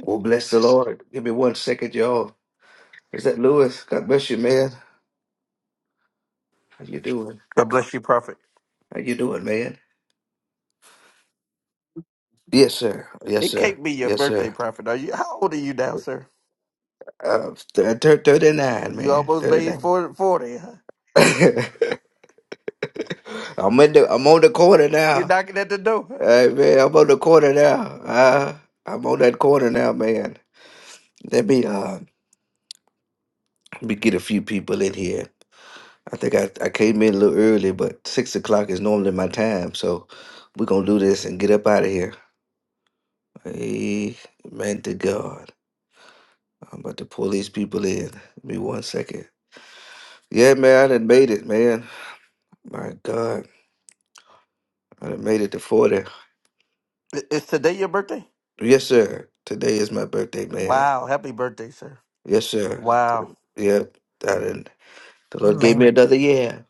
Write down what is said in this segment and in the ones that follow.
Well, bless the Lord. Give me one second, y'all. Is that Lewis? God bless you, man. How you doing? God bless you, Prophet. How you doing, man? Yes, sir. Yes, It sir. can't be your Yes, birthday, sir. Prophet. Are you? How old are you now, sir? Uh, th- th- 39, You man. almost made 39. for- forty. Huh? I'm in the, I'm on the corner You're now. knocking at the door. Hey, man, I'm on the corner now. Uh, I'm on that corner now, man. Let me uh, let me get a few people in here. I think I, I came in a little early, but six o'clock is normally my time, so we're gonna do this and get up out of here. Amen to God. I'm about to pull these people in. Give me one second. Yeah, man, I done made it, man. My God, I done made it to 40. I- Is today your birthday? Yes, sir. Today is my birthday, man. Wow! Happy birthday, sir. Yes, sir. Wow! Yep, I done. The Lord gave me Amen. another year.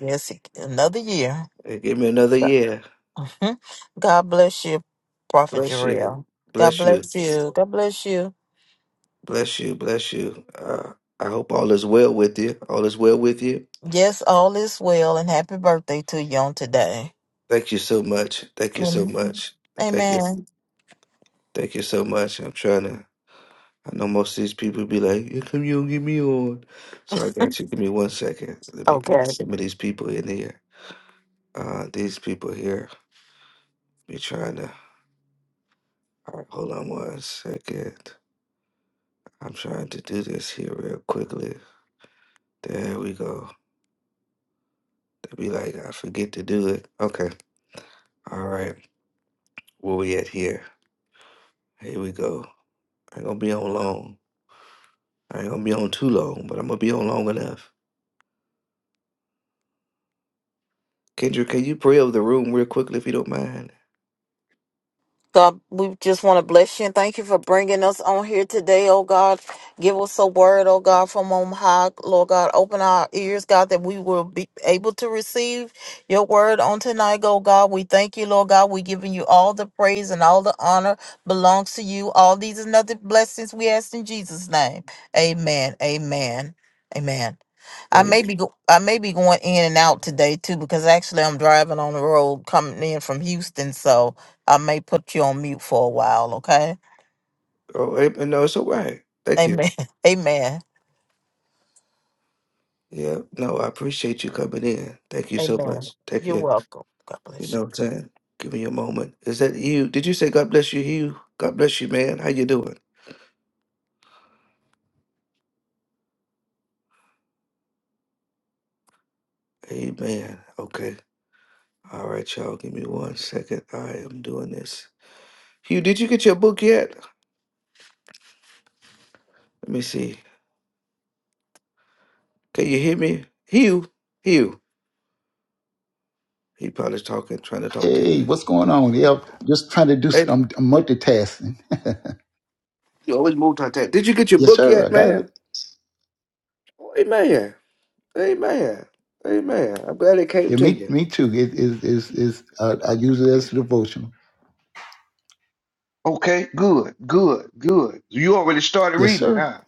Yes, it- another year. He gave me another year. Mhm. God bless you, Prophet Bless you. Jarrell. God Bless you. bless you. God bless you. Bless you. Bless you. Uh, I hope all is well with you. All is well with you. Yes, all is well, and happy birthday to you on today. Thank you so much. Thank you so Mhm. much. Thank you. Amen. Thank you so much. I'm trying to. I know most of these people be like, "How come you don't get me on?" So I got you. Give me one second. Let me Okay. get some of these people in here. Uh, these people here be trying to. All right, hold on one second. I'm trying to do this here real quickly. There we go. They be like, I forget to do it. Okay. All right. Where we at here? Here we go. I ain't gonna be on long. I ain't gonna be on too long, but I'm gonna be on long enough. Kendra, can you pray over the room real quickly if you don't mind? God, we just want to bless you and thank you for bringing us on here today, oh God. Give us a word, oh God, from on high, Lord God. Open our ears, God, that we will be able to receive your word on tonight, oh God. We thank you, Lord God. We're giving you all the praise and all the honor belongs to you. All these and other blessings we ask in Jesus' name. Amen. Amen. Amen. I Can may be go- I may be going in and out today too because actually I'm driving on the road coming in from Houston, so I may put you on mute for a while, okay? Oh, eh, no, it's all right. Thank you. Amen. Amen. Yeah, no, I appreciate you coming in. Thank you so Amen. much. Take You're your, welcome. God you bless you. know what I'm saying? Give me a moment. Is that you? Did you say God bless you, Hugh? God bless you, man. How you doing? Amen. Okay. All right, y'all. Give me one second. I am doing this. Hugh, did you get your book yet? Let me see. Can you hear me? Hugh, Hugh. He probably talking, trying to talk to Hey, me. what's going on? Yeah, just trying to do. s- Hey, I'm, I'm multitasking. you always multitask. Did you get your Yes, book sir. I yet, got man? it. Amen. Amen. Amen. I'm glad it came Yeah, me, to me too. It is is is. Uh, I use it you. as a devotional. Okay, good, good, good. You already started Yes, reading it, sir. huh?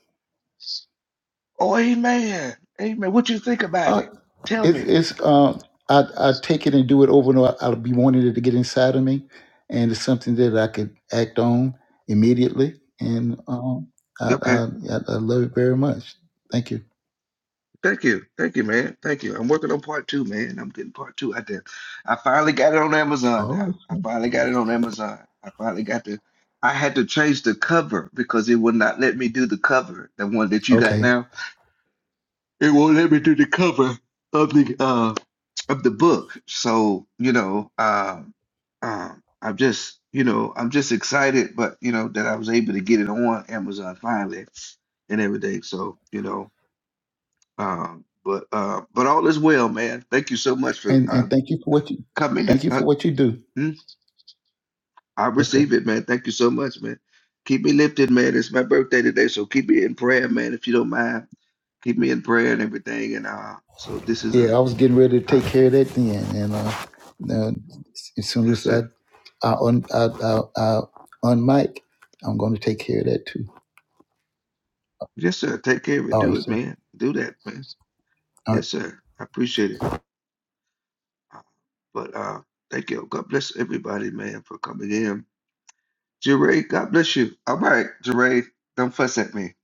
Oh, amen. Amen. What you think about Uh, it? Tell it's me. it's. Um, I I take it and do it over and over. I'll be wanting it to get inside of me, and it's something that I could act on immediately. And um, I Okay. I, I I love it very much. Thank you. Thank you. Thank you, man. Thank you. I'm working on part two, man. I'm getting part two out there. I finally got it on Amazon All now. right. I sir. finally got it on Amazon. I finally got the I had to change the cover because it would not let me do the cover, the one that you got Okay. now. it won't let me do the cover of the uh of the book. So, you know, uh um I'm just, you know, I'm just excited, but you know, that I was able to get it on Amazon finally and everything. So, you know, um, but uh but all is well, man. Thank you so much for And uh and thank you for what you. coming. Thank you Uh, for what you do. hmm? I Yes, receive it, man. Thank you so much, man. Keep me lifted, man. It's my birthday today, so keep me in prayer, man, if you don't mind. Keep me in prayer and everything. And uh so this is yeah, a I was getting ready to uh, take care of that then, and uh, now, as soon Yes, as I sir. I un I I, I on I'm going to take care of that too. Yes, sir. Take care of it. All Do right, it, sir. man. Do that, man. All right. Yes, sir. I appreciate it. Uh, But uh, thank you. God bless everybody, man, for coming in. Jeray, God bless you. All right, Jeray, don't fuss at me.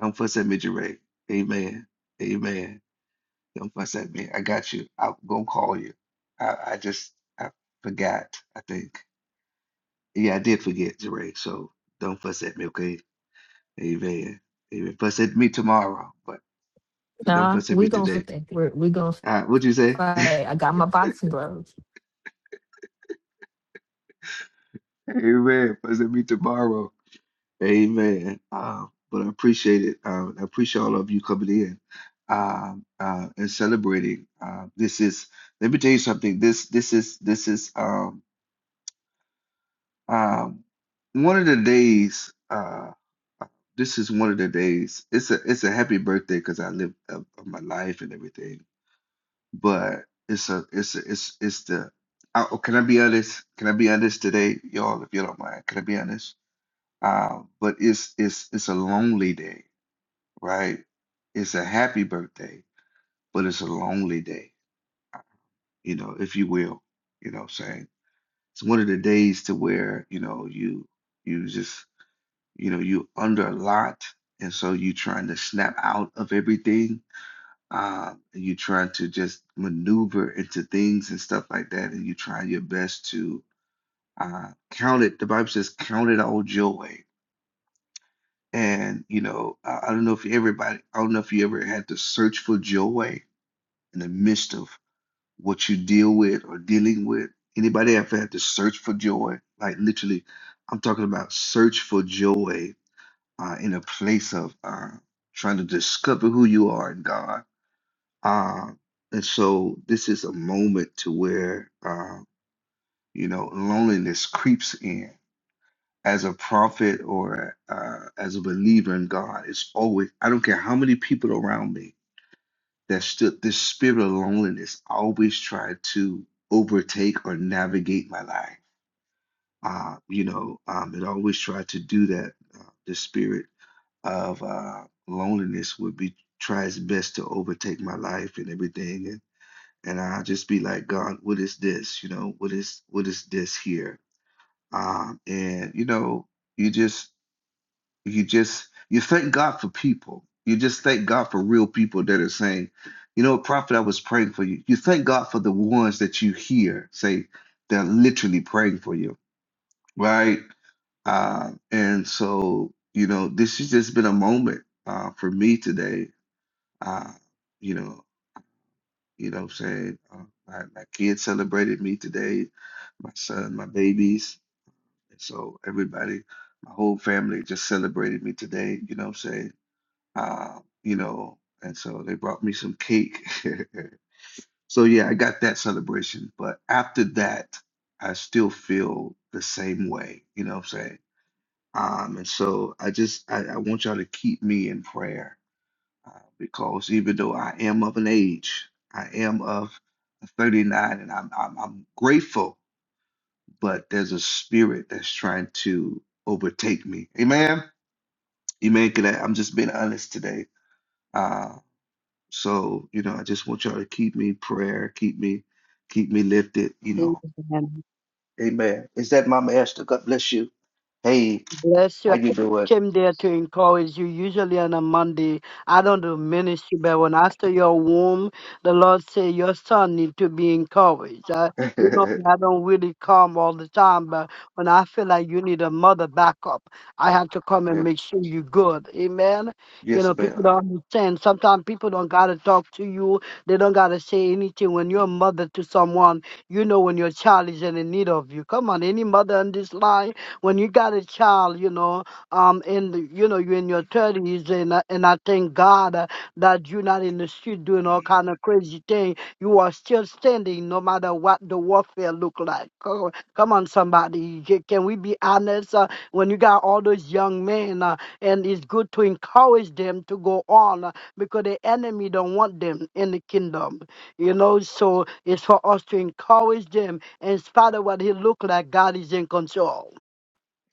Don't fuss at me, Jeray. Amen. Amen. Don't fuss at me. I got you. I'm gonna call you. I, I just I forgot. I think. Yeah, I did forget, Jeray. So don't fuss at me, okay? Amen. Amen. Fuss at me tomorrow, but don't Nah, fuss at me we gonna today. fit that. we're, we gonna All right, what'd you say? fight. I got my boxing gloves. Amen. Pleasure to meet tomorrow. Amen. Um, but I appreciate it. Um, I appreciate all of you coming in um, uh, and celebrating. Uh, this is, let me tell you something. This, this is, this is um, um, one of the days. Uh, this is one of the days. It's a, it's a happy birthday because I lived uh, my life and everything. But it's a, it's a, it's, it's the. I, oh, can I be honest? Can I be honest today, y'all? If you don't mind, can I be honest? Uh, but it's it's it's a lonely day, right? It's a happy birthday, but it's a lonely day, you know, if you will. You know what I'm saying? It's one of the days to where, you know, you you just, you know, you under a lot, and so you trying to snap out of everything. Um, and you trying to just maneuver into things and stuff like that, and you try your best to uh count it. The Bible says, count it all joy And you know, I, I don't know if everybody, I don't know if you ever had to search for joy in the midst of what you deal with or dealing with. Anybody ever had to search for joy? Like literally, I'm talking about search for joy uh, in a place of uh, trying to discover who you are in God. Uh, and so this is a moment to where uh, you know loneliness creeps in as a prophet or uh, as a believer in God, it's always, I don't care how many people around me that stood this spirit of loneliness I always tried to overtake or navigate my life. Uh, you know, um, it always tried to do that. Uh, the spirit of uh, loneliness would be, try its best to overtake my life and everything. And, and I'll just be like, God, what is this? You know, what is, what is this here? Um, and, you know, you just, you just you thank God for people. You just thank God for real people that are saying, you know, prophet, I was praying for you. You thank God for the ones that you hear say they're literally praying for you, right? Uh, and so, you know, this has just been a moment uh, for me today. Uh, you know, you know, what I'm saying uh, my, my kids celebrated me today, my son, my babies, and so everybody, my whole family just celebrated me today. You know, what I'm saying uh, you know, and so they brought me some cake. So yeah, I got that celebration. But after that, I still feel the same way, you know what I'm saying? Um, and so I just I, I want y'all to keep me in prayer uh, because even though I am of an age, I am of 39, and I'm I'm, I'm grateful, but there's a spirit that's trying to overtake me. Amen. Amen. Can I, I'm just being honest today. Uh, So, you know, I just want y'all to keep me in prayer, keep me, keep me lifted, you know. Amen. Amen. Is that my master? God bless you. Hey, Bless you. I how you doing? came there to encourage you. Usually on a Monday, I don't do ministry, but when I saw your womb, the Lord said your son need to be encouraged. I, you know, I don't really come all the time, but when I feel like you need a mother backup, I have to come and Yes, make sure you're good. Amen. You yes, know, people ma'am. don't understand. Sometimes people don't gotta talk to you. They don't gotta say anything. When you're a mother to someone, you know when your child is in the need of you. Come on, any mother on this line when you got a child, you know, um, in the, you know, you're in your thirties, and I- and I thank God uh, that you're not in the street doing all kind of crazy thing. You are still standing, no matter what the warfare look like. Come on, come on, somebody, Ca- can we be honest? Uh, when you got all those young men, uh, and it's good to encourage them to go on uh, because the enemy don't want them in the kingdom you know so it's for us to encourage them in spite of what he look like god is in control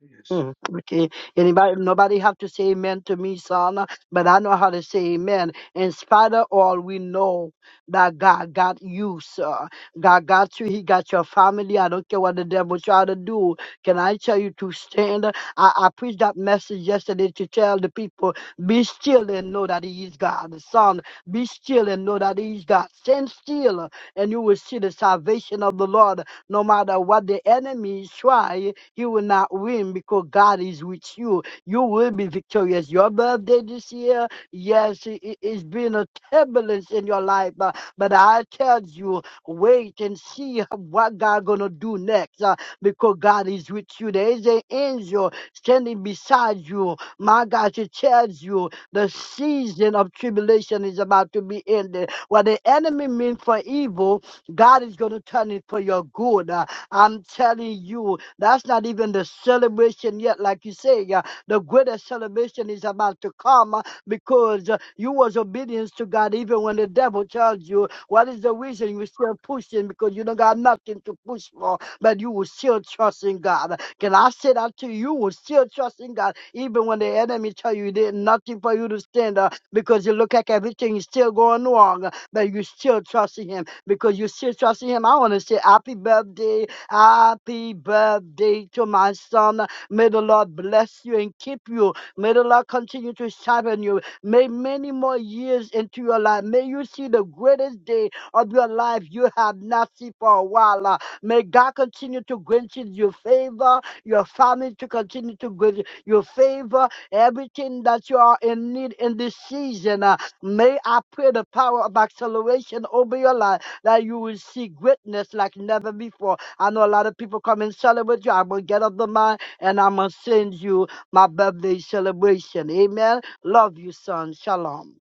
Yes. Mm, Okay. Anybody, nobody have to say amen to me, son, but I know how to say amen. In spite of all, we know that God got you, sir. God got you. He got your family. I don't care what the devil try to do. Can I tell you to stand? I, I preached that message yesterday to tell the people, be still and know that he is God. Son, be still and know that he is God. Stand still and you will see the salvation of the Lord. No matter what the enemy try, he will not win because God is with you. You will be victorious. Your birthday this year, yes, it, it- has been a turbulence in your life, but, but I tell you, wait and see what God gonna do next uh, because God is with you. There is an angel standing beside you. My God, she tells you the season of tribulation is about to be ended. What the enemy meant for evil, God is going to turn it for your good. Uh, I'm telling you, that's not even the celebration yet. Like you say, uh, the greatest celebration is about to come uh, because uh, you was obedience to God even when the devil tells you what is the reason you still pushing because you don't got nothing to push for, but you will still trust in God. Can I say that to you? You will still trust in God even when the enemy tell you there's nothing for you to stand uh, because you look like everything is still going wrong, uh, but you still trust in Him because you're still trusting him. I want to say happy birthday, happy birthday to my son. May the Lord bless you and keep you. May the Lord continue to sharpen you. May many more years into your life. May you see the greatest day of your life you have not seen for a while. Uh, May God continue to grant you your favor, your family to continue to grant you your favor, everything that you are in need in this season. Uh, May I pray the power of acceleration over your life that you will see greatness like never before. I know a lot of people come and celebrate you. I'm going to get up the mind and I'm going to send you my birthday celebration. Amen. Love you, son. Shalom.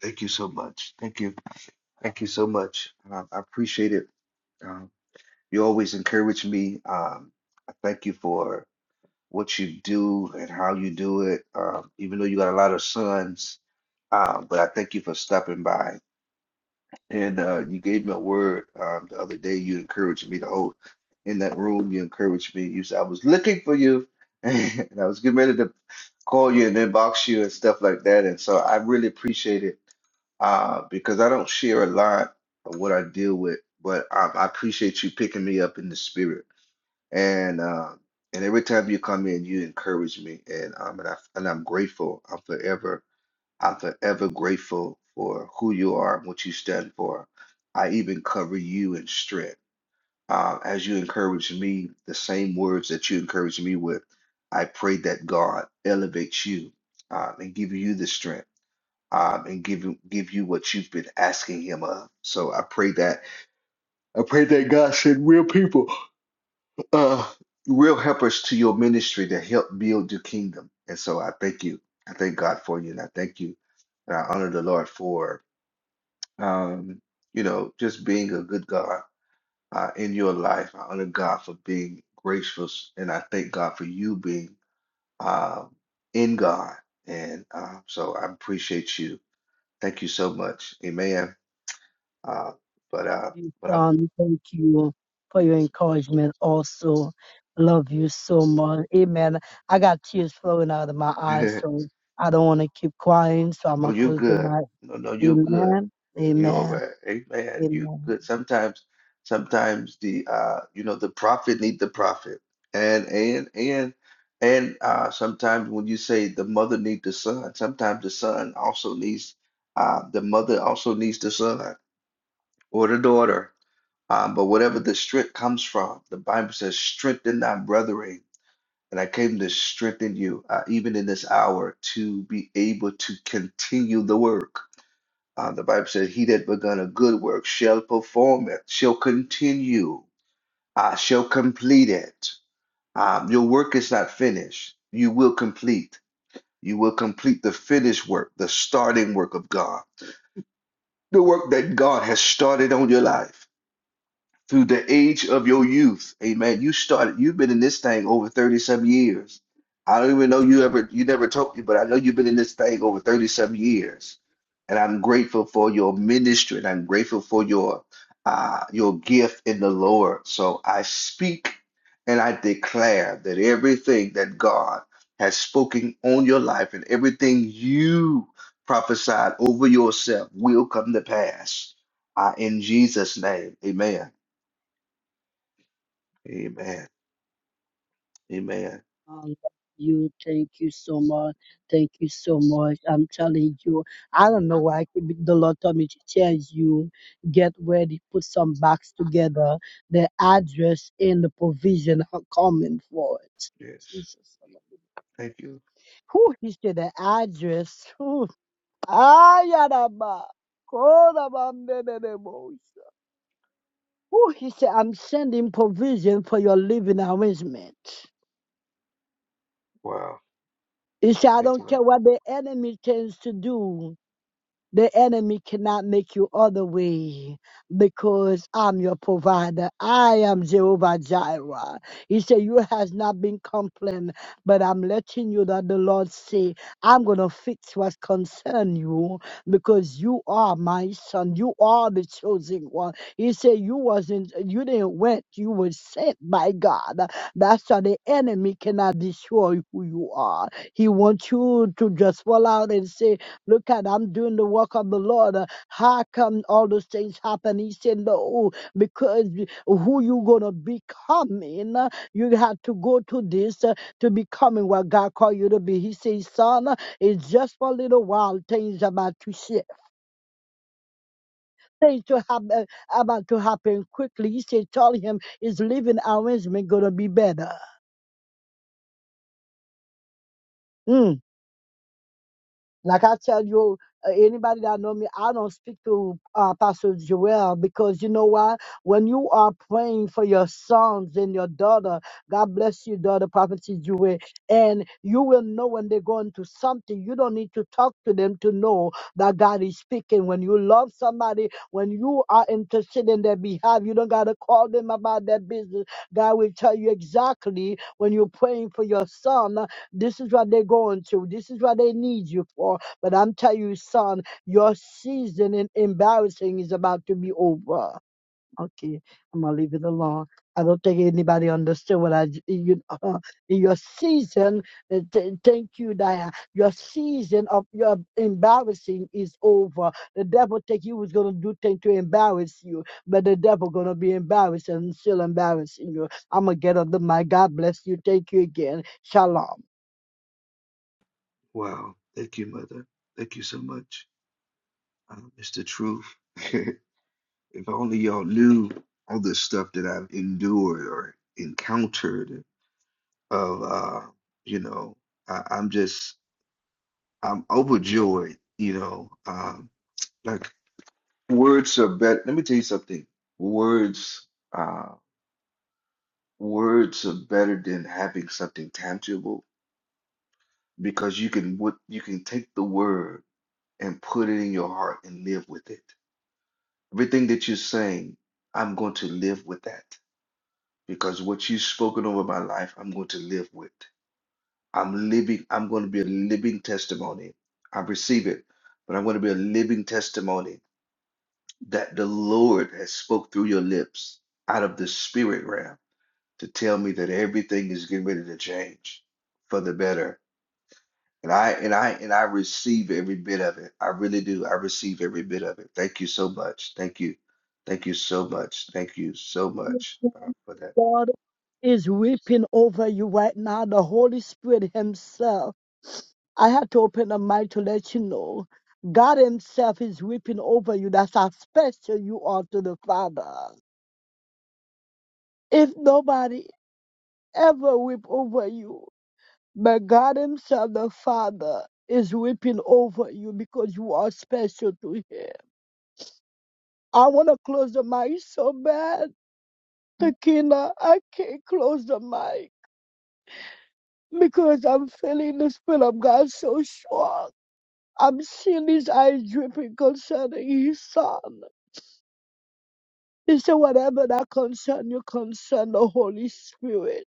Thank you so much. Thank you. Thank you so much. Um, I appreciate it. Um, you always encourage me. Um, I thank you for what you do and how you do it. Um, even though you got a lot of sons, um, but I thank you for stopping by. And uh, you gave me a word um, the other day. You encouraged me to hold in that room. You encouraged me. You said I was looking for you, and I was getting ready to call you and inbox you and stuff like that. And so I really appreciate it uh, because I don't share a lot of what I deal with, but I, I appreciate you picking me up in the spirit. And uh, and every time you come in, you encourage me, and um, and, I, and I'm grateful. I'm forever. I'm forever grateful for who you are and what you stand for. I even cover you in strength. Uh, as you encourage me, the same words that you encourage me with, I pray that God elevates you um, and give you the strength um, and give you give you what you've been asking Him of. So I pray that I pray that God send real people, uh, real helpers to your ministry to help build your kingdom. And so I thank you. I thank God for you, and I thank you and I honor the Lord for. um, you know, just being a good God uh, in your life. I honor God for being gracious, and I thank God for you being uh, in God. And uh, so I appreciate you. Thank you so much. Amen. Uh, but uh, You, but son. Thank you for your encouragement also. Love you so much. Amen. I got tears flowing out of my I'm eyes, so I don't want to keep crying, so I'm Oh, going to you close the good. mic. No, no, you good. Amen. You all Amen. right. Amen. You Amen. good. Sometimes, sometimes the uh, you know, the prophet need the prophet. And and and and uh sometimes when you say the mother need the son, sometimes the son also needs uh the mother also needs the son or the daughter. Um, but whatever the strength comes from, the Bible says, strengthen thy brethren. And I came to strengthen you, uh, even in this hour, to be able to continue the work uh, the Bible says, He that begun a good work shall perform it, shall continue, uh, shall complete it. Um, your work is not finished. You will complete. You will complete the finished work, the starting work of God, the work that God has started on your life through the age of your youth. Amen. You started, you've been in this thing over 37 years. I don't even know you ever, you never told me, but I know you've been in this thing over 37 years. And I'm grateful for your ministry and I'm grateful for your uh your gift in the Lord. So I speak and I declare that everything that God has spoken on your life and everything you prophesied over yourself will come to pass. Uh, in Jesus' name, amen. Amen. Amen. I love you. Thank you so much. Thank you so much. I'm telling you, I don't know why I keep- the Lord told me to tell you. Get ready, put some box together, the address and the provision are coming for it. Yes. Jesus. Thank you. Who he said the address? Whew. Ayaraba. Korabambenelebo. Who he said, I'm sending provision for your living arrangement. Wow. He said, I Thank you, don't Lord. care what the enemy tends to do. The enemy cannot make you other way because I'm your provider. I am Jehovah Jireh. He said, You has not been complained, but I'm letting you that the Lord say, I'm gonna fix what concern you because you are my son. You are the chosen one. He said, You wasn't you didn't went, you were sent by God. That's why the enemy cannot destroy who you are. He wants you to just fall out and say, Look at I'm doing the work of the Lord. Uh, How come all those things happen? He said, No, because who you gonna becoming? uh, You had to go to this uh, to becoming what God called you to be. He says, Son, uh, it's just for a little while. Things about to shift. Things to happen about to happen quickly. He said, Tell him his living arrangement gonna be better. Mm. Like I tell you, uh, anybody that know me, I don't speak to uh, Pastor Joel because you know why? When you are praying for your sons and your daughter, God bless you, daughter, Prophet Joel, and you will know when they're going to something. You don't need to talk to them to know that God is speaking. When you love somebody, when you are interested in their behalf, you don't gotta call them about their business. God will tell you exactly when you're praying for your son this is what they're going through. This is what they need you for. But I'm telling you, son, your season in embarrassing is about to be over. Okay, I'm gonna leave it alone. I don't think anybody understood what I j- you know. Your season, uh, th- thank you, Diane. Your season of your embarrassing is over. The devil think he was gonna do things to embarrass you, but the devil gonna be embarrassed and still embarrassing you. I'm gonna get on the mic. God bless you. Thank you again. Shalom. Wow. Thank you, Mother. Thank you so much. Uh, it's the truth. if only y'all knew all the stuff that I've endured or encountered of uh, you know, I, I'm just I'm overjoyed, you know. Um like words are better let me tell you something. Words uh words are better than having something tangible because you can what you can take the word and put it in your heart and live with it. Everything that you're saying, I'm going to live with that because what you've spoken over my life, I'm going to live with. I'm living, I'm going to be a living testimony. I receive it, but I'm going to be a living testimony that the Lord has spoke through your lips out of the spirit realm to tell me that everything is getting ready to change for the better And I and I and I receive every bit of it. I really do. I receive every bit of it. Thank you so much. Thank you. Thank you so much. Thank you so much uh, for that. God is weeping over you right now. The Holy Spirit Himself. I had to open the mic to let you know. God Himself is weeping over you. That's how special you are to the Father. If nobody ever weep over you, but God Himself, the Father, is weeping over you because you are special to Him. I want to close the mic so bad. Takina, I can't close the mic. because I'm feeling the Spirit of God so strong. I'm seeing his eyes dripping concerning his son. He said, Whatever that concern you, concern the Holy Spirit.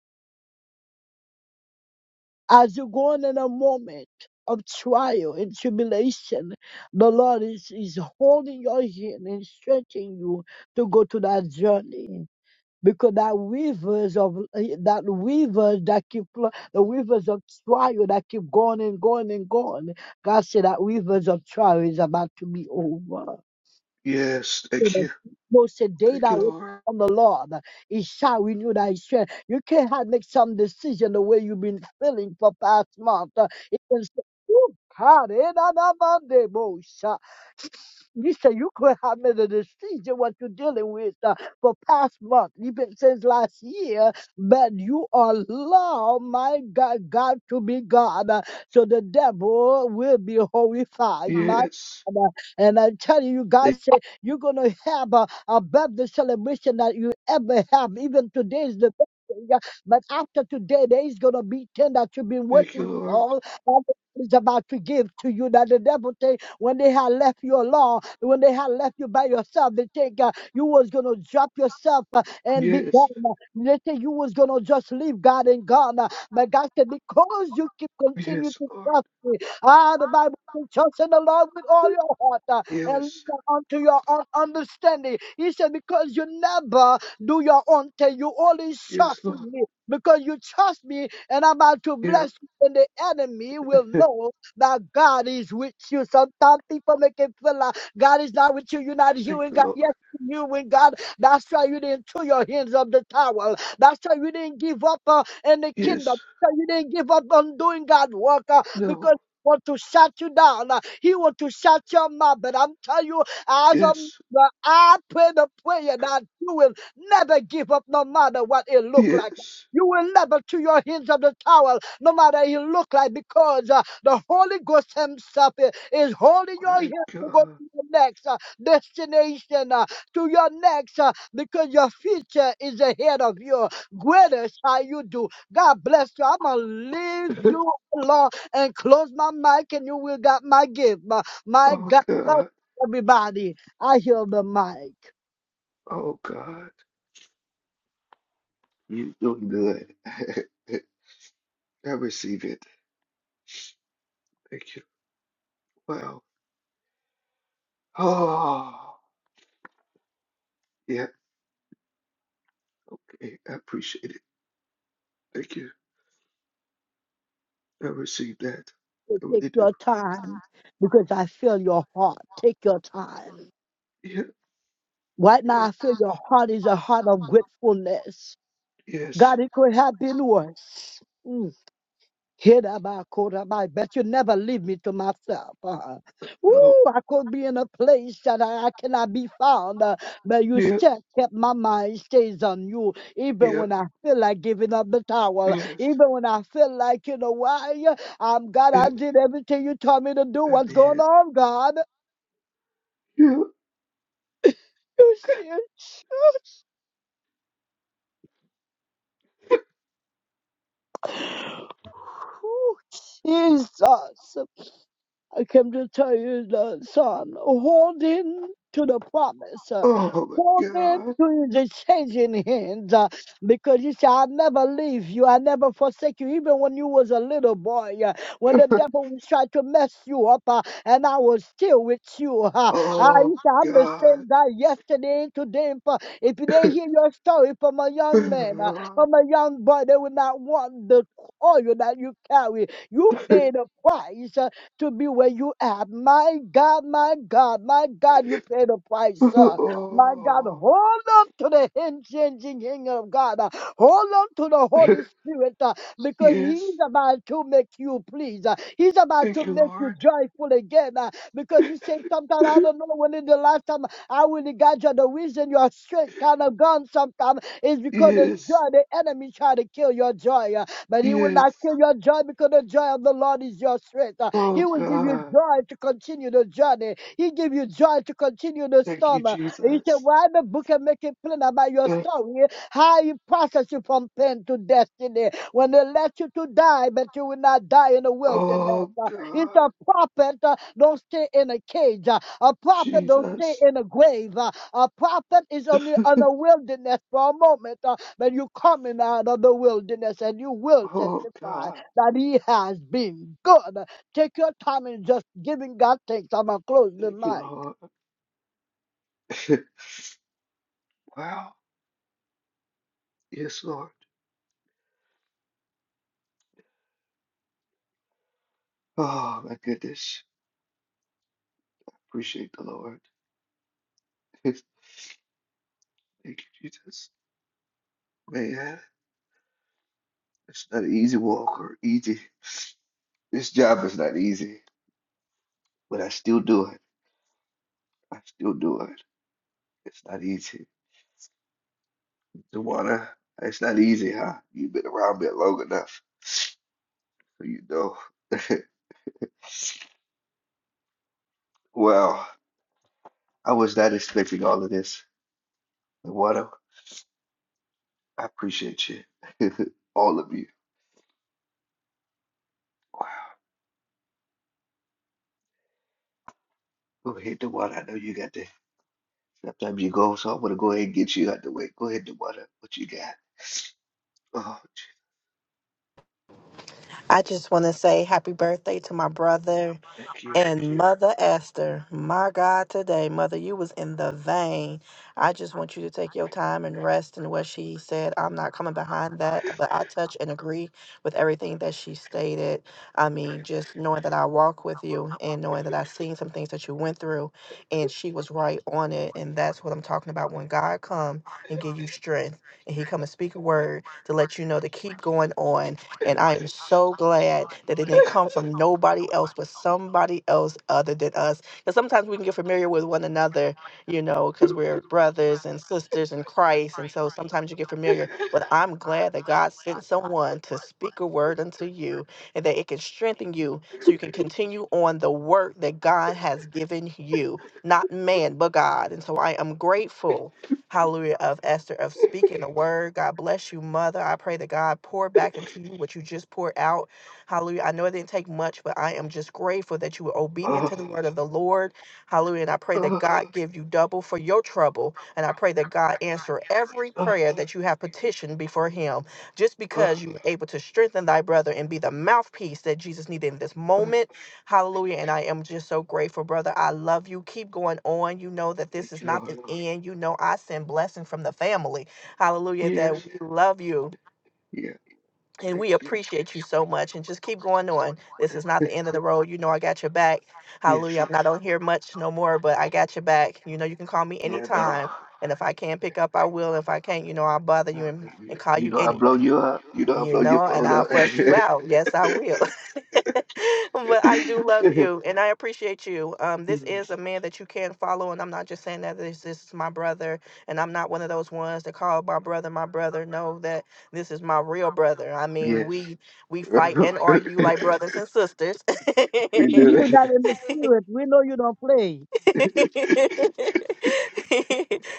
As you're going in a moment of trial and tribulation, the Lord is, is holding your hand and stretching you to go to that journey. because that rivers of eh, that rivers that keep flow- the rivers of trial that keep going and going and going. God said that rivers of trial is about to be over Yes. to Thank the you. people said, "Day Thank that you, wait Lord. on the Lord, it shall renew thy strength." You can't have make some decision the way you've been feeling for past month. Uh, You can say, "Ooh, God, eh, da, da, ba, de, bo, sha." You say you could have made a decision what you're dealing with uh, for past month, even since last year, but you allow my God, God to be God, uh, so the devil will be horrified. My Yes. God, uh, and I tell you, God Thank, said. You're going to have a, a birthday celebration that you ever have. Even today is the birthday. yeah, But after today, there is going to be 10 that you've been thank you, waiting Lord. for. And is about to give to you that the devil take when they had left you alone, when they had left you by yourself, they think uh, you was gonna drop yourself uh, and be Yes. gone. They think you was gonna just leave God and gone. uh, But God said, because you keep continue Yes, to Lord. trust me, ah, the Bible says, trust in the Lord with all your heart. uh, and lean Yes. not unto your own understanding. He said, Because you never do your own thing, you only Yes, trust Lord. in me. Because you trust me and I'm about to Yeah. bless you, and the enemy will know that God is with you. Sometimes people make it feel like God is not with you, you're not Thank hearing you, God. Yes, Lord. you are hearing God. That's why you didn't throw your hands up the towel. That's why you didn't give up uh, in the kingdom. Yes. That's why you didn't give up on doing God's work uh, because No. want to shut you down. He want to shut your mouth. But I'm telling you, as I'm Yes. but I pray the prayer that you will never give up no matter what it look like. Yes. You will never to your hands of the towel, no matter it look like, because uh, the Holy Ghost Himself i- is holding your My hands to go God. to your next uh, destination, uh, to your next, uh, because your future is ahead of you. Greater shall you do. God bless you. I'm gonna leave you alone and close my mic and you will got my gift. My, my Oh God, bless God. everybody, I hear the mic. Oh God. you doing good. I receive it. Thank you. Wow. Oh, yeah. Okay. I appreciate it. Thank you. I receive that. So I Take really do. your time because I feel your heart. Take your time. Yeah. Right now, Yeah. I feel your heart is a heart of gratefulness. Yes. God, it could have been worse. Mm. Hidabakoda, I bet you never leave me to myself. Uh-huh. uh, No. Ooh, I could be in a place that I, I cannot be found, uh, but you Yeah. still kept my mind stays on you, even Yeah. when I feel like giving up the towel, Yes. even when I feel like, you know, why? uh, I'm God, Yeah. I did everything you told me to do. That'd What's be going it. on, God? Yeah. You see, it? Ooh, Jesus. I came to tell you, the son, hold in to the promise. uh, Oh my Hold in God. to the changing hands, uh, because you said, "I'll never leave you. I never forsake you." Even when you was a little boy, uh, when the devil was trying to mess you up, uh, and I was still with you. Uh, uh, Oh you said, my "I'm the God. same guy yesterday, and today." And for-" If they hear your story from a young man, uh, from a young boy, they will not want the oil that you carry. You pay the price. uh, to be where you are. My God, my God, my God, you paid the price. Uh, my God, oh. hold on to the unchanging hand of God. Uh, hold on to the Holy Spirit uh, because He's yes. about to make you please. Uh, he's about to Thank you, make you Lord. joyful again uh, because you say sometimes, I don't know when is the last time I really got you. The reason your strength kind of gone sometimes is because the Yes. joy, the enemy try to kill your joy. uh, but he will Yes. not kill your joy because the joy of the Lord is your strength. Uh, Oh he will give you God. joy to continue the journey. He give you joy to continue the Thank you, storm. He said, Jesus. Why the book and make it plain about your story? How he process you from pain to destiny. When they let you to die, but you will not die in the wilderness. Oh, Uh, It's God. a prophet, uh, don't stay in a cage. Uh, A prophet don't stay Jesus. in a grave. Uh, A prophet is only on the- a wilderness for a moment, uh, but you coming out of the wilderness and you will Oh, testify God. that he has been good. Take your time and just giving God thanks. I'm gonna close the Thank you, mic. Lord. Wow. Yes, Lord. Oh, my goodness. Appreciate the Lord. Thank you, Jesus. Man, it's not an easy walk or easy. This job is not easy, but I still do it. I still do it. It's not easy. Tawana, it's not easy, huh? You've been around me long enough, so you know. Wow. I was not expecting all of this. Dewada, I appreciate you. all of you. Wow. Go ahead, Dewada. I know you got the sometimes you go, so I'm gonna go ahead and get you out the way. Go ahead, Dewada. What you got? Oh, gee, I just want to say happy birthday to my brother thank you. and mother Esther. My God, today, mother, you was in the vein. I just want you to take your time and rest in what she said. I'm not coming behind that, but I touch and agree with everything that she stated. I mean, just knowing that I walk with you and knowing that I've seen some things that you went through, and she was right on it. And that's what I'm talking about when God come and give you strength, and He come and speak a word to let you know to keep going on and I am so glad that it didn't come from nobody else, but somebody else other than us. Because sometimes we can get familiar with one another, you know, because we're brothers and sisters in Christ. And so sometimes you get familiar. But I'm glad that God sent someone to speak a word unto you and that it can strengthen you so you can continue on the work that God has given you, not man, but God. And so I am grateful hallelujah, of Esther, of speaking the word. God bless you, mother. I pray that God pour back into you what you just poured out. Hallelujah. I know it didn't take much, but I am just grateful that you were obedient Oh, to the word of the Lord. Hallelujah. And I pray that oh, God give you double for your trouble. And I pray that God answer every oh, prayer that you have petitioned before him, just oh, because you were able to strengthen thy brother and be the mouthpiece that Jesus needed in this oh. moment. Hallelujah. And I am just so grateful, brother. I love you. Keep going on. You know that this Thank is you, not the Lord. end. You know, I send blessing from the family. Hallelujah. That we Yes. love you Yeah, and thank we you. appreciate you so much. And just keep going on. This is not the end of the road. You know, I got your back. Yes. Hallelujah. I'm not on here much no more, but I got your back. You know, you can call me Yeah, no. anytime. And if I can pick up, I will. If I can't, you know, I'll bother Uh, you and, and You call you you know I blow anyway. you up. You know I You blow your know, and phone I'll up. fuss you out. Yes, I will. but I do love you and I appreciate you. Um, this is Yes. a man that you can follow, and I'm not just saying that this, this is my brother, and I'm not one of those ones that call my brother my brother. No, that this is my real brother. I mean, Yes. we we fight and argue like brothers and sisters. We do You that that. in the spirit, we know you don't play.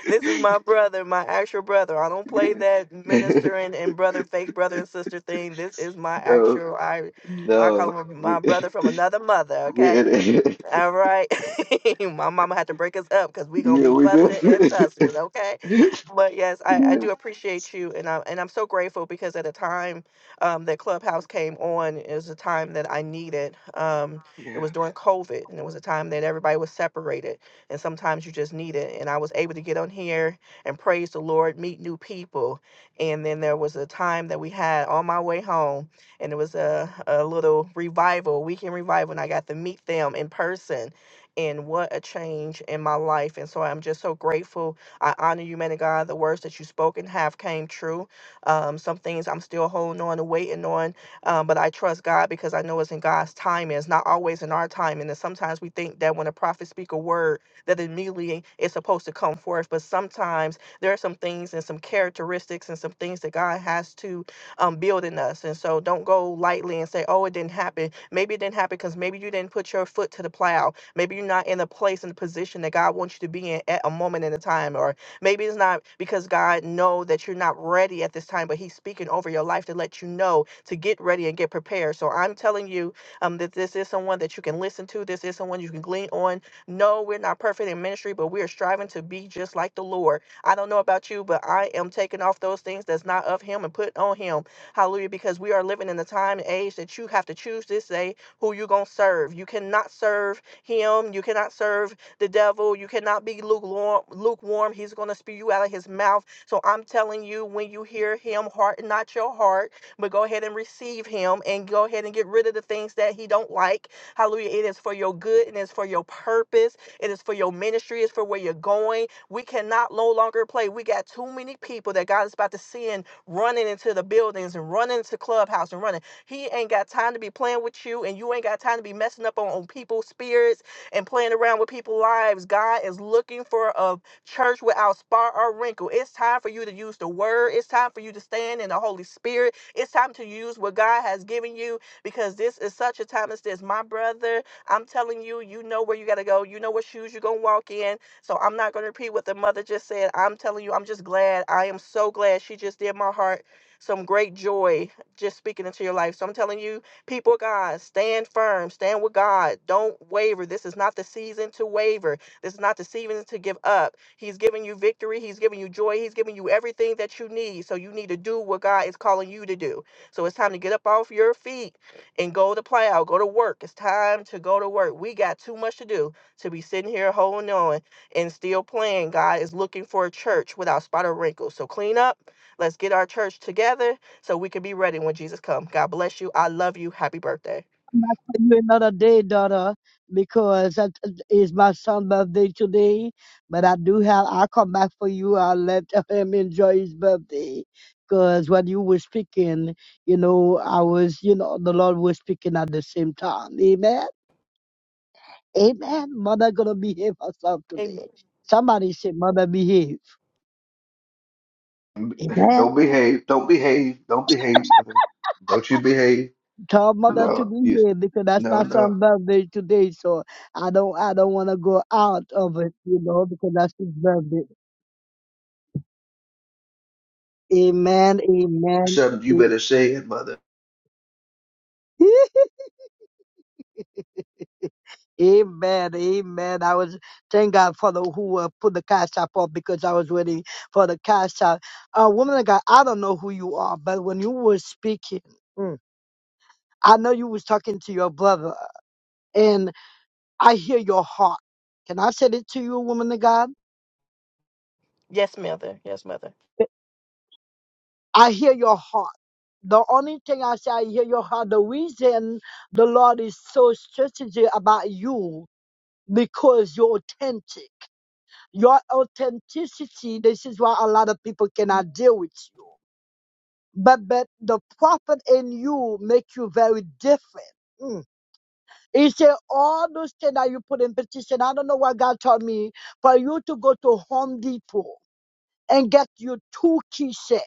this is my brother, my actual brother. I don't play that Yeah. minister and, and brother, fake brother and sister thing. This is my No, actual I I call no. him my We brother from another mother, we okay? had it. All right. My mama had to break us up because we gonna Yeah, be we do. fussing and tussling, okay? Yes. But yes, I, I do appreciate you and I and I'm so grateful because at the time um that Clubhouse came on, it was a time that I needed. Um it Yeah. was during COVID and it was a time that everybody was separated and sometimes you just need it. And I was able to get on here and praise the Lord, meet new people. And then there was a time that we had on my way home and it was a, a little revival, weekend revival, and I got to meet them in person. And what a change in my life. And so I'm just so grateful. I honor you, man of God. The words that you spoke and have came true. Um, some things I'm still holding on and waiting on, um, but I trust God because I know it's in God's time. it's not always in our time. And sometimes we think that when a prophet speak a word, that immediately it's supposed to come forth. But sometimes there are some things and some characteristics and some things that God has to um, building us. And so don't go lightly and say, oh, it didn't happen. Maybe it didn't happen because maybe you didn't put your foot to the plow. Maybe you're not in the place and the position that God wants you to be in at a moment in a time. Or maybe it's not because God know that you're not ready at this time, but he's speaking over your life to let you know to get ready and get prepared. So I'm telling you um, that this is someone that you can listen to. This is someone you can glean on. No, we're not perfect in ministry, but we are striving to be just like the Lord. I don't know about you, but I am taking off those things that's not of him and putting on him Hallelujah. Because we are living in the time and age that you have to choose this day who you're going to serve. You cannot serve him. You cannot serve the devil. You cannot be lukewarm. lukewarm. He's going to spew you out of his mouth. So I'm telling you, when you hear him, harden not your heart, but go ahead and receive him and go ahead and get rid of the things that he don't like. Hallelujah. It is for your good and it's for your purpose. It is for your ministry. It's for where you're going. We cannot no longer play. We got too many people that God is about to send running into the buildings and running to clubhouse and running. He ain't got time to be playing with you, and you ain't got time to be messing up on, on people's spirits and playing around with people's lives. God is looking for a church without spot or wrinkle. It's time for you to use the word. It's time for you to stand in the Holy Spirit. It's time to use what God has given you because this is such a time as this. My brother, I'm telling you, you know where you got to go. You know what shoes you're going to walk in so I'm not going to repeat what the mother just said. I'm telling you, I'm just glad. I am so glad she just did my heart some great joy just speaking into your life. So I'm telling you, people, of God, stand firm, stand with God. Don't waver. This is not the season to waver. This is not the season to give up. He's giving you victory. He's giving you joy. He's giving you everything that you need. So you need to do what God is calling you to do. So it's time to get up off your feet and go to plow, go to work. It's time to go to work. We got too much to do to be sitting here holding on and still playing, God is looking for a church without spot or wrinkle. So clean up. Let's get our church together so we can be ready when Jesus comes. God bless you. I love you. Happy birthday. I'm not telling you another day, daughter, because that is my son's birthday today. But I do have. I'll come back for you. I'll let him enjoy his birthday. Because when you were speaking, you know, I was, you know, the Lord was speaking at the same time. Amen. Amen. Mother gonna behave herself today. Amen. Somebody say, Mother behave. B- Amen. Don't behave. Don't behave. Don't behave, mother. Don't you behave. tell mother to be No. here because that's No, not no. son' birthday today. So I don't I don't want to go out of it, you know, because that's his birthday. Amen. Amen. something you better say it, mother. a- Amen, amen. I was thank God for the who uh, put the cash app up because I was waiting for the cash app. Uh, woman of God, I don't know who you are, but when you were speaking, mm, I know you was talking to your brother, and I hear your heart. Can I say it to you, woman of God? Yes, mother. Yes, mother. I hear your heart. The only thing I say, I hear your heart. The reason the Lord is so strategic about you because you're authentic. Your authenticity, this is why a lot of people cannot deal with you. But but the prophet in you make you very different. Mm. He said, all those things that you put in petition, I don't know what God told me, for you to go to Home Depot and get you two key set.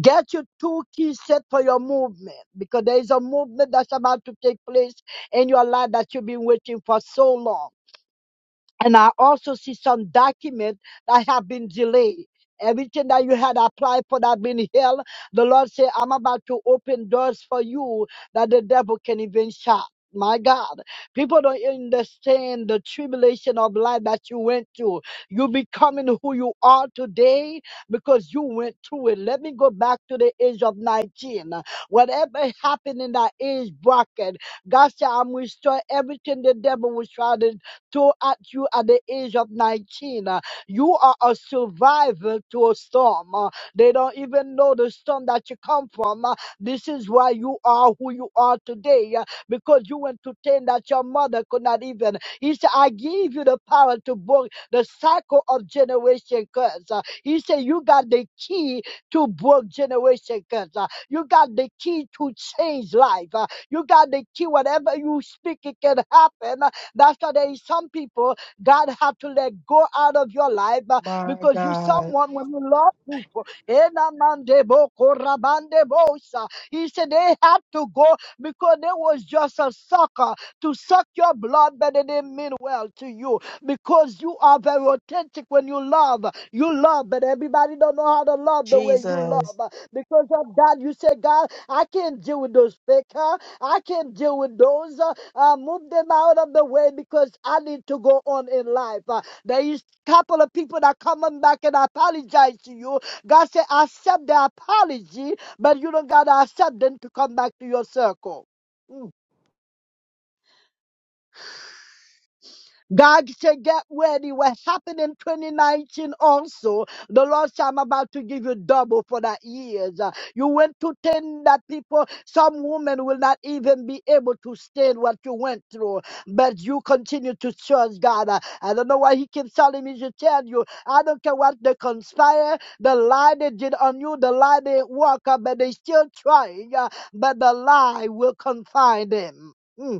Get your two keys set for your movement because there is a movement that's about to take place in your life that you've been waiting for so long. And I also see some documents that have been delayed. Everything that you had applied for that been held, the Lord said, I'm about to open doors for you that the devil can even shut. My God, people don't understand the tribulation of life that you went through. You becoming who you are today because you went through it. Let me go back to the age of 19. Whatever happened in that age bracket, God said, I'm restore everything the devil was trying to to at you at the age of 19. uh, You are a survivor to a storm. uh, They don't even know the storm that you come from. uh, This is why you are who you are today uh, because you entertained that your mother could not even. He said, I give you the power to break the cycle of generation curse. Uh, He said, You got the key to break generation curse. Uh, You got the key to change life. Uh, You got the key. Whatever you speak, it can happen Uh, that's why there is some people God have to let go out of your life uh, My because you God. someone when you love people. enamandebo korabandebosa, He said they had to go because they was just a sucker to suck your blood, but they didn't mean well to you because you are very authentic when you love. You love, but everybody don't know how to love the way you love Jesus. uh, because of that. You say, God, I can't deal with those fake. huh? I can't deal with those. Uh, uh, move them out of the way because I need to go on in life. Uh, there is a couple of people that coming back and apologize to you. God said, accept the apology, but you don't gotta accept them to come back to your circle. Mm. God said, get ready. What happened in 2019 also, the Lord said, I'm about to give you double for that years. Uh, You went to 10 that people, some women will not even be able to stand what you went through, but you continue to trust God. Uh, I don't know why he keeps telling me to tell you. I don't care what they conspire, the lie they did on you, the lie they work up, but they still trying, uh, but the lie will confine them. Mm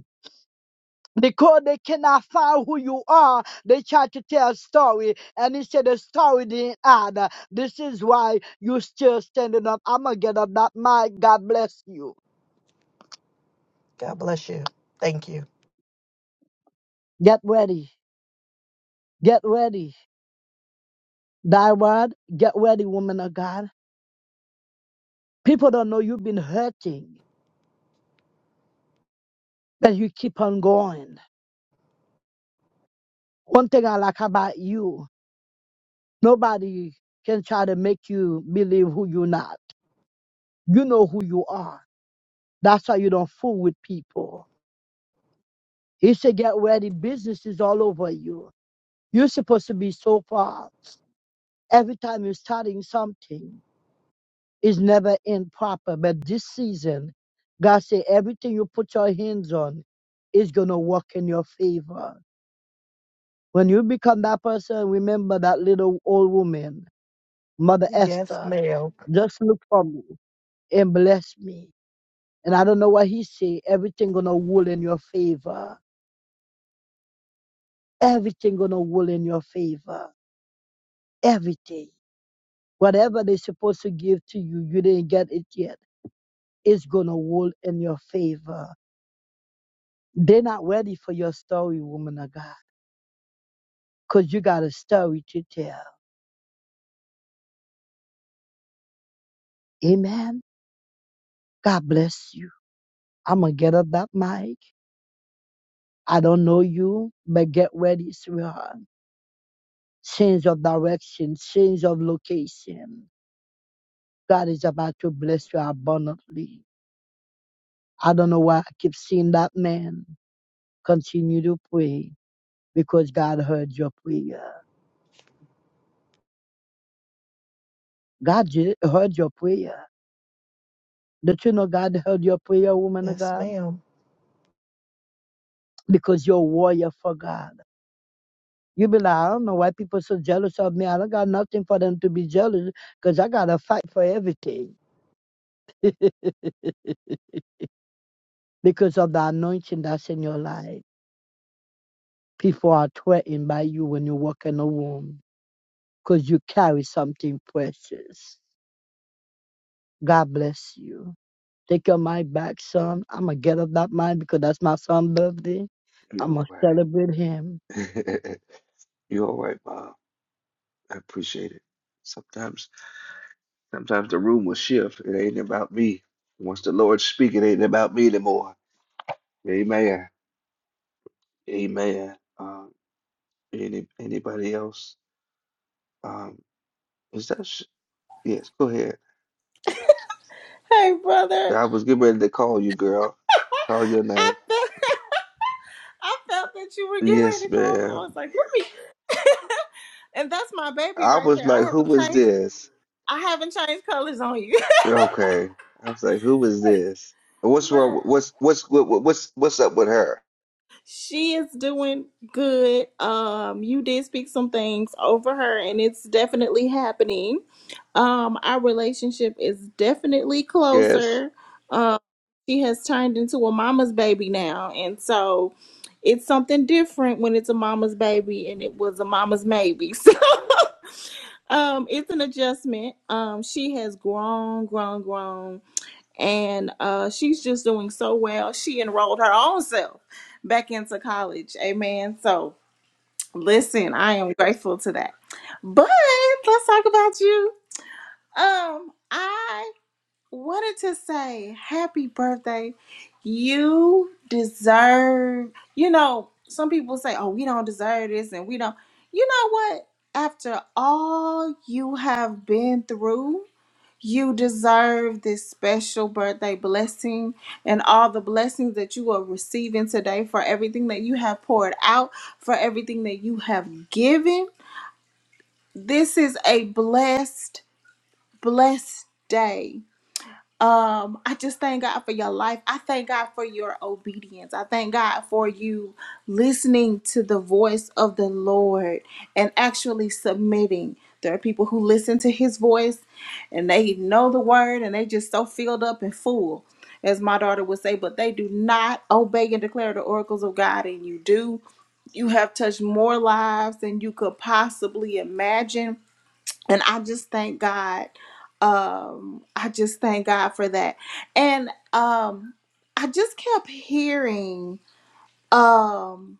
because they cannot find who you are, they try to tell a story, and he said the story didn't add. This is why you still standing up. I'm gonna get up that mic. God bless you. God bless you. Thank you. Get ready. Get ready. Thy word, get ready, woman of God. People don't know you've been hurting, but you keep on going. One thing I like about you, nobody can try to make you believe who you're not. You know who you are. That's why you don't fool with people. He said, get ready. Business is all over you. You're supposed to be so far. Every time you're starting something, it's never end proper. But this season, God said, everything you put your hands on is going to work in your favor. When you become that person, remember that little old woman, Mother Yes, Esther, ma'am. just look for me and bless me. And I don't know what he say. Everything going to rule in your favor. Everything going to rule in your favor. Everything. Whatever they're supposed to give to you, you didn't get it yet. It's going to roll in your favor. They're not ready for your story, woman of God, because you got a story to tell. Amen. God bless you. I'm going to get up that mic. I don't know you, but get ready, sweetheart. Change of direction, change of location. God is about to bless you abundantly. I don't know why I keep seeing that man. Continue to pray because God heard your prayer. God ju- heard your prayer. Don't you know God heard your prayer, woman of Yes, God? ma'am. Because you're a warrior for God. You be like, I don't know why people so jealous of me. I don't got nothing for them to be jealous because I got to fight for everything because of the anointing that's in your life. People are threatened by you when you walk in a womb because you carry something precious. God bless you. Take your mic back, son. I'm going to get up that mic because that's my son's birthday. You I'm going all to celebrate him. right. You all right, mom. I appreciate it. Sometimes sometimes the room will shift. It ain't about me. Once the Lord speak, it ain't about me anymore. Amen. Amen. Um, any anybody else? Um, is that sh yes, go ahead. Hey, brother. I was getting ready to call you, girl. Call your I name. felt, I felt that you were getting Yes, ready to call me. I man. was like, let me. and that's my baby I right was there. I like, haven't who is changed. this? I haven't changed colors on you. Okay. I was like, who is this? What's wrong? but. What's what's what, what- what's what's up with her? She is doing good. Um, you did speak some things over her, and it's definitely happening. Um, our relationship is definitely Yes, closer. Um, she has turned into a mama's baby now, and so it's something different when it's a mama's baby, and it was a mama's maybe. So, um, it's an adjustment. Um, she has grown, grown, grown and uh, she's just doing so well. She enrolled her own self back into college. Amen. So listen, I am grateful to that. But let's talk about you. Um, I wanted to say happy birthday. You deserve. You know, some people say, "Oh, we don't deserve this," and we don't. You know what? After all you have been through. You deserve this special birthday blessing and all the blessings that you are receiving today for everything that you have poured out, for everything that you have given. This is a blessed, blessed day. Um, I just thank God for your life. I thank God for your obedience. I thank God for you listening to the voice of the Lord and actually submitting. There are people who listen to his voice and they know the word and they just so filled up and full, as my daughter would say, but they do not obey and declare the oracles of God. And you do. You have touched more lives than you could possibly imagine and I just thank God. Um, I just thank God for that. And um, I just kept hearing um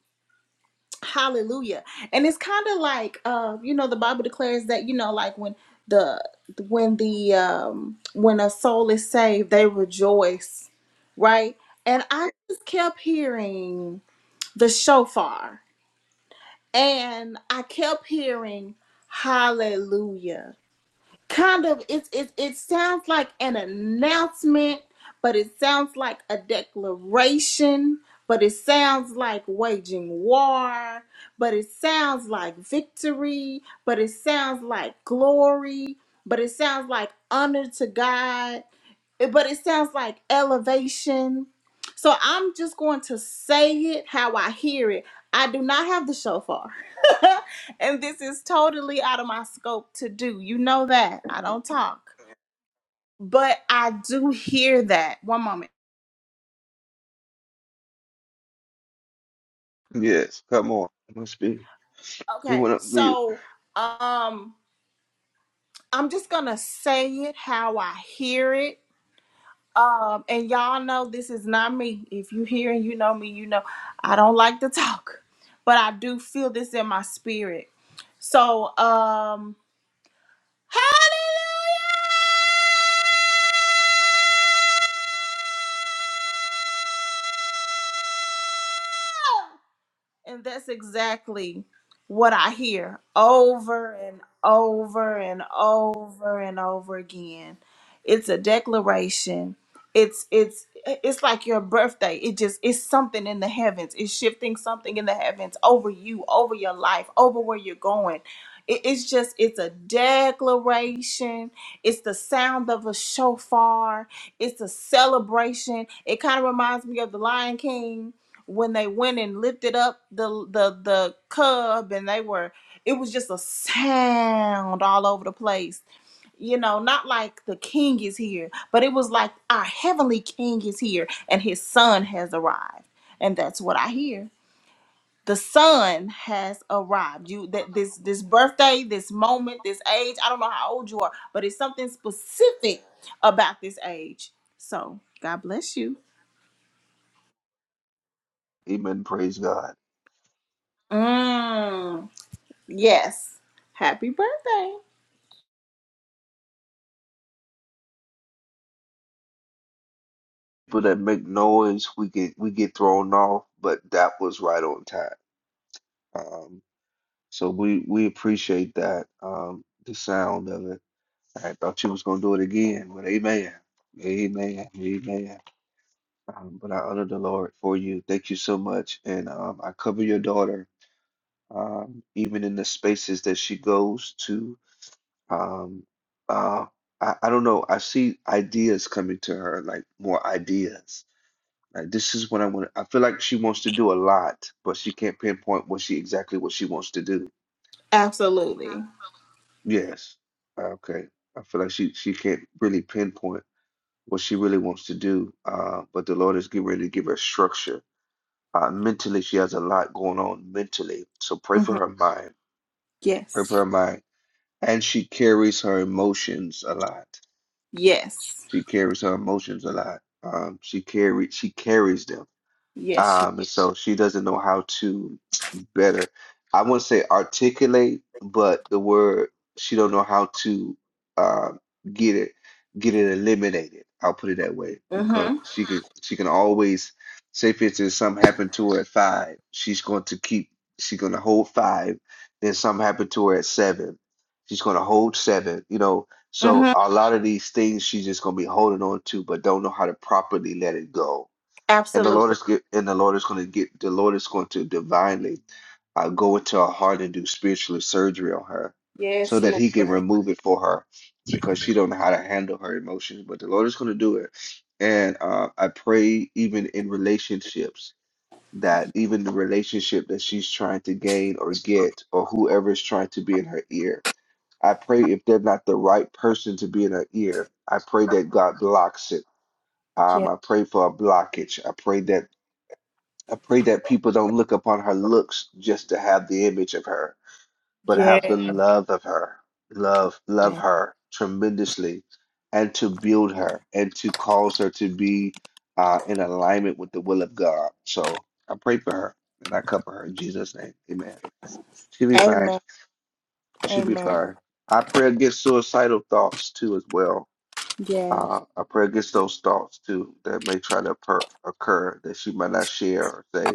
hallelujah. And it's kind of like uh, you know, the Bible declares that, you know, like when the when the um when a soul is saved, they rejoice, right? And I just kept hearing the shofar and I kept hearing hallelujah kind of it's it, it sounds like an announcement but it sounds like a declaration but it sounds like waging war but it sounds like victory but it sounds like glory but it sounds like honor to god it- but it sounds like elevation. So I'm just going to say it how I hear it. I do not have the shofar. and this is totally out of my scope to do. You know that. I don't talk. But I do hear that. One moment. yes. Come on, must be. You Okay. went up mute. So um I'm just going to say it how I hear it Um, and y'all know this is not me. If you hear and you know me, you know I don't like to talk, but I do feel this in my spirit. So, um, hey, And that's exactly what I hear over and over and over and over again. It's a declaration. It's it's it's like your birthday. It just it's something in the heavens. It's shifting something in the heavens over you, over your life, over where you're going. It- It's just it's a declaration. It's the sound of a shofar. It's a celebration. It kind of reminds me of the Lion King when they went and lifted up the the the cub and they were it was just a sound all over the place you know not like the king is here but it was like our heavenly king is here and his son has arrived and that's what i hear the son has arrived you that this this birthday this moment this age i don't know how old you are but it's something specific about this age so god bless you Amen. Praise God. Mm. Yes. Happy birthday. People that make noise, we get we get thrown off, but that was right on time. Um, so we we appreciate that. Um, the sound of it. I thought you was gonna do it again, but amen, amen, amen. Um, but I honor the Lord for you. Thank you so much, and um, I cover your daughter. um, even in the spaces that she goes to. Um, uh, I, I don't know. I see ideas coming to her, like more ideas. Like this is what I want. I feel like she wants to do a lot, but she can't pinpoint what she exactly what she wants to do. Absolutely. Yes. Okay. I feel like she she can't really pinpoint what she really wants to do. Uh, but the Lord is getting ready to give her structure. Uh, mentally, she has a lot going on mentally. So pray hmm for her mind. Pray for Yes. her mind and she carries her emotions a lot. Yes. She carries her emotions a lot. Um, she carry she carries them. Yes. She- Um, and so she doesn't know how to better, I wouldn't say articulate, but the word she don't know how to uh, get it, get it eliminated. I'll put it that way because mhm. she can she can always say, for instance, something happened to her at five, she's going to keep she's going to hold five. Then something happened to her at seven, she's going to hold seven. You know, so Mhm. a lot of these things she's just going to be holding on to, but don't know how to properly let it go and the Lord Absolutely. is get, and the Lord is going to get the Lord is going to divinely uh, go into her heart and do spiritual surgery on her so Yes, that he can Lord. remove it for her because she don't know how to handle her emotions but the lord is going to do it and uh, i pray even in relationships that even the relationship that she's trying to gain or get or whoever is trying to be in her ear i pray if they're not the right person to be in her ear i pray that god blocks it um, Yes. i pray for a blockage i pray that I pray that people don't look upon her looks just to have the image of her, but have Yes. the love of her. Love, love her tremendously, and to build her and to cause her to be uh, in alignment with the will of God. So I pray for her and I cover her in Jesus' name. Amen. She'll be fine. Amen. She'll be Amen. fine. I pray against suicidal thoughts too, as well. Yes. Uh, I pray against those thoughts too that may try to occur, occur that she might not share or say.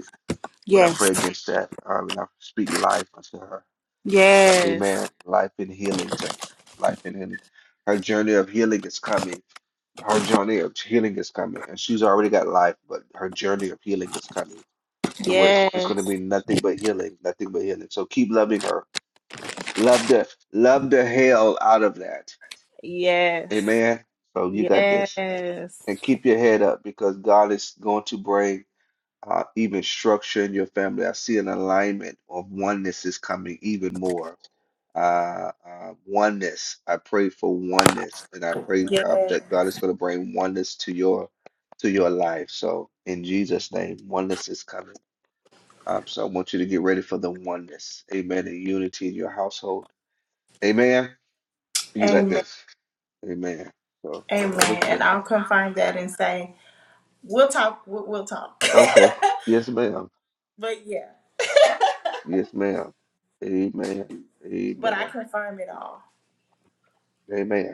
But I Yes. pray against that. Um, and I speak life unto her. Amen. Yes. Life and healing to her. Life and healing. Her journey of healing is coming. Her journey of healing is coming. And she's already got life, but her journey of healing is coming to where she, it's going to Yes. be nothing but healing, nothing but healing. So keep loving her. Love the love the hell out of that. Yes. Amen. So you got this. Yes. And keep your head up because God is going to bring. uh, even structure in your family. I see an alignment of oneness is coming even more. Uh, uh, oneness. I pray for oneness, and I pray um, Yes. that God is going to bring oneness to your to your life. So in Jesus' name, oneness is coming. Um, so I want you to get ready for the oneness. Amen. And unity in your household. Amen. You got Amen. this. Amen. So all is Amen. well. And I'll confirm that and say, we'll talk. We'll, we'll talk. Okay. Yes, ma'am. but yeah, Yes, ma'am. Amen. but I Amen. confirm it all. Amen.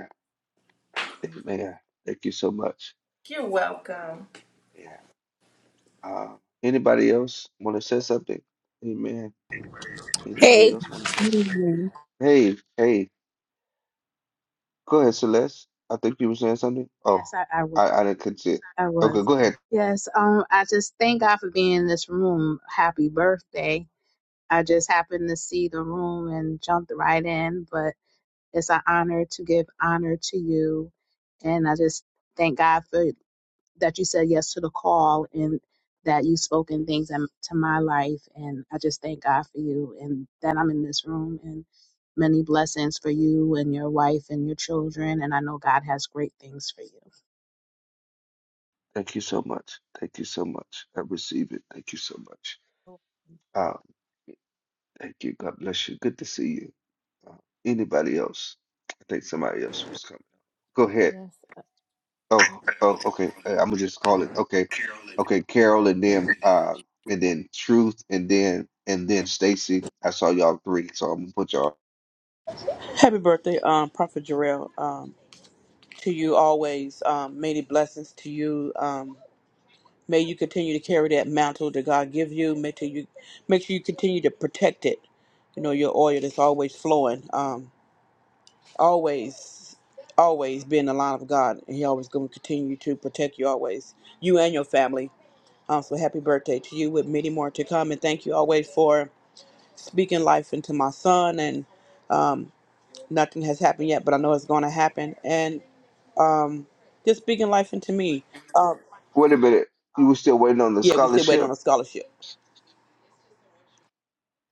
Amen. Thank you so much. You're welcome. Yeah. Uh, anybody else want to say something? Amen. Anybody Hey, else want to say something? Mhm. Hey, hey, go ahead, Celeste. I think you were saying something. Oh, Yes, I, I was. I, I didn't catch it. I Okay, was. go ahead. Yes. Um. I just thank God for being in this room. Happy birthday. I just happened to see the room and jumped right in, but it's an honor to give honor to you, and I just thank God for that you said yes to the call and that you spoken things in- to my life, and I just thank God for you and that I'm in this room and many blessings for you and your wife and your children, and I know God has great things for you. Thank you so much. Thank you so much. I receive it. Thank you so much. Um, thank you. God bless you. Good to see you. Uh, anybody else? I think somebody else was coming. Go ahead. Yes. uh, Oh, oh, oh, okay. I'm gonna just call it okay, okay. Carol and then uh and then Truth and then and then Stacy. I saw y'all three, so I'm gonna put y'all. Happy birthday, um, Prophet Jarrell. Um, to you always. Um, many blessings to you. Um, may you continue to carry that mantle that God give you. Make sure you make sure you continue to protect it. You know your oil that's always flowing. Um, always, always be in the line of God, and He always going to continue to protect you always, you and your family. Um, so happy birthday to you, with many more to come, and thank you always for speaking life into my son and um, nothing has happened yet, but I know it's going to happen. And just speaking life into me. Um, Wait a minute, you were still waiting on the yeah, we still waiting on scholarship? a scholarship.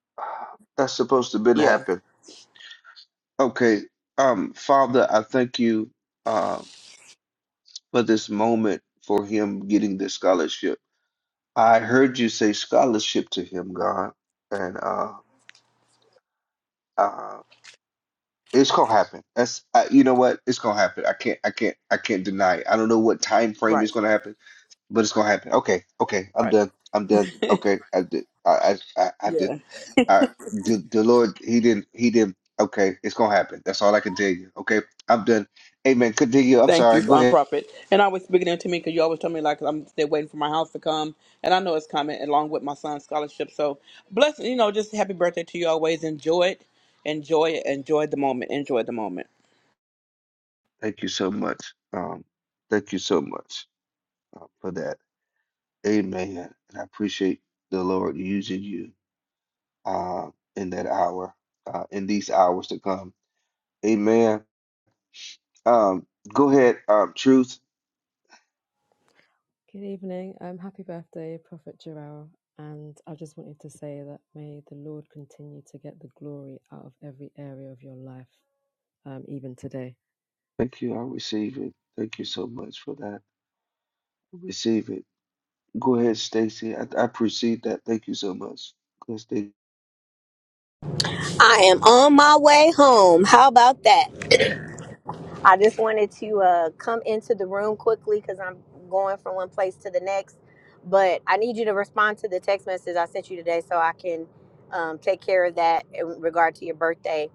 That's supposed to been Yeah, happen. Okay, um, Father, I thank you uh, for this moment for him getting the scholarship. I heard you say scholarship to him, God, and uh, uh, It's gonna happen. That's I, you know what? It's gonna happen. I can't. I can't. I can't deny it. I don't know what time frame right, it's gonna happen, but it's gonna happen. Okay. Okay. I'm right. done. I'm done. Okay. I did. I. I. I, I did. Yeah. I. The, the Lord. He didn't. He didn't. Okay. It's gonna happen. That's all I can tell you. Okay. I'm done. Amen. Continue. I'm Thank sorry. you, Go um, ahead. Prophet. And always speaking into me because you always tell me like I'm still waiting for my house to come, and I know it's coming along with my son's scholarship. So bless, you know, just happy birthday to you. Always enjoy it, enjoy it, enjoy the moment, enjoy the moment. Thank you so much. Um. Thank you so much uh, for that. Amen. And I appreciate the Lord using you. Uh, in that hour. Uh, in these hours to come. Amen. Um, go ahead, um, Truth. Good evening. Um, happy birthday, Prophet Jarrell. And I just wanted to say that may the Lord continue to get the glory out of every area of your life, um, even today. Thank you. I receive it. Thank you so much for that. I receive it. Go ahead, Stacy. I, I appreciate that. Thank you so much. God stay- I am on my way home. How about that? I just wanted to uh, come into the room quickly because I'm going from one place to the next. But I need you to respond to the text message I sent you today so I can um, take care of that in regard to your birthday.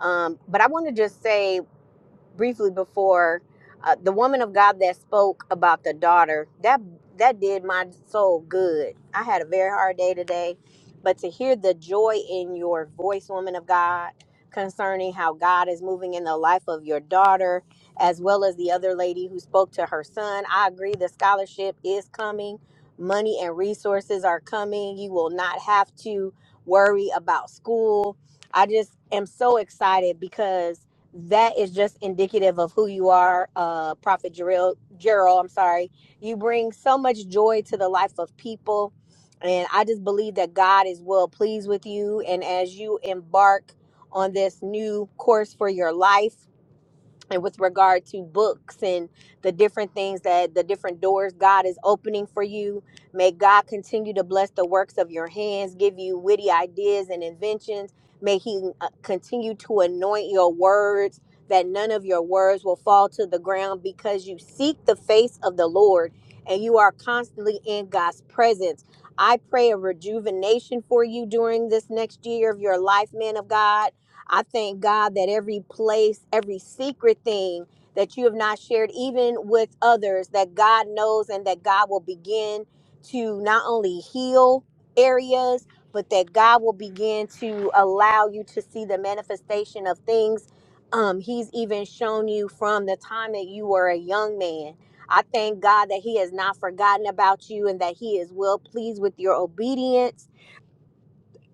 Um, but I want to just say briefly before uh, the woman of God that spoke about the daughter that that did my soul good. I had a very hard day today, but to hear the joy in your voice, woman of God, concerning how God is moving in the life of your daughter, as well as the other lady who spoke to her son, I agree. The scholarship is coming. Money and resources are coming. You will not have to worry about school. I just am so excited because that is just indicative of who you are, uh, Prophet Gerald. Gerald, I'm sorry. You bring so much joy to the life of people. And I just believe that God is well pleased with you. And as you embark on this new course for your life, and with regard to books and the different things that the different doors God is opening for you. May God continue to bless the works of your hands, give you witty ideas and inventions. May He uh, continue to anoint your words, that none of your words will fall to the ground because you seek the face of the Lord and you are constantly in God's presence. I pray a rejuvenation for you during this next year of your life, man of God. I thank God that every place, every secret thing that you have not shared, even with others, that God knows and that God will begin to not only heal areas, but that God will begin to allow you to see the manifestation of things um, He's even shown you from the time that you were a young man. I thank God that He has not forgotten about you and that He is well pleased with your obedience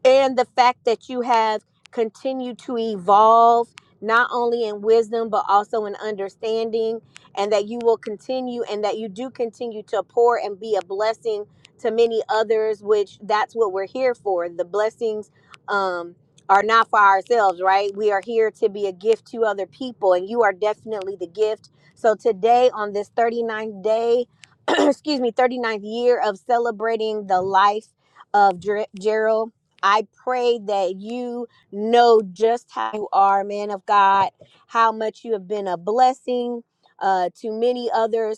and the fact that you have continued to evolve not only in wisdom but also in understanding and that you will continue and that you do continue to pour and be a blessing to many others which that's what we're here for the blessings um are not for ourselves right we are here to be a gift to other people and you are definitely the gift so today on this 39th day excuse me thirty-ninth year of celebrating the life of Dr- Gerald I pray that you know just how you are, man of God, how much you have been a blessing uh, to many others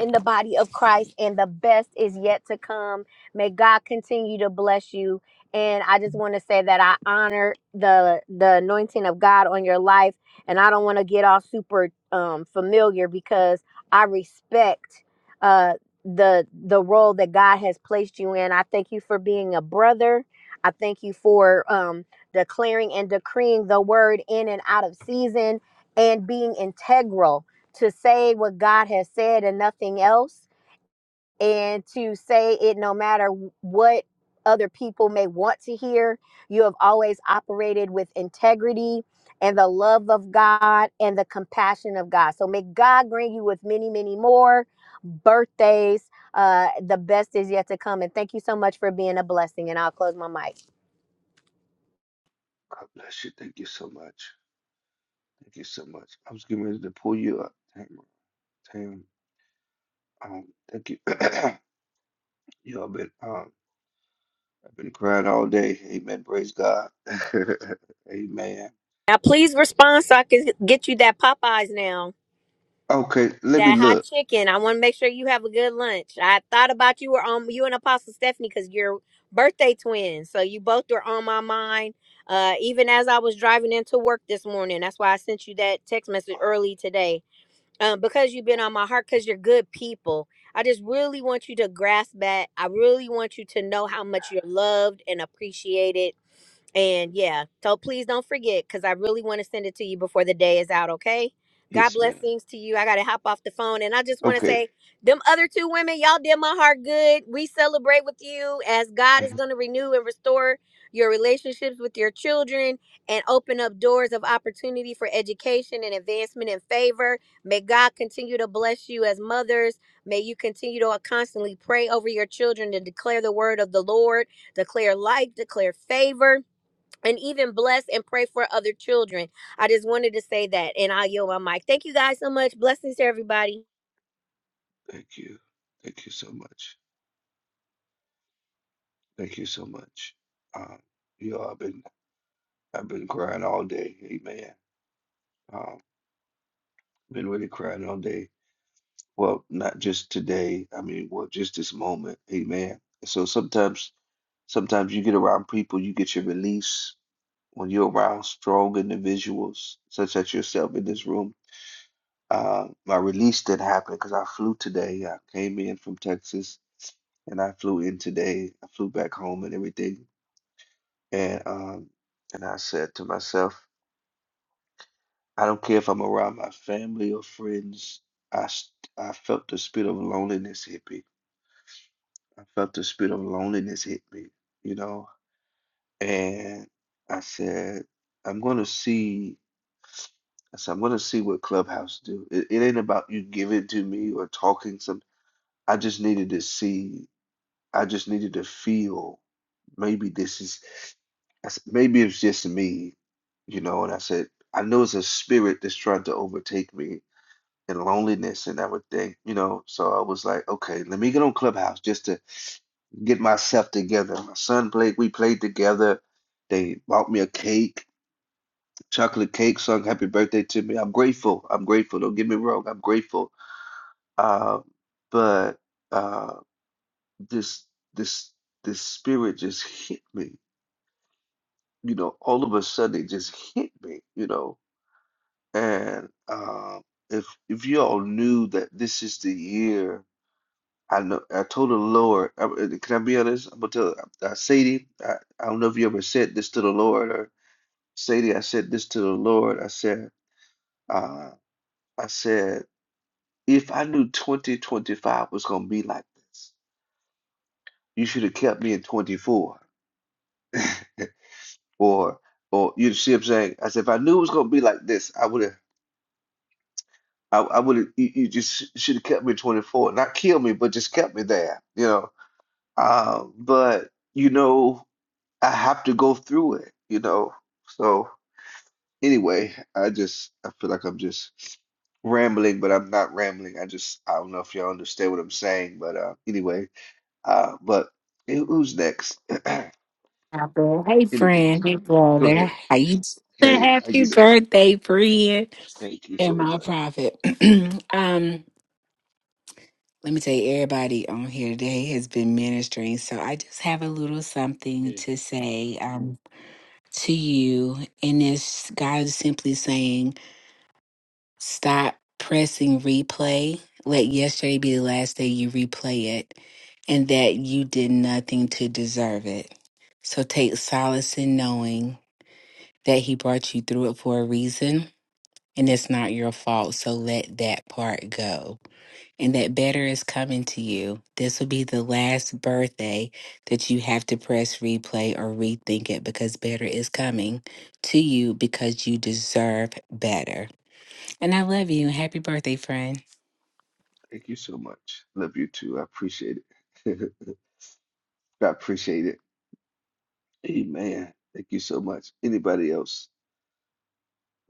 in the body of Christ, and the best is yet to come. May God continue to bless you. And I just want to say that I honor the the anointing of God on your life, and I don't want to get all super um, familiar because I respect uh, the the role that God has placed you in. I thank you for being a brother. I thank you for um, declaring and decreeing the word in and out of season and being integral to say what God has said and nothing else, and to say it no matter what other people may want to hear. You have always operated with integrity and the love of God and the compassion of God. So may God bring you with many, many more birthdays. Uh, the best is yet to come. And thank you so much for being a blessing. And I'll close my mic. God bless you. Thank you so much. Thank you so much. I was getting ready to pull you up. Tam, Tam, um, thank you. you all been um, I've been crying all day. Amen. Praise God. Amen. Now, please respond so I can get you that Popeyes now. Okay, let me That hot look. chicken. I want to make sure you have a good lunch. I thought about you were on you and Apostle Stephanie because you're birthday twins. So you both were on my mind. Uh, even as I was driving into work this morning, that's why I sent you that text message early today. Um, because you've been on my heart, because you're good people. I just really want you to grasp that. I really want you to know how much you're loved and appreciated and yeah, so please don't forget because I really want to send it to you before the day is out, okay? God Yes, ma'am. blessings to you. I got to hop off the phone. And I just want to Okay. say, them other two women, y'all did my heart good. We celebrate with you as God is Thank going to renew and restore your relationships with your children and open up doors of opportunity for education and advancement and favor. May God continue to bless you as mothers. May you continue to uh, constantly pray over your children and declare the word of the Lord, declare life, declare favor and even bless and pray for other children. I just wanted to say that, and I'll yield my mic. Thank you guys so much. Blessings to everybody. you. Thank you so much. Thank you so much. Um, you know, I've been I've been crying all day. Amen. Um, been really crying all day. Well, not just today. I mean, well, just this moment. Amen. So sometimes, sometimes you get around people, you get your release when you're around strong individuals, such as yourself in this room. Uh, my release didn't happen because I flew today. I came in from Texas and I flew in today. I flew back home and everything. And um, and I said to myself. I don't care if I'm around my family or friends. I, s- I felt the spirit of loneliness hit me. I felt the spirit of loneliness hit me, you know? And I said, I'm gonna see, I said, I'm gonna see what Clubhouse do. It, it ain't about you giving to me or talking some. I just needed to see, I just needed to feel maybe this is, I s- maybe it's just me, you know? And I said, I know it's a spirit that's trying to overtake me and loneliness and everything, you know. So I was like, okay, let me get on Clubhouse just to get myself together. My son played, we played together. They bought me a cake, chocolate cake, sung happy birthday to me. I'm grateful. I'm grateful. Don't get me wrong, I'm grateful. Uh, but uh, this this this spirit just hit me, you know, all of a sudden it just hit me, you know. And uh, if if you all knew that this is the year. I know I told the Lord. I, uh, can I be honest? I'm gonna tell uh, Sadie. I, I don't know if you ever said this to the Lord or Sadie. I said this to the Lord. I said, uh, I said, if I knew 2025 was gonna be like this, you should have kept me in 24. Or, or you see what I'm saying? I said, if I knew it was gonna be like this, I would have. I, I would have. You, you just should have kept me in 24, not killed me, but just kept me there. You know. Uh, but you know. I have to go through it, you know. So anyway, I just I feel like I'm just rambling, but I'm not rambling. I just I don't know if y'all understand what I'm saying, but uh anyway, uh but who- who's next? Apple. Hey Anyway, friend, hey go ahead. brother. How you doing? Hey, how happy you doing? birthday, friend? Thank you And so my much. prophet. um, let me tell you, everybody on here today has been ministering. So I just have a little something Yeah. to say um to you. And it's God is simply saying, stop pressing replay. Let yesterday be the last day you replay it, and that you did nothing to deserve it. So take solace in knowing that he brought you through it for a reason and it's not your fault. So let that part go. And that better is coming to you. This will be the last birthday that you have to press replay or rethink it because better is coming to you because you deserve better. And I love you. Happy birthday, friend. Thank you so much. Love you too. I appreciate it. I appreciate it. Amen. Thank you so much. Anybody else?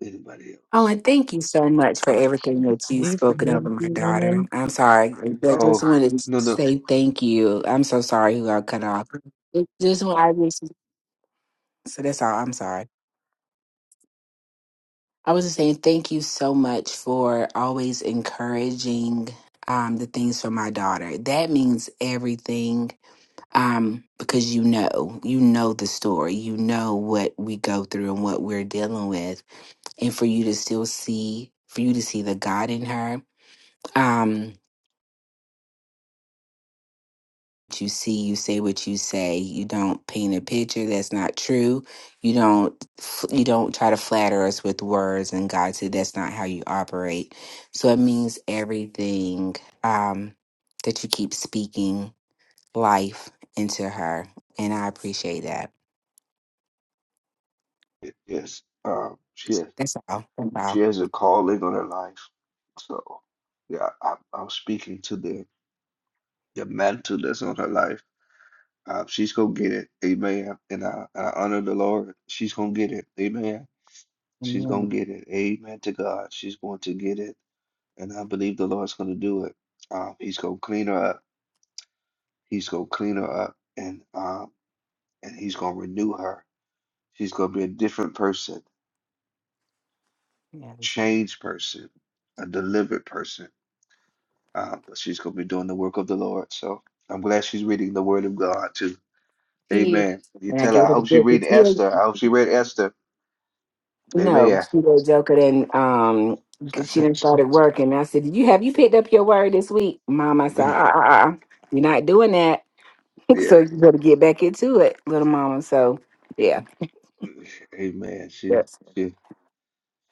Anybody Oh, else? and thank you so much for everything that you've spoken over my daughter. Evening, I'm sorry. I Oh, just wanted to no, no. say thank you. I'm so sorry who I cut off. It just I just So that's all. I'm sorry. I was just saying thank you so much for always encouraging um, the things for my daughter. That means everything um, because you know, you know the story, you know what we go through and what we're dealing with, and for you to still see, for you to see the God in her. Um, you see, you say what you say. You don't paint a picture that's not true. You don't you don't try to flatter us with words. And God said that's not how you operate. So it means everything um, that you keep speaking life into her, and I appreciate that. Yes, um, she has That's all. That's she all. has a calling on her life. So, yeah, I, I'm speaking to the the mantle that's on her life. Uh, she's gonna get it, amen. And I, I honor the Lord. She's gonna get it, amen. She's gonna Amen. get it, amen. To God, she's going to get it, and I believe the Lord's gonna do it. Um, he's gonna clean her up. He's gonna clean her up, and um, and he's gonna renew her. She's gonna be a different person, Yeah. a changed person, a delivered person Uh, but she's going to be doing the work of the Lord. So I'm glad she's reading the Word of God too. See it. Amen. You And I tell her, gave I it a hope she good read gift. Esther. I hope she read Esther. No, Amen. she was joking and um 'cause she didn't start at I said, Did you have you picked up your word this week? Mom, I said, uh uh uh uh, you're not doing that. yeah. so you better get back into it, little mama. So yeah. Amen. She Yes. she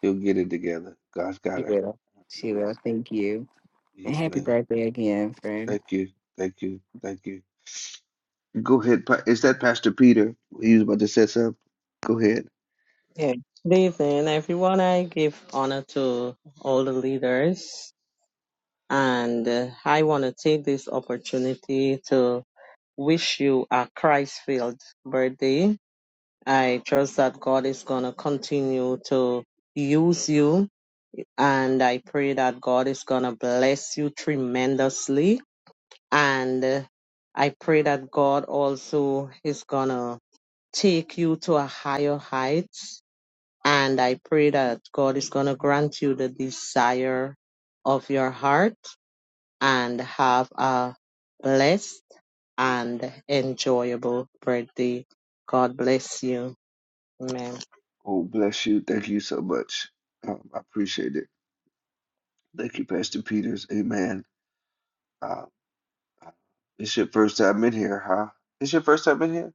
she'll get it together. God's She got her. will. She Yeah. will. Thank you. And Yes, happy ma'am. birthday again, friend. Thank you. Thank you. Thank you. Go ahead. Pa- Is that Pastor Peter? He was about to say something. Go ahead. yeah. Good evening, everyone. I give honor to all the leaders, and uh, I want to take this opportunity to wish you a Christ-filled birthday. I trust that God is gonna continue to use you, and I pray that God is gonna bless you tremendously. And uh, I pray that God also is gonna take you to a higher height And I pray that God is going to grant you the desire of your heart and have a blessed and enjoyable birthday. God bless you. Amen. Oh, bless you. Thank you so much. Um, I appreciate it. Thank you, Pastor Peters. Amen. Uh, It's your first time in here, huh? It's your first time in here?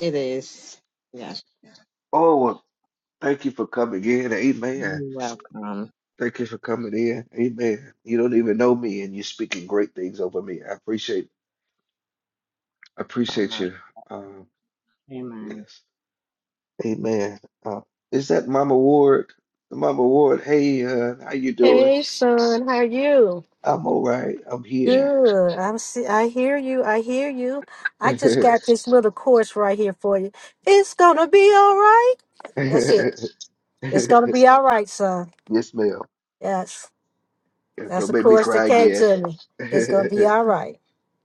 It is. Yes. Oh, well, thank you for coming in. Amen. You're welcome. Thank you for coming in. Amen. You don't even know me and you're speaking great things over me. I appreciate I appreciate you. Um, Amen. yes. Amen. Uh, is that Mama Ward? Mama Ward, hey, uh, how you doing? Hey, son, how are you? I'm all right. I'm here. Good. I'm see I hear you. I hear you. I just got this little course right here for you. It's gonna be all right. That's it. Yes, It's gonna be all right, son. ma'am. Yes. That's Don't the make me chorus that cry came again. to me. It's gonna be all right.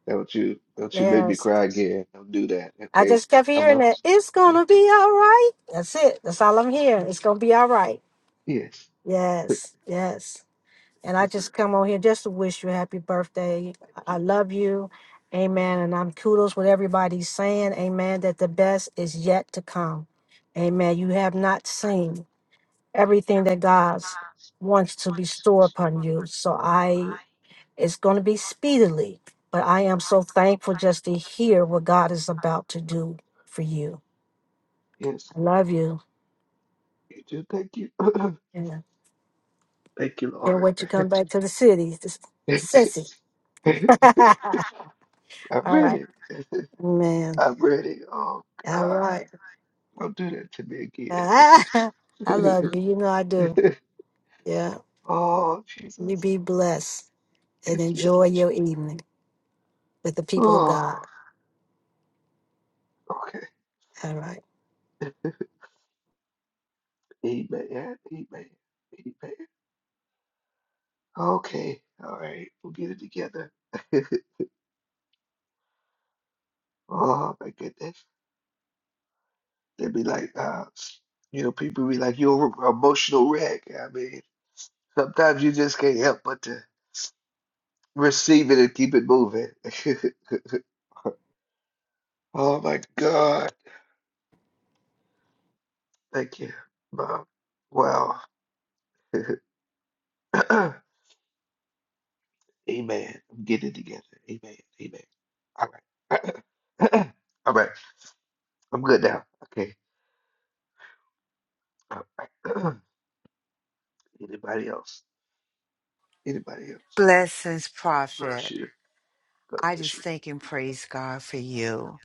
Don't you don't you make me Yes. cry again. Don't do that. I Okay. just kept I'm hearing a that. It's gonna be all right. That's it. That's all I'm hearing. It's gonna be all right. yes. Yes. Yes. And I Yes, sir. just come on here just to wish you a happy birthday. Thank I you. love you. Amen. And I'm kudos with everybody's saying, Amen, that the best is yet to come. Amen. You have not seen everything that God wants to bestow upon you. So I it's gonna be speedily, but I am so thankful just to hear what God is about to do for you. Yes. I love you. You too. Thank you. And Thank you, can't Lord. wait to come back to the city. This- Sissy. All I'm right. ready. Man. I'm ready. Oh All God. right. Don't do that to me I love you. again. You know I do. Yeah. Oh You Jesus. be blessed and Yes, ma'am. enjoy your evening with the people of Oh, God. okay. All right. Amen. Amen. Amen. Okay. All right. We'll get it together. Oh my goodness. They'd be like, uh, you know, people be like, you're an emotional wreck. I mean, sometimes you just can't help but to receive it and keep it moving. Oh my God. Thank you, Mom. Wow. Amen. I'm getting it together. Amen. Amen. All right. All right. I'm good now. Okay. All right. Anybody else? Anybody else? Blessings, Bless Prophet. you. God I bless just you. thank and praise God for you.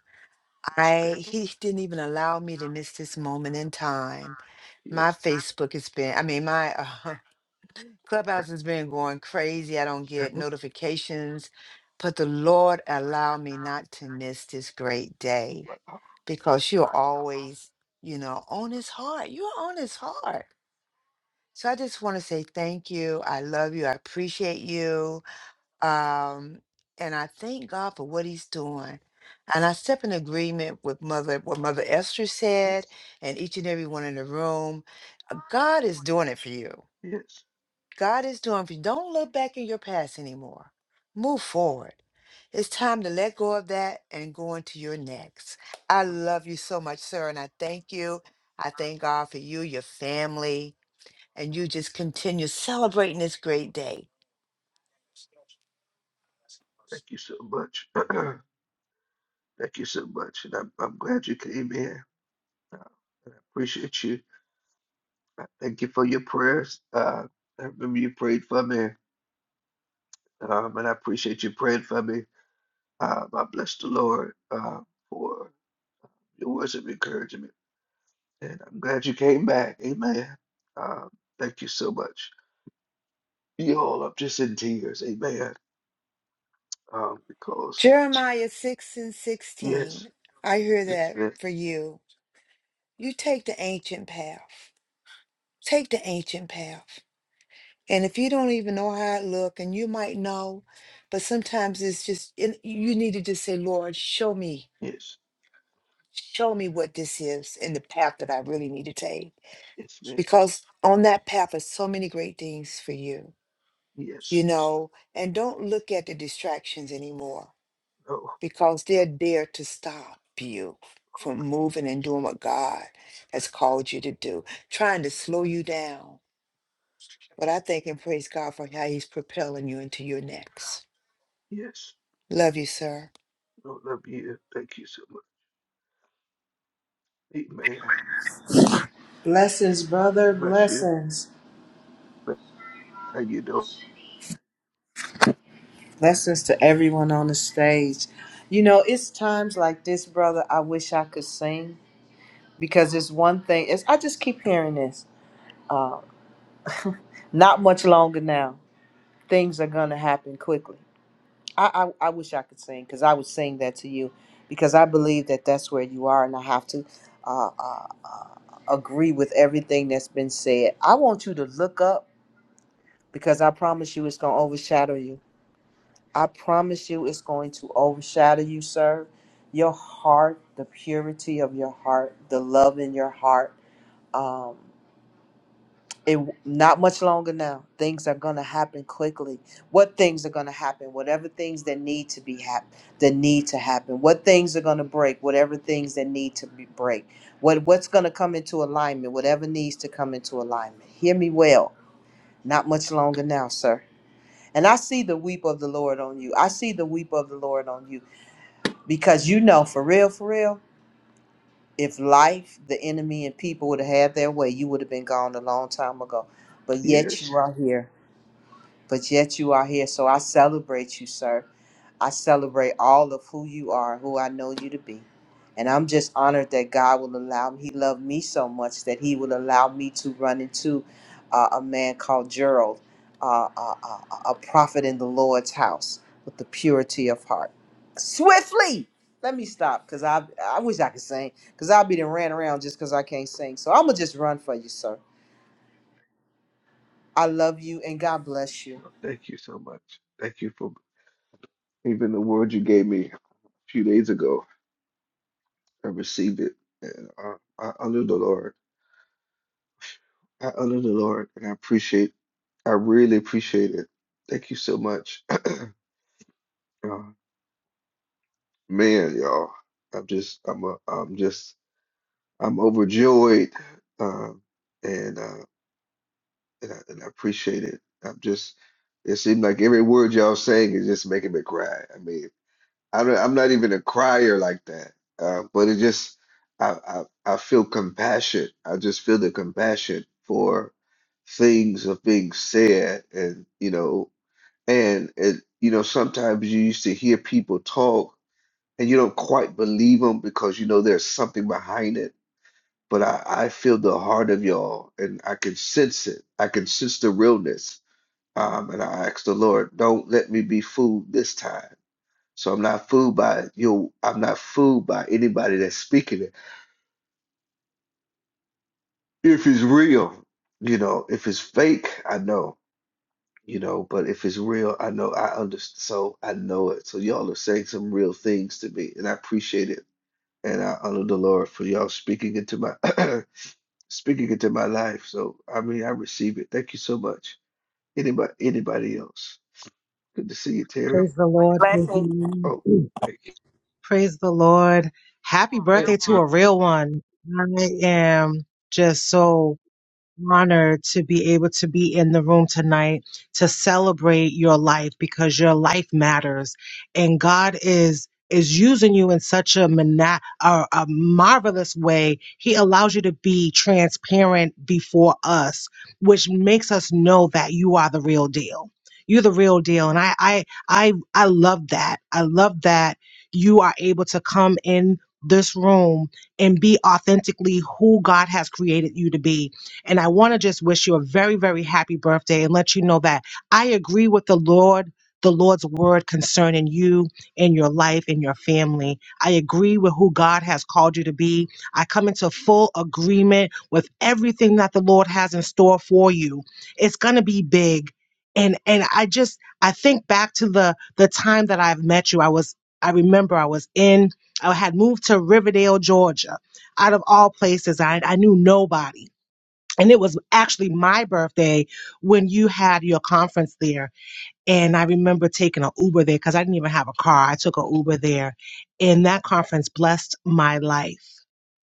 Yes, I thank he didn't even allow me to miss this moment in time. you. My Yes. Facebook has been, I mean, my uh, clubhouse has been going crazy. I don't Yeah, get who- notifications, but the Lord allowed me not to miss this great who- day wow, because you're always, you know, on His heart. You're on His heart. So I just want to say thank you. I love you. I appreciate you. Um, and I thank God for what he's doing. And I step in agreement with Mother, what Mother Esther said, Yes, and each and every one in the room. Uh, God is doing it for you. yes. God is doing it for you. Don't look back in your past anymore. Move forward. It's time to let go of that and go into your next. I Uh, love you so much, sir, and I thank you. I thank God for you, your family, and you just continue celebrating this great day. Thank you so much. Thank you so much. And I'm, I'm glad you came in. Uh, and I appreciate you. I thank you for your prayers. Uh, I remember you prayed for me, um, and I appreciate you praying for me. Um, I bless the Lord uh, for your words of encouragement. And I'm glad you came back. Amen. Um, thank you so much. Y'all, I'm just in tears. Amen. Um, because, Jeremiah 6 and 16. yes, I hear yes, that yes. for you. You take the ancient path. Take the ancient path. And if you don't even know how it look, and you might know, but sometimes it's just and you need to just say, Lord, show me, yes. show me what this is and the path that I really need to take. Yes, ma'am. Because on that path are so many great things for you, Yes. you know, and don't look at the distractions anymore No. because they're there to stop you from moving and doing what God has called you to do, trying to slow you down. But I thank and praise God for how He's propelling you into your next. Yes. Love you, sir. No, love you. Thank you so much. Amen. Blessings, brother. Bless you. Blessings. How you doing? Blessings to everyone on the stage. You know, it's times like this, brother, I wish I could sing because it's one thing. It's, I just keep hearing this. Uh, not much longer now. Things are going to happen quickly. I, I, I wish I could sing because I would sing that to you because I believe that that's where you are and I have to uh, uh, uh, agree with everything that's been said. I want you to look up because I promise you it's going to overshadow you I promise you it's going to overshadow you, sir. Your heart, the purity of your heart, the love in your heart. Um, it not much longer now. Things are gonna happen quickly. What things are gonna happen? Whatever things that need to be hap- that need to happen. What things are gonna break? Whatever things that need to be break. What what's gonna come into alignment? Whatever needs to come into alignment. Hear me well. Not much longer now, sir. And I see the weep of the Lord on you. I see the weep of the Lord on you. Because you know, for real, for real, if life, the enemy, and people would have had their way, you would have been gone a long time ago. But yet you Yes. are here but yet you are here. So I celebrate you, sir. I celebrate all of who you are, who I know you to be. And I'm just honored that God will allow me. He loved me so much that He will allow me to run into uh, a man called Gerald, uh, uh, uh, a prophet in the Lord's house with the purity of heart. Swiftly! Let me stop because I, I wish I could sing because I'll be done ran around just because I can't sing. So I'm going to just run for you, sir. I love you and God bless you. No, thank you so much. Thank you for even the word you gave me a few days ago. I received it. And I, I honor the Lord. I honor the Lord and I appreciate, I really appreciate it. Thank you so much. Uh, man, y'all, I'm just, I'm, a, I'm just, I'm overjoyed. Um, and uh, and I, and I appreciate it. I'm just, it seems like every word y'all saying is just making me cry. I mean, I'm not, I'm not even a crier like that, uh, but it just, I, I, I feel compassion. I just feel the compassion for things of being said, and you know, and and you know, sometimes you used to hear people talk, and you don't quite believe them because you know there's something behind it. But I, I feel the heart of y'all, and I can sense it. I can sense the realness um, and I asked the Lord, don't let me be fooled this time. So I'm not fooled by you. I'm not fooled by anybody that's speaking it. If it's real, you know, if it's fake, I know, you know, but if it's real, I know, I understand. So I know it. So y'all are saying some real things to me, and I appreciate it. And I honor the Lord for y'all speaking into my speaking into my life. So I mean, I receive it. Thank you so much. Anybody, anybody else? Good to see you, Terry. Praise the Lord. Praise the Blessings. Lord. Oh, Ooh, thank you. Praise the Lord. Happy birthday Thank to you. a real one. I am just so honored to be able to be in the room tonight to celebrate your life because your life matters and God is is using you in such a, mana- a, a marvelous way. He allows you to be transparent before us, which makes us know that you are the real deal. You're the real deal. And I, I, I, I love that. I love that you are able to come in this room and be authentically who God has created you to be and I want to just wish you a very, very happy birthday and let you know that I agree with the Lord. The Lord's word concerning you and your life and your family. I agree with who God has called you to be. I come into full agreement with everything that the Lord has in store for you. It's going to be big. And and I just I think back to the the time that I've met you. I was I remember I was in I had moved to Riverdale, Georgia, out of all places. I, I knew nobody and it was actually my birthday when you had your conference there. And I remember taking an Uber there because I didn't even have a car. I took an Uber there, and that conference blessed my life.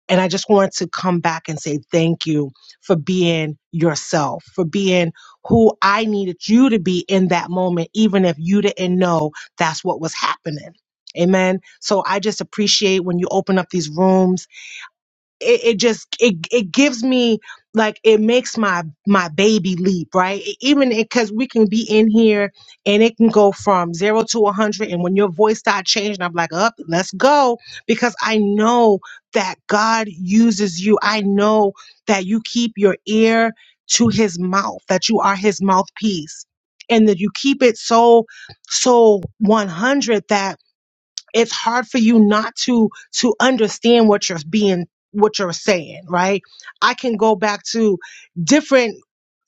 And I just want to come back and say thank you for being yourself, for being who I needed you to be in that moment, even if you didn't know that's what was happening. Amen. So I just appreciate when you open up these rooms it, it just it it gives me like it makes my my baby leap right E- even because we can be in here and it can go from zero to 100 and when your voice start changing i'm like up let's go because i know that god uses you i know that you keep your ear to his mouth that you are his mouthpiece and that you keep it so so 100 that it's hard for you not to to understand what you're being what you're saying right i can go back to different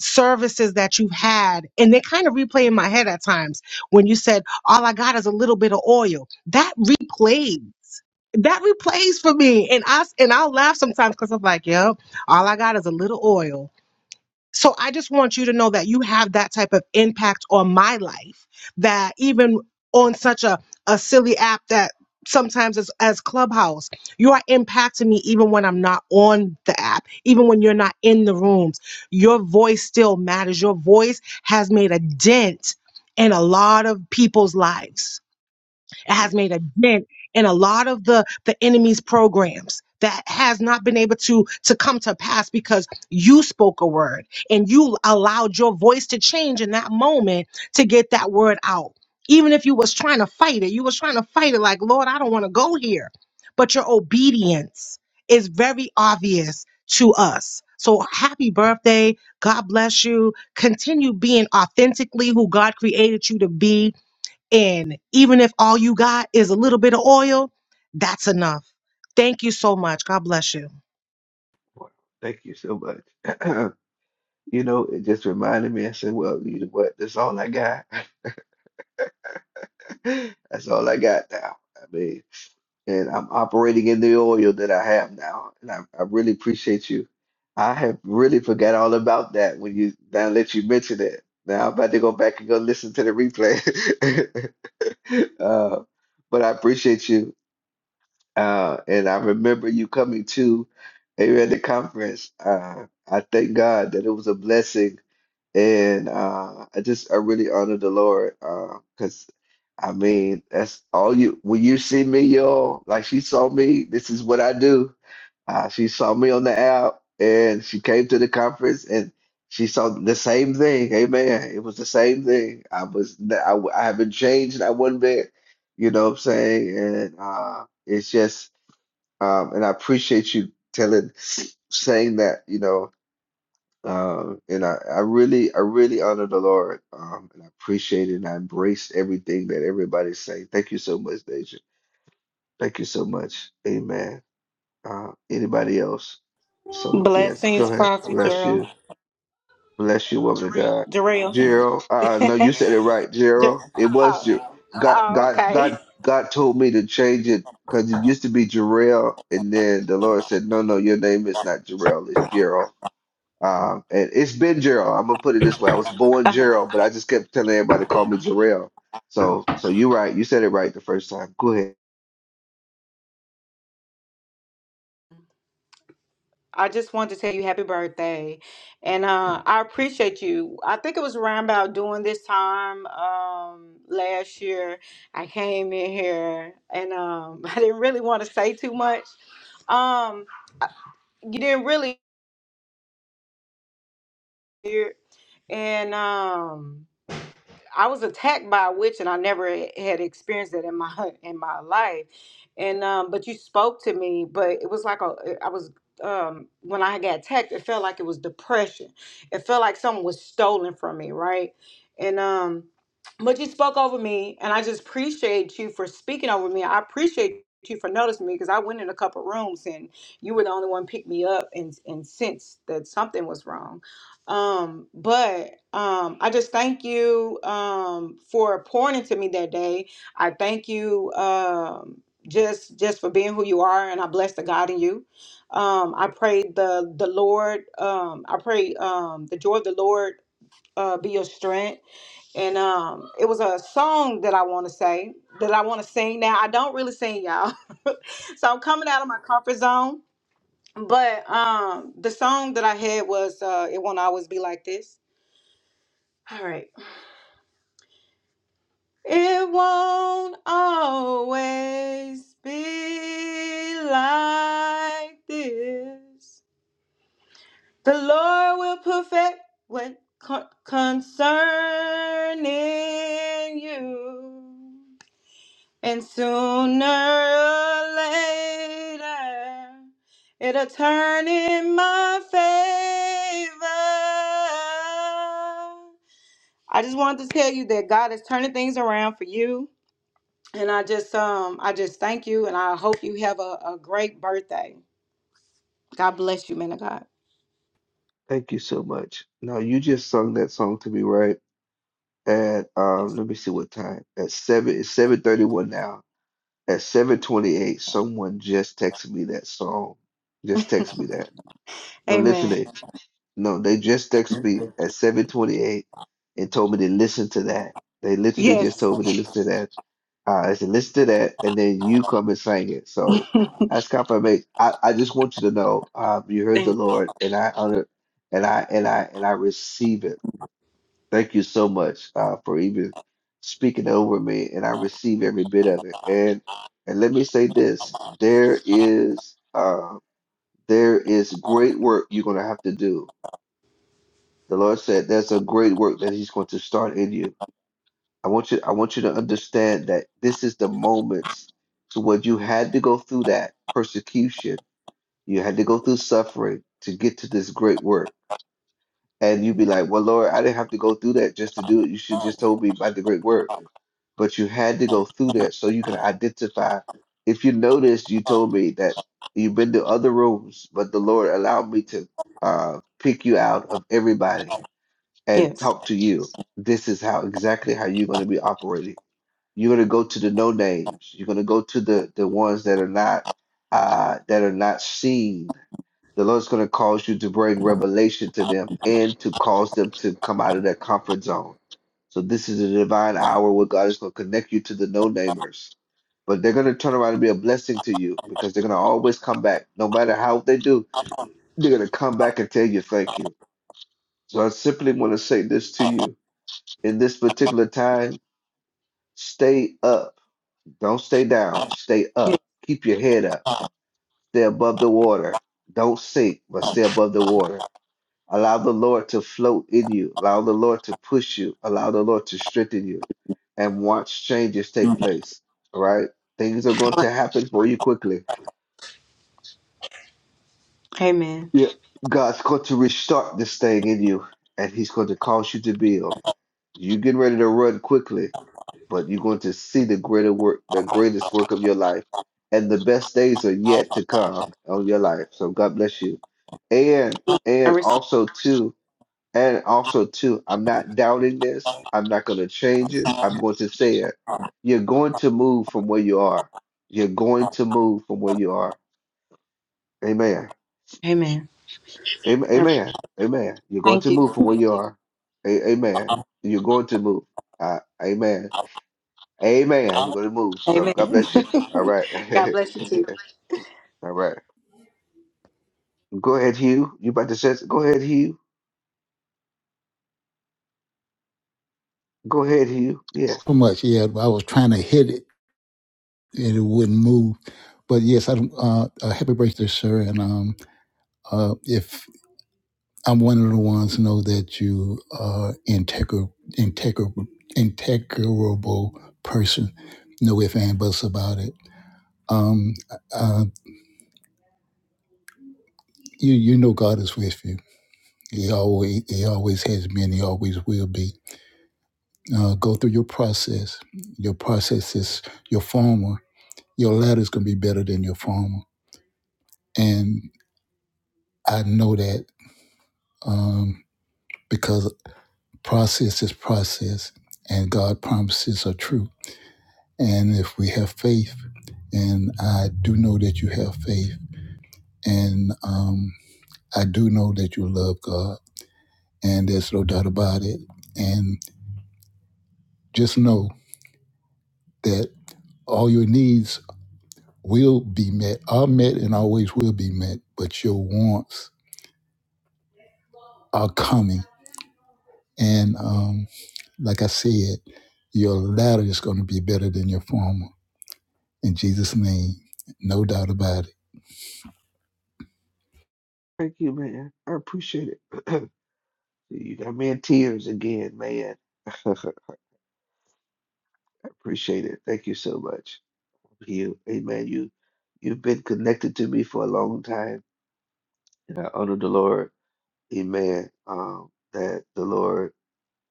services that you've had and they kind of replay in my head at times when you said all i got is a little bit of oil that replays that replays for me and I and i'll laugh sometimes because i'm like yep all i got is a little oil so I just want you to know that you have that type of impact on my life that even on such a, a silly app that sometimes as, as Clubhouse, you are impacting me even when I'm not on the app, even when you're not in the rooms. Your voice still matters. Your voice has made a dent in a lot of people's lives. It Yeah. has made a dent in a lot of the the enemy's programs that has not been able to to come to pass because you spoke a word and you allowed your voice to change in that moment to get that word out. Even if you was trying to fight it, you was trying to fight it like, "Lord, I don't want to go here." But your obedience is very obvious to us. So happy birthday. God bless you. Continue being authentically who God created you to be and even if all you got is a little bit of oil, that's enough. Thank you so much. God bless you. Wow. Thank you so much. You know, it just reminded me. I said, well, you know what? That's all I got. That's all I got now. I mean, and I'm operating in the oil that I have now. And I, I really appreciate you. I have really forgot all about that when you now let you mention it. Now I'm about to go back and go listen to the replay. Uh, but I appreciate you. Uh, and I remember you coming to a the conference. Uh, I thank God that it was a blessing, and uh, I just I really honor the Lord because I mean that's all you when you see me, y'all. Like she saw me. This is what I do. Uh, she saw me on the app, and she came to the conference, and she saw the same thing. Amen. It was the same thing. I was I, I haven't changed. I wasn't bit. You know what I'm saying? And uh, it's just. Um, and I appreciate you telling, saying that, you know, um, and I, I really, I really honor the Lord. Um, and I appreciate it and I embrace everything that everybody's saying. Thank you so much, Deja. Thank you so much. Amen. Uh, anybody else? So, yes, Blessings, go ahead. Prophet Bless Gerald. you. Bless you, woman of God. Jarrell. Gerald, uh, no, you said it right, J- Gerald. It was Ger- oh. God. oh, God. okay. God. God told me to change it because it used to be Jarrell, and then the Lord said, "No, no, your name is not Jarrell. It's Gerald." Um, and it's been Gerald. I'm gonna put it this way: I was born Uh-huh. Gerald, but I just kept telling everybody to call me Jarrell. So, so you're right. You said it right the first time. Go ahead. I just wanted to tell you happy birthday. And uh, I appreciate you. I think it was around about doing this time um, last year. I came in here and um, I didn't really want to say too much. Um, you didn't really hear. And. um, I was attacked by a witch, and I never had experienced that in my in my life. And um, but you spoke to me, but it was like a I was um when I got attacked, it felt like it was depression. It felt like something was stolen from me, right? And um, but you spoke over me, and I just appreciate you for speaking over me. I appreciate you for noticing me because I went in a couple rooms and you were the only one picked me up and and sensed that something was wrong um, but um, I just thank you um, for pouring into me that day. I thank you um, just just for being who you are, and I bless the God in you. Um, I pray the the Lord. Um, I pray um, the joy of the Lord uh, be your strength. And um, it was a song that I want to say that I want to sing. Now I don't really sing, y'all, so I'm coming out of my comfort zone. But um, the song that I had was uh, "It Won't Always Be Like This." All right. It won't always be like this. The Lord will perfect what con- concerning you. And sooner or later, it'll turn in my favor. I just wanted to tell you that God is turning things around for you. And I just um I just thank you and I hope you have a, a great birthday. God bless you, man of God. Thank you so much. No, you just sung that song to me, right? At Yes. um, let me see what time. At seven. It's seven thirty-one now. At 7:28, someone just texted me that song. Just texted me that. No, Amen. literally. No, they just texted me at 7:28 and told me to listen to that. They literally just Yes. told me to listen to that. Uh, I said, listen to that, and then you come and sing it. So that's confirmation. I, I just want you to know, um, you heard the Thank- Lord, and I honor, and I and I and I receive it. Thank you so much uh, for even speaking over me, and I receive every bit of it. And and let me say this: there is uh, there is great work you're going to have to do. The Lord said there's a great work that He's going to start in you. I want you I want you to understand that this is the moments to what you had to go through that persecution. You had to go through suffering to get to this great work. And you'd be like, well, Lord, I didn't have to go through that just to do it. You should just told me about the great work but you had to go through that so you can identify. If you notice, you told me that you've been to other rooms, but the Lord allowed me to uh, pick you out of everybody and yes. talk to you. This is how exactly how you're going to be operating. You're going to go to the no names. You're going to go to the the ones that are not uh, that are not seen the Lord's going to cause you to bring revelation to them and to cause them to come out of their comfort zone. So this is a divine hour where God is going to connect you to the no-namers. But they're going to turn around and be a blessing to you because they're going to always come back. No matter how they do, they're going to come back and tell you thank you. So I simply want to say this to you. In this particular time, stay up. Don't stay down. Stay Yes. up. Keep your head up. Stay above the water. Don't sink, but stay above the water Allow the Lord to float in you. Allow the Lord to push you. Allow the Lord to strengthen you and watch changes take place. All right? Things are going to happen for you quickly. Amen. Yeah. God's going to restart this thing in you and He's going to cause you to build. You're getting ready to run quickly, but you're going to see the greater work, the greatest work of your life. And the best days are yet to come on your life. So God bless you. And I and receive. also too. And also, too, I'm not doubting this. I'm not going to change it. I'm going to say it. You're going to move from where you are. You're going to move from where you are. Amen. Amen. Am- I- Amen. Amen. You're going thank to you. move from where you are. A- Amen. You're going to move. Uh, amen. Amen. You're going to move. So Amen. God bless you. All right. God bless you too. All right. Go ahead, Hugh. You about to say? Go ahead, Hugh. Go ahead, Hugh. Yes. Pretty much, yeah. I was trying to hit it and it wouldn't move, but yes, I do uh, uh happy birthday, sir. And um, uh, if I'm one of the ones know that you are integral, integral, integrable person, no if and buts about it. Um, uh, you you know God is with you He always, he always has been. He always will be. Uh, go through your process. Your process is your former. Your latter is going to be better than your former. And I know that um, because process is process, and God promises are true. And if we have faith, and I do know that you have faith, and um, I do know that you love God, and there's no doubt about it. And just know that all your needs will be met, are met, and always will be met, but your wants are coming. And um, like I said, your latter is going to be better than your former. In Jesus' name, no doubt about it. Thank you, man. I appreciate it. You got me in tears again, man. I appreciate it. Thank you so much. You, amen. You, you've been connected to me for a long time, and I honor the Lord, amen. Um, that the Lord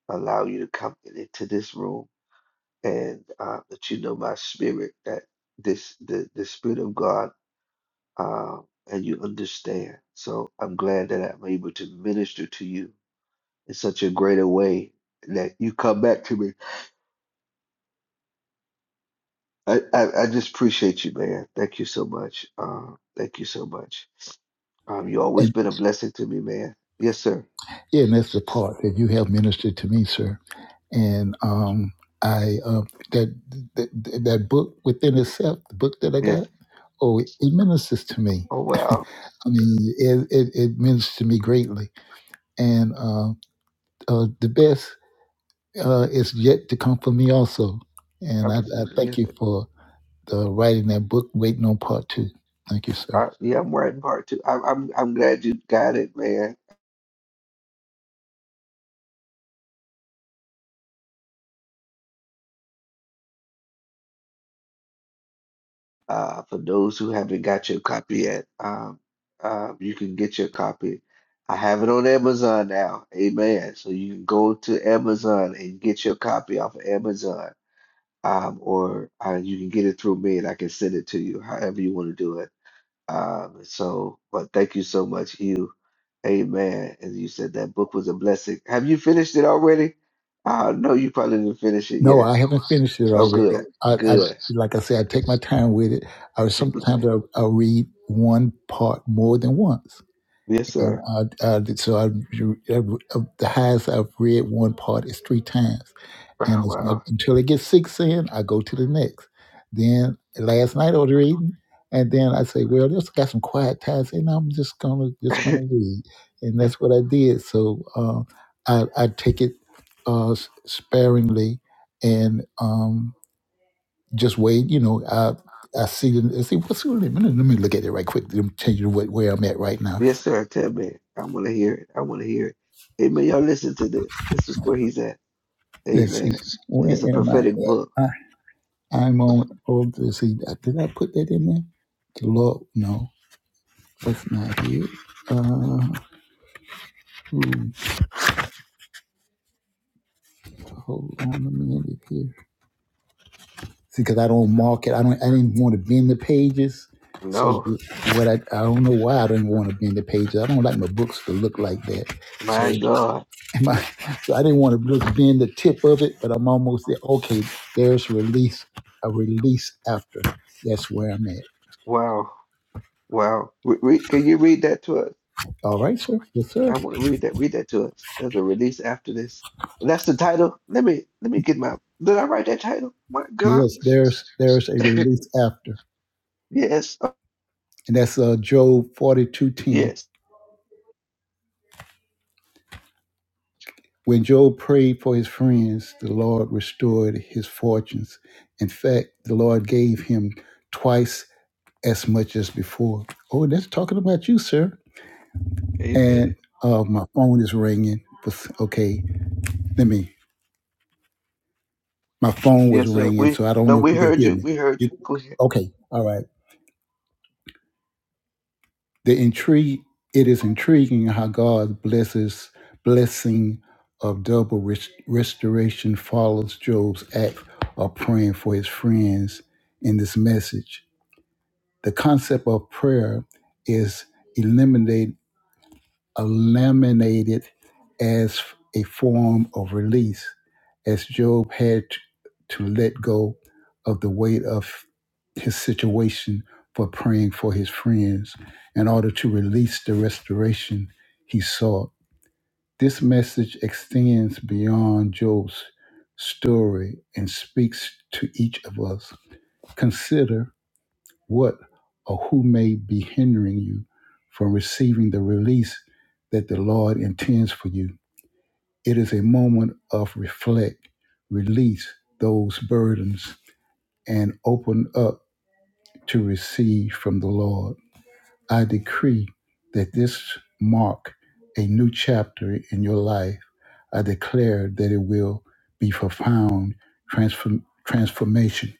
allow you to come into this room, and uh, that you know my spirit, that this the the spirit of God, uh, and you understand. So I'm glad that I'm able to minister to you in such a greater way that you come back to me I, I, I just appreciate you, man. Thank you so much. Um, thank you so much. Um, you always And been a blessing to me, man. Yes, sir. yeah, and that's the part that you have ministered to me, sir. And um, I uh, that, that that book within itself, the book that I Yes. got, oh, it, it ministers to me. Oh wow. I mean, it, it, it ministers to me greatly. And uh, uh, the best uh, is yet to come for me also. I And I, I received it. thank Yes, you sir. for the writing that book, Waiting on Part Two. Thank you, sir. Uh, yeah, I'm writing part two. I'm, I'm I'm glad you got it, man. Uh, for those who haven't got your copy yet, um, uh, you can get your copy. I have it on Amazon now. Amen. So you can go to Amazon and get your copy off of Amazon. Um, or uh, you can get it through me and I can send it to you, however you want to do it Um, so, but thank you so much, Hugh. Amen. And you said that book was a blessing. Have you finished it already? Uh, no, you probably didn't finish it No, yet. I haven't finished it Oh, already. good, I, I good. like I said, I take my time with it. I sometimes Okay. I, I read one part more than once, Yes, and sir. I, I so I, I, the highest I've read one part is three times. And Wow. it's not wow. until it gets six in, I go to the next. Then last night I was reading, and then I say, well, just got some quiet time. Say, no, I'm just gonna just gonna read, and that's what I did. So uh, I I take it uh, s- sparingly, and um, just wait. You know, I I see it- I see what's let me, let me look at it right quick. Let me tell you what, where I'm at right now. yes, sir. Tell me. I want to hear it. I want to hear it. Amen. Y'all listen to this. This is where he's at. Let's see, Amen. where It's a am I prophetic book. at? I, I'm on. Oh, let's see, did I put that in there? The Lord, no. That's not it. Uh, hmm, hold on a minute here. See, because I don't mark it. I don't. I didn't want to bend the pages. So No, what I I don't know why I didn't want to bend the pages. I don't like my books to look like that. So my God. my so I didn't want to just bend the tip of it, but I'm almost there. Okay, there's release. A release after. That's where I'm at. Wow. Wow. Re- re- can you read that to us? All right, sir. Yes, sir. I want to read that. Read that to us. There's a release after this. And that's the title. Let me let me get my. Did I write that title? My God. Yes, there's there's a release after, Yes. uh, and that's uh Job forty two ten. Yes. When Job prayed for his friends, the Lord restored his fortunes. In fact, the Lord gave him twice as much as before. Oh, that's talking about you, sir. Amen. And uh, my phone is ringing. Okay, let me. My phone was Yes, sir. ringing, We so I don't no, know if we you could heard hear you. me. We heard You, you. Go ahead. okay, all right. The intrigue it is intriguing how God blesses blessing of double rest- restoration follows Job's act of praying for his friends in this message. The concept of prayer is eliminated eliminated as a form of release, as Job had to let go of the weight of his situation for praying for his friends in order to release the restoration he sought. This message extends beyond Job's story and speaks to each of us. Consider what or who may be hindering you from receiving the release that the Lord intends for you. It is a moment of reflect, release those burdens, and open up to receive from the Lord. I decree that this mark a new chapter in your life. I declare that it will be profound transform- transformation,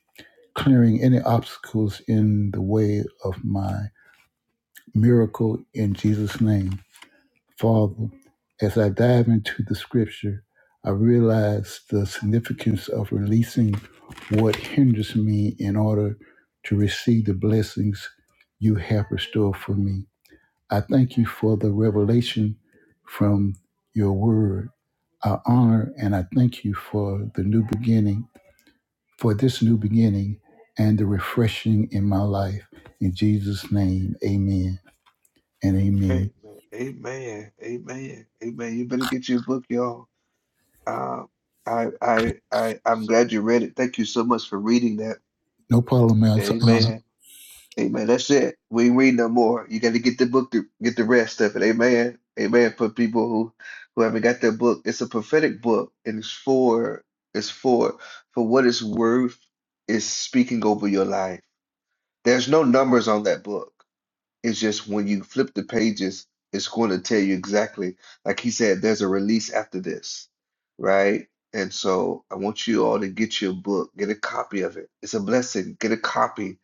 clearing any obstacles in the way of my. miracle in Jesus' name. Father, as I dive into the scripture, I realize the significance of releasing what hinders me in order to receive the blessings you have restored for me. I thank you for the revelation from your word. I honor and I thank you for the new beginning, for this new beginning and the refreshing in my life. In Jesus' name, amen and amen. Amen. Amen. Amen. Amen. You better get your book, y'all. Um, I I I I'm glad you read it. Thank you so much for reading that. No problem, man. It's an honor. Amen. Amen. That's it. We ain't read no more. You got to get the book to get the rest of it. Amen. Amen. For people who who haven't got that book, it's a prophetic book, and it's for it's for for what it's worth is speaking over your life. There's no numbers on that book. It's just when you flip the pages, it's going to tell you exactly. Like he said, there's a release after this, right? And so I want you all to get your book, get a copy of it. It's a blessing. Get a copy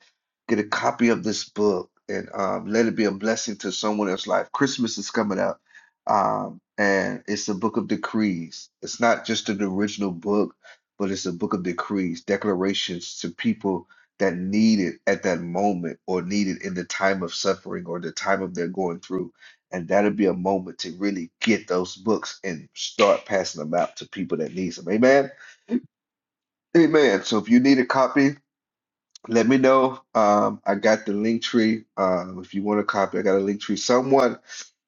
Get a copy of this book and um, let it be a blessing to someone else's life. Christmas is coming up, um, and it's a book of decrees. It's not just an original book, but it's a book of decrees, declarations to people that need it at that moment or need it in the time of suffering or the time of their going through. And that'll be a moment to really get those books and start passing them out to people that need them. Amen. Amen. So if you need a copy, let me know. Um, I got the link tree. Um, if you want a copy, I got a link tree. Someone,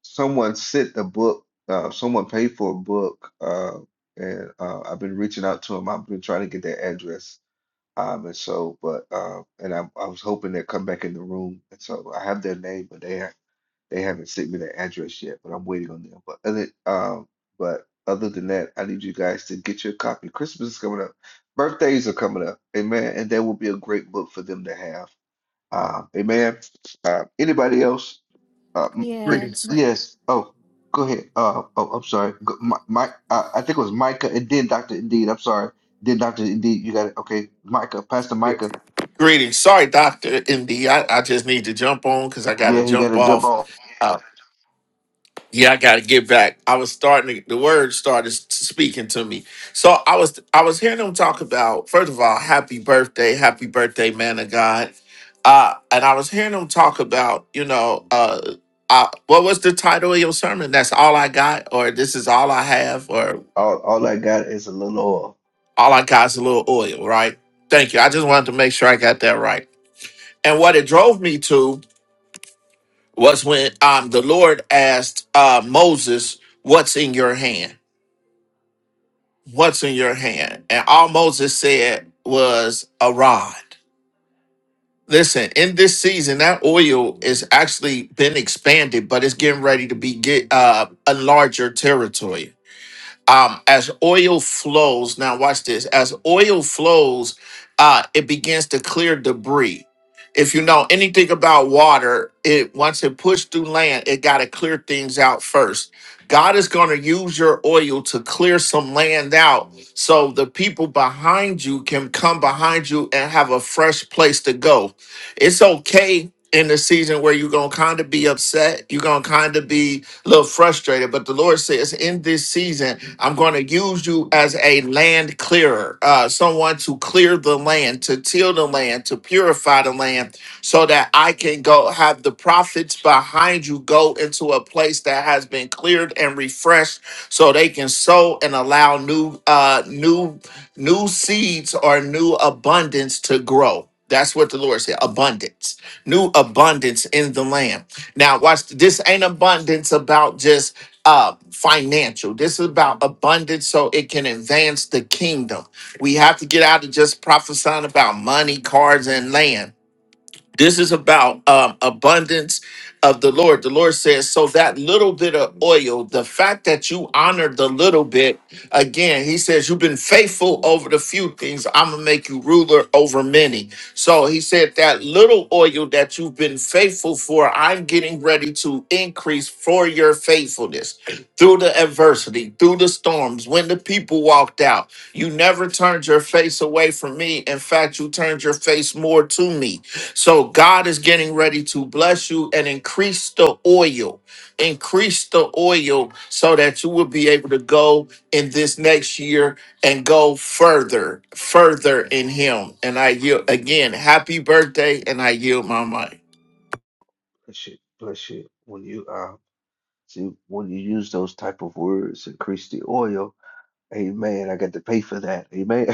someone sent a book. Uh, someone paid for a book, uh, and uh, I've been reaching out to them. I've been trying to get their address. Um, and so, but uh, and I, I was hoping they'd come back in the room. And so I have their name, but they they haven't sent me their address yet, but I'm waiting on them. But other um, but other than that, I need you guys to get your copy. Christmas is coming up. Birthdays are coming up. Amen. And that will be a great book for them to have. Uh, amen. Uh, anybody else? Uh, m- Yeah, but yes. Oh, go ahead. Uh, oh, I'm sorry. Go, my, my, uh, I think it was Micah and then Dr. Indeed. I'm sorry. Then Dr. Indeed, you got it. Okay. Micah, Pastor Micah. Greetings. Sorry, Doctor MD. I, I just need to jump on because I got to Yeah, he got jump to jump off. off. Uh, yeah, I got to get back. I was starting to, the word started s- speaking to me. So I was I was hearing them talk about first of all, happy birthday, happy birthday, man of God. Uh, and I was hearing them talk about you know uh, uh, what was the title of your sermon? That's all I got, or this is all I have, or All, all I got is a little oil. all I got is a little oil, right? Thank you. I just wanted to make sure I got that right. And what it drove me to was when um, the Lord asked uh, Moses, What's in your hand? What's in your hand? And all Moses said was a rod. Listen, in this season, that oil is actually been expanded, but it's getting ready to be get uh, a larger territory. um, as oil flows now watch this as oil flows uh, it begins to clear debris if you know anything about water it once it pushed through land it got to clear things out first god is going to use your oil to clear some land out so the people behind you can come behind you and have a fresh place to go it's okay in the season where you're gonna kind of be upset, you're gonna kind of be a little frustrated. But the Lord says, in this season, I'm going to use you as a land clearer, uh, someone to clear the land, to till the land, to purify the land, so that I can go have the prophets behind you go into a place that has been cleared and refreshed, so they can sow and allow new, uh, new, new seeds or new abundance to grow. That's what the Lord said. Abundance, new abundance in the land. Now, watch. This ain't abundance about just uh, financial. This is about abundance so it can advance the kingdom. We have to get out of just prophesying about money, cars, and land. This is about um, abundance of the Lord. The Lord says, so that little bit of oil, the fact that you honor the little bit, again, he says, you've been faithful over the few things. I'm going to make you ruler over many. So he said, that little oil that you've been faithful for, I'm getting ready to increase for your faithfulness through the adversity, through the storms, when the people walked out. You never turned your face away from me. In fact, you turned your face more to me. So God is getting ready to bless you and increase the oil. Increase the oil so that you will be able to go in this next year and go further, further in Him. And I yield again, happy birthday, and I yield my money. Bless you. Bless you. When you, um, See, when you use those type of words, increase the oil. Amen. I got to pay for that. Amen.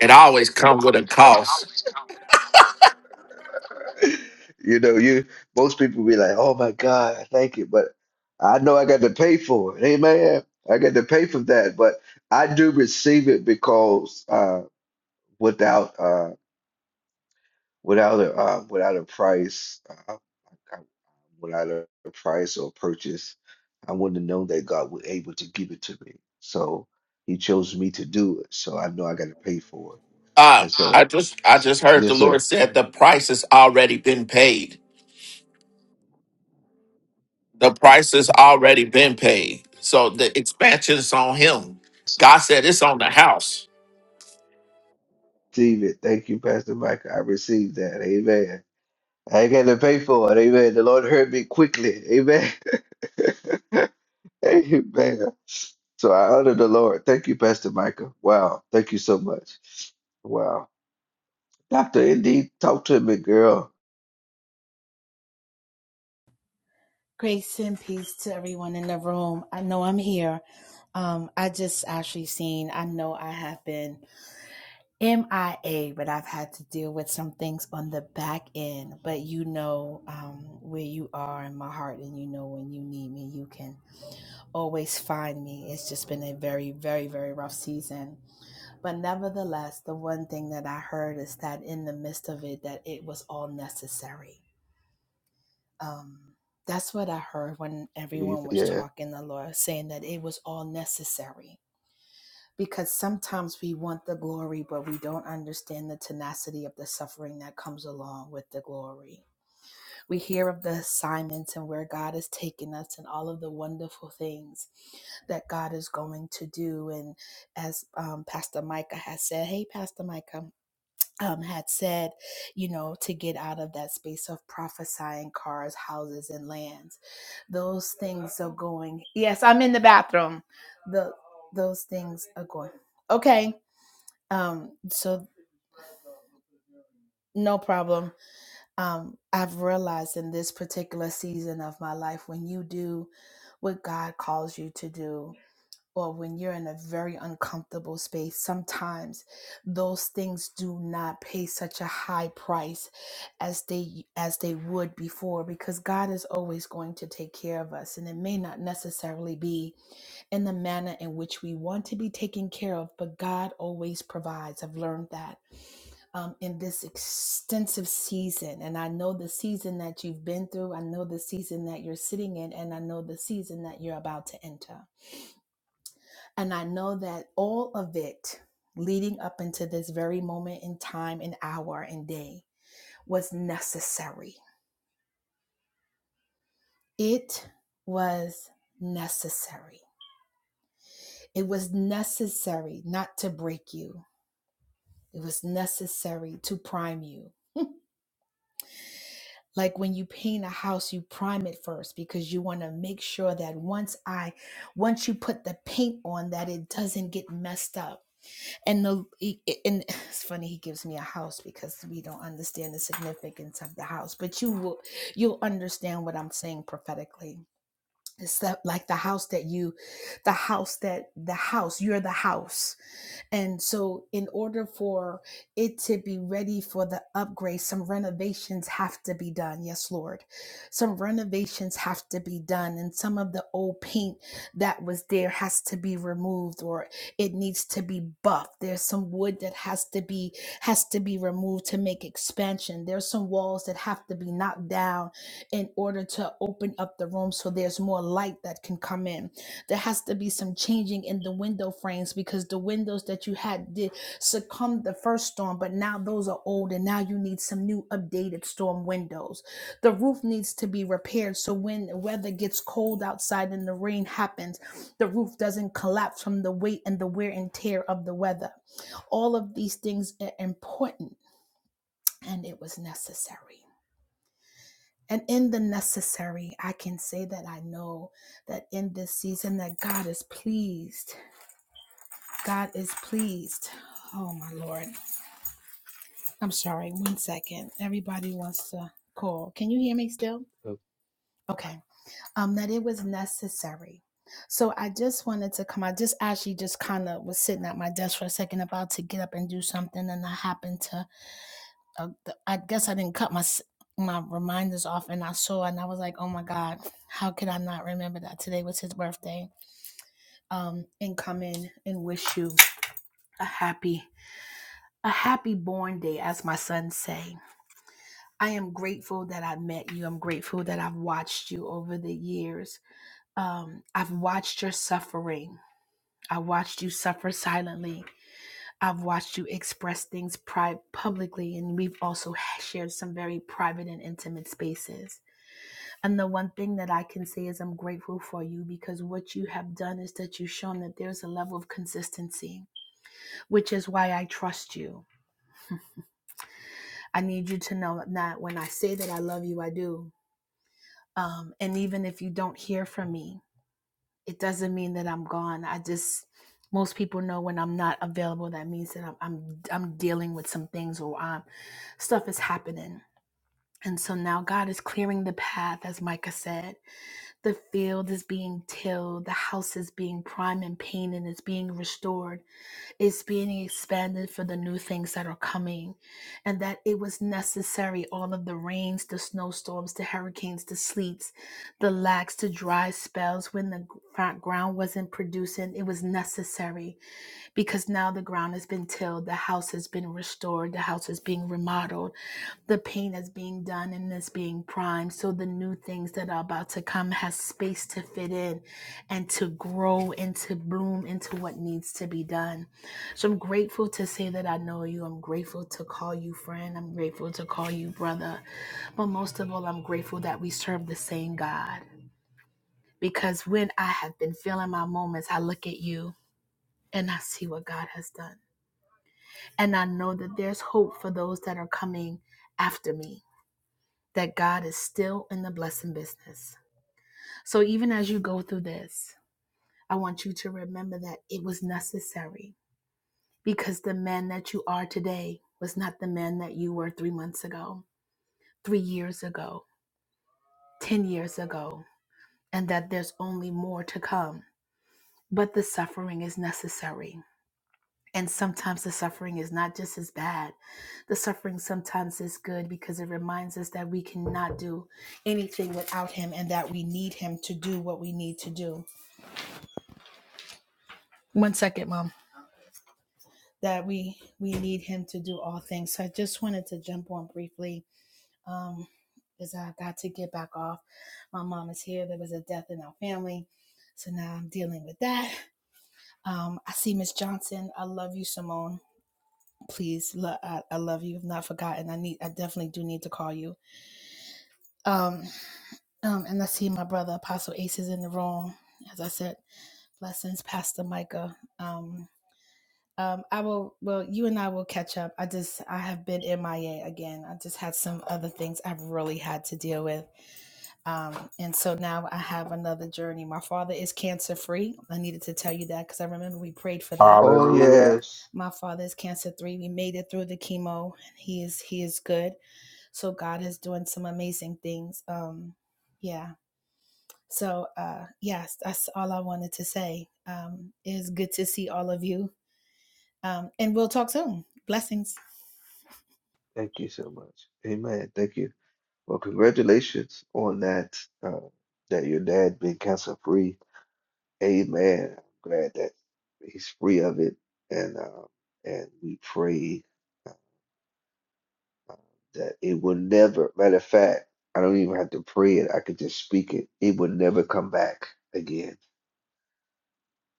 It always comes with a cost. You know, you most people be like, "Oh my God, thank you," but I know I got to pay for it. Amen. I got to pay for that, but I do receive it because uh, without uh, without a uh, without a price. uh, I, when I learned the price or purchase, I wouldn't have known that God was able to give it to me. So He chose me to do it. So I know I got to pay for it. Uh, And so, I just I just heard the yes, Lord sir. said the price has already been paid. The price has already been paid. So the expansion is on him. God said it's on the house. Receive it. Thank you, Pastor Mike. I received that. Amen. I ain't got to pay for it. Amen. The Lord heard me quickly. Amen. Amen. So I honor the Lord. Thank you, Pastor Micah. Wow. Thank you so much. Wow. Dr. Indy, talk to me, girl. grace and peace to everyone in the room. I know I'm here. Um, I just actually seen, I know I have been MIA, but I've had to deal with some things on the back end. But you know um, where you are in my heart, and you know when you need me, you can always find me. It's just been a very, very, very rough season. But nevertheless, the one thing that I heard is that in the midst of it, that it was all necessary Um, that's what I heard when everyone was Yeah. talking, the Lord saying that it was all necessary. Because sometimes we want the glory, but we don't understand the tenacity of the suffering that comes along with the glory. We hear of the assignments and where God has taken us and all of the wonderful things that God is going to do. And as um, Pastor Micah has said, hey, Pastor Micah, um, had said, you know, to get out of that space of prophesying cars, houses, and lands. Those things are going. Yes, I'm in the bathroom. The those things are going. Okay. Um. So no problem. Um. I've realized in this particular season of my life, when you do what God calls you to do, or when you're in a very uncomfortable space, sometimes those things do not pay such a high price as they as they would before because God is always going to take care of us and it may not necessarily be in the manner in which we want to be taken care of, but God always provides. I've learned that um, in this extensive season. And I know the season that you've been through, I know the season that you're sitting in, and I know the season that you're about to enter. And I know that all of it leading up into this very moment in time and hour and day was necessary. It was necessary. It was necessary not to break you, it was necessary to prime you. Like when you paint a house, you prime it first because you want to make sure that once I, once you put the paint on, that it doesn't get messed up and the he- and it's funny he gives me a house because we don't understand the significance of the house but you will you'll understand what i'm saying prophetically it's that like the house that you the house that the house you're the house and so, in order for it to be ready for the upgrade, some renovations have to be done. Yes, Lord. Some renovations have to be done. And some of the old paint that was there has to be removed or it needs to be buffed. There's some wood that has to be has to be removed to make expansion. There's some walls that have to be knocked down in order to open up the room so there's more light that can come in there has to be some changing in the window frames because the windows that you had did succumb the first storm but now those are old and now you need some new updated storm windows the roof needs to be repaired so when the weather gets cold outside and the rain happens the roof doesn't collapse from the weight and the wear and tear of the weather all of these things are important and it was necessary and in the necessary i can say that i know that in this season that god is pleased God is pleased. Oh my Lord. I'm sorry. One second. Everybody wants to call. Can you hear me still? Okay. Um, that it was necessary. So I just wanted to come. I just actually just kind of was sitting at my desk for a second, about to get up and do something, and I happened to. Uh, I guess I didn't cut my my reminders off, and I saw, and I was like, "Oh my God, how could I not remember that today was his birthday?" Um, and come in and wish you a happy A happy born day, as my sons say. I am grateful that I met you. I'm grateful that I've watched you over the years. Um, I've watched your suffering. I watched you suffer silently. I've watched you express things pri- publicly, and we've also shared some very private and intimate spaces. And the one thing that I can say is I'm grateful for you because what you have done is that you've shown that there's a level of consistency, which is why I trust you I need you to know that when I say that I love you, I do. Um, and even if you don't hear from me, it doesn't mean that I'm gone. I just most people know when I'm not available, that means that I'm I'm, I'm dealing with some things or um, stuff is happening. And so now God is clearing the path, as Micah said. The field is being tilled, the house is being primed and painted, it's being restored is being expanded for the new things that are coming, and that it was necessary all of the rains, the snowstorms, the hurricanes, the sleets, the lacks, the dry spells when the gr- ground wasn't producing. It was necessary because now the ground has been tilled, the house has been restored, the house is being remodeled the pain that's being done and is being primed so the new things that are about to come has space to fit in and to grow and to bloom into what needs to be done so i'm grateful to say that i know you i'm grateful to call you friend i'm grateful to call you brother but most of all i'm grateful that we serve the same god because when i have been feeling my moments i look at you and i see what god has done and i know that there's hope for those that are coming after me that God is still in the blessing business. So even as you go through this, I want you to remember that it was necessary because the man that you are today was not the man that you were three months ago, three years ago, 10 years ago, and that there's only more to come. But the suffering is necessary And sometimes the suffering is not just as bad. The suffering sometimes is good because it reminds us that we cannot do anything without him and that we need him to do what we need to do. One second, mom. That we we need him to do all things. So I just wanted to jump on briefly. Um because I got to get back off. My mom is here. There was a death in our family. So now I'm dealing with that. Um, I see Miss Johnson. I love you, Simone. please I, I love you i've not forgotten i need i definitely do need to call you um um and i see my brother apostle ace is in the room as i said blessings pastor micah um um i will well you and i will catch up i just i have been mia again i just had some other things i've really had to deal with um and so now i have another journey my father is cancer free i needed to tell you that because i remember we prayed for that Oh, Hallelujah. yes. my father is cancer free. we made it through the chemo he is he is good so god is doing some amazing things um yeah so uh yes that's all i wanted to say um it is good to see all of you um and we'll talk soon blessings Thank you so much. Amen. Thank you. Well, congratulations on that, uh, that your dad being cancer free. Amen. I'm glad that he's free of it. And, uh, and we pray that it will never, matter of fact, I don't even have to pray it. I could just speak it. It will never come back again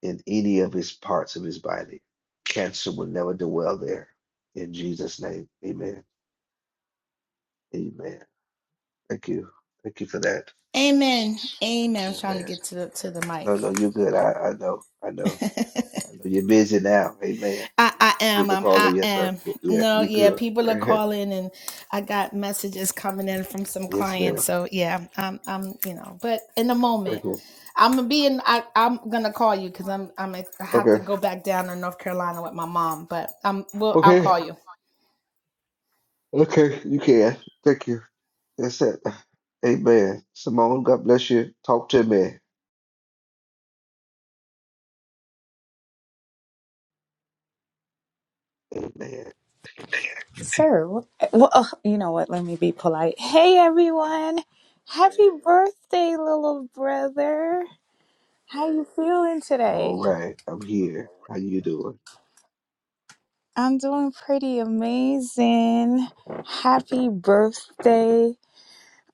in any of his parts of his body. Cancer will never dwell there. In Jesus' name. Amen. Amen. Thank you. Thank you for that. amen amen i'm trying to Amen. get to the to the No, mic no, you're good. I, I know. I know. I know. You're busy now. Amen. I, You- I am. People I'm, I calling yourself. am. Yeah, No, you yeah, good. people are calling and I got messages coming in from some yes, clients. ma'am. So yeah, I'm, I'm, you know, but in a moment, Okay. I'm gonna be in, I, I'm gonna call you because I'm, I'm, ex- I have to Okay. go back down to North Carolina with my mom, but I'm well I'll Okay. call you. Okay. You can. Thank you. That's it. Amen. Simone, God bless you. Talk to me. Amen. So, well, oh, you know what? Let me be polite. Hey, everyone! Happy birthday, little brother. How you feeling I'm all today? right. I'm here. How you doing? I'm doing pretty amazing. Happy birthday!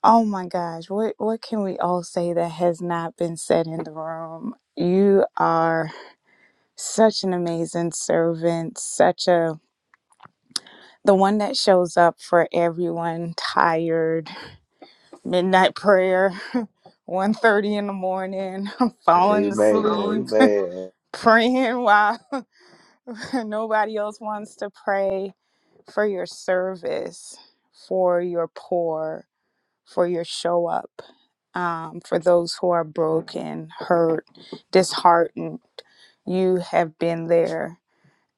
Oh my gosh, what what can we all say that has not been said in the room? You are such an amazing servant, such a the one that shows up for everyone tired midnight prayer, one thirty in the morning, I'm falling Amen. asleep, Amen. praying while nobody else wants to pray for your service, for your poor, for your show up, um, for those who are broken, hurt, disheartened. You have been there.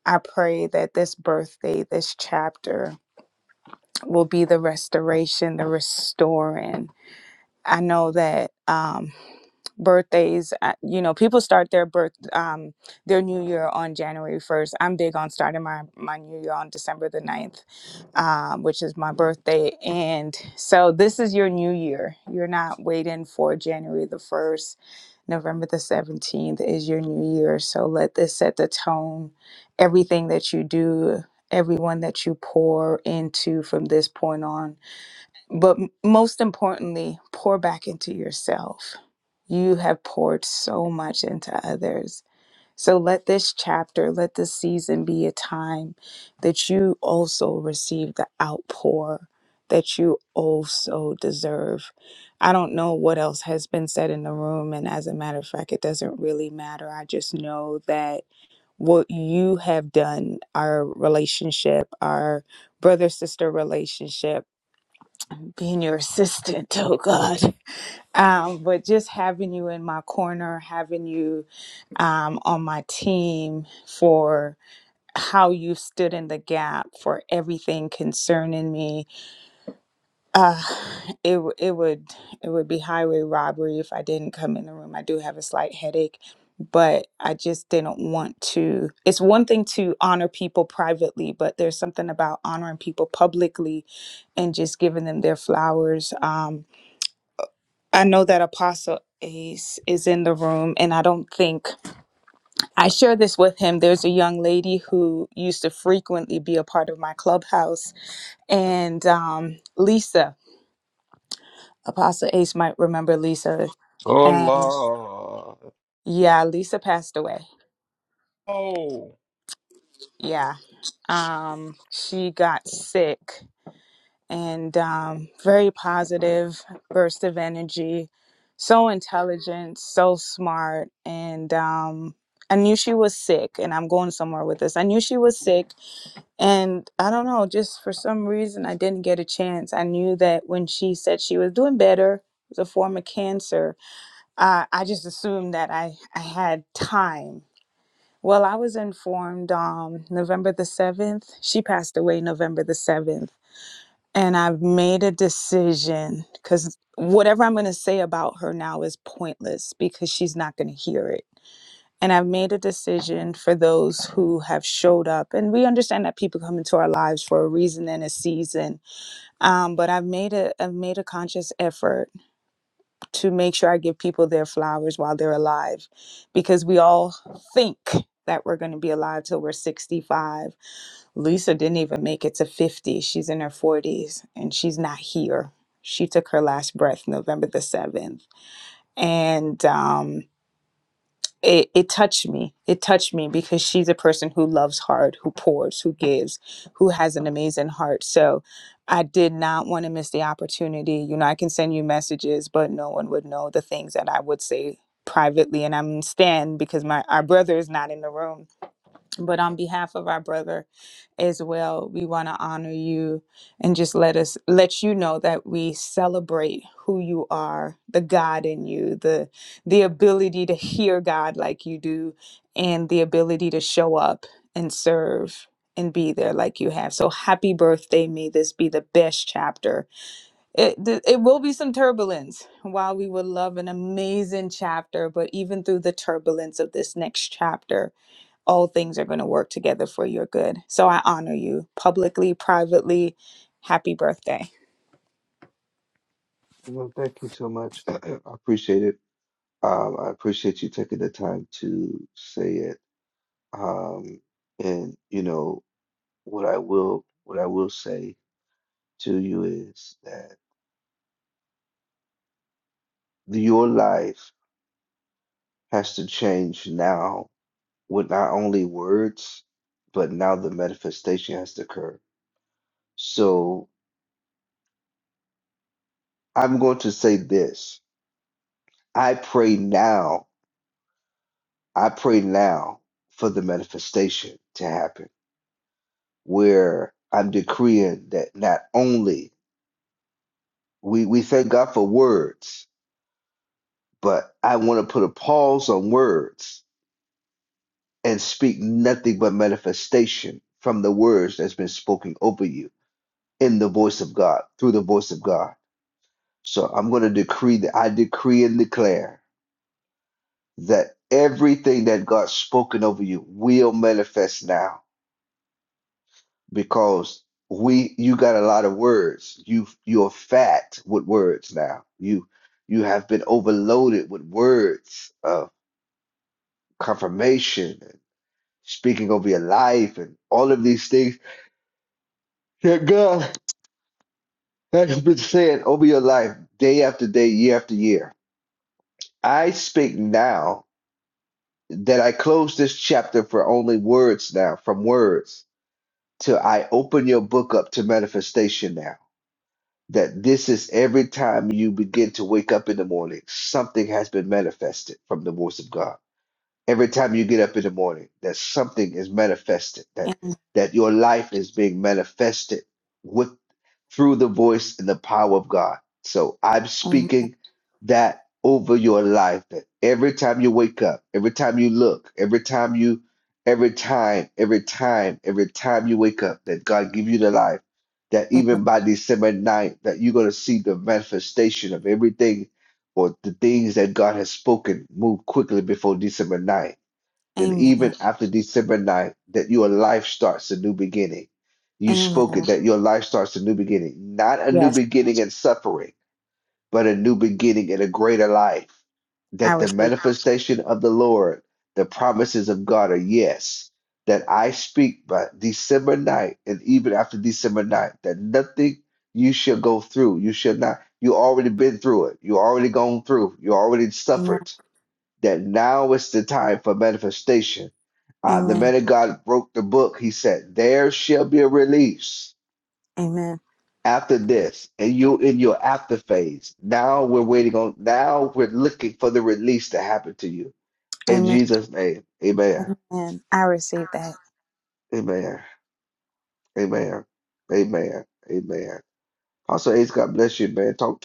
I pray that this birthday, this chapter, will be the restoration, the restoring I know that um, birthdays, uh, you know, people start their birth, um, their new year on January 1st. I'm big on starting my, my new year on December the ninth, um, which is my birthday. And so this is your new year. You're not waiting for January the 1st. November the 17th is your new year. So let this set the tone. Everything that you do, everyone that you pour into from this point on but m- most importantly, pour back into yourself. You have poured so much into others. So let this chapter, let this season be a time that you also receive the outpour that you also deserve. I don't know what else has been said in the room. And as a matter of fact, it doesn't really matter. I just know that what you have done, our relationship, our brother sister relationship, being your assistant, oh God. Um, but just having you in my corner, having you um, on my team for how you stood in the gap for everything concerning me. Uh, it w- it would it would be highway robbery if I didn't come in the room. I do have a slight headache, but I just didn't want to. It's one thing to honor people privately, but there's something about honoring people publicly and just giving them their flowers. Um, I know that Apostle Ace is in the room, and I don't think I share this with him. There's a young lady who used to frequently be a part of my clubhouse, and um, Lisa, Apostle Ace might remember Lisa. Oh And Lord, yeah, Lisa passed away. Oh, Yeah. Um, she got sick and um, very positive burst of energy. So intelligent, so smart, and um, I knew she was sick. And I'm going somewhere with this. I knew she was sick, and I don't know, just for some reason, I didn't get a chance. I knew that when she said she was doing better, it was a form of cancer. Uh, I just assumed that I, I had time. Well, I was informed um, November the 7th. She passed away November the 7th and I've made a decision because whatever I'm going to say about her now is pointless because she's not going to hear it. And I've made a decision for those who have showed up. And we understand that people come into our lives for a reason and a season. Um, but I've made a I've made a conscious effort to make sure I give people their flowers while they're alive because we all think that we're going to be alive till we're 65. Lisa didn't even make it to 50. She's in her 40s and she's not here. She took her last breath November the 7th. And um, it, it touched me. It touched me because she's a person who loves hard, who pours, who gives, who has an amazing heart. So I did not want to miss the opportunity. You know, I can send you messages, but no one would know the things that I would say privately. And I'm Stan because my our brother is not in the room but on behalf of our brother as well, we want to honor you and just let us let you know that we celebrate who you are, the God in you, the the ability to hear God like you do, and the ability to show up and serve and be there like you have. So happy birthday. May this be the best chapter. It, th- it will be some turbulence while we would love an amazing chapter, but even through the turbulence of this next chapter, all things are going to work together for your good. So I honor you publicly, privately. Happy birthday. Well, thank you so much. I appreciate it. Um, I appreciate you taking the time to say it. Um, and you know what I will what I will say to you is that your life has to change now with not only words, but now the manifestation has to occur. So I'm going to say this. I pray now. I pray now for the manifestation to happen, where I'm decreeing that not only we we thank God for words, but I want to put a pause on words and speak nothing but manifestation from the words that's been spoken over you in the voice of God, through the voice of God. So I'm going to decree that I decree and declare that everything that God's spoken over you will manifest now because we you got a lot of words. You you're fat with words now. You you have been overloaded with words. Uh, confirmation, and speaking over your life, and all of these things that God has been saying over your life day after day, year after year. I speak now that I close this chapter for only words now, from words till I open your book up to manifestation now. That this is every time you begin to wake up in the morning, something has been manifested from the voice of God Every time you get up in the morning, that something is manifested, that Amen. that your life is being manifested with through the voice and the power of God. So I'm speaking that over your life that every time you wake up, every time you look, every time you every time, every time, every time you wake up, that God give you the life, that Amen. even by December 9th, that you're gonna see the manifestation of everything or the things that God has spoken move quickly before December 9th and Amen. even after December 9th, that your life starts a new beginning. You spoke it, Amen. that your life starts a new beginning, not a new Yes, beginning in suffering, but a new beginning in a greater life. I That the receive. manifestation of the Lord, the promises of God are yes. That I speak by December 9th, and even after December 9th, that nothing you shall go through. You shall not, you already been through it. You already gone through. You already Amen. suffered that now is the time for manifestation. Uh, the Amen. man of God broke the book. He said, There shall be a release Amen. after this, and you in your after phase. Now we're waiting on, now we're looking for the release to happen to you. In Amen. Jesus' name, amen. Amen. I receive that. Amen. Amen. Amen. Amen. Also, Ace, God bless you, man. Talk,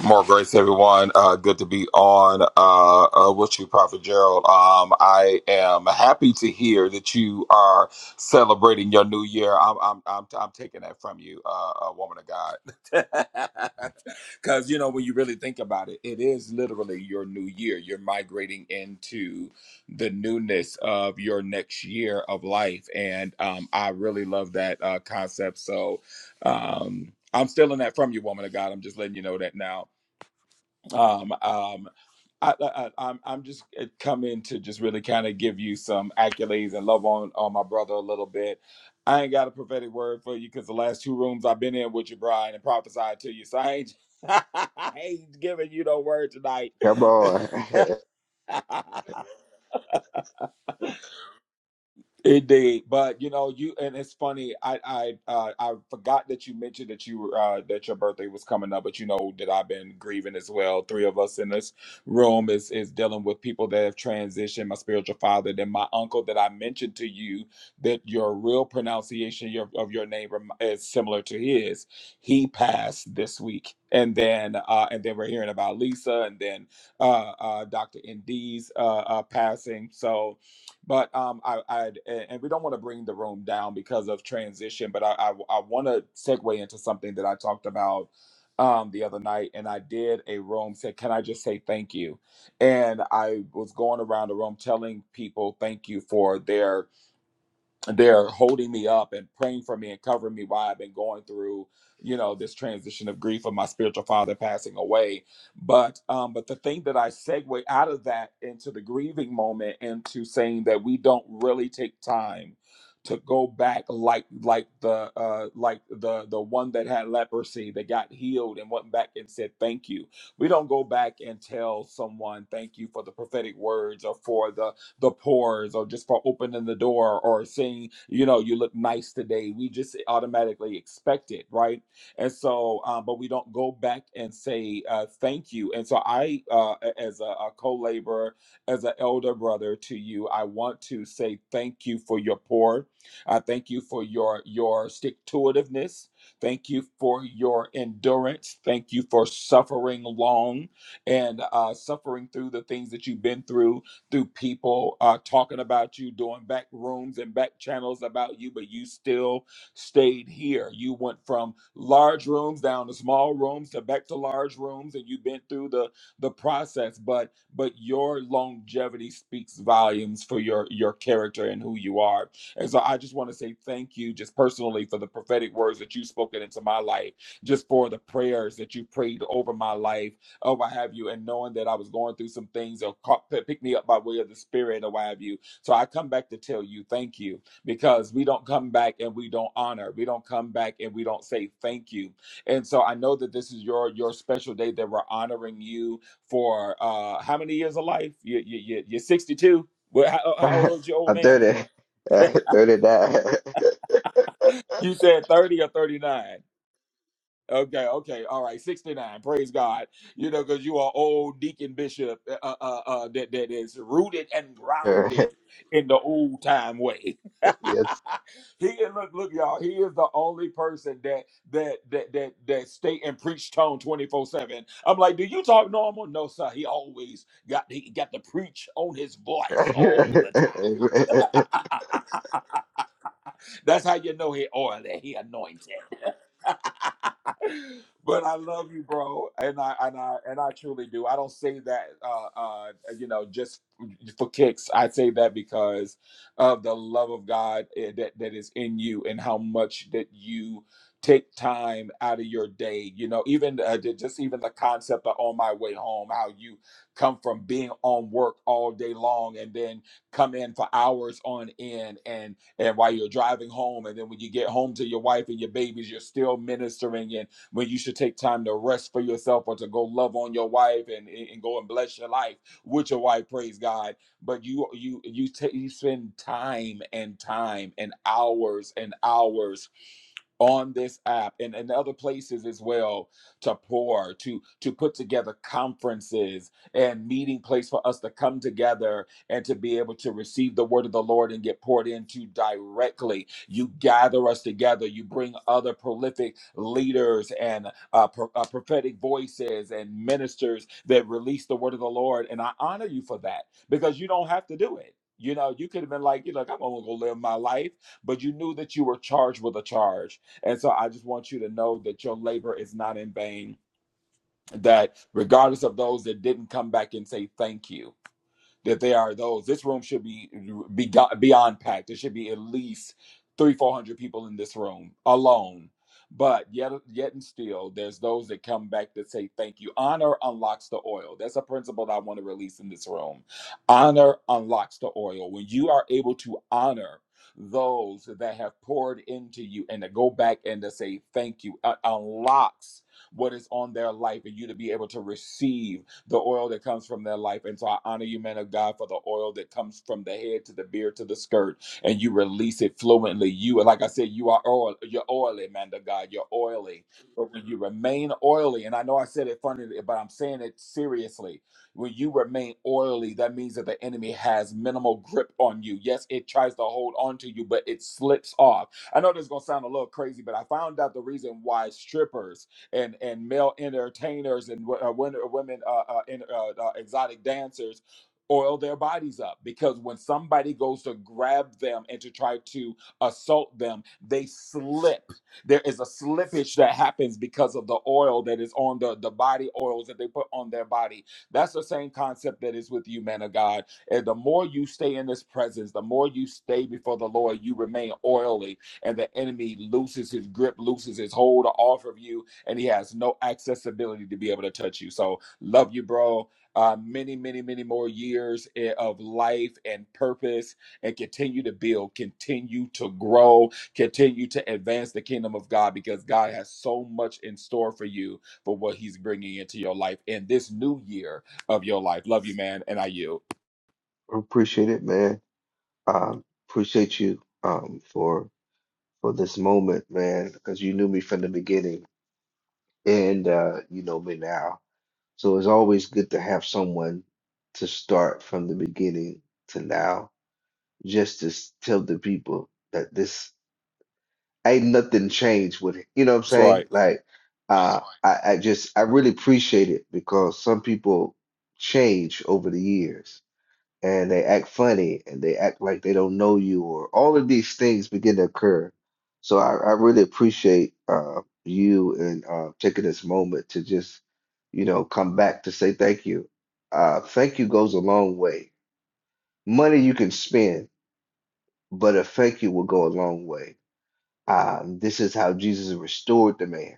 More grace, everyone. Uh, good to be on uh, uh, with you, Prophet Gerald. Um, I am happy to hear that you are celebrating your new year. I'm, I'm, I'm, I'm taking that from you, uh, uh, woman of God, because you know when you really think about it, it is literally your new year. You're migrating into the newness of your next year of life, and um, I really love that uh, concept. So. Um, I'm stealing that from you, woman of God. I'm just letting you know that now um, um, I, I, I- am I'm just coming to just really kind of give you some accolades and love on on my brother a little bit. I ain't got a prophetic word for you because the last two rooms I've been in with you, Brian, and prophesied to you. So I ain't I ain't giving you no word tonight. come on. It did, but you know, you and it's funny. I I uh, I forgot that you mentioned that you were uh, that your birthday was coming up, but you know that I've been grieving as well. Three of us in this room is is dealing with people that have transitioned. My spiritual father, then my uncle that I mentioned to you that your real pronunciation your, of your name rem- is similar to his. He passed this week, and then uh, and then we're hearing about Lisa, and then uh, uh, Doctor Nd's uh, uh, passing. So but um, I, I and we don't want to bring the room down because of transition. But I, I, I want to segue into something that I talked about um the other night, and I did a room said, "Can I just say thank you?" And I was going around the room telling people thank you for their they're holding me up and praying for me and covering me while I've been going through, you know, this transition of grief of my spiritual father passing away. But um, but the thing that I segue out of that into the grieving moment into saying that we don't really take time to go back like like the uh like the the one that had leprosy that got healed and went back and said thank you. We don't go back and tell someone thank you for the prophetic words or for the the pores or just for opening the door or saying, you know, you look nice today. We just automatically expect it, right? And so, um, but we don't go back and say uh, thank you. And so, I, uh, as a, a co laborer, as an elder brother to you, I want to say thank you for your pour. I thank you for your your stick to itiveness. Thank you for your endurance. Thank you for suffering long and uh, suffering through the things that you've been through through people uh, talking about you, doing back rooms and back channels about you, but you still stayed here. You went from large rooms down to small rooms to back to large rooms, and you've been through the the process. But but your longevity speaks volumes for your your character and who you are. And so I just want to say thank you, just personally, for the prophetic words that you've spoken into my life, just for the prayers that you prayed over my life or what have you, and knowing that I was going through some things or caught, pick me up by way of the Spirit or what have you. So I come back to tell you thank you because we don't come back and we don't honor. We don't come back and we don't say thank you. And so I know that this is your your special day that we're honoring you for uh how many years of life? You, you, you, you're 62. Well, how, how old is your old I'm man? 30, uh, 39. you said 30 or 39. Okay, okay, all right. Sixty-nine. Praise God. You know, because you are old deacon bishop uh, uh, uh, uh, that that is rooted and grounded in the old time way. yes. he is- look, look, y'all. He is the only person that that that that that stay and preach tone twenty-four seven. I'm like, do you talk normal? No, sir. He always got he got to preach on his voice all the time. Amen. That's how you know he oily, he anointed. but I love you, bro, and I and I and I truly do. I don't say that, uh, uh, you know, just for kicks. I say that because of the love of God eh, that that is in you, and how much that you take time out of your day. You know, even uh, ju- just even the concept of on my way home, how you come from being on work all day long, and then come in for hours on end, and and while you're driving home, and then when you get home to your wife and your babies, you're still ministering and when you should take time to rest for yourself or to go love on your wife and, and go and bless your life with your wife, praise God. But you you you take you spend time and time and hours and hours on this app and in other places as well to pour to to put together conferences and meeting place for us to come together and to be able to receive the word of the lord and get poured into directly you gather us together you bring other prolific leaders and uh, pro- uh, prophetic voices and ministers that release the word of the Lord. And I honor you for that because you don't have to do it. You know, you could have been like, you know, I'm gonna go live my life, but you knew that you were charged with a charge. And so I just want you to know that your labor is not in vain, that regardless of those that didn't come back and say thank you that there are those. This room should be be beyond packed. There should be at least three, four hundred people in this room alone. But yet, yet and still, there's those that come back that say thank you. Honor unlocks the oil. That's a principle that I want to release in this room. Honor unlocks the oil. When you are able to honor those that have poured into you and to go back and to say thank you, it unlocks what is on their life and you to be able to receive the oil that comes from their life. And so I honor you, man of God, for the oil that comes from the head to the beard to the skirt, and you release it fluently. You, like I said, you are oil, you're oily, man of God, you're oily. But when you remain oily, and I know I said it funny, but I'm saying it seriously. When you remain oily, that means that the enemy has minimal grip on you. Yes, it tries to hold on to you, but it slips off. I know this is gonna sound a little crazy, but I found out the reason why strippers and and male entertainers and wo- uh, uh, women uh, uh, in, uh, uh, exotic dancers oil their bodies up because when somebody goes to grab them and to try to assault them they slip there is a slippage that happens because of the oil that is on the the body oils that they put on their body that's the same concept that is with you man of god and the more you stay in this presence the more you stay before the lord you remain oily and the enemy loses his grip loses his hold off of you and he has no accessibility to be able to touch you. So love you, bro. Uh, many, many, many more years i- of life and purpose, and continue to build, continue to grow, continue to advance the kingdom of God because God has so much in store for you for what He's bringing into your life in this new year of your life. Love you, man, and I you. I appreciate it, man. Um, appreciate you um, for for this moment, man, because you knew me from the beginning and uh, you know me now. So it's always good to have someone to start from the beginning to now, just to s- tell the people that this ain't nothing changed with it. You know what I'm That's right. saying? Like, uh, I, I just I really appreciate it because some people change over the years and they act funny and they act like they don't know you or all of these things begin to occur. So I, I really appreciate uh, you and uh, taking this moment to just, you know, come back to say thank you. Uh, thank you goes a long way. Money you can spend, but a thank you will go a long way. Um, this is how Jesus restored the man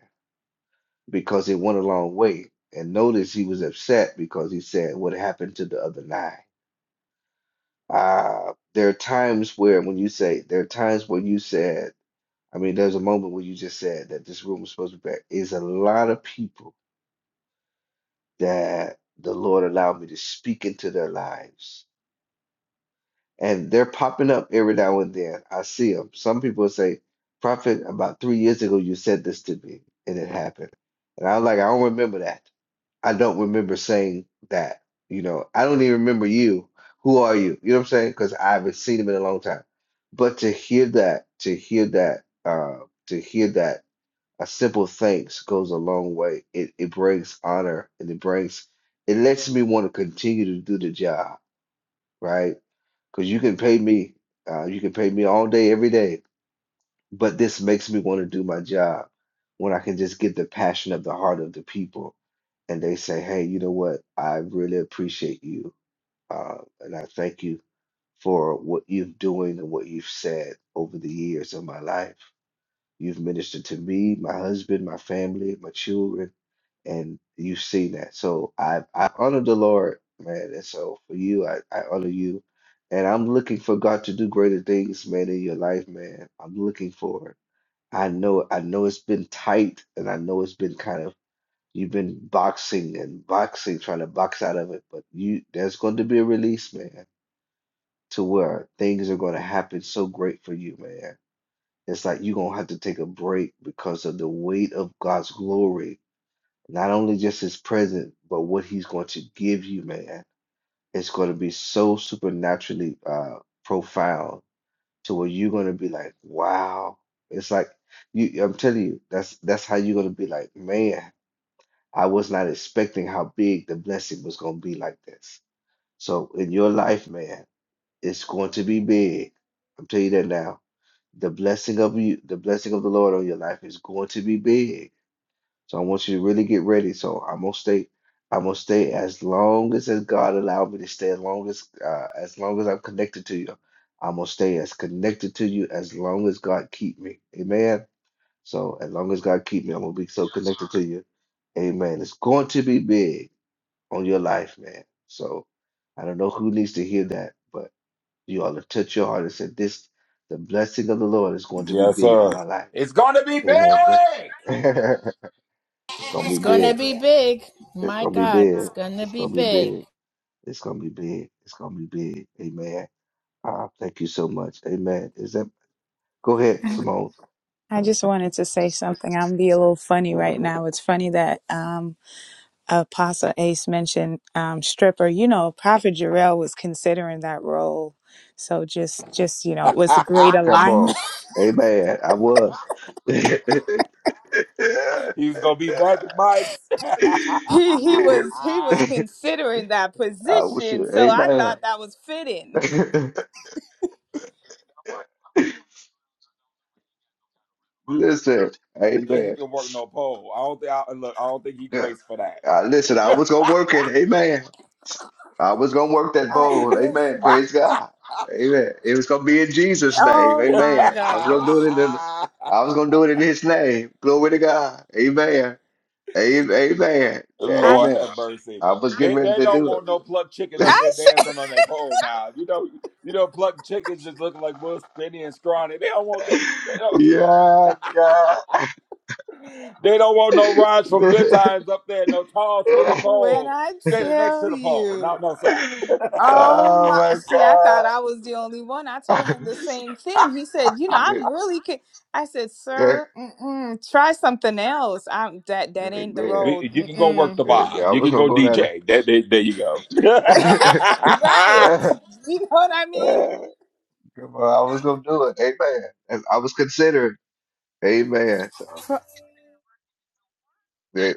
because it went a long way. And notice he was upset because he said, What happened to the other nine?" Uh, there are times where when you say, there are times where you said, I mean, there's a moment where you just said that this room is supposed to be back. Is a lot of people that the Lord allowed me to speak into their lives. And they're popping up every now and then. I see them. Some people say, Prophet, about three years ago, you said this to me, and it happened. And I was like, I don't remember that. I don't remember saying that. You know, I don't even remember you. Who are you? You know what I'm saying? Because I haven't seen him in a long time. But to hear that, to hear that, uh, to hear that, a simple thanks goes a long way. It it brings honor and it brings it lets me want to continue to do the job, right? Because you can pay me, uh, you can pay me all day, every day, but this makes me want to do my job when I can just get the passion of the heart of the people and they say, hey, you know what? I really appreciate you. Uh, and I thank you for what you've doing and what you've said over the years of my life. You've ministered to me, my husband, my family, my children, and you've seen that. So I, I honor the Lord, man. And so for you, I, I honor you. And I'm looking for God to do greater things, man, in your life, man. I'm looking for it. I know, I know it's been tight, and I know it's been kind of you've been boxing and boxing, trying to box out of it, but you there's going to be a release, man, to where things are going to happen so great for you, man. It's like you're going to have to take a break because of the weight of God's glory, not only just his presence, but what he's going to give you, man. It's going to be so supernaturally uh profound to where you're gonna be like, wow. It's like you I'm telling you, that's that's how you're gonna be like, man, I was not expecting how big the blessing was gonna be like this. So in your life, man, it's going to be big. I'm telling you that now. The blessing of you, the blessing of the Lord on your life is going to be big so I want you to really get ready. So I'm gonna stay. I'm gonna stay as long as as God allowed me to stay. As long as uh, as long as I'm connected to you, I'm gonna stay as connected to you as long as God keep me. Amen. So as long as God keep me, I'm gonna be so connected to you. Amen. It's going to be big on your life, man. So I don't know who needs to hear that, but you ought to touch your heart and say, "This, the blessing of the Lord is going to be Yes, big sir. on my life." It's gonna be Amen. big. It's gonna It's be gonna big. be big. It's My gonna be God, it's big. gonna It's be gonna be big. big. It's gonna be big. It's gonna be big. Amen. Uh, thank you so much. Amen. Is that go ahead, Simone? I just wanted to say something. I'm be a little funny right now. It's funny that um, Apostle Ace mentioned um, stripper. You know, Prophet Jarrell was considering that role. So just, just you know, it was a great Come alignment. on. Amen. I was. yeah. He's gonna be back, Mike's. he he was he was considering that I was position, sure. so I Amen. thought that was fitting. listen. think he Amen. can work no pole. I don't think. I, look, I don't think he Uh, grace for that. listen, I was gonna work it. Amen. I was gonna work that I, bowl. Amen. listen, Praise God. Amen. It was gonna be in Jesus' name. oh my Amen. I was gonna gosh! do it in the, I was gonna do it in His name. Glory to God. Amen. Amen. Amen. I Lord Amen. have mercy. I was getting They ready they to don't do want no plucked chicken up it. I there s- dancing on their pole now. You know you know plucked chickens just looking like Will Spinny and Scrawny. They don't want that. They yeah, God. don't, they don't want no rides from Good Times up there. No tall skinny when pole I standing next to tell the pole. No you. no sir. Oh oh my! my See, I God. thought I was the only one. I told him the same thing. He said, "You know, I'm really." Ca-. I said, "Sir, mm-mm, try something else. I'm that that ain't the Amen. road." We, you can go work Mm-mm. the Amen. bar. I You was can gonna go go DJ. There, there, there you go. down Right? You know what I mean? there. Come on, I was gonna do it. Amen. And I was considering. Amen. So yeah,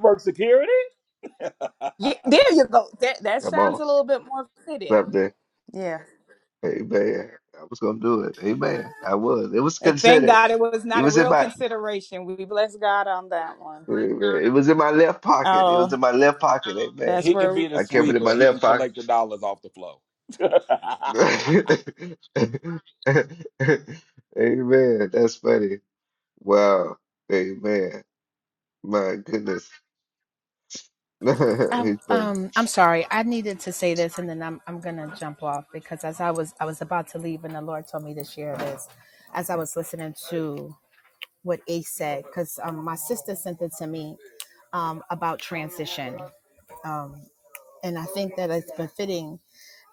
work security. Yeah, there you go. That that come sounds on, a little bit more fitting. something. Yeah. Amen. I was gonna do it. Amen. I was. It was And thank considered. God it was It not a was in real my. consideration. We bless God on that one. It was in my left pocket. It was Oh, in my left pocket. Amen. that's He can where. be the I kept it in sweeper. my He can left pocket. collect the dollars off the floor. Amen. That's funny. Wow. Amen. My goodness. I, He's funny. um, I'm sorry. I needed to say this, and then I'm I'm gonna jump off because as I was I was about to leave, and the Lord told me to share this as I was listening to what Ace said because um, my sister sent it to me um, about transition, um, and I think that it's befitting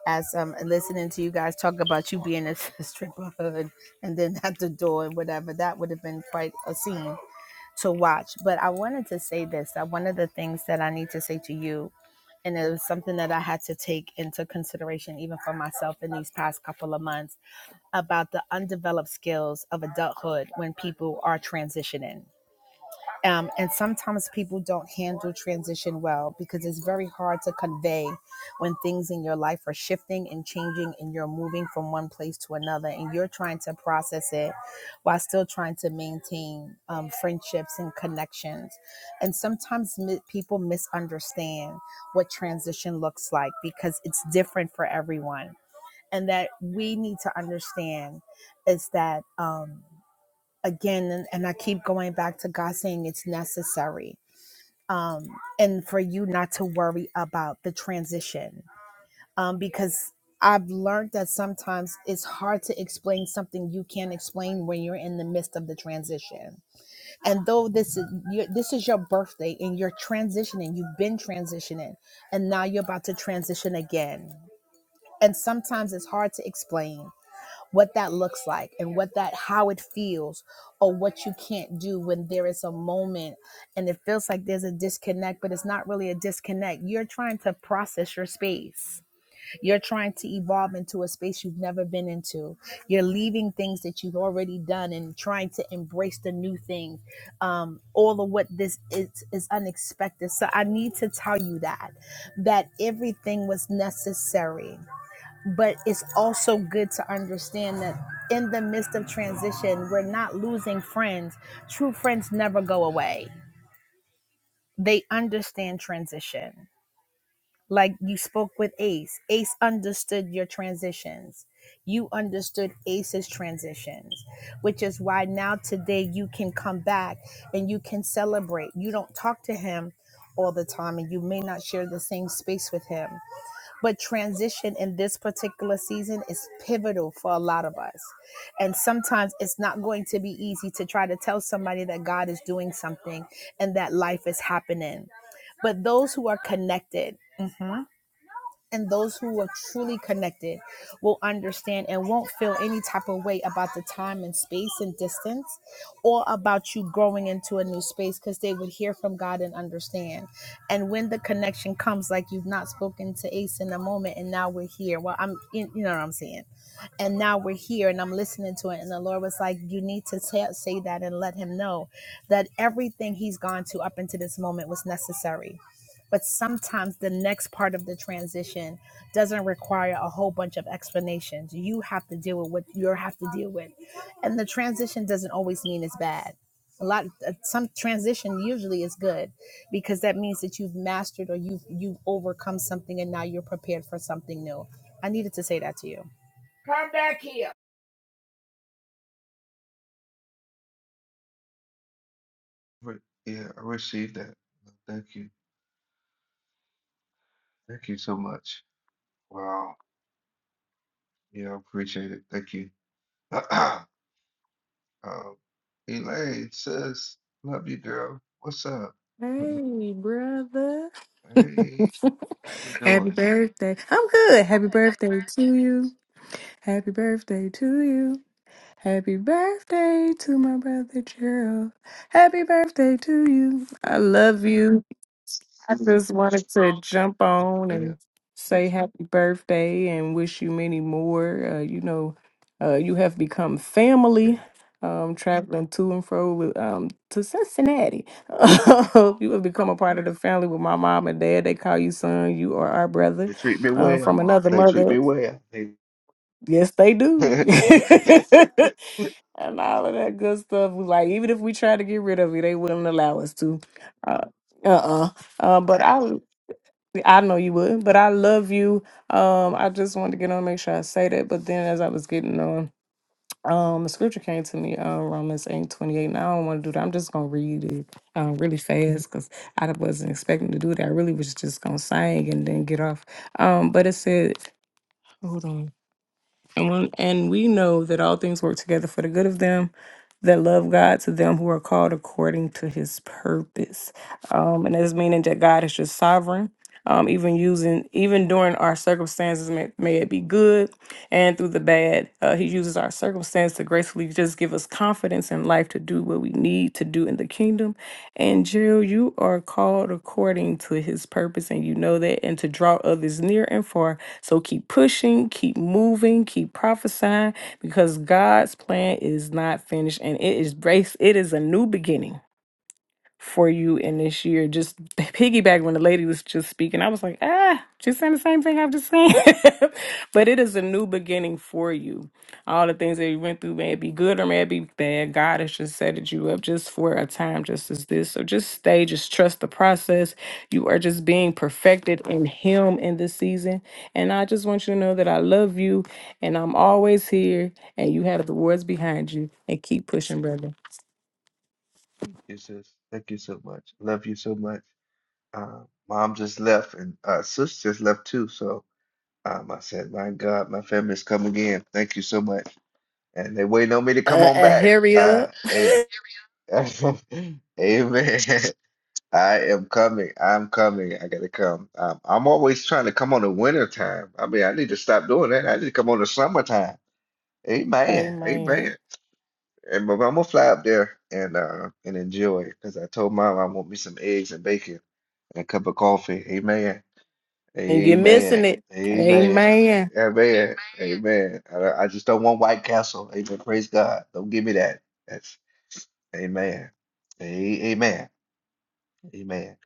as um listening to you guys talk about you being a stripper hood and then at the door and whatever that would have been quite a scene to watch but i wanted to say this that one of the things that i need to say to you and it was something that I had to take into consideration, even for myself, in these past couple of months about the undeveloped skills of adulthood when people are transitioning. Um, and sometimes people don't handle transition well because it's very hard to convey when things in your life are shifting and changing and you're moving from one place to another and you're trying to process it while still trying to maintain um, friendships and connections. And sometimes mi- people misunderstand what transition looks like because it's different for everyone. And that we need to understand is that. Um, again and, and i keep going back to god saying it's necessary um and for you not to worry about the transition um because i've learned that sometimes it's hard to explain something you can't explain when you're in the midst of the transition and though this is your, this is your birthday and you're transitioning you've been transitioning and now you're about to transition again and sometimes it's hard to explain what that looks like and what that how it feels or what you can't do when there is a moment and it feels like there's a disconnect but it's not really a disconnect you're trying to process your space you're trying to evolve into a space you've never been into you're leaving things that you've already done and trying to embrace the new thing um, all of what this is is unexpected so i need to tell you that that everything was necessary but it's also good to understand that in the midst of transition, we're not losing friends. True friends never go away, they understand transition. Like you spoke with Ace, Ace understood your transitions. You understood Ace's transitions, which is why now today you can come back and you can celebrate. You don't talk to him all the time and you may not share the same space with him but transition in this particular season is pivotal for a lot of us. And sometimes it's not going to be easy to try to tell somebody that God is doing something and that life is happening. But those who are connected, mm-hmm, and those who are truly connected will understand and won't feel any type of way about the time and space and distance or about you growing into a new space because they would hear from God and understand. And when the connection comes, like you've not spoken to Ace in a moment, and now we're here. Well, I'm, in, you know what I'm saying? And now we're here, and I'm listening to it. And the Lord was like, You need to ta- say that and let him know that everything he's gone to up into this moment was necessary but sometimes the next part of the transition doesn't require a whole bunch of explanations. You have to deal with what you have to deal with, and the transition doesn't always mean it's bad. A lot, uh, some transition usually is good because that means that you've mastered or you've you've overcome something, and now you're prepared for something new. I needed to say that to you. Yeah, I received that. Thank you. Thank you so much. Wow. Yeah, I appreciate it. Thank you. Um, Elaine says, love you, girl. What's up? Hey, brother. Hey, how you Happy doing? birthday. I'm good. Happy birthday to you. Happy birthday to you. Happy birthday to my brother Gerald. Happy birthday to you. I love you. I just wanted to jump Yes, on and ma'am. say happy birthday and wish you many more. Uh, you know, uh, you have become Yeah, family. Um, traveling to and fro with, um, to Cincinnati. you have become a part of the family with my mom and dad. They call you son. You are our brother They treat me uh, well. from another They treat me mother. well. They... Yes, they do. Thank and all of that good stuff. We Like even if we try to get rid of it, they wouldn't allow us to. Uh uh. Uh, but I I know you would, but I love you. Um, I just wanted to get on and make sure I say that. But then as I was getting on, um, the scripture came to me, um, Romans eight twenty eight. Now I don't want to do that. I'm just gonna read it um really fast because I wasn't expecting to do that. I really was just gonna sing and then get off. Um, but it said, hold on. And, when, and we know that all things work together for the good of them that love God, to them who are called according to his purpose. Um, and that's meaning that God is just sovereign. Um, even using, even during our circumstances, may, may it be good and through the bad, uh, He uses our circumstance to gracefully just give us confidence in life to do what we need to do in the kingdom and Jill, you are called according to his purpose, and you know that, and to draw others near and far. So keep pushing, keep moving, keep prophesying, because God's plan is not finished, and it is grace, it is a new beginning for you in this year. Just piggyback when the lady was just speaking, I was like, ah, just saying the same thing I've just seen. but it is a new beginning for you. All the things that you went through may be good or may be bad. God has just setted you up just for a time just as this. So just stay, just trust the process. You are just being perfected in Him in this season. And I just want you to know that I love you and I'm always here and you have the words behind you and keep pushing, brother. you, sis. Thank you so much. Love you so much. Uh, mom just left and uh, sis just left too. So um, I said, my God, my family's coming in. Thank you so much. and they waiting on me to come Uh, on back. uh, Uh, hey, amen. I am coming. I'm coming. I gotta come. Um, I'm always trying to come on the winter time. I mean, I need to stop doing that. I need to come on the summertime. Amen. Amen. Amen. And but I'm gonna fly up there and uh and enjoy because I told mom I want me some eggs and bacon and a cup of coffee. Amen. And you're missing Amen. it. Amen. Amen. Amen. Amen. I, I just don't want White Castle. Amen. Praise God. Don't give me that. That's Amen. A- Amen. Amen.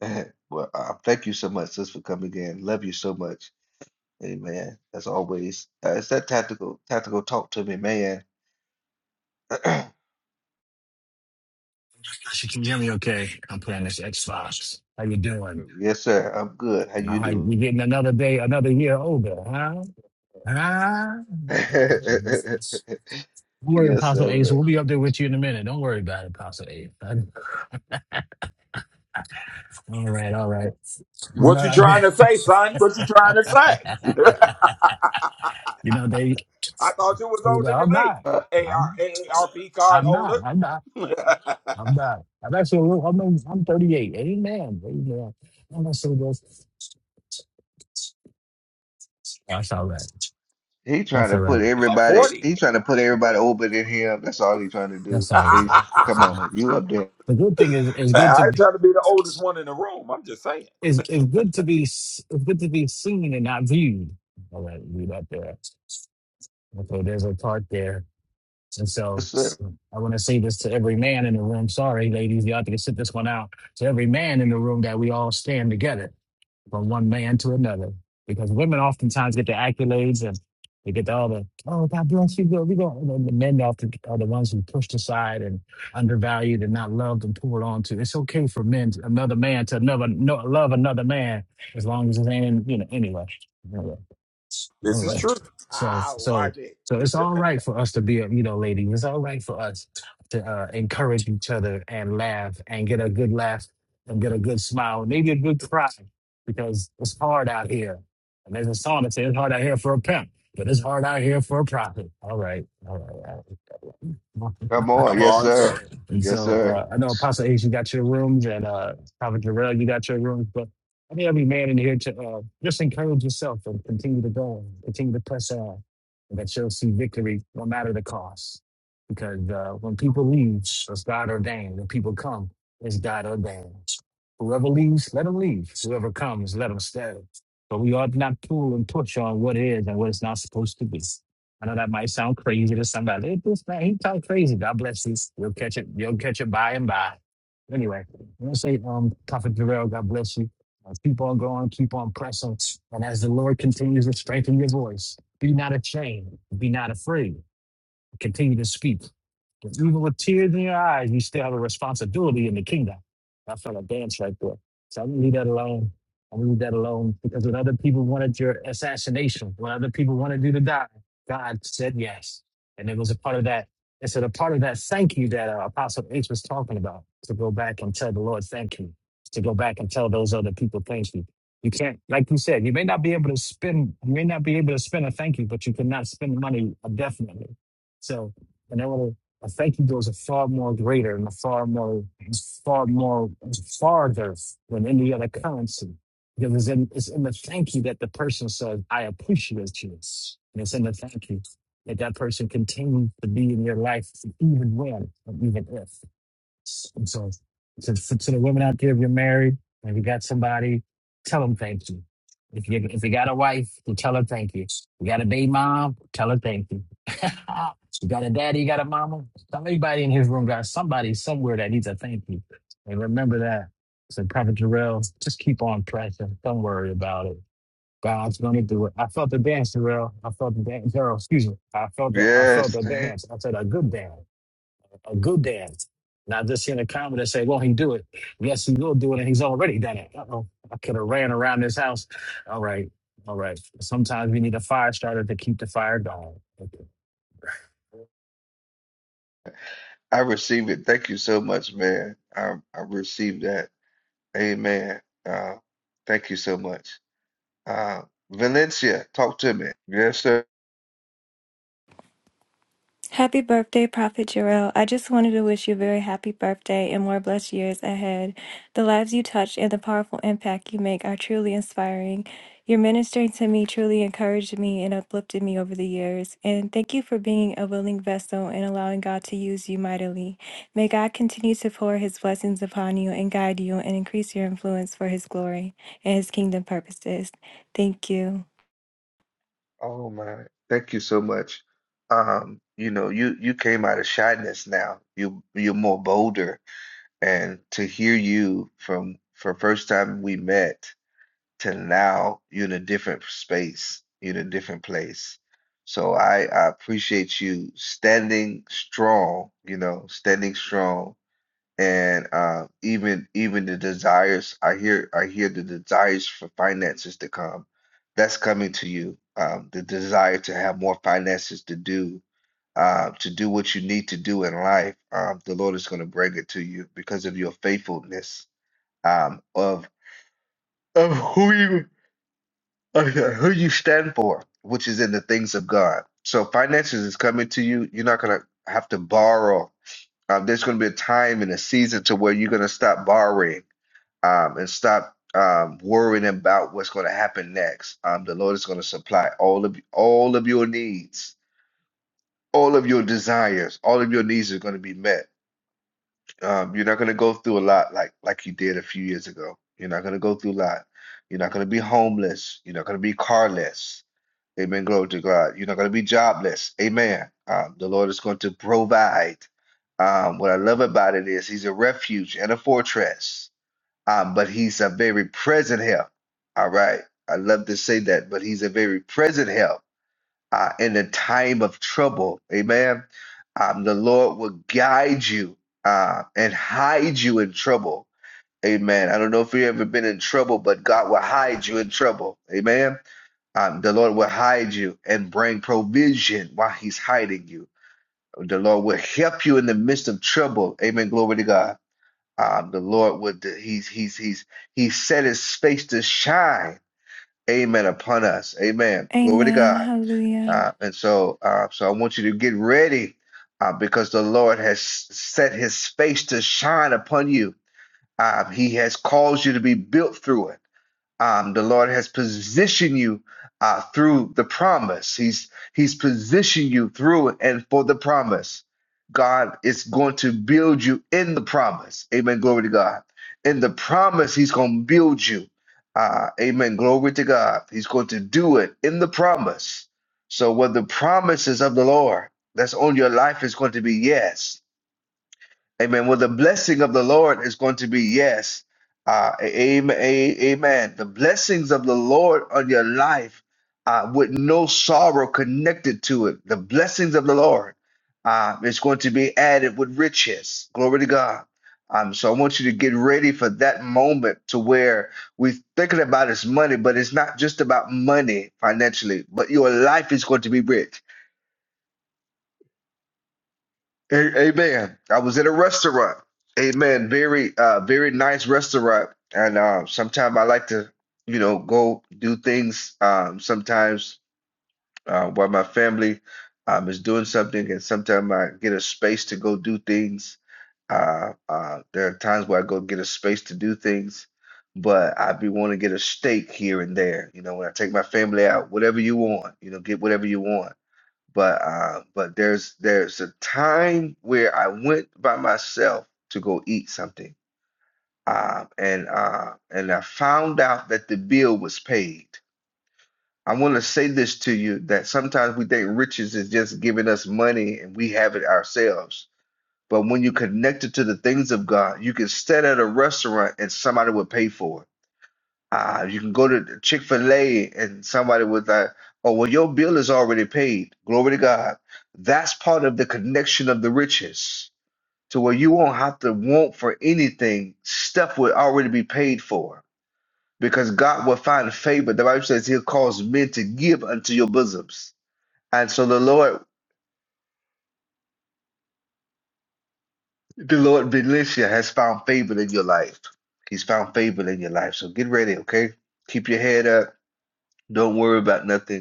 Well, uh, thank you so much, sis, for coming in. Love you so much. Amen. As always, uh, it's that tactical tactical talk to me, man. Gosh, you can hear me okay. I'm playing this Xbox. How you doing? Yes, sir. I'm good. How All you right, doing? we getting another day, another year older, huh? Huh? Don't worry, Yes, Apostle sir, Ace. We'll man. be up there with you in a minute. Don't worry about it, Apostle Ace. All right, all right. You what know, you I trying did. to say, son? What you trying to say? you know they. I thought you was older I'm than me. not. AR, I'm. card I'm holder. not. I'm not. was I'm not. I'm actually. a little- I'm. I'm 38. Amen. Amen. I'm not so good. That's all right. He trying That's to all right. put like everybody. 40. He trying to put everybody But older than him. That's all he trying to do. That's all right. Ace, I come on, man. you up there? The good thing is, it's good to ain't be, trying to be the oldest one in the room. I'm just saying. it's, it's good to be, s- it's good to be seen and not viewed. All right, read up there. Okay, there's a part there. And so Yes, sir. I want to say this to every man in the room. Sorry, ladies, y'all have to sit this one out. To every man in the room that we all stand together. from one man to another. Because women oftentimes get the accolades and they get all the, oh, God bless you, girl. We go. And the men often are the ones who pushed aside and undervalued and not loved and poured onto. It's okay for men, to, another man to another, no, love another man as long as it ain't, in, you know, anyway. Anyway. This is anyway. true. So, Ah, so, watch it. so it's all right for us to be, a, you know, ladies. It's all right for us to uh, encourage each other and laugh and get a good laugh and get a good smile, maybe a good cry because it's hard out here. And there's a song that says it's hard out here for a pimp, but it's hard out here for a prophet. All right. All right. All Come Come on, right. yes, on, sir. sir. and Yes, so sir. uh, I know Apostle H you got your rooms, and uh, Prophet Jarrell, you got your rooms. But I need every man in here to uh, just encourage yourself and continue to go, continue to press on, and that you'll see victory no matter the cost. Because uh, when people leave, it's God ordained. When people come, it's God ordained. Whoever leaves, let them leave. Whoever comes, let them stay. But we ought not pull and push on what is and what is not supposed to be. I know that might sound crazy to somebody. Hey, this man, he talk crazy. God bless you. You'll catch it. You'll catch it by and by. Anyway, I'm gonna say, um, Prophet Jarrell, God bless you. Uh, keep on going, keep on pressing, and as the Lord continues to strengthen your voice, be not ashamed, be not afraid. Continue to speak. Even with tears in your eyes, you still have a responsibility in the kingdom. I felt a dance right there. So I'm gonna leave that alone. I'm gonna leave that alone because when other people wanted your assassination, when other people wanted you to die, God said yes. And it was a part of that. It's a part of that thank you that uh, Apostle H was talking about to go back and tell the Lord thank you, to go back and tell those other people thank you. You can't, like you said, you may not be able to spend, you may not be able to spend a thank you, but you cannot spend money indefinitely. So, and I thank you goes a far more greater and a far more far more farther than any other currency. Because it's in, it's in the thank you that the person says, I appreciate you. And it's in the thank you that that person continues to be in your life even when, or even if. And so to, to the women out there, if you're married and you got somebody, tell them thank you. If you if you got a wife, then tell her thank you. You got a baby mom, tell her thank you. you got a daddy, you got a mama. Somebody in his room got somebody somewhere that needs a thank you. And remember that. So Prophet Jarrell, just keep on pressing. Don't worry about it. God's gonna do it. I felt the dance, Jarrell. I felt the dance, Jarrell. Excuse me. I felt the I felt Yes, the dance. I said a good dance a good dance. Not just seeing a comment that say, "Well, he do it." Yes, he will do it, and he's already done it. Uh-oh. I could have ran around this house. All right, all right. Sometimes we need a fire starter to keep the fire going. Okay. I receive it. Thank you so much, man. I I received that. Amen. Uh, thank you so much. Uh, Valencia, talk to me. Yes, sir. Happy birthday, Prophet Jarrell. I just wanted to wish you a very happy birthday and more blessed years ahead. The lives you touch and the powerful impact you make are truly inspiring. Your ministering to me truly encouraged me and uplifted me over the years. And thank you for being a willing vessel and allowing God to use you mightily. May God continue to pour his blessings upon you and guide you and increase your influence for his glory and his kingdom purposes. Thank you. Oh my, thank you so much. Um, you know, you you came out of shyness now. You you're more bolder and to hear you from from first time we met to now you're in a different space you're in a different place so i i appreciate you standing strong you know standing strong and uh even even the desires i hear i hear the desires for finances to come that's coming to you um the desire to have more finances to do uh, to do what you need to do in life, um, the Lord is going to bring it to you because of your faithfulness um, of of who you of uh, who you stand for, which is in the things of God. So finances is coming to you. You're not going to have to borrow. Um, there's going to be a time and a season to where you're going to stop borrowing um, and stop um, worrying about what's going to happen next. Um, the Lord is going to supply all of all of your needs, all of your desires, all of your needs are going to be met Um, you're not going to go through a lot like like you did a few years ago. You're not going to go through a lot. You're not going to be homeless. You're not going to be carless. Amen. Glory to God. You're not going to be jobless. Amen. Um, the Lord is going to provide. Um, what I love about it is He's a refuge and a fortress, um, but He's a very present help. All right. I love to say that, but He's a very present help uh, in the time of trouble. Amen. Um, the Lord will guide you uh, and hide you in trouble. Amen. I don't know if you've ever been in trouble, but God will hide you in trouble. Amen. Um, the Lord will hide you and bring provision while He's hiding you. The Lord will help you in the midst of trouble. Amen. Glory to God. Um, the Lord would He's He's He's He set His face to shine. Amen. Upon us. Amen. Glory to Amen. God. Hallelujah. Uh, and so, uh, so I want you to get ready uh, because the Lord has set his face to shine upon you. Uh, he has caused you to be built through it. Um, the Lord has positioned you uh, through the promise. He's He's positioned you through and for the promise. God is going to build you in the promise. Amen. Glory to God. In the promise, He's going to build you. Uh, amen. Glory to God. He's going to do it in the promise. So, what the promises of the Lord that's on your life is going to be yes Amen. Well, the blessing of the Lord is going to be yes. Uh, amen. Amen. The blessings of the Lord on your life uh, with no sorrow connected to it. The blessings of the Lord uh, is going to be added with riches. Glory to God. Um, so I want you to get ready for that moment to where we're thinking about is money, but it's not just about money financially, but your life is going to be rich A- Amen. I was at a restaurant. Amen. Very, uh, very nice restaurant. And uh, sometimes I like to, you know, go do things. Um, sometimes uh, while my family um, is doing something, and sometimes I get a space to go do things. Uh, uh, there are times where I go get a space to do things, but I be wanting to get a steak here and there. You know, when I take my family out, whatever you want, you know, get whatever you want. But uh, but there's there's a time where I went by myself to go eat something, um, and uh, and I found out that the bill was paid. I want to say this to you that sometimes we think riches is just giving us money and we have it ourselves. But when you connect it to the things of God, you can sit at a restaurant and somebody will pay for it uh, you can go to Chick-fil-A and somebody was like, oh, well, your bill is already paid. Glory to God. That's part of the connection of the riches to where you won't have to want for anything. Stuff will already be paid for because God will find favor. The Bible says he'll cause men to give unto your bosoms. And so the Lord, the Lord Benicia has found favor in your life. He's found favor in your life. So get ready, okay? Keep your head up. Don't worry about nothing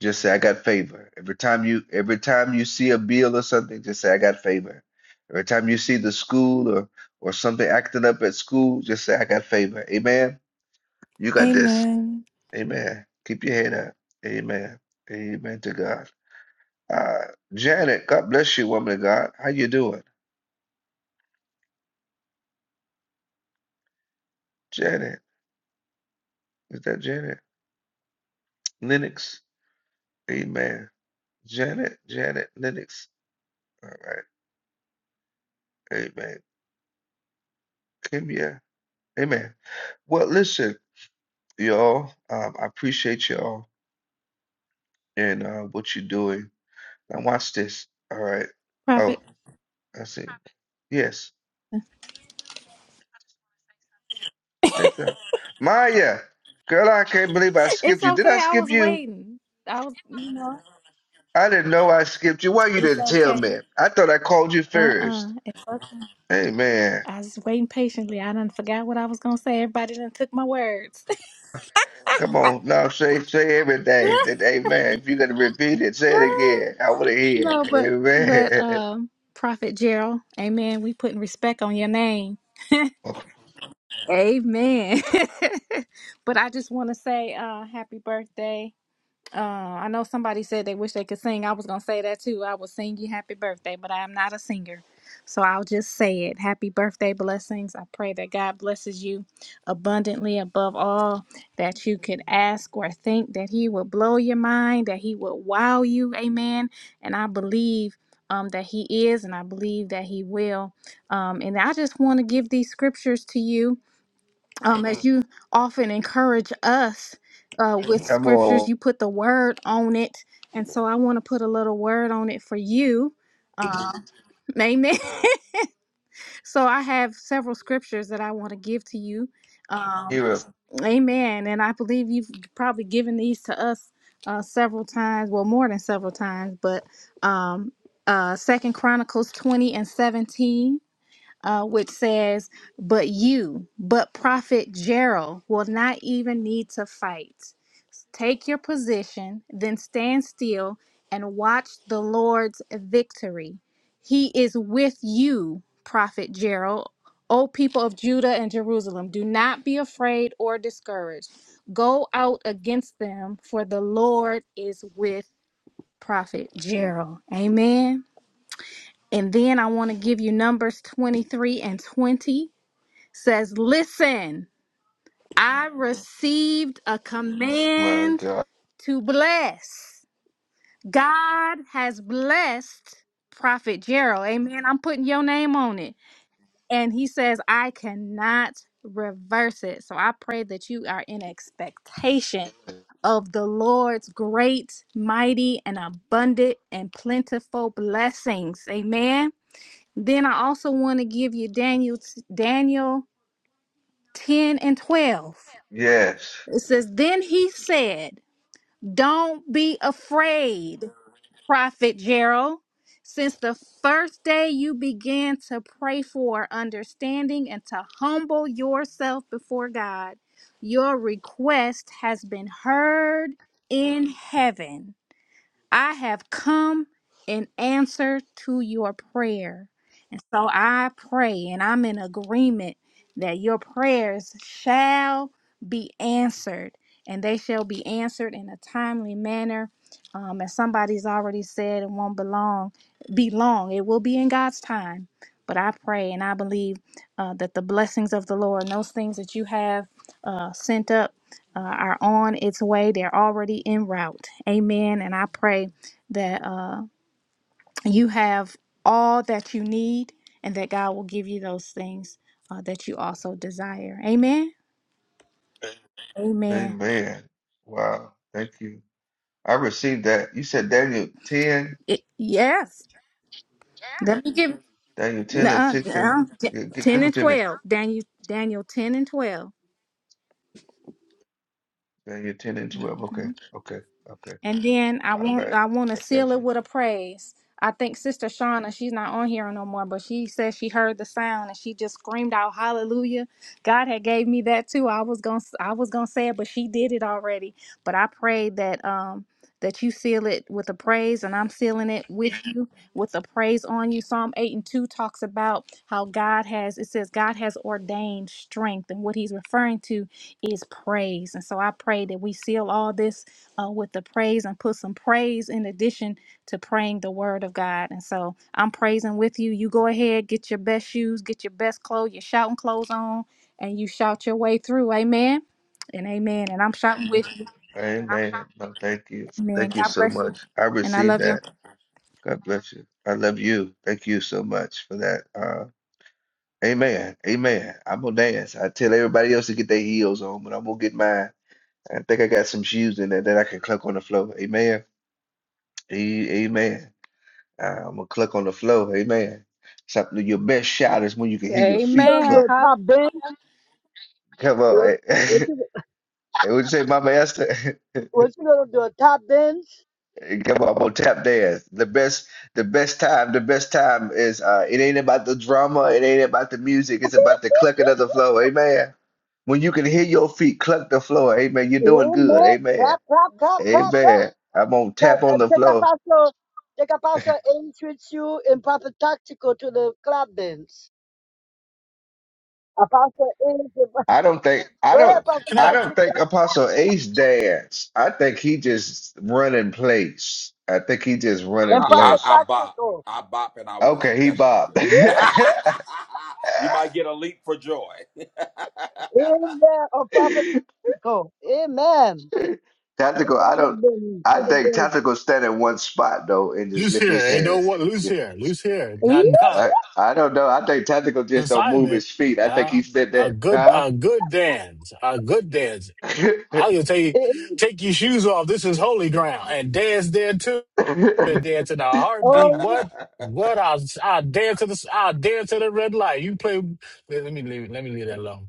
Just say I got favor. Every time you every time you see a bill or something, just say I got favor. Every time you see the school or or something acting up at school, just say I got favor. Amen. You got this. Amen. Amen. Keep your head up. Amen. Amen to God. Uh, Janet, God bless you, woman of God. How you doing? Janet, is that Janet? Lennox. Amen. Janet, Janet, Lennox. All right. Amen. Kimya. Amen. Well, listen. y'all. Um, I appreciate y'all and uh, what you're doing. Now watch this. All right. Oh, Prophet. I see. Yes, that's up. Maya, girl, I can't believe I It's skipped you. Did okay. I I was skip you? waiting. I was, you know, I didn't know I skipped you. Why you it's didn't tell okay. me? I thought I called you Uh-uh. first. It's okay. Amen. I was waiting patiently. I done forgot what I was gonna say. Everybody done took my words. Come on, no, say say everything. That amen. If you're gonna repeat it, say it again. I want to hear. no, but but It. um Prophet Gerald, amen. We putting respect on your name. Amen. Amen. but I just wanna say uh happy birthday. Uh, I know somebody said they wish they could sing. I was gonna say that too. I would sing you happy birthday, but I am not a singer, so I'll just say it. Happy birthday, blessings. I pray that God blesses you abundantly above all that you could ask or think. That He will blow your mind. That He will wow you. Amen. And I believe. Um, that he is, and I believe that he will. Um, and I just want to give these scriptures to you um, as you often encourage us uh, with Come scriptures, on, you put the word on it. And so I want to put a little word on it for you. Uh, amen. so I have several scriptures that I want to give to you. Um, hear it. amen. And I believe you've probably given these to us uh, several times, well, more than several times, but um, uh, Second Chronicles 20 and 17 uh, which says, But you, but Prophet Gerald, will not even need to fight. Take your position, then stand still and watch the Lord's victory. He is with you, Prophet Gerald. O people of Judah and Jerusalem, do not be afraid or discouraged. Go out against them, for the Lord is with Prophet Gerald. Amen. And then I want to give you Numbers 23 and 20 says, Listen, I received a My command God. to bless. God has blessed Prophet Gerald. Amen. I'm putting your name on it. And he says, I cannot reverse it. So I pray that you are in expectation of the Lord's great, mighty, and abundant and plentiful blessings. Amen. Then I also want to give you Daniel Daniel 10 and 12. Yes. It says, Then he said, Don't be afraid, Prophet Gerald. Since the first day you began to pray for understanding and to humble yourself before God, your request has been heard in heaven. I have come in answer to your prayer. And so I pray and I'm in agreement that your prayers shall be answered and they shall be answered in a timely manner. Um, as somebody's already said, it won't belong, be long. It will be in God's time. But I pray and I believe uh, that the blessings of the Lord and those things that you have uh, sent up uh, are on its way. They're already en route. Amen. And I pray that uh, you have all that you need and that God will give you those things uh, that you also desire. Amen. Amen. Amen. Wow. Thank you. I received that. You said Daniel 10, It- yes. Let me get Daniel 10 and nuh-uh, 16. nuh-uh. Yeah, gi- 10 give and it to me. 12. Daniel, Daniel 10 and 12. Daniel 10 and 12. Mhm. Okay. Okay. Okay. And then I All want right. I want to I seal got it you. with a praise. I think Sister Shauna, she's not on here no more, but she said she heard the sound and she just screamed out hallelujah. God had gave me that too. I was going to I was going to say it, but she did it already. But I prayed that um that you seal it with a praise and I'm sealing it with you with a praise on you. Psalm 8 and 2 talks about how God has it says God has ordained strength and what he's referring to is praise. And so I pray that we seal all this uh, with the praise and put some praise in addition to praying the word of God. And so I'm praising with you. You go ahead, get your best shoes, get your best clothes, your shouting clothes on, and you shout your way through. Amen. And amen. And I'm shouting with you. Amen. No, thank you. Amen. Thank you God so bless you. much. I And I received love you. that. God bless you. I love you. Thank you so much for that. Uh, amen. Amen. I'm gonna dance. I tell everybody else to get their heels on, but I'm gonna get mine. I think I got some shoes in there that I can cluck on the floor. Amen. A- Amen. Uh, I'm gonna cluck on the floor. Amen. Something your best shot is when you can hear your feet gonna do Amen. cluck. a Hallelujah. top dance? Come What, on. what you And would you say, my master? what you gonna do a top dance? Come on, I'm gonna tap dance. The best, the best time, the best time is uh it ain't about the drama, it ain't about the music, it's about the clucking of the floor, amen. When you can hear your feet cluck the floor, amen, you're doing Yeah, good, man. amen. Clap, clap, clap, clap, clap. Amen. I'm gonna So, tap uh, on the take a floor. paso, take a paso, introduce you in Papa Tactical to the club dance. Apostle is I don't think go I ahead, don't Papa I don't Tactical think Apostle Ace danced. I think he just run in place. I think he just run in and I, Papa I, place. I bop. Tactical. I bop and I worship. Okay, he That's what I bopped. do. Yeah, you might get a leap for joy. Amen. Or Papa Tactical. Amen. Take Tactical, I one of don't them to I the think dance. Tactical stand in one spot though and just Loose lift here. his Ain't no hands. what loose Yeah, here. Loose here. Not Yeah. I not I don't know. I think Tactical just don't move assignment. his feet. I think he Uh, sit a there. good Huh? a good dance. A good dance. I'll just tell you, take your shoes off. This is holy ground. And dance there too. Been dancing in a heartbeat. Oh. What? What? i i dance to the i dance to the red light. You play. Let, let me leave. Let me leave that alone.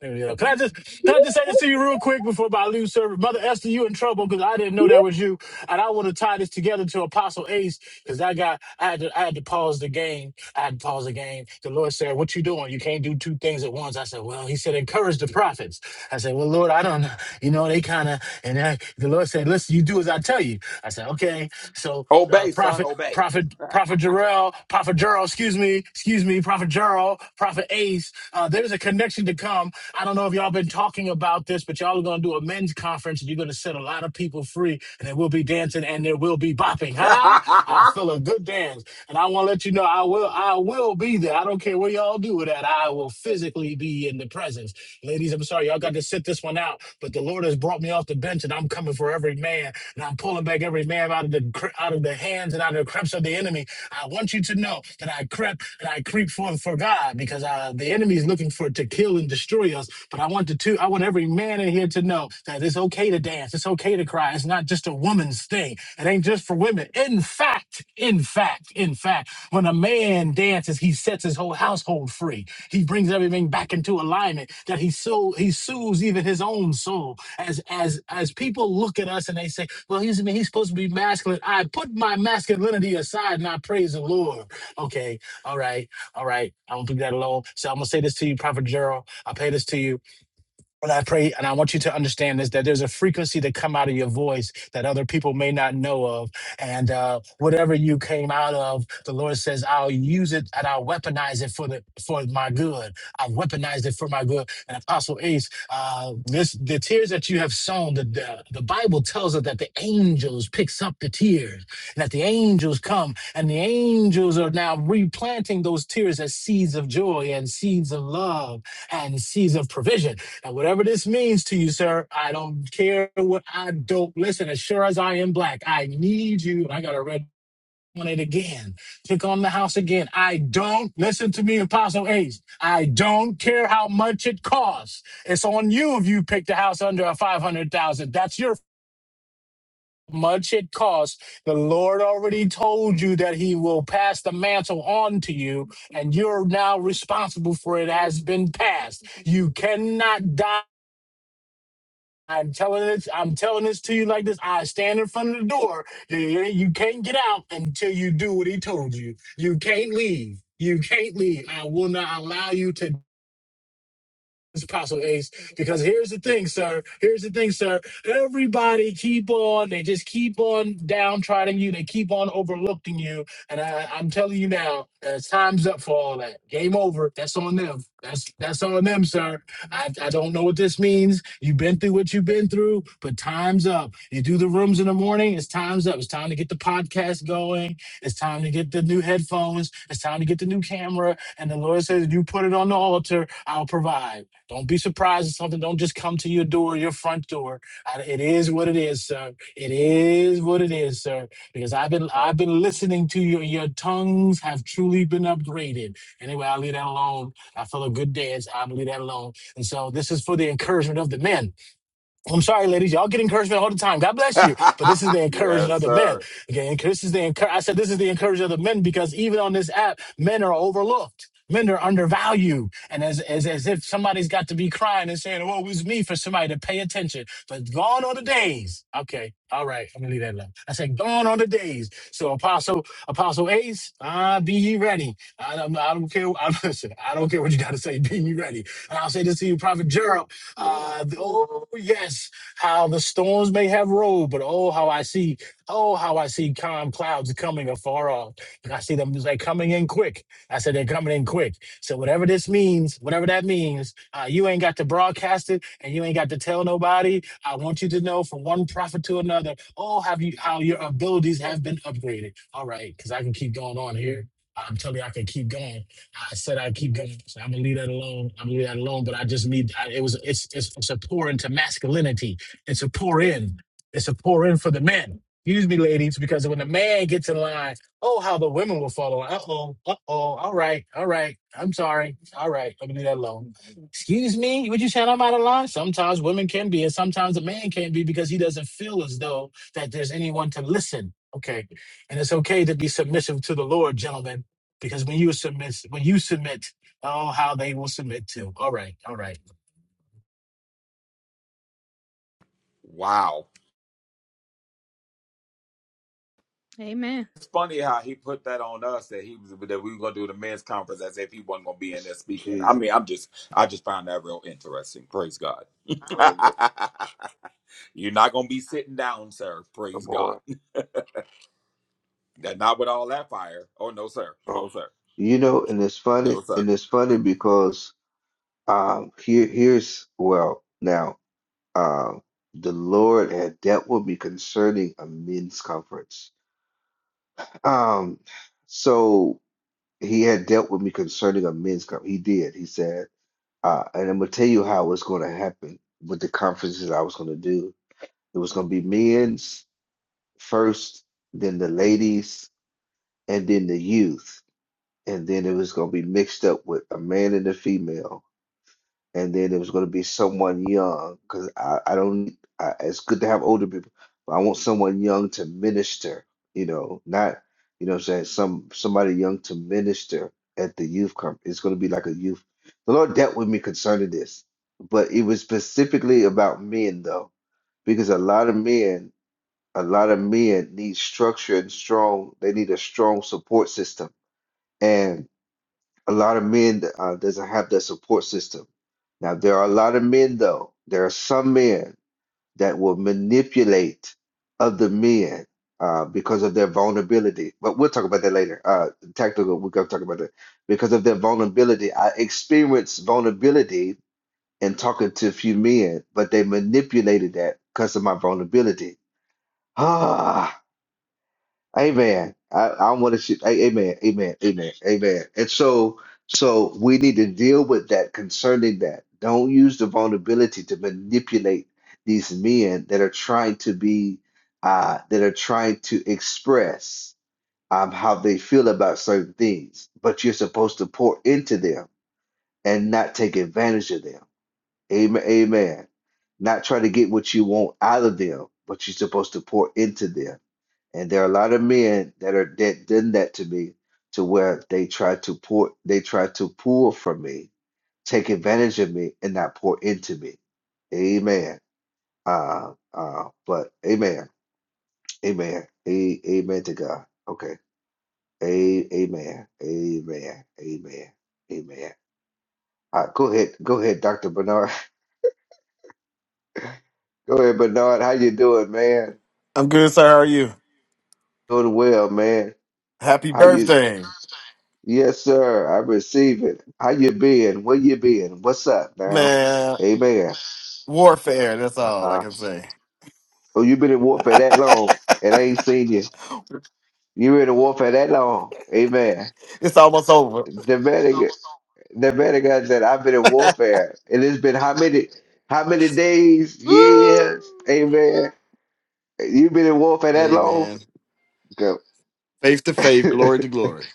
There we go. Can I just yeah. can I just say Yeah. this to you real quick before I leave service, Mother Esther? You in trouble because I didn't know that was you, and I want to tie this together to Apostle Ace because I got I had to I had to pause the game. I had to pause the game. The Lord said, "What you doing? You can't do two things at once." I said, "Well," He said, "Encourage the prophets." I said, "Well, Lord, I don't know. You know, they kind of." And I, the Lord said, "Listen, you do as I tell you." I said, "Okay." So, uh, obey, son, prophet, obey. prophet, prophet Jarrell, prophet Jarrell, excuse me, excuse me, prophet Jarrell, prophet Ace. Uh, there's a connection to come I don't know if y'all been talking about this, but y'all are gonna do a men's conference and you're gonna set a lot of people free, and there will be dancing and there will be bopping. Huh? I feel a good dance, and I want to let you know I will I will be there. I don't care where y'all do it at. I will physically be in the presence. Ladies, I'm sorry, y'all got to sit this one out. But the Lord has brought me off the bench, and I'm coming for every man, and I'm pulling back every man out of the cre- out of the hands and out of the creeps of the enemy. I want you to know that I crept and I creep for for God because uh, the enemy is looking for to kill and destroy us. But I want to too. I want every man in here to know that it's okay to dance. It's okay to cry. It's not just a woman's thing. It ain't just for women. In fact, in fact, in fact, when a man dances, he sets his whole household free. He brings everything back into alignment. That he so he soothes even his own soul. As as as people look at us and they say, "Well, he's he's supposed to be masculine." I put my masculinity aside and I praise the Lord. Okay, all right, all right. I don't think that alone. So I'm gonna say this to you, Prophet Gerald. I pay this to you and I pray and I want you to understand this that there's a frequency that come out of your voice that other people may not know of. And uh, whatever you came out of, the Lord says, I'll use it and I'll weaponize it for the for my good. I've weaponized it for my good. And Apostle Ace, uh, this the tears that you have sown, the, the the Bible tells us that the angels picks up the tears, and that the angels come and the angels are now replanting those tears as seeds of joy and seeds of love and seeds of provision. And whatever this means to you, sir, I don't care what I don't listen. As sure as I am black, I need you. I got to red on it again. Click on the house again. I don't listen to me, Apostle Ace. I don't care how much it costs. It's on you if you pick the house under a five hundred thousand. That's your much it costs. The Lord already told you that He will pass the mantle on to you, and you're now responsible for it has been passed. You cannot die I'm telling this. I'm telling this to you like this. I stand in front of the door. You you can't get out until you do what he told you. You can't leave. You can't leave. I will not allow you to it's Apostle Ace, because here's the thing, sir. Here's the thing, sir. Everybody keep on, they just keep on downtrodden you. They keep on overlooking you. And I, I'm telling you now, uh, time's up for all that. Game over. That's on them. That's that's on them, sir. I, I don't know what this means. You've been through what you've been through, but time's up. You do the rooms in the morning, it's time's up. It's time to get the podcast going. It's time to get the new headphones. It's time to get the new camera. And the Lord says, if you put it on the altar, I'll provide. Don't be surprised if something don't just come to your door, your front door. I- It is what it is, sir. It is what it is, sir. Because I've been I've been listening to you. Your tongues have truly been upgraded. Anyway, I'll leave that alone. I feel a good dance. I'll leave that alone. And so this is for the encouragement of the men. I'm sorry, ladies. Y'all get encouragement all the time. God bless you. But this is the encouragement yes, of the men. sir. Again, this is the encour- I said this is the encouragement of the men because even on this app, men are overlooked. Men are undervalued. And as, as as if somebody's got to be crying and saying, "Well, it was me for somebody to pay attention. But gone are the days. Okay. All right. I'm gonna leave that alone. I said, gone are the days. So Apostle, Apostle Ace, uh, be ye ready. I, don't I don't care. I, listen, I don't care what you gotta say, be ye ready. And I'll say this to you, Prophet Gerald. Uh, the- oh yes, how the storms may have rolled, but oh how I see, oh how I see calm clouds coming afar off, and I see them it's like coming in quick. I said they're coming in quick. So whatever this means, whatever that means, uh, you ain't got to broadcast it, and you ain't got to tell nobody. I want you to know from one prophet to another. Oh, have you how your abilities have been upgraded? All right, because I can keep going on here. I'm telling you, I can keep going. I said I keep going. So I'm gonna leave that alone. I'm gonna leave that alone. But I just need. I, it was. It's, it's it's a pour into masculinity. It's a pour in. It's a pour in for the men. Excuse me, ladies, because when the man gets in line, oh, how the women will follow. Uh oh. Uh oh. All right. All right. I'm sorry. All right. Let me leave that alone. Excuse me. Would you say I'm out of line? Sometimes women can be, and sometimes a man can be because he doesn't feel as though that there's anyone to listen. Okay. And it's okay to be submissive to the Lord, gentlemen because when you submit, when you submit, oh, how they will submit to. All right, all right. Wow. Amen. It's funny how he put that on us that he was that we were gonna do the men's conference as if he wasn't gonna be in there speaking. I Jesus, mean, I'm just I just found that real interesting. Praise God. my God, You're not gonna be sitting down, sir. Praise come God. on. Not with all that fire. Oh no, sir. No, Oh, sir. you know, and it's funny, No, sir. and it's funny because um, here, here's well, now, um, the Lord had dealt with me concerning a men's conference. Um, so He had dealt with me concerning a men's conference. He did. He said, uh, and I'm gonna tell you how it was going to happen with the conferences I was going to do. It was going to be men's first, then the ladies, and then the youth, and then it was going to be mixed up with a man and a female and then it was going to be someone young because I, I don't I, it's good to have older people but I want someone young to minister you know not you know what I'm saying some somebody young to minister at the youth camp it's going to be like a youth the Lord dealt with me concerning this but it was specifically about men though because a lot of men a lot of men need structure and strong they need a strong support system a lot of men uh, doesn't have that support system. Now there are a lot of men though. There are some men that will manipulate other men uh, because of their vulnerability. But we'll talk about that later. Uh, tactical, we're gonna talk about that because of their vulnerability. I experienced vulnerability in talking to a few men, but they manipulated that because of my vulnerability. Ah. Amen. I, I want to see. a- Amen. Amen. Amen. Amen. And so, so we need to deal with that concerning that. Don't use the vulnerability to manipulate these men that are trying to be, uh, that are trying to express um, how they feel about certain things. But you're supposed to pour into them and not take advantage of them. Amen. Amen. Not try to get what you want out of them, but you're supposed to pour into them and there are a lot of men that are that done that to me to where they try to pour they try to pull from me, take advantage of me, and not pour into me. Amen. Uh uh, but amen. Amen. A, amen to God. Okay. A, amen. Amen. Amen. Amen. Uh, go ahead. Go ahead, Dr. Bernard. Go ahead, Bernard. How you doing, man? I'm good, sir. How are you? Doing well, man. Happy How you birthday, Yes, sir. I receive it. How you been? Where you been? What's up now? man. Amen. Warfare. That's all I Uh-uh. can say. Oh, you been in warfare that long and I ain't seen you. You been in warfare that long. Amen. It's almost over. The man, the man of God said, I've been in warfare. And it's been how many how many days, Woo! years? Amen. You been in warfare that Hey, long? man. Go. Faith to faith, glory to glory.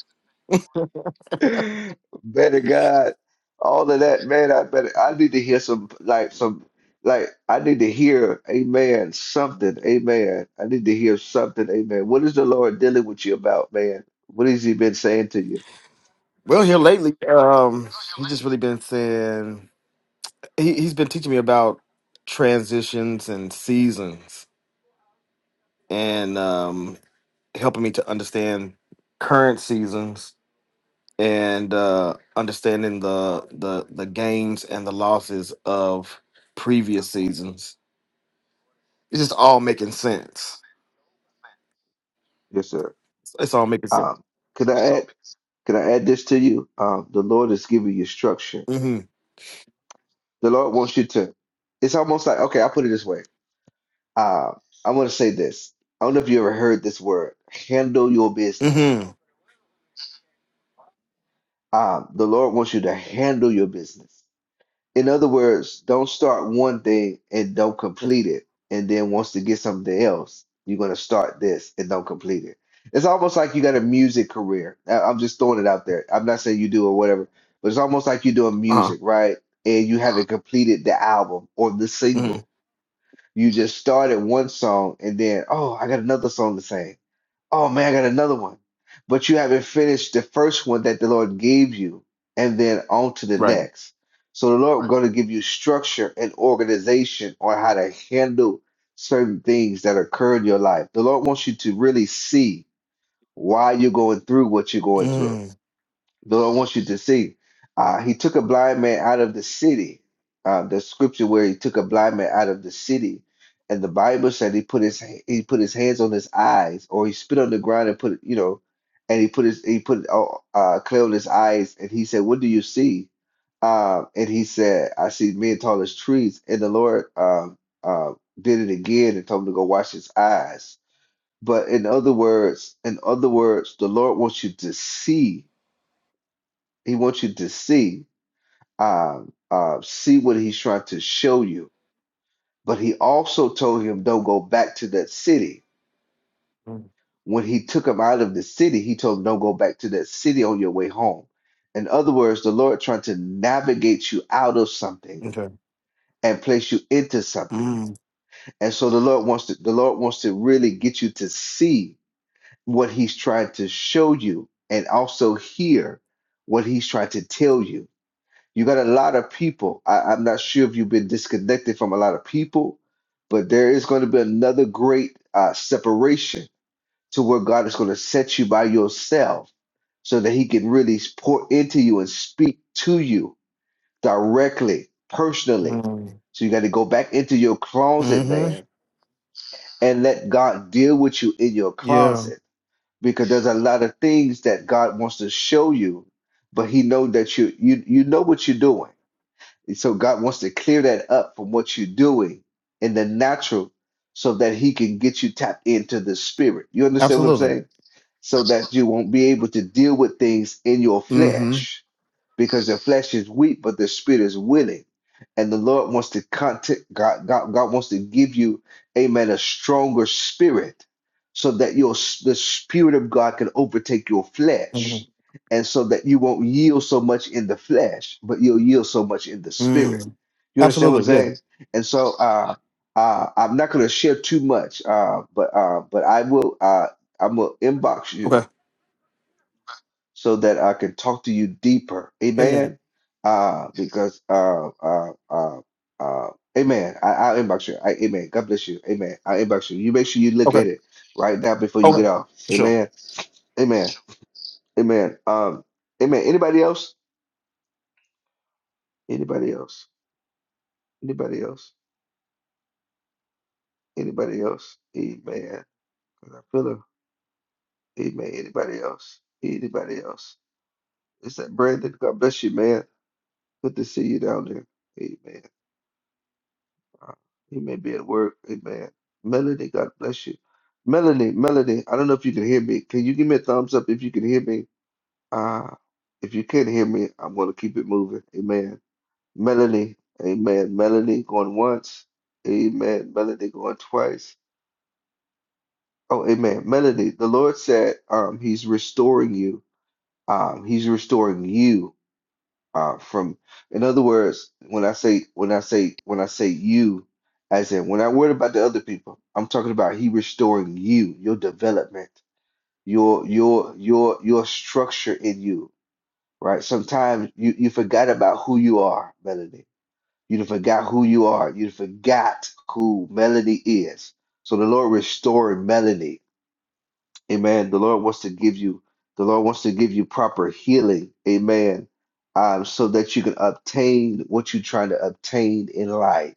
Better God, all of that, man. I better. I need to hear some like some like. I need to hear, Amen. Something, Amen. I need to hear something, Amen. What is the Lord dealing with you about, man? What has He been saying to you? Well, here lately, um, he's just really been saying he, he's been teaching me about transitions and seasons, and um, helping me to understand current seasons and uh, understanding the the the gains and the losses of previous seasons It's just all making sense. Yes, sir. It's, it's all making sense. Um, can I add? Can I add this to you? Um, the Lord is giving you structure. Mm-hmm. The Lord wants you to. It's almost like okay. I put it this way. Uh, I want to say this. I don't know if you ever heard this word. Handle your business Mm-hmm. Um, the Lord wants you to handle your business. In other words, don't start one thing and don't complete it. And then wants to get something else, you're going to start this and don't complete it. It's almost like you got a music career. I- I'm just throwing it out there. I'm not saying you do or whatever, but it's almost like you're doing Uh-huh. music, right? And you haven't completed the album or the Mm-hmm. single. You just started one song and then, oh, I got another song to sing Oh man, I got another one. But you haven't finished the first one that the Lord gave you, and then on to the Right. next. So the Lord Right. going to give you structure and organization on how to handle certain things that occur in your life. The Lord wants you to really see why you're going through what you're going through. Mm-hmm. The Lord wants you to see. Uh, he took a blind man out of the city. Uh, the scripture where he took a blind man out of the city, and the Bible said he put his he put his hands on his eyes, or he spit on the ground and put it, you know, and he put his he put uh, uh, clay on his eyes, and he said, "What do you see?" Uh, and he said, "I see men tall as trees." And the Lord um, uh, did it again and told him to go wash his eyes. But in other words, in other words, the Lord wants you to see he wants you to see, uh, uh, see what he's trying to show you. But he also told him, don't go back to that city. When he took him out of the city, he told him, don't go back to that city on your way home. In other words, the Lord trying to navigate you out of something Okay. and place you into something. And so the Lord wants to, the Lord wants to really get you to see what he's trying to show you and also hear what he's trying to tell you You got a lot of people. I, I'm not sure if you've been disconnected from a lot of people, but there is going to be another great uh, separation to where God is going to set you by yourself so that He can really pour into you and speak to you directly, personally. Mm-hmm. So you got to go back into your closet, Mm-hmm. man, and let God deal with you in your Yeah. closet because there's a lot of things that God wants to show you, but He know that you you you know what you're doing so God wants to clear that up from what you're doing in the natural so that he can get you tapped into the spirit. You understand what I'm Absolutely. saying? So that you won't be able to deal with things in your Mm-hmm. flesh because the flesh is weak, but the spirit is willing. And the Lord wants to contact God, God, God wants to give you, amen, a stronger spirit so that your the spirit of God can overtake your flesh. Mm-hmm. And so that you won't yield so much in the flesh, but you'll yield so much in the spirit. Mm. You understand what I'm Absolutely. Yeah. saying? And so uh uh I'm not gonna share too much, uh, but uh but I will uh I'm gonna inbox you Okay. so that I can talk to you deeper. Amen. Amen. Uh, because uh, uh, uh, uh, Amen. I, I'll inbox you. I, amen. God bless you. Amen. I'll inbox you. You make sure you look Okay. at it right now before you get Okay. off. Sure. Amen. Amen. Amen. Um, amen. Anybody else? Anybody else? Anybody else? Anybody else? Amen. 'Cause I feel him. Amen. Anybody else? Anybody else? Is that Brandon? God bless you, man. Good to see you down there. Amen. Uh, he may be at work. Amen. Melody, God bless you. Melody, Melody, I don't know if you can hear me. Can you give me a thumbs up if you can hear me? Uh, if you can't hear me, I'm going to keep it moving. Amen. Melody, amen. Melody going once. Amen. Melody going twice. Oh, amen. Melody, the Lord said um, he's restoring you. Um, he's restoring you. uh, from in other words when i say when i say when i say you as in when i worry about the other people i'm talking about he restoring you your development your your your your structure in you right sometimes you you forgot about who you are melody you done forgot who you are you done forgot who melody is so the lord restoring melody Amen. The Lord wants to give you, the Lord wants to give you proper healing. Amen. Um, so that you can obtain what you're trying to obtain in life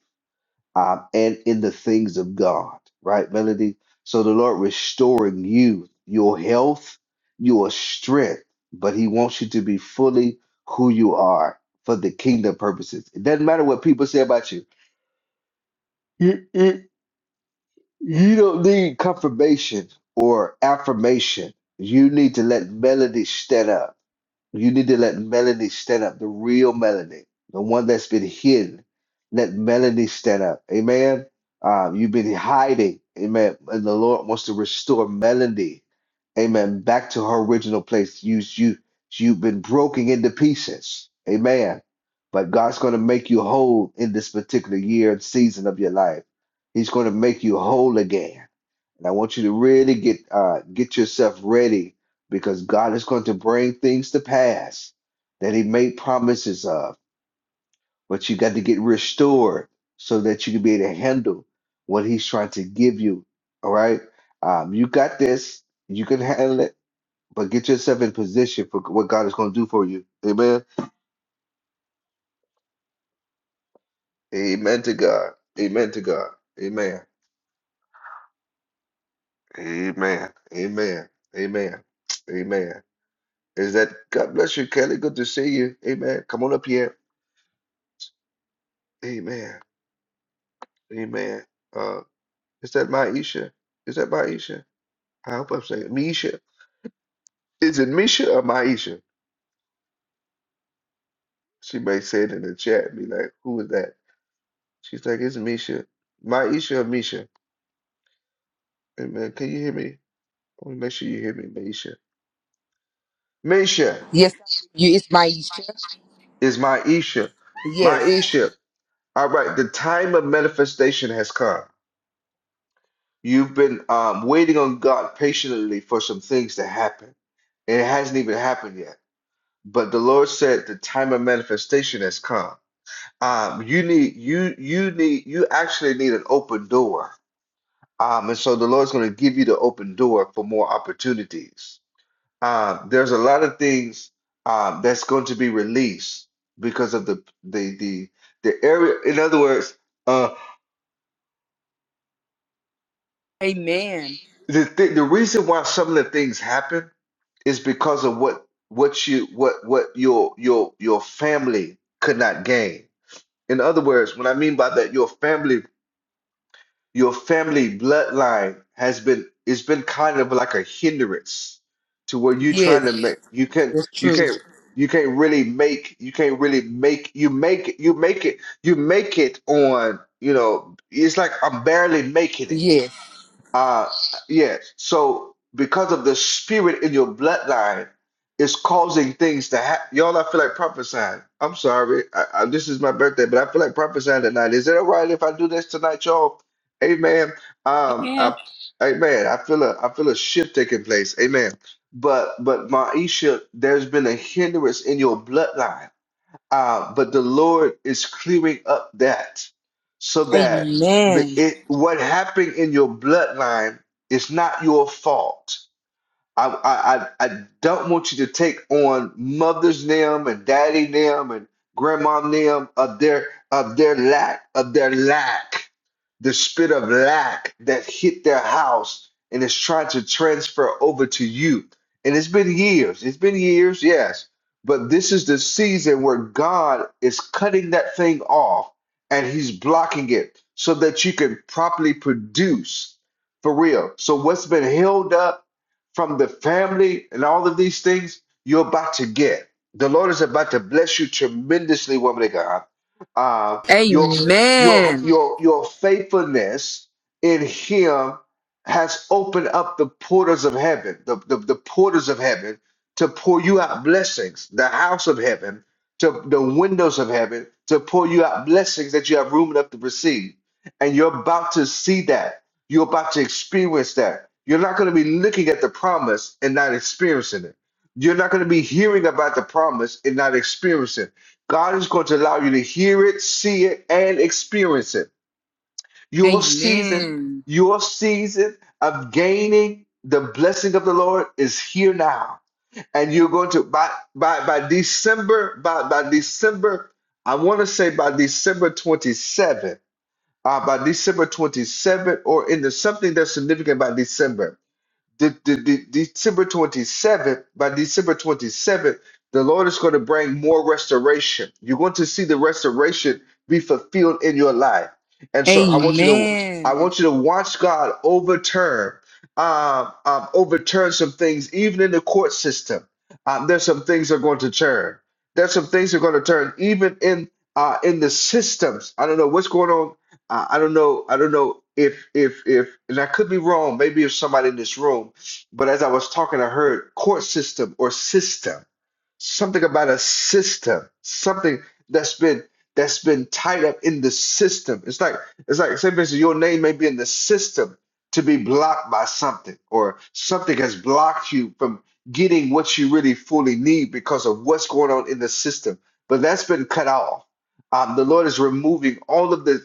um, and in the things of God. Right, Melody? So the Lord restoring you, your health, your strength, but He wants you to be fully who you are for the kingdom purposes. It doesn't matter what people say about you. You don't need confirmation or affirmation. You need to let melody stand up. You need to let melody stand up, the real melody, the one that's been hidden. Let melody stand up. Amen. Uh, you've been hiding. Amen. And the Lord wants to restore melody. Amen. Back to her original place. You, you, you've been broken into pieces. Amen. But God's going to make you whole in this particular year and season of your life. He's going to make you whole again. And I want you to really get uh, get yourself ready because God is going to bring things to pass that He made promises of. But you got to get restored so that you can be able to handle what He's trying to give you. All right, um, you got this. You can handle it. But get yourself in position for what God is going to do for you. Amen. Amen to God. Amen to God. Amen. Amen. Amen. Amen. Amen. Is that God bless you, Kelly? Good to see you. Amen. Come on up here. Amen. Amen. Uh, is that Maisha? Is that Maisha? I hope I'm saying Misha. Is it Misha or Maisha? She may say it in the chat and be like, who is that? She's like, it's Misha. Maisha or Misha? Amen. Can you hear me? Let me make sure you hear me, Maisha. Misha Yes, you. It's Maisha. is Maisha. Yes. Maisha. All right, the time of manifestation has come. You've been um, waiting on God patiently for some things to happen. and it hasn't even happened yet. But the Lord said the time of manifestation has come. Um, you need you you need you actually need an open door. Um, and so the Lord's going to give you the open door for more opportunities. Um, there's a lot of things um, that's going to be released because of the the the the area. In other words, uh, Amen. the th the reason why some of the things happen is because of what what you what what your your your family could not gain In other words, what I mean by that, your family, your family bloodline has been it's been kind of like a hindrance to where you Yes, trying to make you can that's you true. can't you can't really make you can't really make you make you make it you make it on you know it's like I'm barely making it Yes. uh, yeah. So because of the spirit in your bloodline, it's causing things to happen. Y'all, I feel like prophesying. I'm sorry. I, I, this is my birthday, but I feel like prophesying tonight. Is it all right if I do this tonight, y'all? Amen. Um, Amen. I, amen. I feel a I feel a shift taking place. Amen. But but Maisha, there's been a hindrance in your bloodline uh, but the Lord is clearing up that so that Amen. it, what happened in your bloodline is not your fault. I, I, I I don't want you to take on mother's name and daddy name and grandma name of their of their lack of their lack, the spirit of lack that hit their house and is trying to transfer over to you. And it's been years. It's been years, yes. But this is the season where God is cutting that thing off and He's blocking it so that you can properly produce for real. So what's been held up? from the family and all of these things you're about to get. The Lord is about to bless you tremendously, woman of God. Uh, your your Amen. your your faithfulness in Him has opened up the portals of heaven, the, the, the portals of heaven to pour you out blessings, the house of heaven, to the windows of heaven, to pour you out blessings that you have room enough to receive. And you're about to see that you're about to experience that. You're not going to be looking at the promise and not experiencing it. You're not going to be hearing about the promise and not experiencing it. God is going to allow you to hear it, see it, and experience it. Your season, Amen. your season of gaining the blessing of the Lord is here now. And you're going to by by by December, by by December, I want to say by December 27th uh, by December 27th or in the something that's significant by December. The, the, the, December 27th, by December 27th, the Lord is going to bring more restoration. You're going to see the restoration be fulfilled in your life. And so I want you to I Amen. want you to watch God overturn um, um, overturn some things even in the court system. Um, there's some things that are going to turn. There's some things that are going to turn even in uh, in the systems. I don't know what's going on I, I don't know. I don't know if if if, and I could be wrong. Maybe if somebody in this room, but as I was talking, I heard court system or system, something about a system, something that's been that's been tied up in the system. It's like it's like say, for instance, your name may be in the system to be blocked by something, or something has blocked you from getting what you really fully need because of what's going on in the system. But that's been cut off. Um, the Lord is removing all of the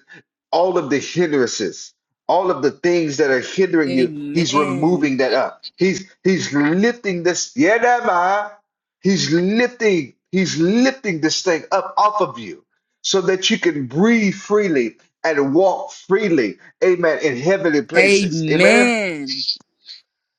all of the hindrances, all of the things that are hindering you, he's Amen. removing that up. He's he's lifting this. Yeah, that ma. He's lifting, he's lifting this thing up off of you so that you can breathe freely and walk freely. Amen. In heavenly places. Amen. Amen.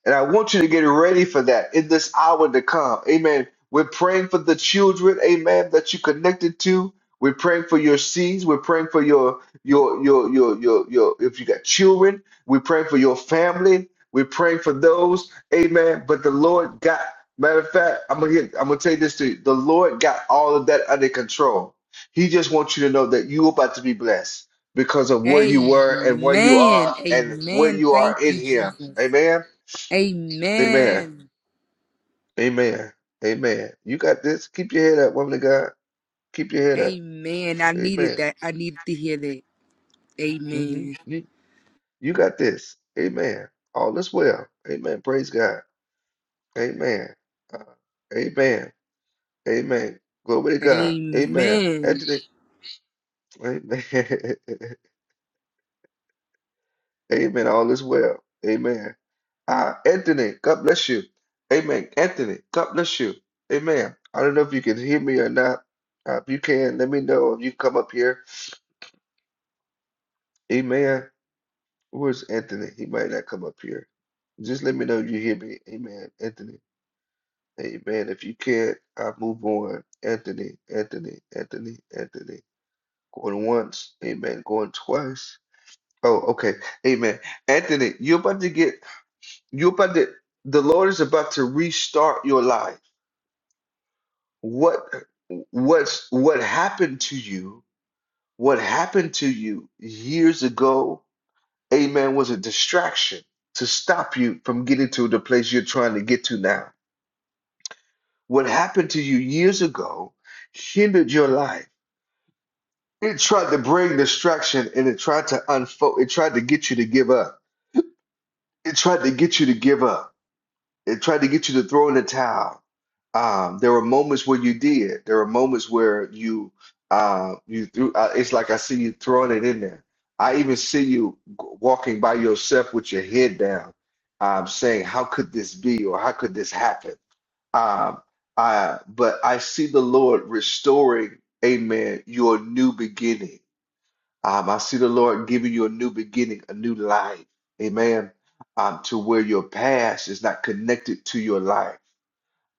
And I want you to get ready for that in this hour to come. Amen. We're praying for the children, amen, that you connected to. We're praying for your seeds. We're praying for your your your your your your if you got children, we're praying for your family. We're praying for those, amen. But the Lord got matter of fact, I'm gonna get, I'm gonna tell you this to you. The Lord got all of that under control. He just wants you to know that you're about to be blessed because of where you were and where you are Amen. and where Amen. you Thank are in you, here. Jesus. Amen. Amen. Amen. Amen. Amen. You got this. Keep your head up, woman of God. Keep your head up. Amen. I needed Amen. that. I needed to hear that. hmm Amen. You, you got this. Amen. All is well. Amen. Praise God. Amen. Uh, amen. Amen. Glory to God. Amen. Amen. Anthony. Amen. Amen. All is well. Amen. Uh, Anthony, God bless you. Amen. Anthony, God bless you. Amen. I don't know if you can hear me or not. Uh, if you can, let me know if you come up here. Amen. Where's Anthony? He might not come up here. Just let me know you hear me. Amen. Anthony. Amen. If you can't, I move on. Anthony, Anthony, Anthony, Anthony. Going once. Amen. Going twice. Oh, okay. Amen. Anthony, you're about to get, you're about to, the Lord is about to restart your life. What, what's, what happened to you? What happened to you years ago? amen, was a distraction to stop you from getting to the place you're trying to get to now. What happened to you years ago hindered your life. It tried to bring distraction and it tried to unfold, it tried to get you to give up. It tried to get you to give up. It tried to get you to throw in the towel. Um, there were moments where you did. There were moments where you uh, you threw. Uh, it's like I see you throwing it in there. I even see you g- walking by yourself with your head down, um, saying, "How could this be?" or "How could this happen?" Um, uh, but I see the Lord restoring, Amen, your new beginning. Um, I see the Lord giving you a new beginning, a new life. Amen. Um, to where your past is not connected to your life.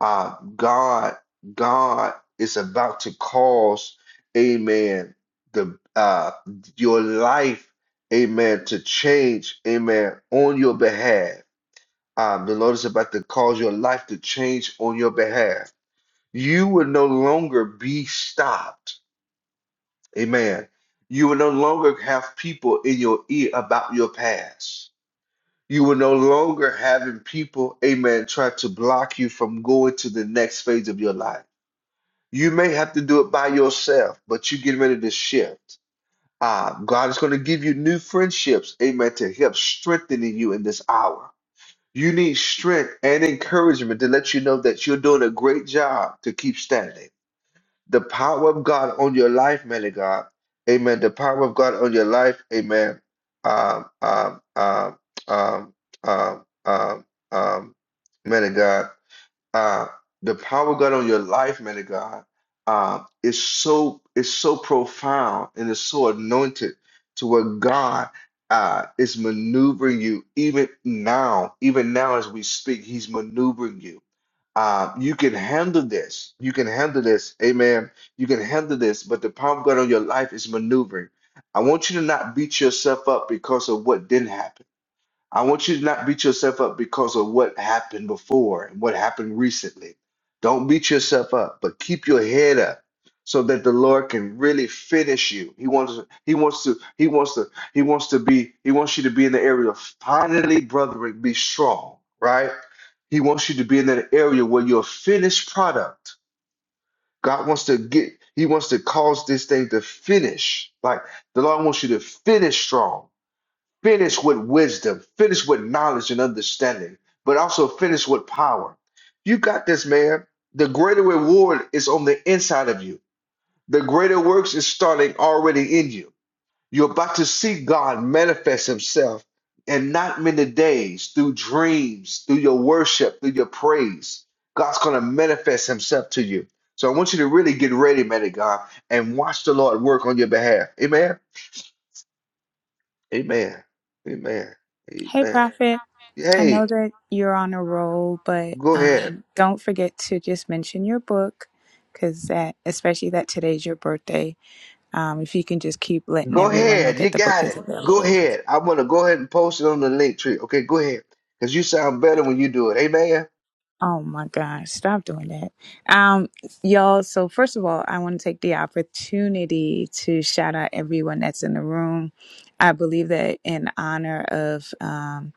Uh, God, God is about to cause, amen, the uh your life, amen, to change, amen, on your behalf. Um, the Lord is about to cause your life to change on your behalf. You will no longer be stopped Amen. You will no longer have people in your ear about your past. You will no longer having people, amen, try to block you from going to the next phase of your life. You may have to do it by yourself, but you get ready to shift. Ah, God is going to give you new friendships, amen, to help strengthening you in this hour. You need strength and encouragement to let you know that you're doing a great job to keep standing. The power of God on your life, man of God. Amen. The power of God on your life. Amen. Um, um, um, um, um, um, um, man of God. Uh, the power of God on your life, man of God, uh, is so is so profound and is so anointed to where God uh, is maneuvering you even now, even now as we speak, He's maneuvering you. Uh, you can handle this. You can handle this. Amen. You can handle this, but the power of God on your life is maneuvering. I want you to not beat yourself up because of what didn't happen. I want you to not beat yourself up because of what happened before and what happened recently. Don't beat yourself up, but keep your head up so that the Lord can really finish you. He wants he wants to he wants to he wants to be he wants you to be in the area of finally, brethren, be strong, right? He wants you to be in that area where you're a finished product. God wants to get, He wants to cause this thing to finish. Like the Lord wants you to finish strong, finish with wisdom, finish with knowledge and understanding, but also finish with power. You got this, man. The greater reward is on the inside of you. The greater works is starting already in you. You're about to see God manifest Himself in not many days through dreams, through your worship, through your praise. God's going to manifest Himself to you. So I want you to really get ready, man of God, and watch the Lord work on your behalf. Amen. Amen. Amen. Hey, Amen. Prophet. I know Hey, that you're on a roll, but go ahead. um, don't forget to just mention your book because that, especially that today's your birthday. Um, if you can just keep letting Go everyone know ahead. You that the book got is it. Go available. ahead. I want to go ahead and post it on the link tree. Okay, go ahead. Because you sound better when you do it. Amen. Oh my gosh, stop doing that. Um, y'all, so first of all, I want to take the opportunity to shout out everyone that's in the room. I believe that in honor of um,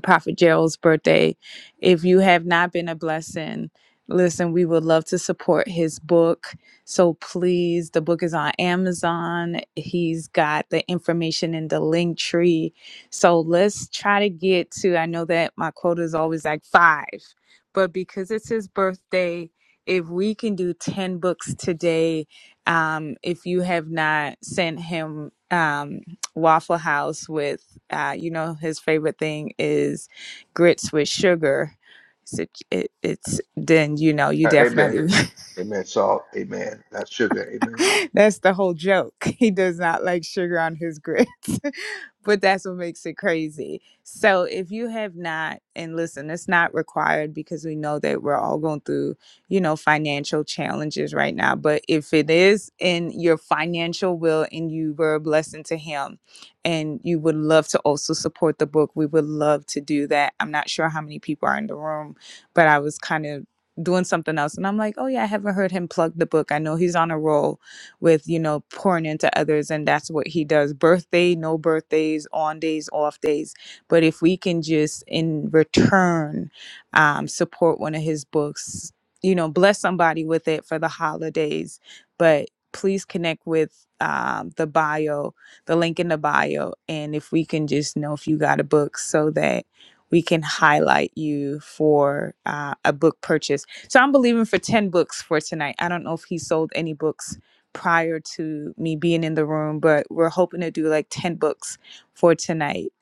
Prophet Gerald's birthday. If you have not been a blessing, listen, we would love to support his book. So please, the book is on Amazon. He's got the information in the link tree. So let's try to get to, I know that my quota is always like five, but because it's his birthday, if we can do 10 books today, um, if you have not sent him, um, Waffle House with, uh, you know, his favorite thing is grits with sugar. So it, it's then you know you Uh, amen. definitely Amen. Salt. Amen. Not sugar. Amen. that's the whole joke. He does not like sugar on his grits, but that's what makes it crazy. So if you have not, and listen, it's not required because we know that we're all going through, you know, financial challenges right now. But if it is in your financial will and you were a blessing to him and you would love to also support the book, we would love to do that. I'm not sure how many people are in the room, but I was kind of doing something else and I'm like, oh yeah, I haven't heard him plug the book. I know he's on a roll with you know pouring into others and that's what he does birthday no birthdays on days off days but if we can just in return um, support one of his books you know bless somebody with it for the holidays but please connect with um, the bio the link in the bio and if we can just know if you got a book so that we can highlight you for uh, a book purchase so i'm believing for 10 books for tonight i don't know if he sold any books prior to me being in the room, but we're hoping to do like 10 books for tonight.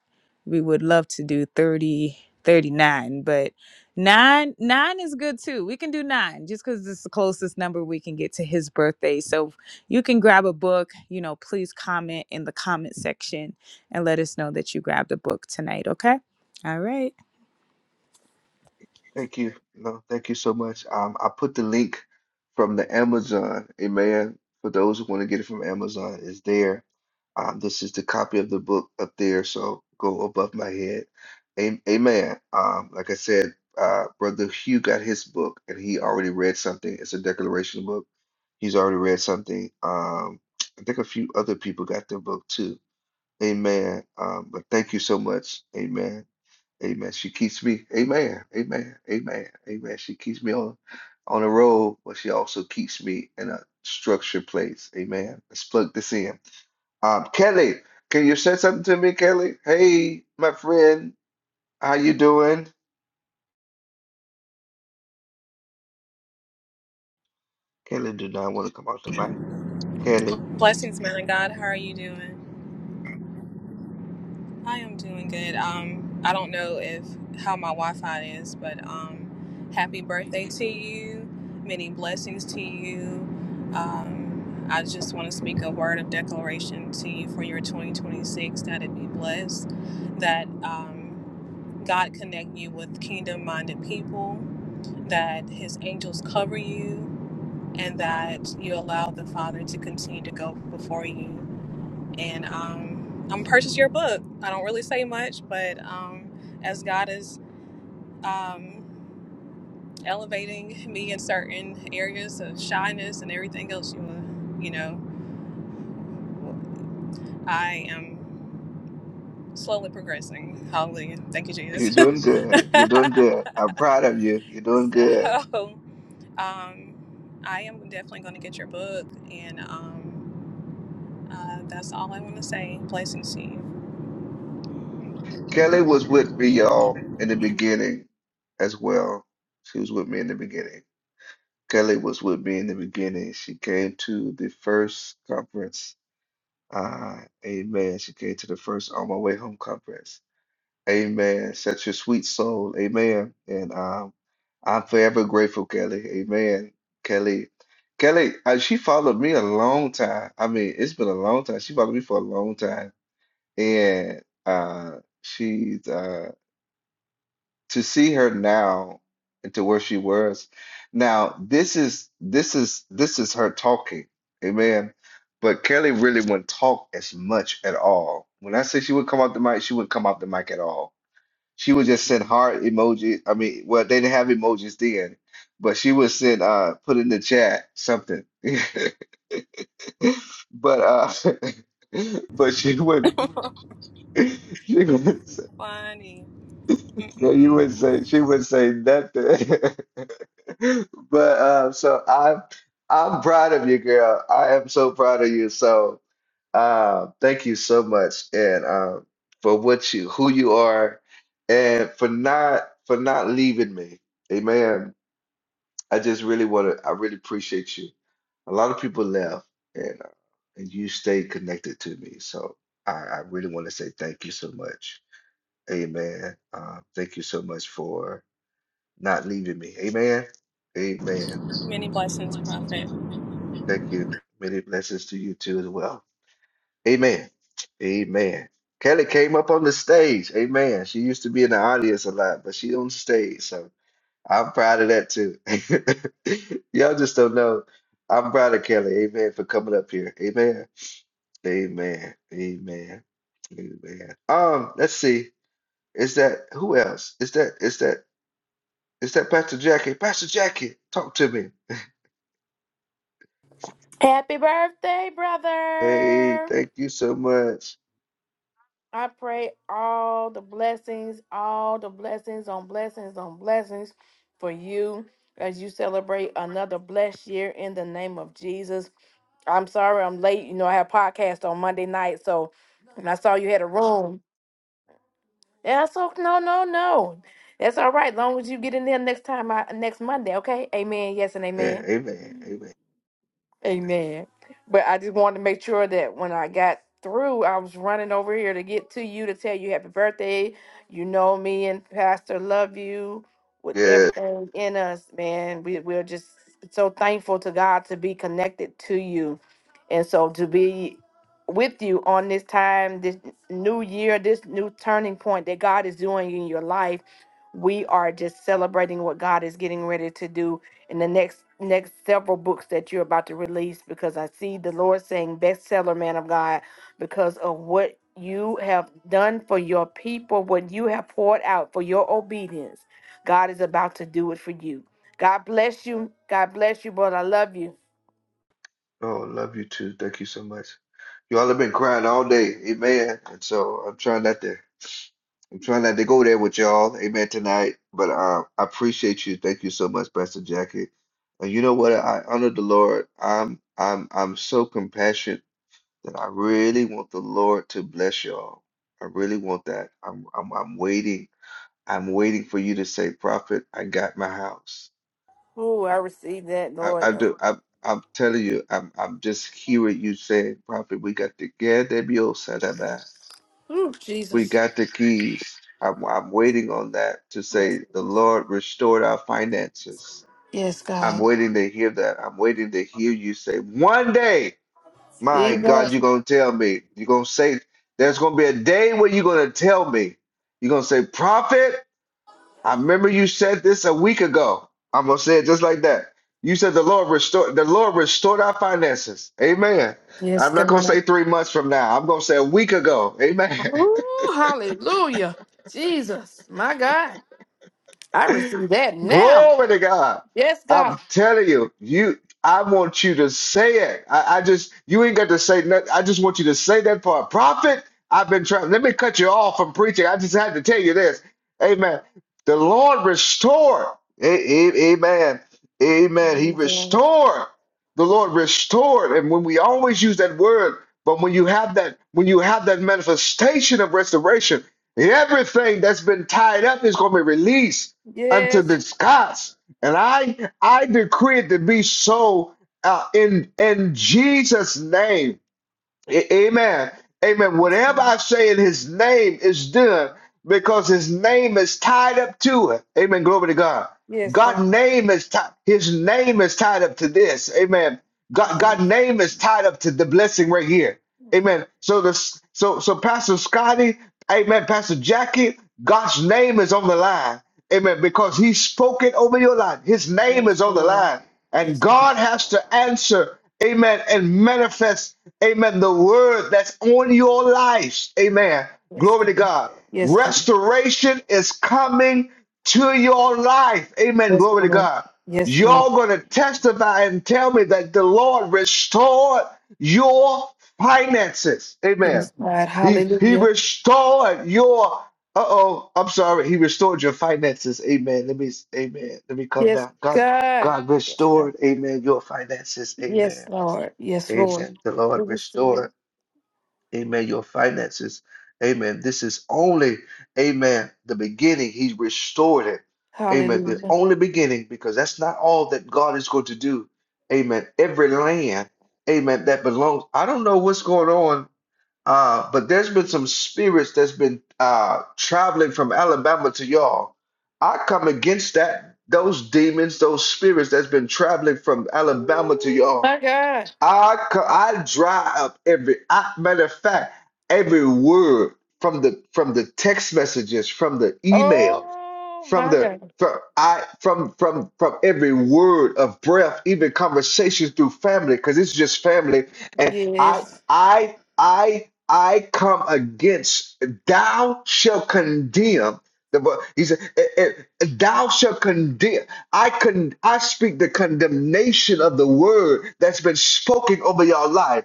We would love to do 30, 39, but nine nine is good too. We can do nine just because it's the closest number we can get to his birthday. So you can grab a book, you know, please comment in the comment section and let us know that you grabbed a book tonight, okay? All right. Thank you. No, thank you so much. Um, I put the link from the Amazon. Amen. For those who want to get it from Amazon, it's there. Um, this is the copy of the book up there. So go above my head. Am- Amen. Um, like I said, uh, Brother Hugh got his book and he already read something. It's a declaration book. He's already read something. Um, I think a few other people got their book too. Amen. Um, but thank you so much. Amen. Amen. She keeps me. Amen. Amen. Amen. Amen. She keeps me on on the road, but she also keeps me in a structured place. Amen. Let's plug this in. Um, Kelly, can you say something to me, Kelly? Hey, my friend, how you doing? Kelly do not want to come out the mic. Kelly, Blessings, man of God. How are you doing? I am doing good. Um, I don't know if how my Wi-Fi is, but um, happy birthday to you. Many blessings to you. Um, I just want to speak a word of declaration to you for your 2026 that it be blessed, that um, God connect you with kingdom-minded people, that His angels cover you, and that you allow the Father to continue to go before you and um, I'm purchase your book. I don't really say much, but um, as God is um, elevating me in certain areas of shyness and everything else, you will, you know, I am slowly progressing. Hallelujah! Thank you, Jesus. you're doing good. You're doing good. I'm proud of you. You're doing good. so, um, I am definitely going to get your book, and um, uh, that's all I want to say. Blessings to you, Kelly was with me, y'all, in the beginning as well. She was with me in the beginning. Kelly was with me in the beginning. She came to the first conference. Uh, amen. She came to the first On My Way Home conference. Amen. Such a sweet soul. Amen. And um, I'm forever grateful, Kelly. Amen. Kelly. Kelly, uh, she followed me a long time. I mean, it's been a long time. She followed me for a long time. And uh, she's uh, to see her now and to where she was now this is this is this is her talking amen but Kelly really wouldn't talk as much at all when I say she would come off the mic she wouldn't come off the mic at all she would just send heart emoji I mean well they didn't have emojis then but she would send uh put in the chat something but uh but she would she would say, Bonnie. no, you Mm-mm-mm. would say she would say nothing But uh, so I'm I'm proud of you, girl. I am so proud of you. So uh, thank you so much, and uh, for what you who you are, and for not for not leaving me. Amen. I just really want to. I really appreciate you. A lot of people left, and uh, and you stayed connected to me. So I, I really want to say thank you so much. Amen. Uh, thank you so much for not leaving me. Amen. Amen. Many blessings, Prophet. Thank you. Many blessings to you too as well. Amen. Amen. Kelly came up on the stage. Amen. She used to be in the audience a lot, but she on stage. So I'm proud of that too. Y'all just don't know. I'm proud of Kelly. Amen. For coming up here. Amen. Amen. Amen. Amen. Um, let's see. Is that who else? Is that is that is that Pastor Jackie? Pastor Jackie, talk to me. Happy birthday, Hey, brother. thank you so much. I pray all the blessings, all the blessings on blessings on blessings for you as you celebrate another blessed year in the name of Jesus. I'm sorry I'm late. You know, I have podcast on Monday night, so when I saw you had a room. Yeah, so no, no, no. That's all right. As long as you get in there next time, I, next Monday, okay? Amen. Yes and Yeah, amen. amen. Amen. Amen. But I just wanted to make sure that when I got through, I was running over here to get to you to tell you happy birthday. You know me and Pastor love you with Yes. everything in us, man. We we're just so thankful to God to be connected to you. And so to be with you on this time, this new year, this new turning point that God is doing in your life. We are just celebrating what God is getting ready to do in the next next several books that you're about to release because I see the Lord saying bestseller man of God because of what you have done for your people, what you have poured out for your obedience. God is about to do it for you. God bless you. God bless you, but I love you. Oh, love you too. Thank you so much. Y'all have been crying all day. Amen. And so I'm trying not to I'm trying not to go there with y'all. Amen tonight. But uh, I appreciate you. Thank you so much, Pastor Jackie. And you know what? I honor the Lord. I'm I'm I'm so compassionate that I really want the Lord to bless y'all. I really want that. I'm I'm I'm waiting. I'm waiting for you to say, Prophet, I got my house. Ooh, I received that, I, Lord. I do. I'm, I'm telling you, I'm, I'm just hearing you say, Prophet, we got the get the mule Ooh, We Jesus. got the keys. I'm, I'm waiting on that to say, the Lord restored our finances. Yes, I'm God. waiting to hear that. I'm waiting to hear you say, one day, my God, Jesus. you're going to tell me. You're going to say, there's going to be a day where you're going to tell me. You're going to say, Prophet. I remember you said this a week ago. I'm gonna say it just like that. You said the Lord restored the Lord restored our finances. Amen. Yes, I'm not gonna say God. three months from now. I'm gonna say a week ago. Amen. Ooh, hallelujah. Jesus, my God. I receive that now. Glory to God. Yes, God. I'm telling you, you I want you to say it. I, I just you ain't got to say nothing. I just want you to say that for a prophet. I've been trying. Let me cut you off from preaching. I just had to tell you this. Amen. The Lord restored. A- a- Amen. Amen. He Jesus. restored. The Lord restored. And when we always use that word, but when you have that, when you have that manifestation of restoration, everything that's been tied up is going to be released unto Yes. the Scots. And I I decree it to be so uh, in in Jesus' name. A- amen. Amen. Yes, Whatever Lord. I say in his name is done because his name is tied up to it. Amen. Glory to God. Yes, God's God. name is tied, his name is tied up to this. Amen. God, Yes. God's name is tied up to the blessing right here. Amen. So the so so Pastor Scotty, Amen. Pastor Jackie, God's name is on the line. Amen. Because He spoke it over your life. His name Yes, is on the Lord. line, and Yes, Lord. God has to answer. Amen. And manifest. Amen. The word that's on your lives. Amen. Yes, Glory to God. God. Yes, God. Restoration is coming to your life. Amen. Yes, Glory to Lord. God. Yes, Lord. You're going to testify and tell me that the Lord restored your finances. Amen. Yes, God. He he Hallelujah. restored your uh oh, I'm sorry, he restored your finances. Amen. Let me amen. Let me come Yes, down. God God. God Yes, God. restored, amen, your finances. Yes, Amen. Lord. Yes, Lord. Amen. The We Lord receive it. restored, amen, your finances. Amen. This is only, amen, the beginning. He restored it. Amen. The Hallelujah. only beginning, because that's not all that God is going to do. Amen. Every land, amen, that belongs. I don't know what's going on uh, but there's been some spirits that's been uh, traveling from Alabama to y'all. I come against that, those demons, those spirits that's been traveling from Alabama to y'all. My God. I co- I dry up every I, matter of fact every word from the from the text messages from the emails Oh, from my the God. from I from from from every word of breath even conversations through family because it's just family and I Yes. I I I come against thou shall condemn the vo- he said eh, eh, thou shall condemn I can I speak the condemnation of the word that's been spoken over your life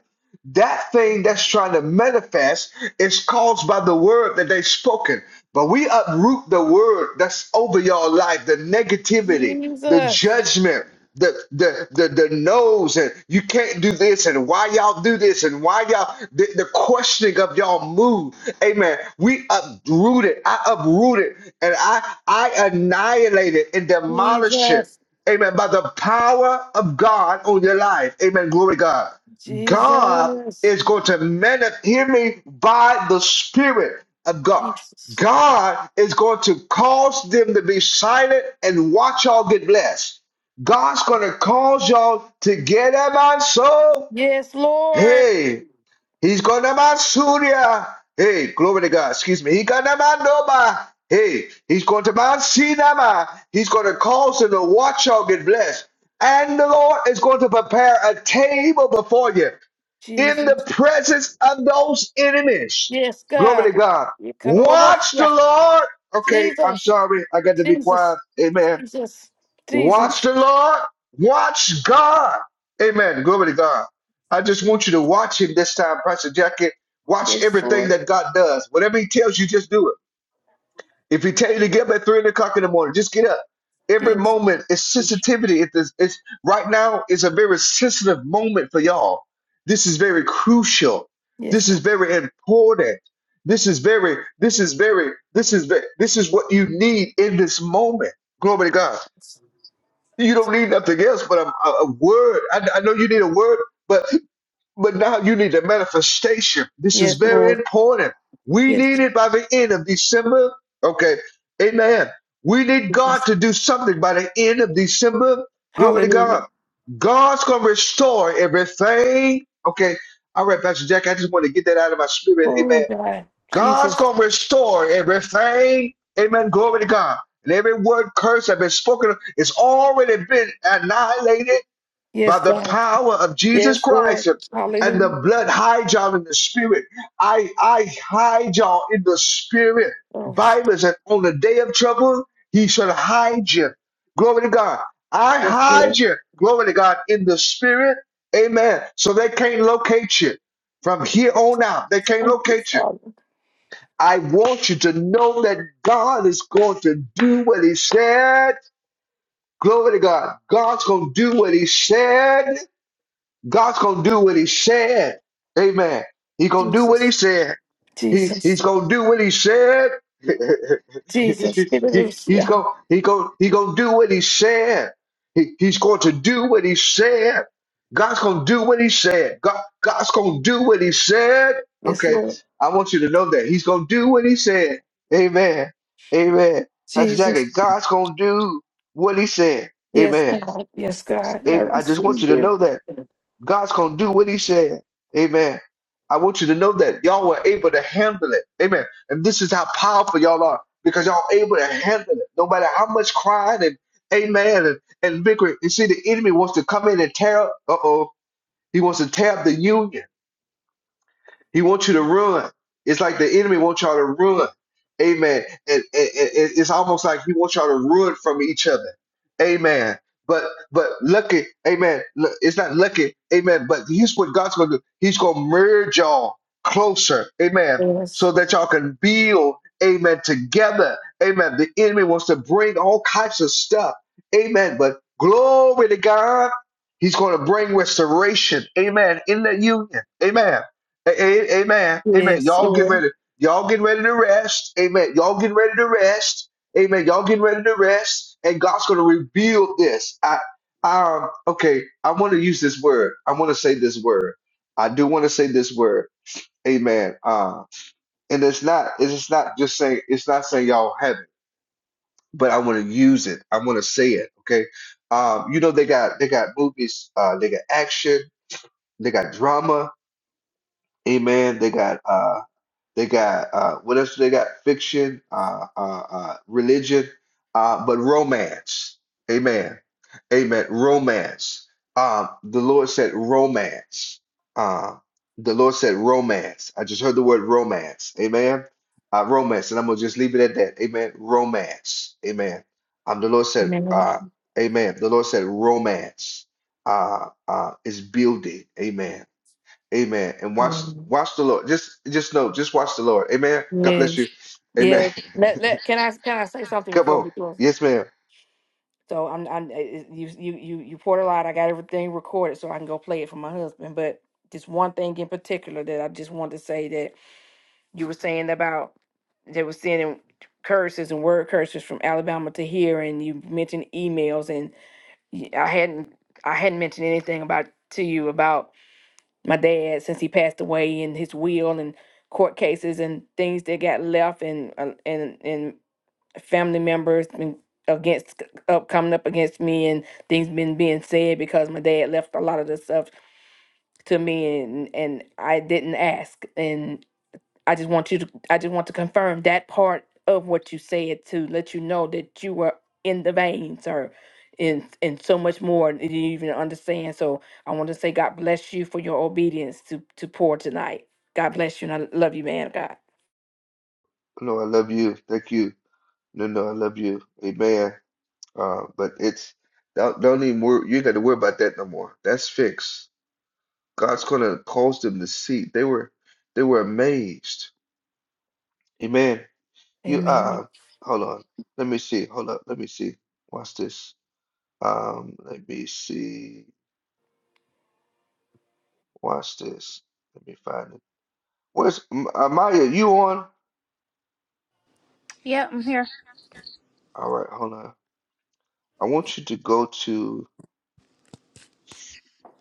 that thing that's trying to manifest is caused by the word that they've spoken. But we uproot the word that's over your life, the negativity, the Jesus. judgment, the the the, the no's, and you can't do this, and why y'all do this, and why y'all the, the questioning of y'all mood. Amen. We uproot it. I uproot it, and I I annihilate it and demolish it. Jesus. Amen. By the power of God on your life. Amen. Glory to God. God Jesus. is going to manifest, hear me, by the Spirit of God. Jesus. God is going to cause them to be silent and watch y'all get blessed. God's going to cause y'all to get up and so, Yes, Lord. hey, he's going to man Surya. Hey, glory to God, excuse me. He going to man Noba. Hey, he's going to man Sinama. He's going to cause them to watch y'all get blessed. And the Lord is going to prepare a table before you in the Jesus. presence of those enemies. Yes, God. Glory to God. Watch the Yekarobosya. Lord. Okay, I'm Jesus. sorry. I got to be Jesus. quiet. Amen. Jesus. Watch Jesus. the Lord. Watch God. Amen. Glory to God. I just want you to watch him this time, Pastor Jackie. Watch Yes, everything Lord. that God does. Whatever he tells you, just do it. If he tell you to get up at three o'clock in the morning, just get up. Every Yes. moment is sensitivity. It is, it's right now is a very sensitive moment for y'all. This is very crucial. Yes, This is God. very important. This is very, this is very, this is very, this is what you need in this moment. Glory to God. You don't need nothing else but a, a, a word. I, I know you need a word, but. But now you need a manifestation. This is Yes, very Lord. important. We Yes, need it by the end of December. Okay. Amen. We need God Jesus. to do something by the end of December. Glory to Hallelujah. God. God's going to restore everything. Okay. All right, Pastor Jack, I just want to get that out of my spirit. Oh, Amen. God. God's Jesus. going to restore everything. Amen. Glory to God. And every word curse that has been spoken, of, it's already been annihilated Yes, by the God. power of Jesus Yes, Lord. Christ and Hallelujah. the blood hide y'all in the spirit. I I hide y'all in the spirit. Oh, Bible says on the day of trouble, he shall hide you. Glory to God. I yes, hide Lord. you. Glory to God in the spirit. Amen. So they can't locate you from here on out. They can't Thank you, locate you. Father. I want you to know that God is going to do what he said. Glory to God. God's going to do what he said. God's gonna do what he said. Amen. He gonna do what he Jesus. said. He Jesus. he's gonna do what he said. Jesus. he, he's gonna he gonna he gonna do what he said. He, he's going to do what he said. God's gonna do what he said. God God's gonna do what he said. Yes, Okay, Lord. I want you to know that he's gonna do what he said. Amen. Amen. That's exactly Jesus. God's gonna do what he said. Yes, Amen. God. Yes, God. I Amen. I just want receive you to it. know that. God's gonna do what He said. Amen. I want you to know that y'all were able to handle it. Amen. And this is how powerful y'all are because y'all able to handle it. No matter how much crying and amen and, and bickering. You see, the enemy wants to come in and tear up. Uh oh. He wants to tear up the union. He wants you to run. It's like the enemy wants y'all to run. Amen. And, and, and it's almost like he wants y'all to run from each other. Amen. But but lucky, amen. Look, It's not lucky, amen. But here's what God's gonna do. He's gonna merge y'all closer, amen, Yes. so that y'all can build, amen, together. Amen. The enemy wants to bring all kinds of stuff. Amen. But glory to God. He's going to bring restoration. Amen. In that union. Amen. A- a- Amen. Amen. Yes, Y'all get Lord. ready. Y'all get ready to rest. Amen. Y'all get ready to rest. Amen. Y'all get ready to rest. And God's going to reveal this. I, um, okay. I want to use this word. I want to say this word. I do want to say this word. Amen. Uh, and it's not. It's not just saying. It's not saying y'all have it, but I want to use it. I want to say it. Okay. Um, you know they got they got movies. Uh, they got action. They got drama. Amen. They got uh. They got uh, what else? do They got fiction, uh, uh, uh, religion, uh, but romance. Amen. Amen. Romance. Um, the Lord said romance. Uh, the Lord said romance. I just heard the word romance. Amen. Uh, romance, and I'm gonna just leave it at that. Amen. Romance. Amen. Um, the Lord said, Amen. uh, Amen. The Lord said romance uh, uh, is building. Amen Amen. And watch Amen. watch the Lord. Just just know, just watch the Lord. Amen. God bless you. Yes. Amen. Yes. Let, let, can I can I say something Come before on. you close? Yes, ma'am. So I'm I'm eh, you you you you poured a lot. I got everything recorded so I can go play it for my husband. But just one thing in particular that I just wanted to say that you were saying about they were sending curses and word curses from Alabama to here, and you mentioned emails, and y- I hadn't I hadn't mentioned anything about to you about my dad since he passed away and his will and court cases and things that got left and uh, and and family members and against up coming up against me and things been being said because my dad left a lot of the stuff to me and and I didn't ask and. I just want you to I just want to confirm that part of what you said to let you know that you were in the veins, or in—in so much more than you even understand. So I want to say God bless you for your obedience to to pour tonight. God bless you and I love you, man of God. No, I love you. Thank you. No, no, I love you. Amen. Uh, but it's don't don't even worry. You ain't got to worry about that no more. That's fixed. God's gonna cause them to see. They were they were amazed. Amen. You Amen. uh hold on. Let me see. Hold up. Let me see. Watch this. Um, let me see. Watch this. Let me find it. Where's M- uh, Maya? You on? Yeah, I'm here. All right, hold on. I want you to go to.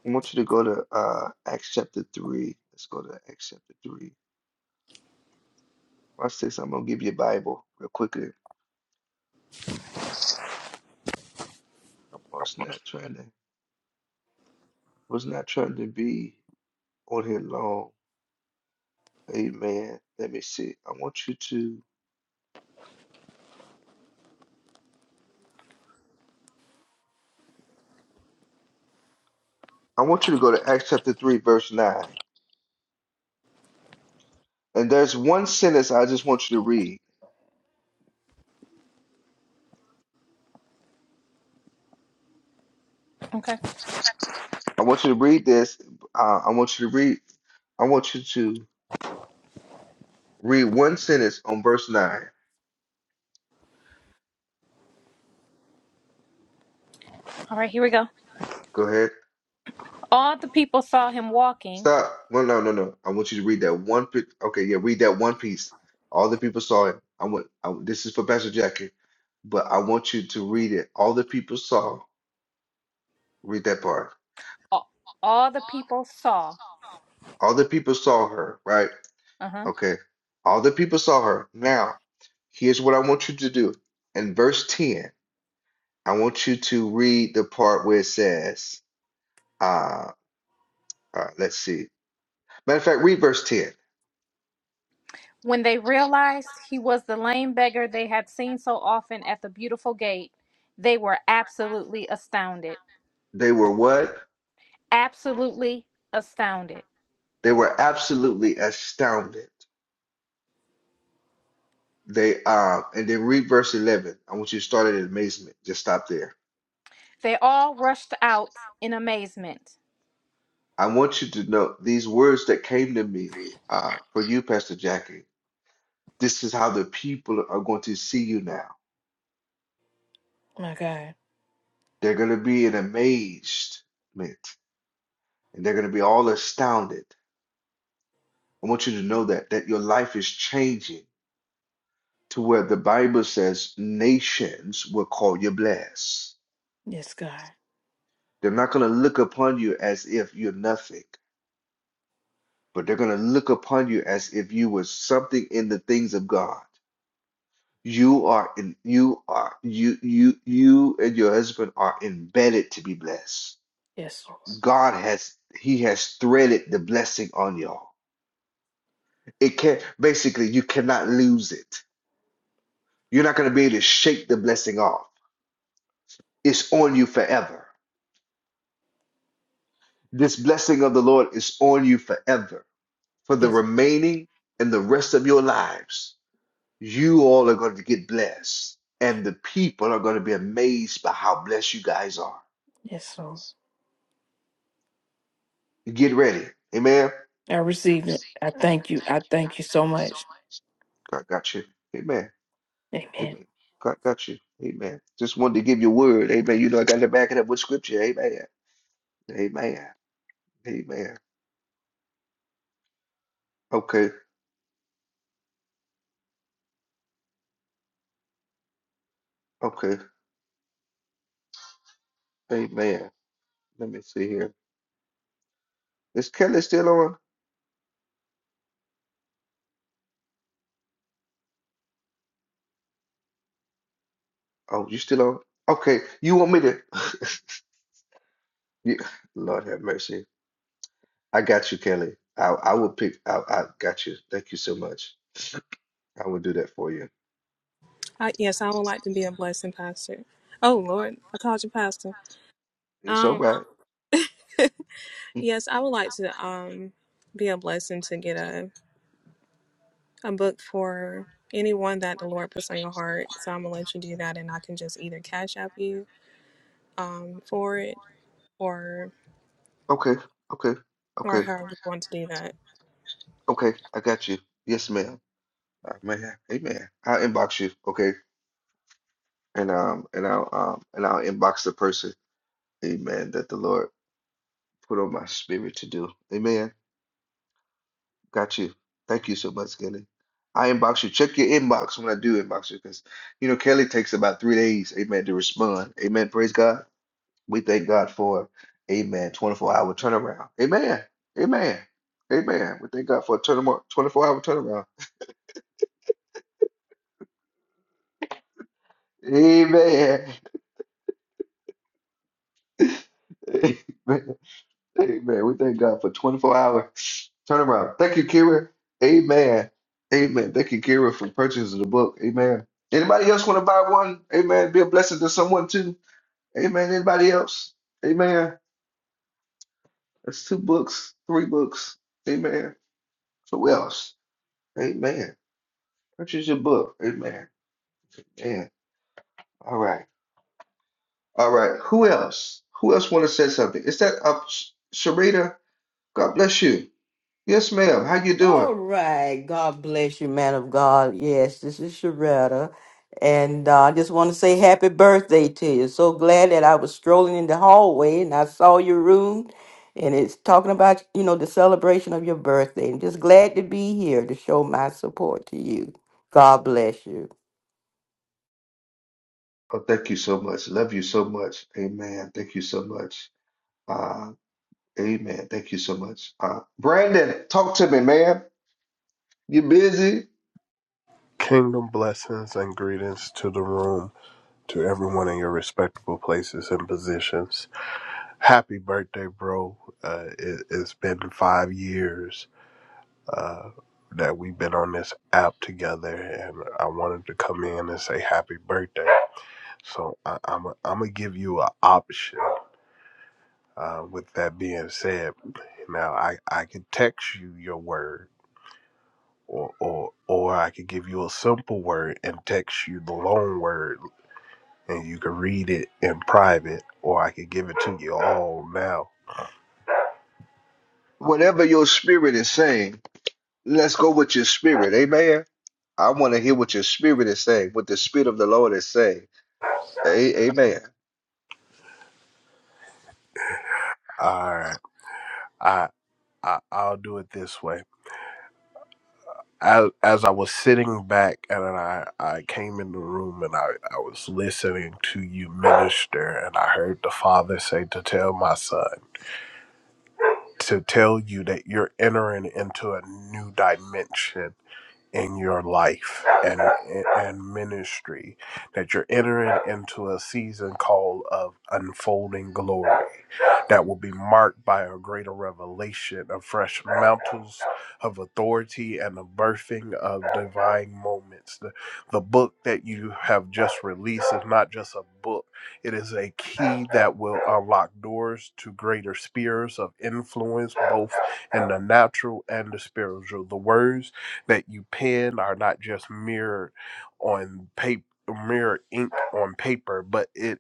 I want you to go to uh Acts chapter three. Let's go to Acts chapter three. Watch this. I'm gonna give you a Bible real quickly. I was not trying to. Was not trying to be on here long. Amen. Let me see. I want you to. I want you to go to Acts chapter three, verse nine. And there's one sentence I just want you to read. Okay. I want you to read this. Uh, I want you to read. I want you to. Read one sentence on verse 9. All right, here we go. Go ahead. All the people saw him walking. Stop. No, no, no, no. I want you to read that one. pi- Okay, yeah, read that one piece. All the people saw it. I want. I, this is for Pastor Jackie, but I want you to read it. All the people saw. Read that part. All all the people saw. All the people saw her, right? Uh-huh. Okay. All the people saw her. Now, here's what I want you to do. In verse 10, I want you to read the part where it says, uh, uh, let's see. Matter of fact, read verse 10. When they realized he was the lame beggar they had seen so often at the beautiful gate, they were absolutely astounded. They were what? Absolutely astounded. They were absolutely astounded. They um and then read verse eleven. I want you to start at amazement. Just stop there. They all rushed out in amazement. I want you to know these words that came to me uh for you, Pastor Jackie. This is how the people are going to see you now. My God. They're going to be in amazement and they're going to be all astounded. I want you to know that that your life is changing to where the Bible says nations will call you blessed. Yes, God. They're not going to look upon you as if you're nothing. but they're going to look upon you as if you were something in the things of God. You are in, you are you you you and your husband are embedded to be blessed. Yes, Lord. God has he has threaded the blessing on y'all. It can't basically you cannot lose it. You're not going to be able to shake the blessing off. It's on you forever. This blessing of the Lord is on you forever for the Yes. remaining and the rest of your lives. You all are going to get blessed, and the people are going to be amazed by how blessed you guys are. Yes, Lord. Get ready. Amen. I receive it. I thank you. I thank you so much. God got you. Amen. Amen. Amen. God got you. Amen. Just wanted to give you a word. Amen. You know, I got to back it up with scripture. Amen. Amen. Amen. Okay. Okay. Amen. Let me see here. Is Kelly still on? Oh, you still on? Okay. You want me to? You- Lord have mercy. I got you, Kelly. I, I will pick. I, I got you. Thank you so much. I will do that for you. I, yes, I would like to be a blessing pastor. Oh Lord, I called you pastor. It's all Um, right. Mm, yes, I would like to um be a blessing to get a a book for anyone that the Lord puts on your heart. So I'm gonna let you do that, and I can just either cash app you um for it or Okay, okay, or okay, however you want to do that. okay. I got you. Yes, ma'am. Uh, man, amen. I'll inbox you, okay? And um, and I'll um, and I'll inbox the person, amen, that the Lord put on my spirit to do. Amen. Got you. Thank you so much, Kelly. I inbox you. Check your inbox when I do inbox you, because you know Kelly takes about three days, amen, to respond. Amen. Praise God. We thank God for, amen, 24 hour turnaround. Amen. Amen. Amen. We thank God for a turnaround, 24 hour turnaround. Amen. Amen. Amen. We thank God for 24 hour turnaround. Thank you, Kira. Amen. Amen. Thank you, Kira, for purchasing the book. Amen. Anybody else want to buy one? Amen. Be a blessing to someone too. Amen. Anybody else? Amen. That's two books, three books. Amen. So else? Amen. Purchase your book. Amen. Yeah. All right. All right. Who else? Who else want to say something? Is that up, Sharita? God bless you. Yes, ma'am. How you doing? All right. God bless you, man of God. Yes, this is Sharetta. And uh, I just want to say happy birthday to you. So glad that I was strolling in the hallway and I saw your room and it's talking about, you know, the celebration of your birthday. And just glad to be here to show my support to you. God bless you. Oh, thank you so much. Love you so much. Amen. Thank you so much. Uh, amen. Thank you so much. Uh, Brandon, talk to me, man. You busy? Kingdom blessings and greetings to the room, to everyone in your respectable places and positions. Happy birthday, bro. Uh, it, it's been five years uh, that we've been on this app together, and I wanted to come in and say happy birthday. So I, I'm i I'm going to give you an option. Uh, with that being said, now I, I can text you your word. Or, or, or I could give you a simple word and text you the long word and you can read it in private, or I could give it to you all now. Whatever your spirit is saying, let's go with your spirit. Amen. I want to hear what your spirit is saying, what the spirit of the Lord is saying. A- amen. All right, I, I I'll do it this way. As as I was sitting back and I I came in the room and I I was listening to you minister and I heard the father say to tell my son to tell you that you're entering into a new dimension in your life and and ministry that you're entering into a season called of unfolding glory that will be marked by a greater revelation of fresh mantles of authority and the birthing of divine moments. The, the book that you have just released is not just a book, it is a key that will unlock doors to greater spheres of influence, both in the natural and the spiritual. The words that you pen are not just mirrored on paper. Mirror ink on paper, but it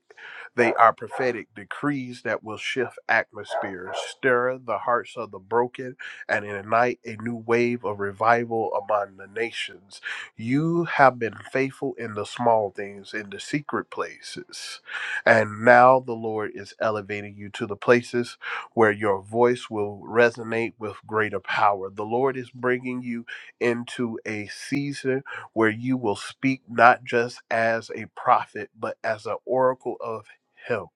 they are prophetic decrees that will shift atmospheres, stir the hearts of the broken, and ignite a new wave of revival among the nations. You have been faithful in the small things, in the secret places. And now the Lord is elevating you to the places where your voice will resonate with greater power. The Lord is bringing you into a season where you will speak not just as a prophet, but as an oracle of help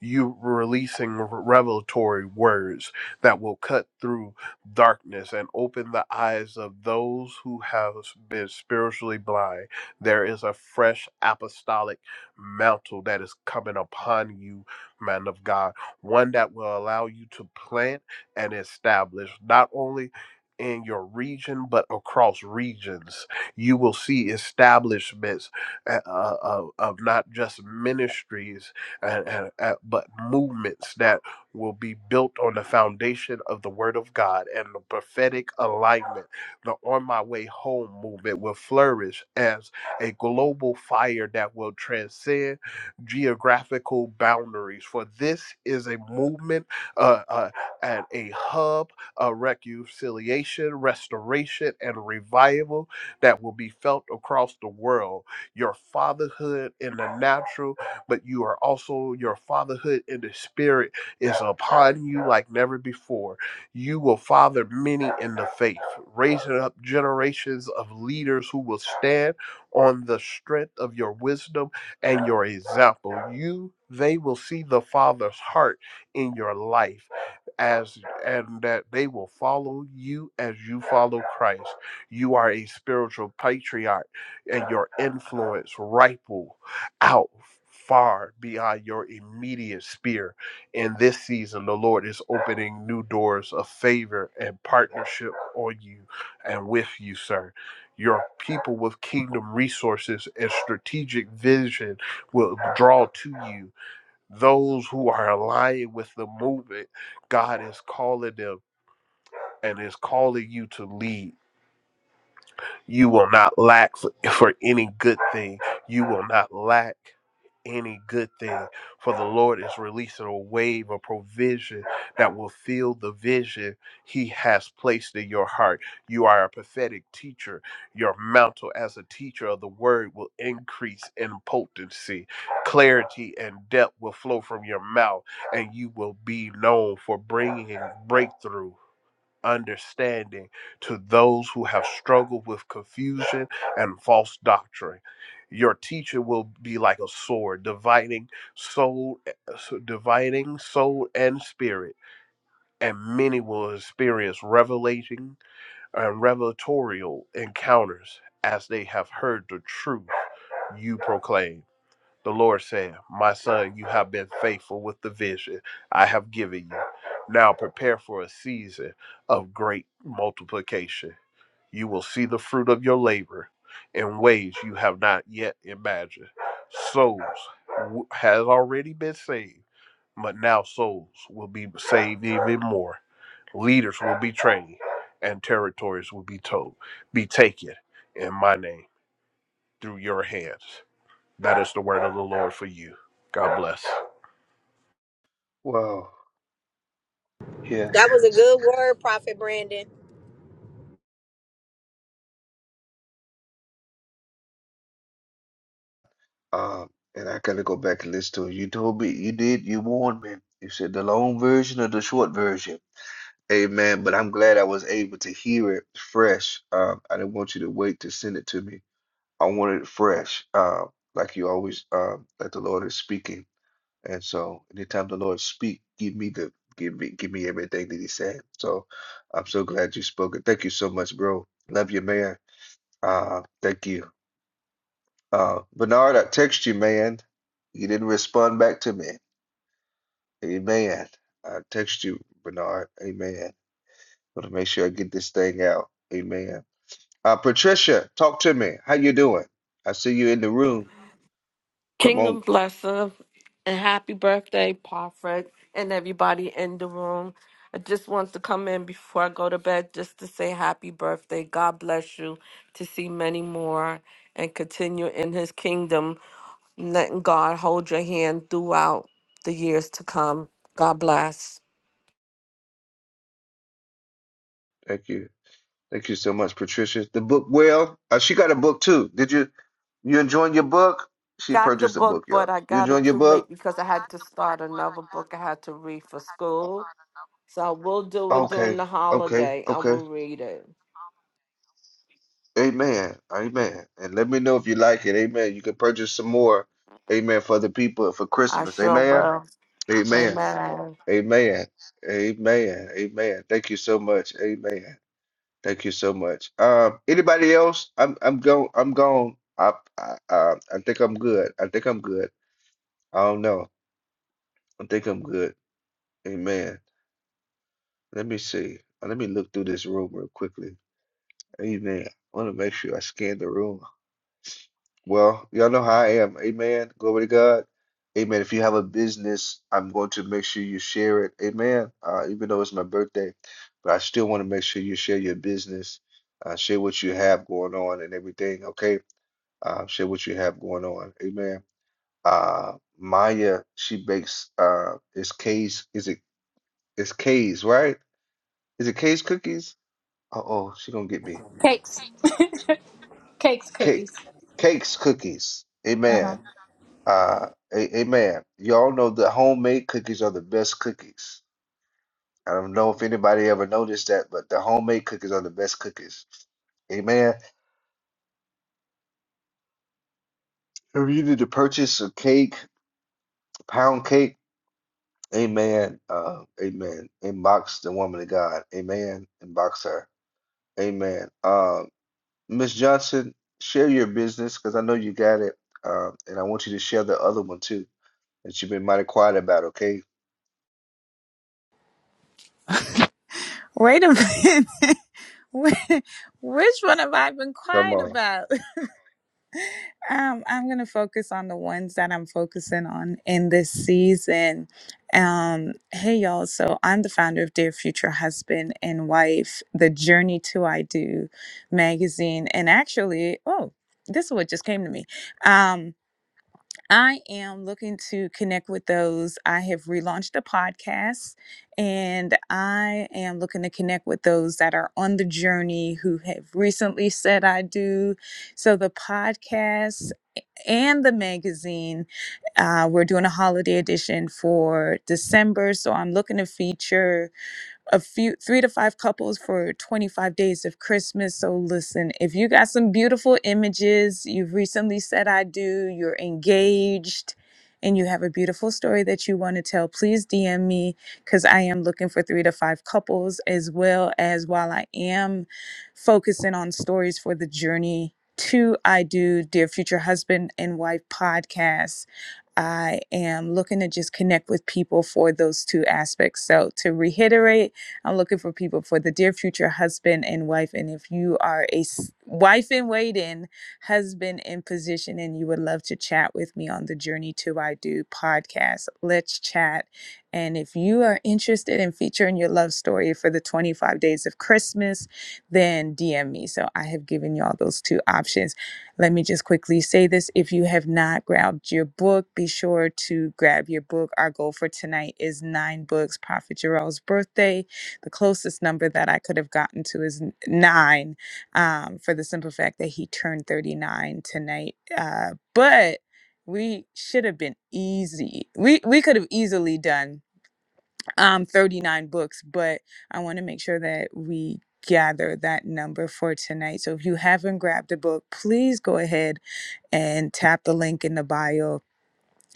you releasing revelatory words that will cut through darkness and open the eyes of those who have been spiritually blind there is a fresh apostolic mantle that is coming upon you man of god one that will allow you to plant and establish not only in your region, but across regions, you will see establishments uh, uh, of of not just ministries uh, uh, uh, but movements that will be built on the foundation of the Word of God and the prophetic alignment. The On My Way Home movement will flourish as a global fire that will transcend geographical boundaries. For this is a movement uh, uh, and a hub of reconciliation, restoration, and revival that will be felt across the world. Your fatherhood in the natural but you are also your fatherhood in the spirit is upon you like never before. You will father many in the faith, raising up generations of leaders who will stand on the strength of your wisdom and your example. You they will see the father's heart in your life as and that they will follow you as you follow Christ. You are a spiritual patriarch, and your influence ripple out far beyond your immediate sphere. In this season, the Lord is opening new doors of favor and partnership on you and with you, sir. Your people with kingdom resources and strategic vision will draw to you. Those who are aligned with the movement, God is calling them and is calling you to lead. You will not lack for, for any good thing. You will not lack any good thing. For the Lord is releasing a wave of provision that will fill the vision He has placed in your heart. You are a prophetic teacher. Your mantle as a teacher of the word will increase in potency. Clarity and depth will flow from your mouth, and you will be known for bringing breakthrough understanding to those who have struggled with confusion and false doctrine. Your teacher will be like a sword, dividing soul, eh, so, dividing soul and spirit, and many will experience revelating and revelatorial encounters as they have heard the truth you proclaim. The Lord said, My son, you have been faithful with the vision I have given you. Now prepare for a season of great multiplication. You will see the fruit of your labor in ways you have not yet imagined. Souls w- has already been saved, but now souls will be saved even more. Leaders will be trained, and territories will be told, be taken in my name through your hands. That is the word of the Lord for you. God bless. Wow. That was a good word, Prophet Brandon. Um, and I gotta go back and listen to it. You told me you did. You warned me. You said the long version or the short version. Amen. But I'm glad I was able to hear it fresh. Um, I didn't want you to wait to send it to me. I wanted it fresh. Um, like you always, um, like the Lord is speaking. And so, anytime the Lord speak, give me the give me give me everything that He said. So, I'm so glad you spoke it. Thank you so much, bro. Love you, man. Uh, thank you. Uh, Bernard, I text you, man. You didn't respond back to me. Amen. I text you, Bernard. Amen. Gotta make sure I get this thing out. Amen. Uh, Patricia, talk to me. How you doing? I see you in the room. Come on. Kingdom blessing and happy birthday, Prophet, and everybody in the room. I just want to come in before I go to bed just to say happy birthday. God bless you to see many more and continue in his kingdom, letting God hold your hand throughout the years to come. God bless. Thank you. Thank you so much, Patricia. The book, well, uh, she got a book too. Did you you enjoying your book? She Got the purchased a book, book, y'all. but I You got it enjoying your too book? late because I had to start another book I had to read for school. So I will do it during Okay. the Okay. holiday. I Okay. will read it. Amen. Amen. And let me know if you like it. Amen. You can purchase some more. Amen. For the people for I Christmas. sure Amen. will. Amen. Amen. Amen. Amen. Amen. Thank you so much. Amen. Thank you so much. Um, anybody else? I'm I'm going I'm gone. I I uh, I think I'm good. I think I'm good. I don't know. I think I'm good. Amen. Let me see. Let me look through this room real quickly. Amen. I want to make sure I scan the room. Well, y'all know how I am. Amen. Glory to God. Amen. If you have a business, I'm going to make sure you share it. Amen. Uh, even though it's my birthday, but I still want to make sure you share your business, uh, share what you have going on and everything. Okay. Uh, share what you have going on. Amen. Uh, Maya, she bakes uh, it's K's. Is it it's K's, right? Is it K's cookies? Uh-oh, she gonna get me. Cakes, cakes, Cake, cookies. cakes, cookies. Uh Amen. huh. Uh, a- amen. Y'all know that homemade cookies are the best cookies. I don't know if anybody ever noticed that, but the homemade cookies are the best cookies. Amen. If you need to purchase a cake, pound cake, amen. Uh, amen. Inbox the woman of God. Amen. Inbox her. Amen. Uh, Miss Johnson, share your business because I know you got it. Uh, and I want you to share the other one too that you've been mighty quiet about, okay? Wait a minute. Which one have I been Come quiet on. about? Um, I'm gonna focus on the ones that I'm focusing on in this season. Um, hey y'all, so I'm the founder of Dear Future Husband and Wife, the Journey to I Do magazine. And actually, oh, this is what just came to me. Um, I am looking to connect with those. I have relaunched a podcast and I am looking to connect with those that are on the journey who have recently said I do. So the podcast and the magazine. Uh, we're doing a holiday edition for December, so I'm looking to feature a few three to five couples for 25 days of Christmas. So listen, if you got some beautiful images, you've recently said I do, you're engaged, and you have a beautiful story that you want to tell, please DM me because I am looking for three to five couples as well as while I am focusing on stories for the journey to I do Dear Future Husband and Wife podcast. I am looking to just connect with people for those two aspects. So to reiterate, I'm looking for people for the dear future husband and wife. And if you are a s- wife in waiting, husband in position, and you would love to chat with me on the Journey to I Do podcast, let's chat. And if you are interested in featuring your love story for the 25 days of Christmas, then DM me. So I have given you all those two options. Let me just quickly say this. If you have not grabbed your book, be sure to grab your book. Our goal for tonight is nine books, Prophet Jarrell's birthday. The closest number that I could have gotten to is n- nine, um, for the simple fact that he turned 39 tonight. Uh, but we should have been easy. We we could have easily done um 39 books, but I want to make sure that we gather that number for tonight. So if you haven't grabbed a book, please go ahead and tap the link in the bio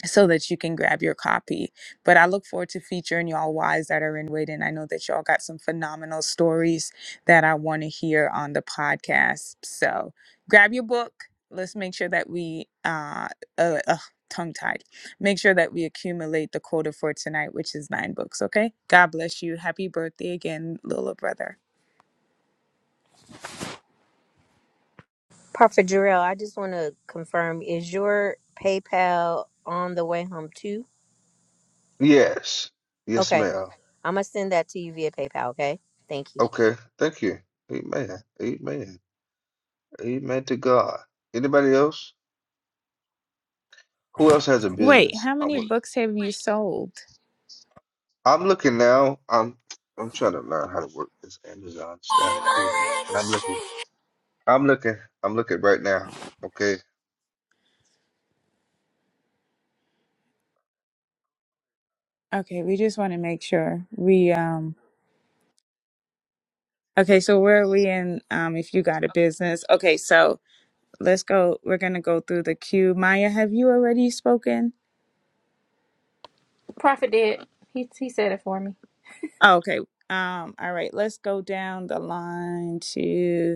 so that you can grab your copy. But I look forward to featuring y'all wives that are in waiting. I know that y'all got some phenomenal stories that I want to hear on the podcast. So grab your book. Let's make sure that we uh, uh, uh tongue tied. Make sure that we accumulate the quota for tonight, which is nine books. Okay. God bless you. Happy birthday again, little brother. Prophet Jarrell, I just want to confirm: is your PayPal on the way home too? Yes. Yes, Okay, ma'am. I'm gonna send that to you via PayPal. Okay, thank you. Okay. Thank you. Amen. Amen. Amen to God. Anybody else? Who else has a Wait, business? how I'm many look- books have you sold? I'm looking now. I'm I'm trying to learn how to work this Amazon stuff. Amen. But I'm looking. I'm looking. I'm looking right now. Okay. Okay, we just want to make sure we um Okay, so where are we in um if you got a business? Okay, so let's go we're gonna go through the queue. Maya, have you already spoken? Prophet did. He, he said it for me. Oh, okay. Um, all right, let's go down the line to.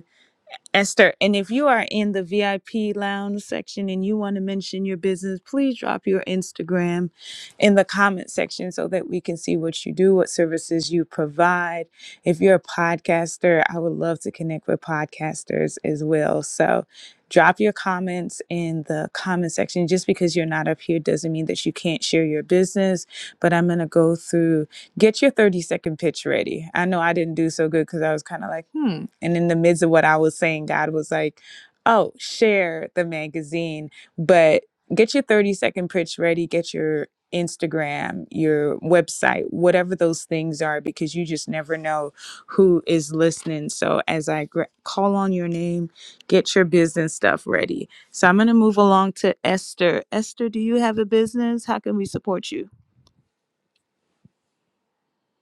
Esther, and if you are in the VIP lounge section and you want to mention your business, please drop your Instagram in the comment section so that we can see what you do, what services you provide. If you're a podcaster, I would love to connect with podcasters as well. So drop your comments in the comment section. Just because you're not up here doesn't mean that you can't share your business, but I'm going to go through Get your 30 second pitch ready. I know I didn't do so good because I was kind of like, hmm. And in the midst of what I was saying, God was like, oh, share the magazine, but get your 30 second pitch ready. Get your Instagram, your website, whatever those things are, because you just never know who is listening. So as I gra- call on your name, get your business stuff ready. So I'm going to move along to Esther. Esther, do you have a business? How can we support you?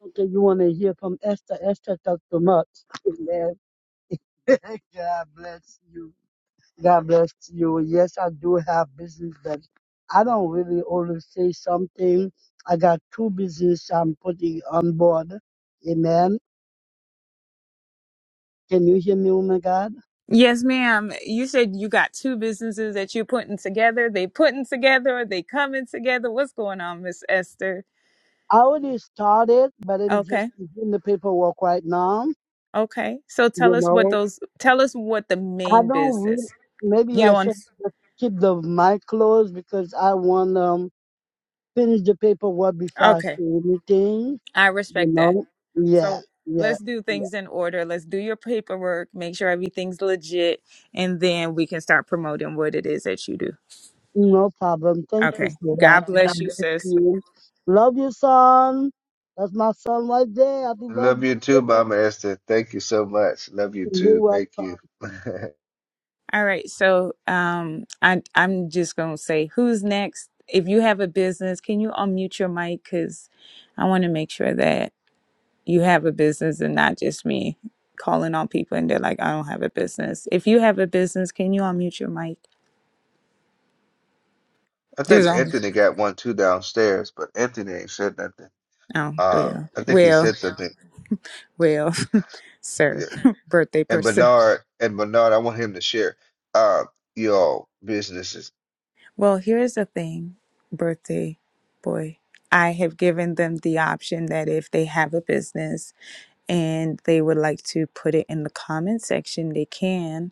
Okay, you want to hear from Esther. Esther talked too much. Amen. God bless you. God bless you. Yes, I do have business, but I don't really always say something. I got two business I'm putting on board. Amen. Can you hear me, woman God? Yes, ma'am. You said you got two businesses that you're putting together. They putting together or they coming together. What's going on, Miss Esther? I already started, but I'm just Okay. doing the paperwork right now. Okay. So tell You us what know, those tell us what the I main don't really, business. maybe You don't I want should just keep the mic closed because I want, um finish the paperwork before I Okay. do anything, I you respect that. know? Yeah, So yeah, let's do yeah. things in order. Let's do your paperwork, make sure everything's legit, and then we can start promoting what it is that you do. No problem. Thank you, Okay. sweetheart. God God bless you, bless sis. you. Love you, son. That's my son right there. Happy Love you too, birthday. Mama Esther. Thank you so much. Love you You're too. welcome. Thank you. All right, so um, I, I'm just gonna say who's next. If you have a business, can you unmute your mic? Because I want to make sure that you have a business and not just me calling on people and they're like, I don't have a business. If you have a business, can you unmute your mic? I There's think only Anthony got one too downstairs, but Anthony ain't said nothing. oh Uh, well, I think he well, said something. well, sir, Yeah. birthday And person. Bernard and Bernard, I want him to share. Uh, y'all businesses. Well, here's the thing, birthday boy. I have given them the option that if they have a business and they would like to put it in the comment section, they can.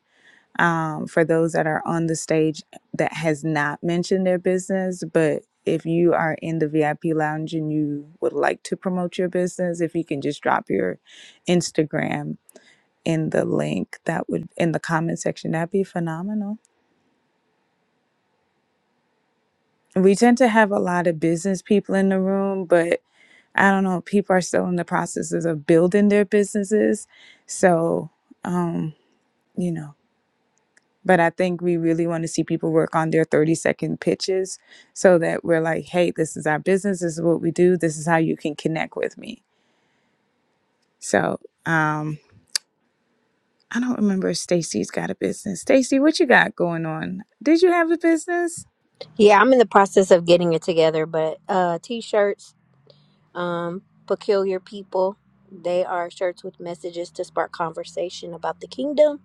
Um, for those that are on the stage that has not mentioned their business, but if you are in the VIP lounge and you would like to promote your business, if you can just drop your Instagram in the link, that would in the comment section, that'd be phenomenal. We tend to have a lot of business people in the room, but I don't know, people are still in the processes of building their businesses. So, um, you know. But I think we really want to see people work on their 30 second pitches so that we're like, hey, this is our business. This is what we do. This is how you can connect with me. So um, I don't remember if Stacy's got a business. Stacy, what you got going on? Did you have a business? Yeah, I'm in the process of getting it together, but uh, t-shirts, um, peculiar people. They are shirts with messages to spark conversation about the kingdom,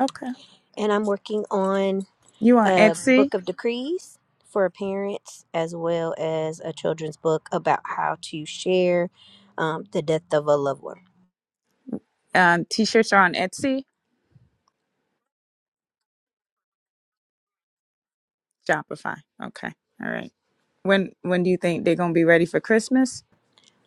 Okay. and I'm working on. You on a Etsy? book of decrees for parents, as well as a children's book about how to share um, the death of a loved one. Um, T-shirts are on Etsy, Shopify. Okay. All right. When when do you think they're gonna be ready for Christmas?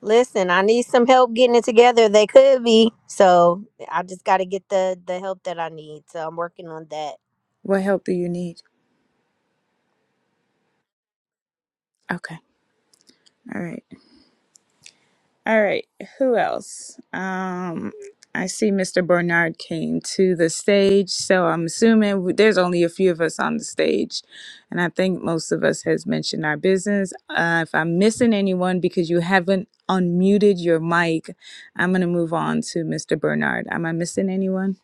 Listen, I need some help getting it together. They could be, so I just got to get the the help that I need. So I'm working on that. What help do you need? Okay. All right. All right, who else? Um, I see Mr. Bernard came to the stage, so I'm assuming w- there's only a few of us on the stage, and I think most of us has mentioned our business. Uh, if I'm missing anyone because you haven't unmuted your mic, I'm gonna move on to Mr. Bernard. Am I missing anyone?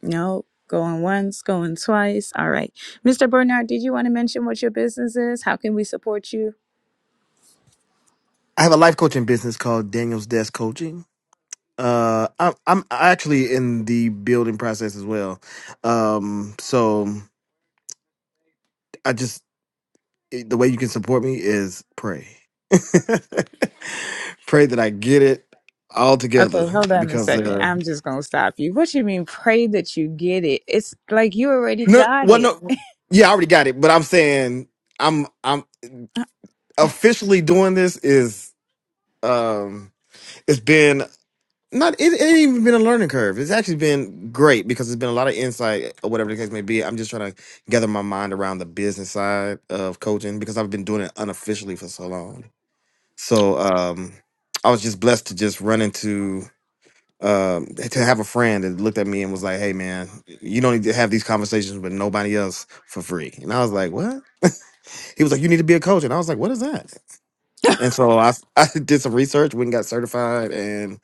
No. Going once, going twice. All right. Mr. Bernard, did you want to mention what your business is? How can we support you? I have a life coaching business called Daniel's Desk Coaching. Uh, I'm I'm actually in the building process as well. Um, so I just it- the way you can support me is pray. pray that I get it all Okay, together hold on a because second. uh, I'm just gonna stop you. What you mean? Pray that you get it. It's like you already no, got well, it. no, yeah, I already got it. But I'm saying I'm I'm Uh, officially doing this is um it's been not it, it ain't even been a learning curve. It's actually been great because it's been a lot of insight or whatever the case may be. I'm just trying to gather my mind around the business side of coaching because I've been doing it unofficially for so long. So um, I was just blessed to just run into um, to have a friend that looked at me and was like, "Hey, man, you don't need to have these conversations with nobody else for free." And I was like, "What?" He was like, "You need to be a coach," and I was like, "What is that?" And so I I did some research, went and got certified, and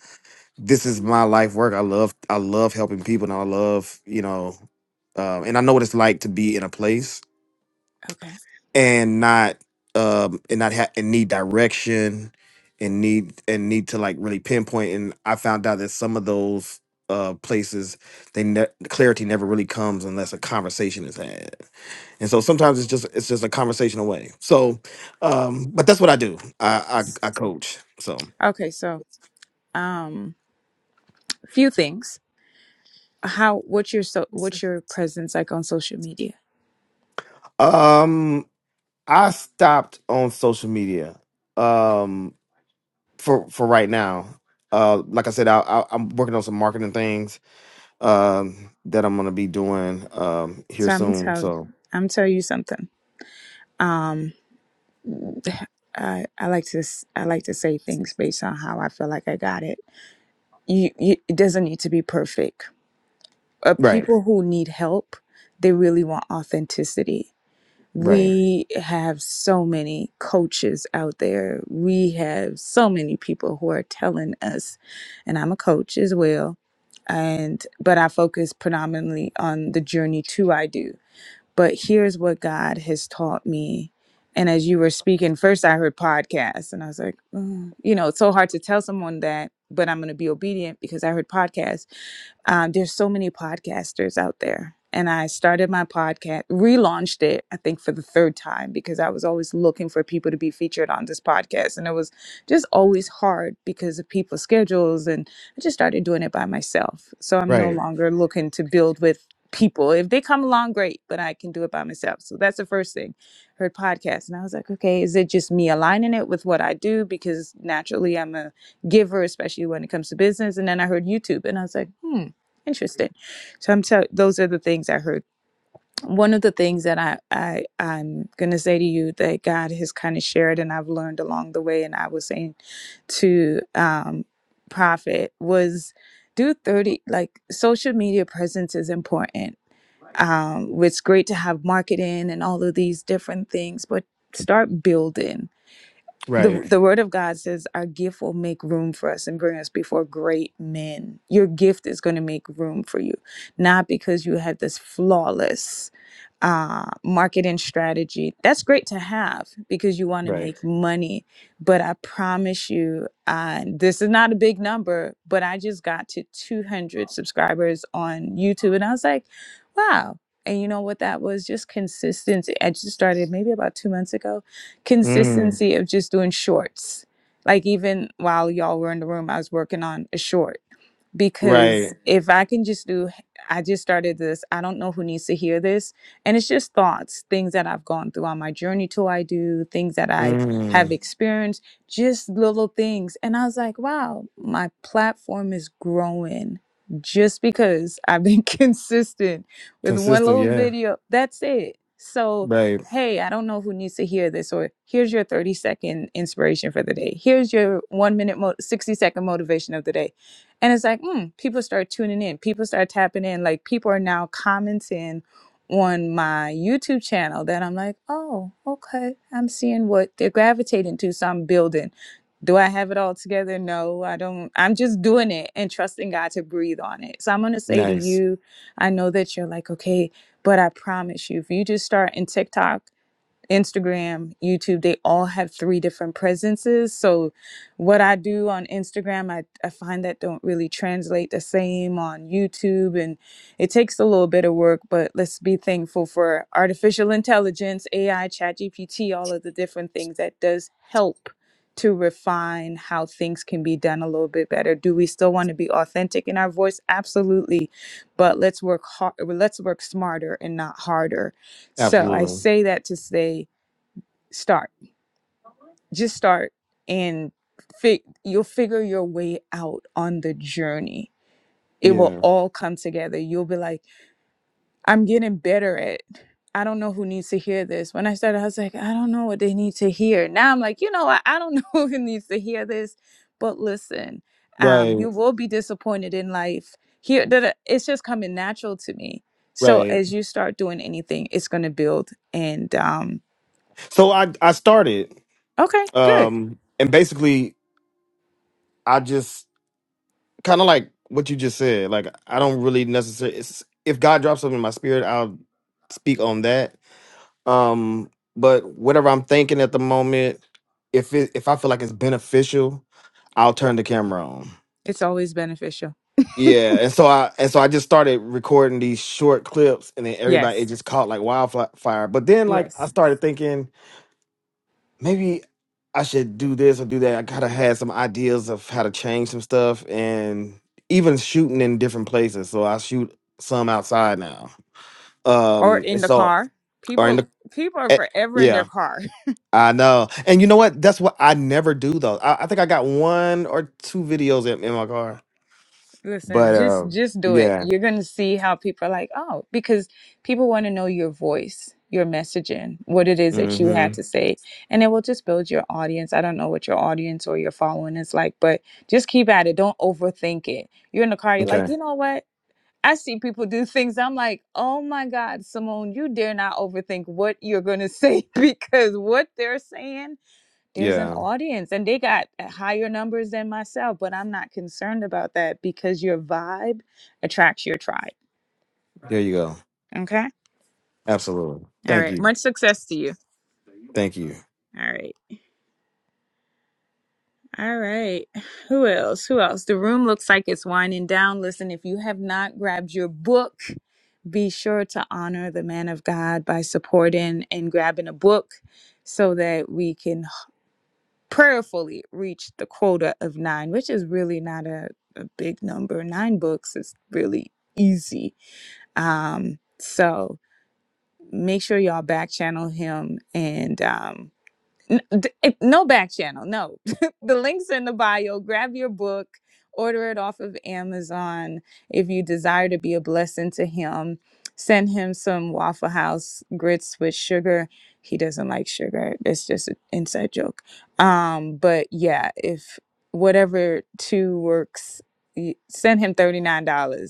this is my life work. I love I love helping people, and I love you know, um, and I know what it's like to be in a place Okay. and not um and not ha- and need direction and need and need to like really pinpoint and i found out that some of those uh places they ne- clarity never really comes unless a conversation is had and so sometimes it's just it's just a conversation away so um but that's what i do i i, I coach so Okay. So, um, few things. How? What's your so? What's your presence like on social media? um i stopped on social media um for for right now uh like i said I, I i'm working on some marketing things um, that I'm gonna be doing um here So I'm soon. telling. So I'm tell you something. Um, I I like to s- I like to say things based on how I feel like I got it. You, you it doesn't need to be perfect. Uh, right, people who need help, they really want authenticity right, We have so many coaches out there. We have so many people who are telling us, and I'm a coach as well. And but I focus predominantly on the journey to I do. But here's what God has taught me. And as you were speaking, first I heard podcasts, and I was like, "Mm." you know, it's so hard to tell someone that, but I'm going to be obedient because I heard podcasts um, there's so many podcasters out there. And I started my podcast, relaunched it, I think, for the third time because I was always looking for people to be featured on this podcast. And it was just always hard because of people's schedules. And I just started doing it by myself. So I'm no right, longer looking to build with people. If they come along, great, but I can do it by myself. So that's the first thing. Heard podcasts. And I was like, okay, is it just me aligning it with what I do? Because naturally I'm a giver, especially when it comes to business. And then I heard YouTube and I was like, hmm Interesting. So I'm tell those are the things I heard. One of the things that I, I I'm gonna say to you that God has kind of shared and I've learned along the way, and I was saying to um prophet was do 30 like social media presence is important. Um it's great to have marketing and all of these different things, but start building the right, the word of God says our gift will make room for us and bring us before great men. Your gift is going to make room for you, not because you have this flawless uh, marketing strategy. That's great to have because you want to right, make money. But I promise you, uh, this is not a big number, but I just got to 200 subscribers on YouTube. And I was like, wow. And you know what that was? Just consistency. I just started maybe about two months ago mm, consistency of just doing shorts. Like even while y'all were in the room, I was working on a short because right, if I can just do, I just started this, I don't know who needs to hear this. And it's just thoughts, things that I've gone through on my journey to I do, things that I have mm, experienced, just little things. And I was like, wow, my platform is growing just because I've been consistent with one consistent. little Yeah, video. That's it. So, right, hey, I don't know who needs to hear this, or here's your 30 second inspiration for the day. Here's your one minute, mo- 60 second motivation of the day and it's like, mm, people start tuning in. People start tapping in. Like people are now commenting on my YouTube channel that I'm like, oh, okay. I'm seeing what they're gravitating to. So I'm building. Do I have it all together? No, I don't. I'm just doing it and trusting God to breathe on it. So I'm going to say to nice, you, I know that you're like, okay, but I promise you, if you just start in TikTok Instagram, YouTube, they all have three different presences. So what I do on Instagram, I, I find that don't really translate the same on YouTube and it takes a little bit of work, but let's be thankful for artificial intelligence, AI, ChatGPT, all of the different things that does help to refine how things can be done a little bit better. Do we still want to be authentic in our voice? Absolutely. But let's work hard let's work smarter and not harder. So I absolutely. say that to say start just start and fi- you'll figure your way out on the journey it will Yeah, all come together you'll be like i'm getting better at i don't know who needs to hear this when i started i was like i don't know what they need to hear now i'm like you know what i don't know who needs to hear this but listen um, right, you will be disappointed in life here that it's just coming natural to me so right. as you start doing anything it's going to build and um, So I I started okay good um and basically I just kind of like what you just said. Like I don't really necessarily. If God drops something in my spirit, I'll speak on that Um, but whatever I'm thinking at the moment, if it if I feel like it's beneficial, I'll turn the camera on. it's always beneficial Yeah, and so I and so I just started recording these short clips, and then everybody it yes just caught like wildfire. But then like I Yes. started thinking maybe I should do this or do that. I kind of had some ideas of how to change some stuff, and even shooting in different places. So I shoot some outside now. Or Um, in and the so car. or in People the people are eh, forever in their yeah, car. I know. And you know what? That's what I never do though. I, I think I got one or two videos in, in my car. Listen, But uh just just do it. yeah. You're going to see how people are like, "Oh, because people want to know your voice, your messaging, what it is that you had Mm-hmm. to say." And it will just build your audience. I don't know what your audience or your following is like, but just keep at it. Don't overthink it. You're in the car, you're like, Okay. "You know what?" I see people do things. I'm like, oh my God, Simone, you dare not overthink what you're going to say because what they're saying there's an Yeah. audience and they got uh, higher numbers than myself but i'm not concerned about that because your vibe attracts your tribe There you go. okay Absolutely. all Thank right you. much success to you Thank you. all right all right who else who else the room looks like it's winding down listen if you have not grabbed your book be sure to honor the man of god by supporting and grabbing a book so that we can prayerfully reached the quota of nine, which is really not a, a big number. Nine books is really easy. Um, so make sure y'all back channel him and um, N- d- it- no back channel no the links in the bio grab your book order it off of amazon if you desire to be a blessing to him send him some waffle house grits with sugar he doesn't like sugar it's just an inside joke um but yeah if whatever two works y- send him $39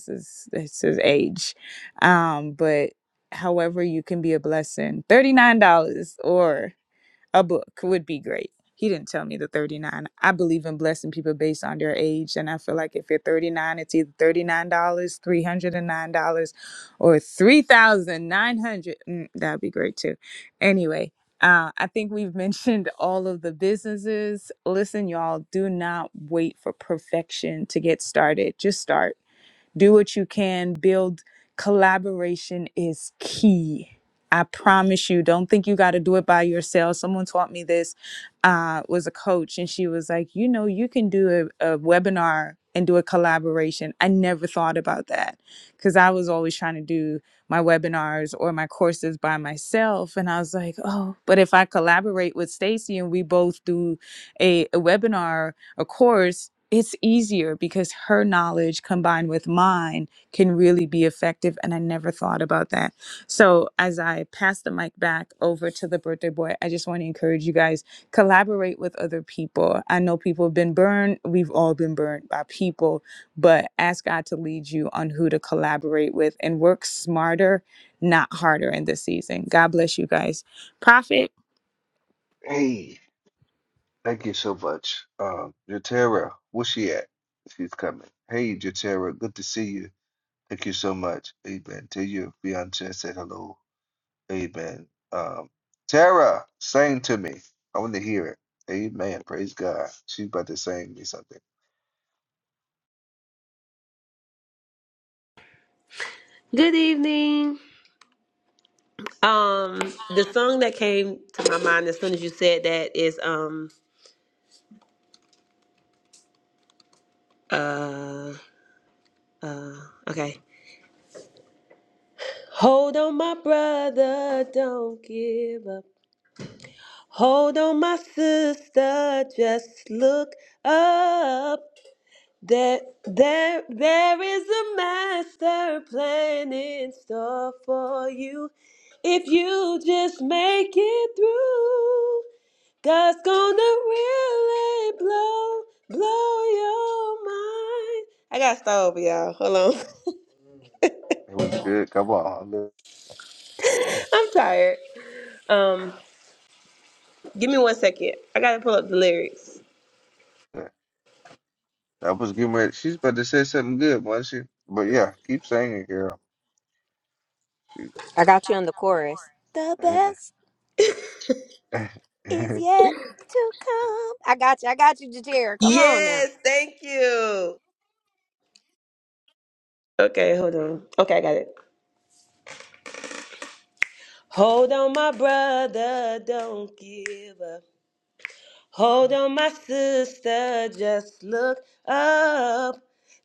is it's his age um but however you can be a blessing $39 or a book would be great. He didn't tell me the 39. I believe in blessing people based on their age. And I feel like if you're 39, it's either $39, $309, or $3,900. Mm, that'd be great too. Anyway, uh, I think we've mentioned all of the businesses. Listen, y'all, do not wait for perfection to get started. Just start do what you can, build collaboration is key. I promise you, don't think you got to do it by yourself. Someone taught me this, uh, was a coach, and she was like, You know, you can do a, a webinar and do a collaboration. I never thought about that because I was always trying to do my webinars or my courses by myself. And I was like, Oh, but if I collaborate with Stacy and we both do a, a webinar, a course, it's easier because her knowledge combined with mine can really be effective and i never thought about that so as i pass the mic back over to the birthday boy i just want to encourage you guys collaborate with other people i know people have been burned we've all been burned by people but ask god to lead you on who to collaborate with and work smarter not harder in this season god bless you guys prophet Hey, thank you so much. Um, Jatera, where's she at? She's coming. Hey, Jatera, good to see you. Thank you so much. Amen. Tell your fiance I said hello. Amen. Um, Tara, sing to me. I want to hear it. Amen. Praise God. She's about to sing me something. Good evening. Um, the song that came to my mind as soon as you said that is um okay. Hold on, my brother, don't give up. Hold on, my sister, just look up. There, there, there is a master plan in store for you if you just make it through. God's gonna really blow, blow your mind. I gotta start over, y'all. Hold on. It was good. Come on, look. I'm tired. Um, give me one second. I gotta pull up the lyrics. That was good. Man. She's about to say something good, wasn't she? But yeah, keep saying it, girl. Shoot. I got you on the chorus. The Amen. best is yet to come. I got you. I got you, Jatira. Come on now. Yes, thank you. Okay, hold on. Okay, I got it. Hold on, my brother, don't give up. Hold on, my sister, just look up.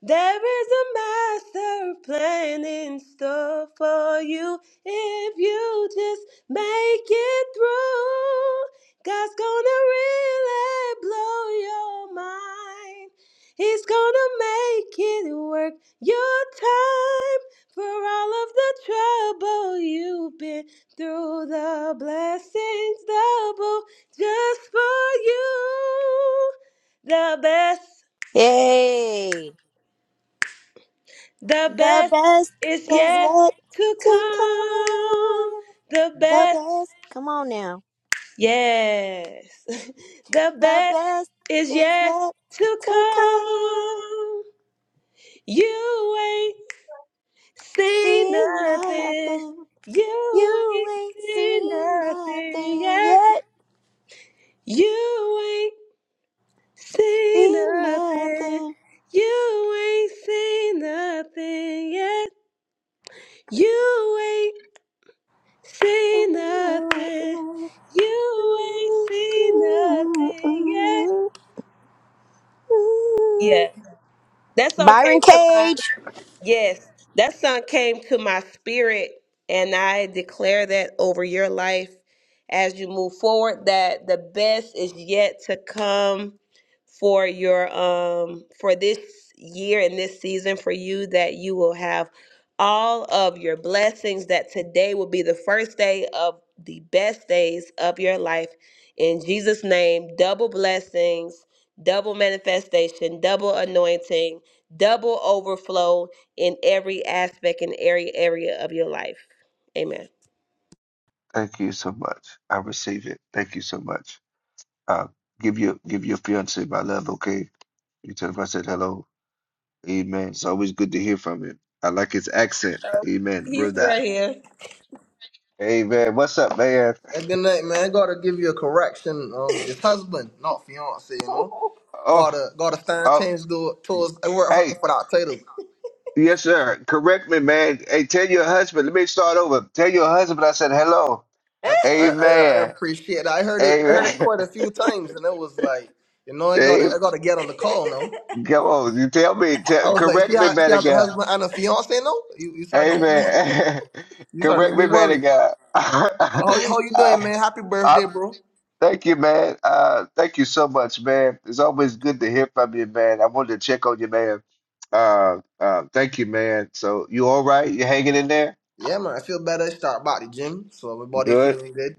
There is a master plan in store for you if you just make it through. God's gonna really blow your mind. He's gonna make it work your time for all of the trouble you've been through. The blessings double just for you. The best, Hey, the the best best is is yet yet to to come. come. The The best, best, come on now. yes, the The best best is is yet yet to to come. come. You ain't seen Seen nothing. nothing, You you ain't ain't seen seen nothing nothing yet. yet. You Say Seen nothing. nothing. You ain't say nothing yet. You ain't say Ooh, nothing. ooh, You ain't ooh, say ooh, nothing yet. ooh, Yeah, ooh. that song Byron came to mind. Cage. Yes, that song came to my spirit, and I declare that over your life as you move forward that the best is yet to come for your um for this year and this season for you that you will have all of your blessings that today will be the first day of the best days of your life in Jesus name double blessings double manifestation double anointing double overflow in every aspect and every area of your life. Amen. Thank you so much. I receive it. Thank you so much. Uh, give your give your fiance my love, okay? You tell him I said hello. Amen. It's always good to hear from him. I like his accent. Amen, He's brother. right here. Amen. What's up, man? Hey, Good night, man. Gotta give you a correction. Um, it's husband, not fiance. You know, Oh, gotta gotta stand oh. things do towards. I work hard Hey, for that title. Yes, sir. Correct me, man. Hey, tell your husband. Let me start over. Tell your husband I said hello. I, I I I Amen. appreciate that. I heard it. I heard it Amen. quite a few times, and it was like, you know, I Hey, gotta I gotta get on the call now. come on. You tell me. I Tell, was like, she correct me, has she man of has a God. husband and a fiance now. You you started to make me Amen. you started to make correct me me, man of worry. God. How I, how you doing, man? Happy I, birthday, bro. thank you, man. Uh, thank you so much, man. It's always good to hear from you, man. I wanted to check on you, man. Uh, uh, thank you, man. So you all right? You hanging in there? Yeah, man, I feel better. Start back the gym, so my body Good. feeling good,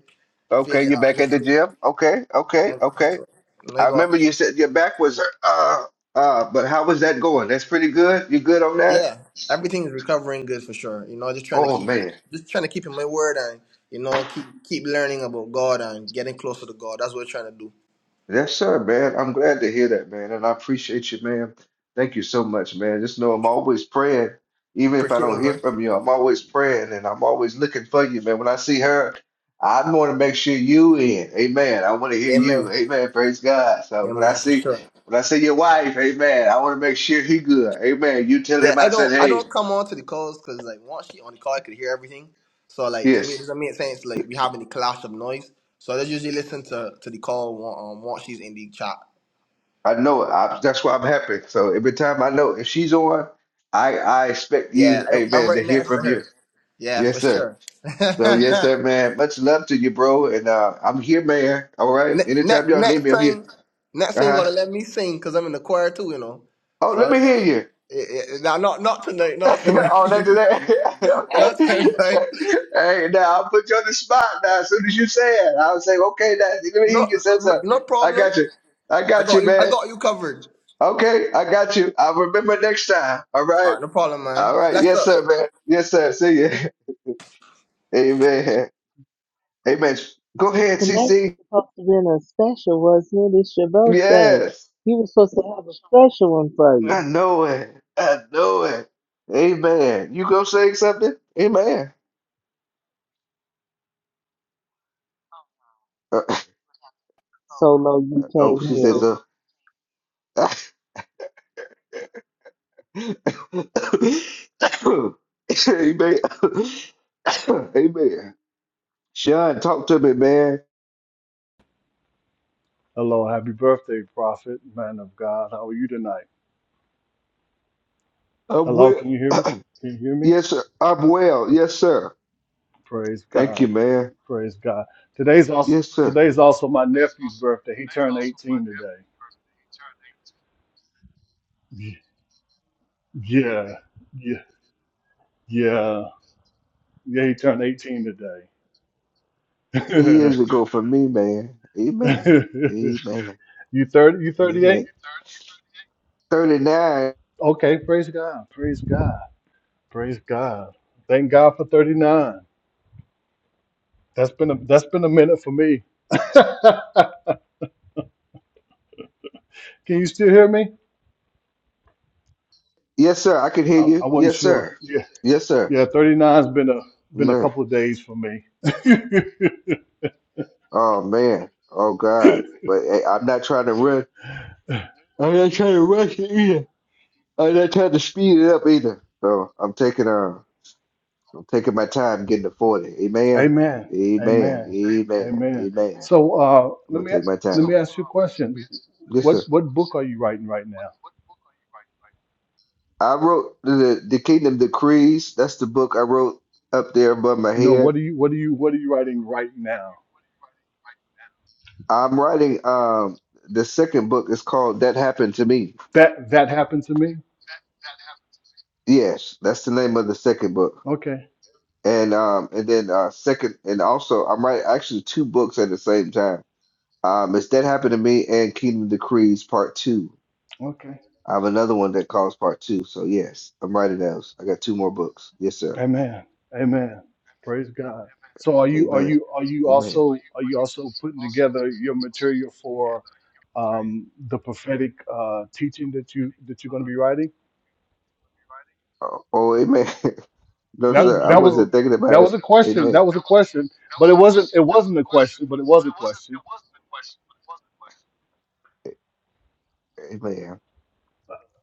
Okay, feeling you're back at the uplifted. gym. Okay, okay, And okay. so, and I I got remember you said your back was uh uh, but how was that going? That's pretty good. You good on that? yeah, everything is recovering good for sure. You know, just trying to Oh keep, man. just trying to keep in my word, and you know, keep keep learning about God and getting closer to God. That's what we're trying to do. Yes, sir, man. I'm glad to hear that, man. And I appreciate you, man. Thank you so much, man. Just know I'm always praying. Even if I Appreciate it, don't hear man. from you, I'm always praying and I'm always looking for you, man. When I see her, I want to make sure you in. Amen. I want to hear you. Amen. Amen. Praise God. So when I Amen for see sure. when I see your wife, amen, I want to make sure he good. Amen. You tell Yeah, him I I said, don't, I hey, don't come on to the calls because like once she on the call, I could hear everything. So like to me, it yes, doesn't make sense. Like we having the clash of noise. So I just usually listen to to the call on- um, once she's in the chat. I know it. I, that's why I'm happy. So every time I know if she's on, I I expect Yeah, you, I- I'm amen, to right hear next to from you. her. Yeah, for Yes, sir. sure. So yes, sir, man. Much love to you, bro. And uh, I'm here, man. All right. Ne- Anytime next, y'all need next me, I'm here. time, next time you Uh-huh. gotta let me sing because I'm in the choir too, you know. Oh, So let uh, me hear you. eh, eh, nah, not not tonight, not tonight, oh, that's that. not tonight. okay. hey, now I'll put you on the spot now. As soon as you say it, I'll say, okay, now, let me hear No, you say no, something. no I problem. got you. I I got got you, you. I man. got you covered. Okay, I got you. I'll remember next time. All All right. right, no problem, man. All right. Bless Yes, up. sir, man. Yes, sir. See you. Amen. Amen. Go ahead, Tonight was CC. supposed to be a special, wasn't it? It's your birthday. Yes. We were supposed to have a special one for you. I know it. I know it. Amen. You go say something? Amen. Uh, Solo, you oh, came she says, here. uh, Amen. Amen. Sean, talk to me, man. Hello, happy birthday, prophet, man of God. How are you tonight? I'm Hello, well. can you hear me? Can you hear me? Yes, sir. I'm well. Yes, sir. Praise Thank God. you, man. Praise God. Today's also Yes, sir. today's also my nephew's birthday. He turned 18 today. Y- Yeah. Yeah. Yeah. Yeah, he turned 18 today. Years ago for me, man. Amen. Amen. you 30 you Amen. 38? 39. Okay, praise God. Praise God. Praise God. Thank God for 39. That's been a that's been a minute for me. can you still hear me? Yes, sir. I can hear I, I you. wasn't Yes, sure. sir. Yeah, Yes, sir. yeah. Thirty nine's been a been a Man. couple of days for me. Oh man. Oh God. But hey, I'm not trying to run. I'm not trying to rush it either. I'm not trying to speed it up either. So I'm taking uh I'm taking my time getting to 40. Amen. Amen. Amen. Amen. Amen. Amen. Amen. So uh, I'm let gonna me take my let time. me ask you a question. Mhm. Yes, What sir. what book are you writing right now? I wrote the the Kingdom Decrees. That's the book I wrote up there above my No. head. What are you What are you What are you writing right now? I'm writing um the second book is called That Happened to Me. That that happened to me. Yes, that's the name of the second book. Okay. And um, and then uh, second, and also I'm writing actually two books at the same time. Um, it's that happened to me and Kingdom Decrees Part Two. Okay. I have another one that calls Part Two. So yes, I'm writing those. I got two more books. Yes, sir. Amen. Amen. Praise God. So are you are Amen. you are you Amen. also are you also putting together your material for um, the prophetic uh, teaching that you that you're going to be writing? Oh, oh amen. no, That Thank sir. I you, that was wasn't thinking Lord. that about was it. a question. Amen. That was a question, but it wasn't it wasn't a question, but it was a question. Amen.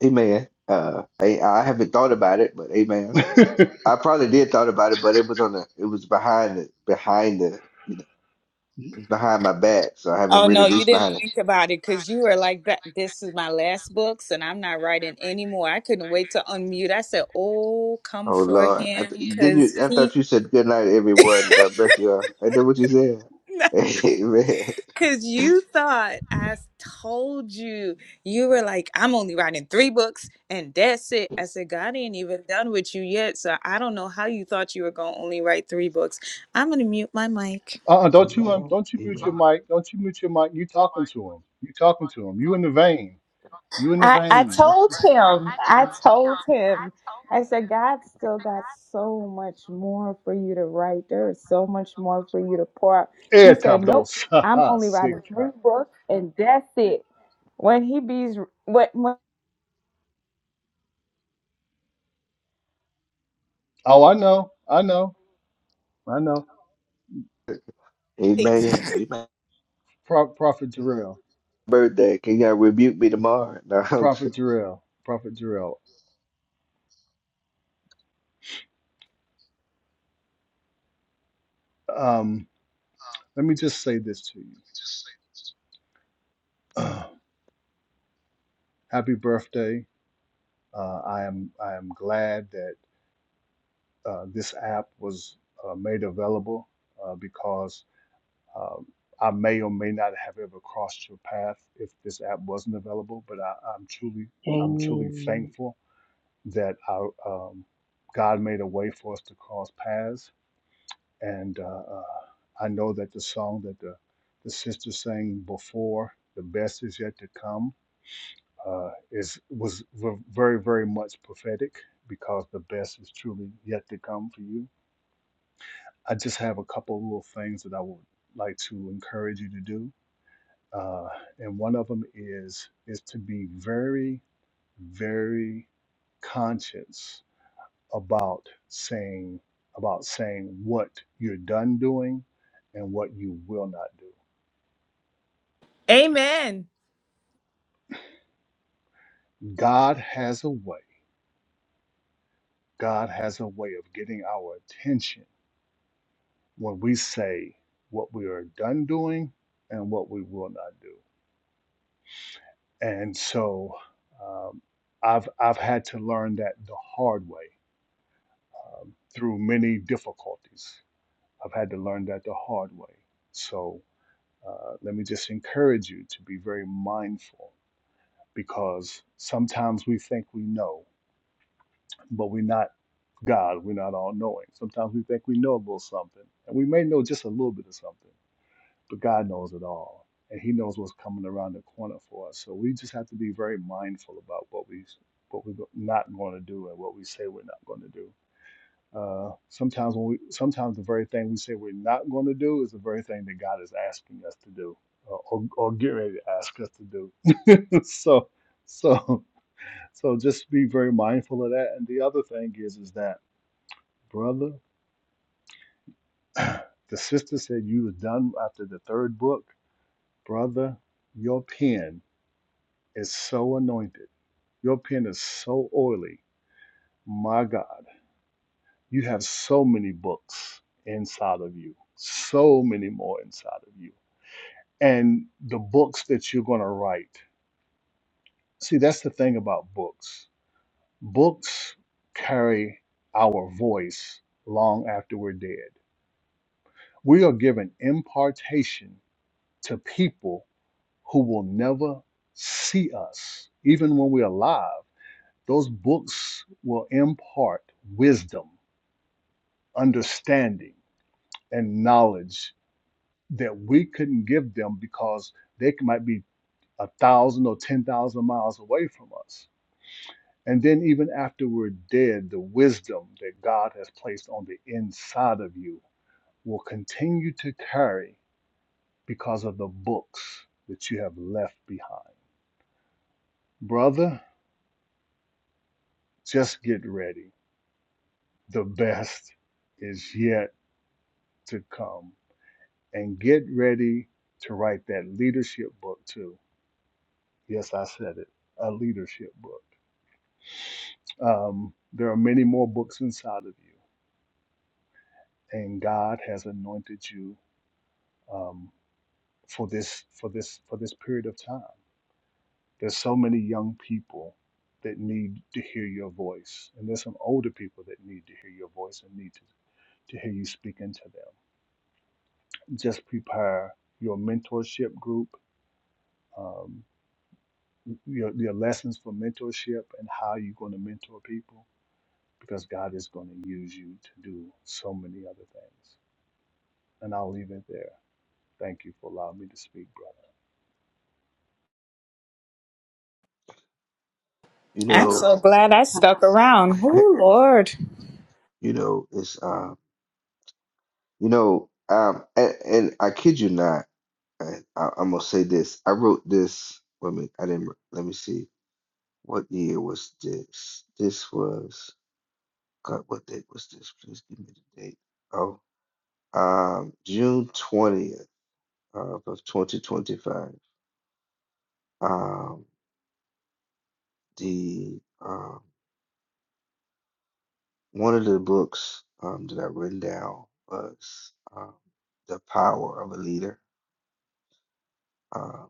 Amen. Uh, I, I haven't thought about it, but amen. uh-uh, I probably did thought about it, but it was on the, it was behind the, behind the, It's behind my back, so I haven't Oh really no, you reached didn't behind it. think about it because you were like that. This is my last books, and I'm not writing anymore. I couldn't wait to unmute. I said, "Oh, come Oh for Lord, I him," th- didn't you? because I he, thought you said good night, everyone. God bless you all. I did what you said. Amen. because you thought I told you. You were like, "I'm only writing three books, and that's it." I said, "God ain't even done with you yet, so I don't know how you thought you were gonna only write three books." I'm gonna mute my mic. don't you um, Amen. don't you mute Amen. your mic? Don't you mute your mic? You talking to him? You talking to him? You in the vein? You in the I, I vein? Don't told you- him, I told him, I said, God still got so much more for you to write. There is so much more for you to pour out. Eh, He said, Nope, tabros. Ha, I'm ha, only writing sick. three books and that's it. When he bees, what, when, Oh, I know. I know. I know. Amen. Amen. Pro- Prophet Jarrell, Birthday. Can y'all rebuke me tomorrow? No, I'm just- Prophet Jarrell, Prophet Jarrell. Um, let me just say this to you. Uh, Happy birthday. Uh, I am I am glad that uh, this app was uh, made available uh, because um, I may or may not have ever crossed your path if this app wasn't available. But I, I'm truly I'm truly Amen. thankful that I, um, God made a way for us to cross paths And uh, uh, I know that the song that the, the sister sang before, "The Best Is Yet to Come," uh, is was v- very, very much prophetic because the best is truly yet to come for you. I just have a couple of little things that I would like to encourage you to do, uh, and one of them is is to be very, very conscious about saying about saying what you're done doing and what you will not do. Amen. God has a way. God has a way of getting our attention when we say what we are done doing and what we will not do. And so um, I've I've had to learn that the hard way um, through many difficulties. I've had to learn that the hard way. So uh, let me just encourage you to be very mindful because sometimes we think we know, but we're not God. We're not all knowing. Sometimes we think we know a little something, and we may know just a little bit of something, but God knows it all, and He knows what's coming around the corner for us. So we just have to be very mindful about what we what we're not going to do and what we say we're not going to do. Uh, sometimes when we sometimes the very thing we say we're not going to do is the very thing that God is asking us to do, or or, or get ready to ask us to do. so so. So just be very mindful of that. And the other thing is, is that brother, the sister said you was done after the third book. Brother, your pen is so anointed. Your pen is so oily. My God, you have so many books inside of you, so many more inside of you. And the books that you're going to write. See, that's the thing about books. Books carry our voice long after we're dead We are given impartation to people who will never see us. Even when we're alive, those books will impart wisdom, understanding, and knowledge that we couldn't give them because they might be a thousand or ten thousand miles away from us. And then, even after we're dead, the wisdom that God has placed on the inside of you will continue to carry because of the books that you have left behind. Brother, just get ready. The best is yet to come. And get ready to write that leadership book, too. Yes, I said it a leadership book. Um, there are many more books inside of you, and God has anointed you um, for this for this for this period of time. There's so many young people that need to hear your voice, and there's some older people that need to hear your voice and need to, to hear you speak into them. Just prepare your mentorship group, um, your, your lessons for mentorship, and how you're going to mentor people, because God is going to use you to do so many other things. And I'll leave it there. Thank you for allowing me to speak, brother. you I'm know, so glad I I stuck around. Oh, Lord. you know, it's um, you know, um, and, and I kid you not. I, I, I'm gonna say this. I wrote this. Let me. I didn't. Let me see. What year was this? This was. God, what date was this? Please give me the date. Oh, um, June twentieth of, of 2025. Um, the um, one of the books um that I written down was um, The Power of a Leader. Um,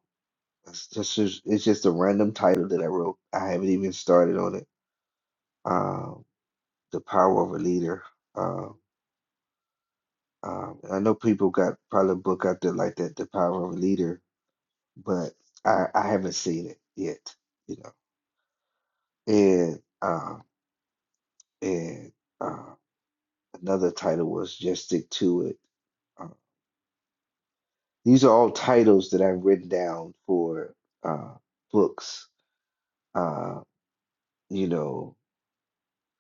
it's just it's just a random title that I wrote. I haven't even started on it. Um. the power of a leader. Uh, um, I know people got probably a book out there like that, The Power of a Leader, but I, I haven't seen it yet, you know. And uh, and uh, another title was Just Stick to It. Uh, these are all titles that I've written down for uh, books. Uh, you know,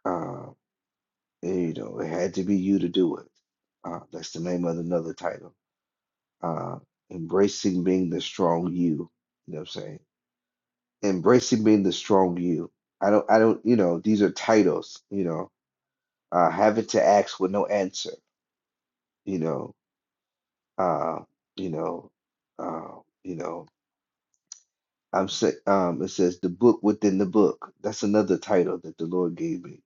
uh, you know, it had to be you to do it. Uh, that's the name of another title uh, embracing being the strong you. You know what I'm saying? Embracing being the strong you. I don't, I don't, you know, these are titles, you know, uh, having to ask with no answer, you know, uh, you know, uh, you know, I'm say, um, it says the book within the book. That's another title that the Lord gave me.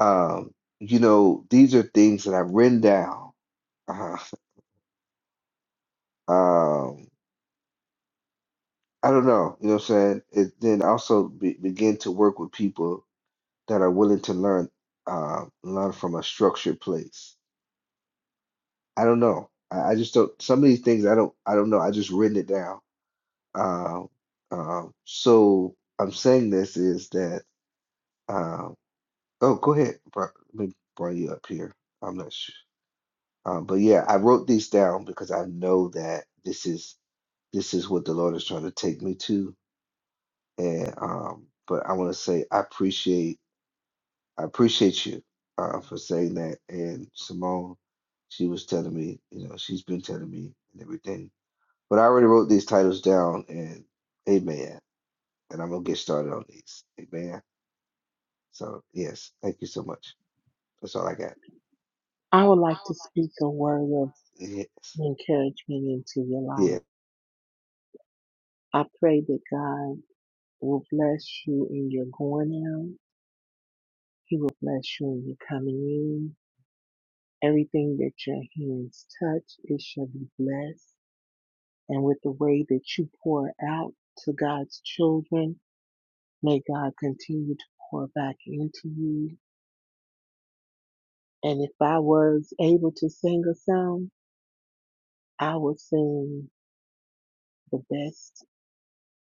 Um, you know, these are things that I've written down. Uh, um, I don't know, you know what I'm saying? It then also be, begin to work with people that are willing to learn uh, learn from a structured place. I don't know. I, I just don't. Some of these things I don't. I don't know. I just written it down. Uh, uh, so I'm saying this is that. Uh, oh, go ahead. Bri- Let me bring you up here. I'm not sure. Um, but yeah, I wrote these down because I know that this is this is what the Lord is trying to take me to. And um, but I want to say I appreciate I appreciate you uh, for saying that. And Simone, she was telling me, you know, she's been telling me and everything. But I already wrote these titles down and amen. And I'm gonna get started on these. Amen. So yes, thank you so much. That's all I got. I would like to speak a word of Yes. encouragement into your Yeah. life. I pray that God will bless you in your going out. He will bless you in your coming in. Everything that your hands touch, it shall be blessed. and with the way that you pour out to God's children. May God continue to pour back into you. And if I was able to sing a song, I would sing the best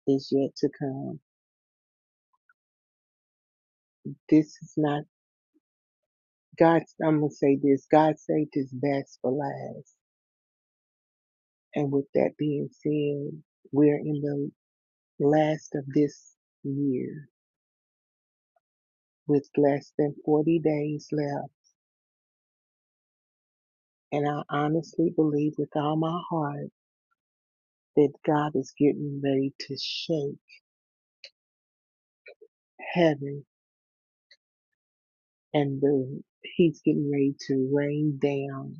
is yet to come. This is not God. I'm gonna say this. God saved His best for last. And with that being said, we're in the last of this year with less than 40 days left. And I honestly believe with all my heart that God is getting ready to shake heaven and the, he's getting ready to rain down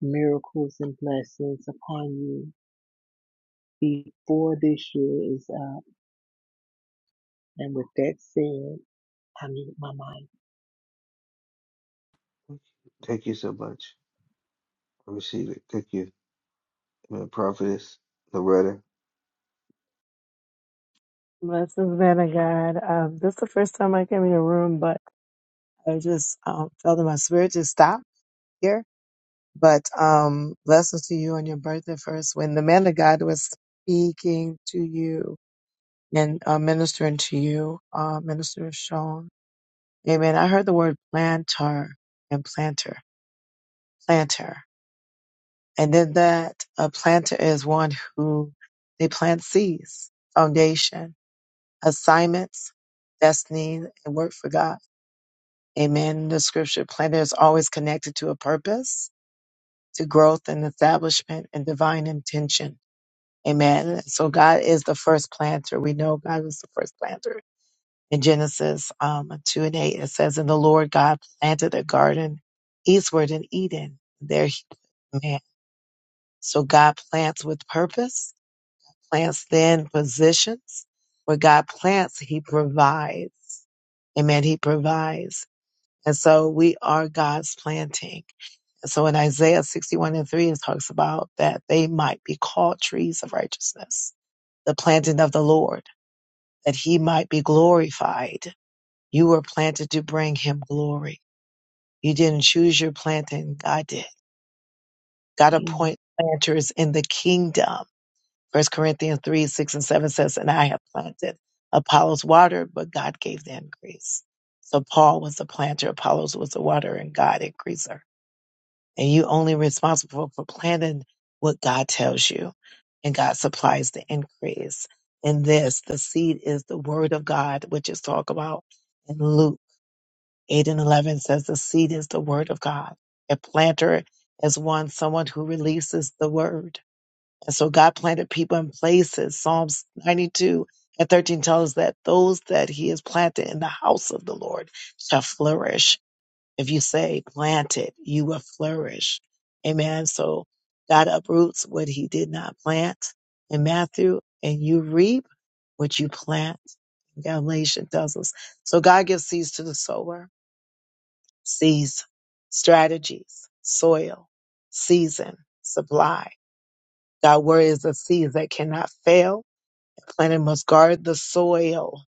miracles and blessings upon you before this year is up. And with that said, I mute my mind. Thank you so much. I receive it. Thank you. Amen. Prophetess Loretta. Blessings, man of God. Um, this is the first time I came in your room, but I just um, felt in my spirit to stop here. But um, blessings to you on your birthday first. When the man of God was speaking to you and uh, ministering to you, uh, Minister Sean, amen. I heard the word planter and planter, planter. And then that a planter is one who they plant seeds, foundation, assignments, destiny, and work for God. Amen. The scripture planner is always connected to a purpose, to growth and establishment and divine intention. Amen. So God is the first planter. We know God was the first planter. In Genesis um, 2 and 8, it says, And the Lord God planted a garden eastward in Eden. There he man. So God plants with purpose, plants then positions. Where God plants, he provides. Amen. He provides. And so we are God's planting. so in Isaiah 61 and 3, it talks about that they might be called trees of righteousness, the planting of the Lord, that he might be glorified. You were planted to bring him glory. You didn't choose your planting, God did. God appoint planters in the kingdom. First Corinthians 3, 6 and 7 says, And I have planted. Apollos watered, but God gave the increase. So Paul was the planter, Apollos was the water, and God increaser. and you only responsible for planting what God tells you. And God supplies the increase. In this, the seed is the word of God, which is talked about in Luke 8 and 11 says the seed is the word of God. A planter is one, someone who releases the word. And so God planted people in places. Psalms 92 and 13 tells us that those that he has planted in the house of the Lord shall flourish if you say planted, you will flourish. Amen. So God uproots what he did not plant in Matthew, and you reap what you plant. Galatians tells us. So God gives seeds to the sower, seeds, strategies, soil, season, supply. God word is the seeds that cannot fail. The planter must guard the soil.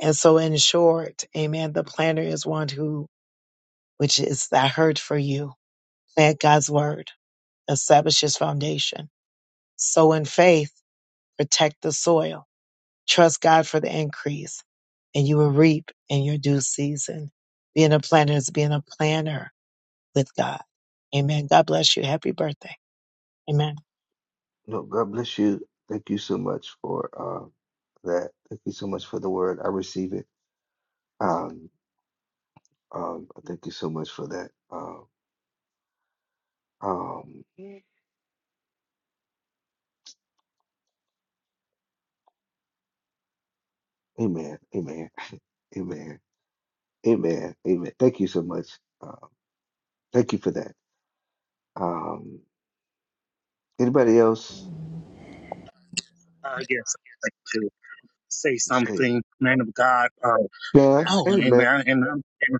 And so in short, amen, the planter is one who, which is that hurt for you Plant God's word, establish his foundation. Sow in faith, protect the soil, trust God for the increase, and you will reap in your due season. Being a planner is being a planner with God. Amen. God bless you. Happy birthday. Amen. No, God bless you. Thank you so much for uh, that. Thank you so much for the word. I receive it. Um, Um, thank you so much for that. Um, um, amen, amen, amen, amen, amen. Thank you so much. Uh, thank you for that. Um, anybody else? Uh, yes, I'd like to say Hey, something, man of God. Uh, John, oh, and, amen, I- and, I'm, and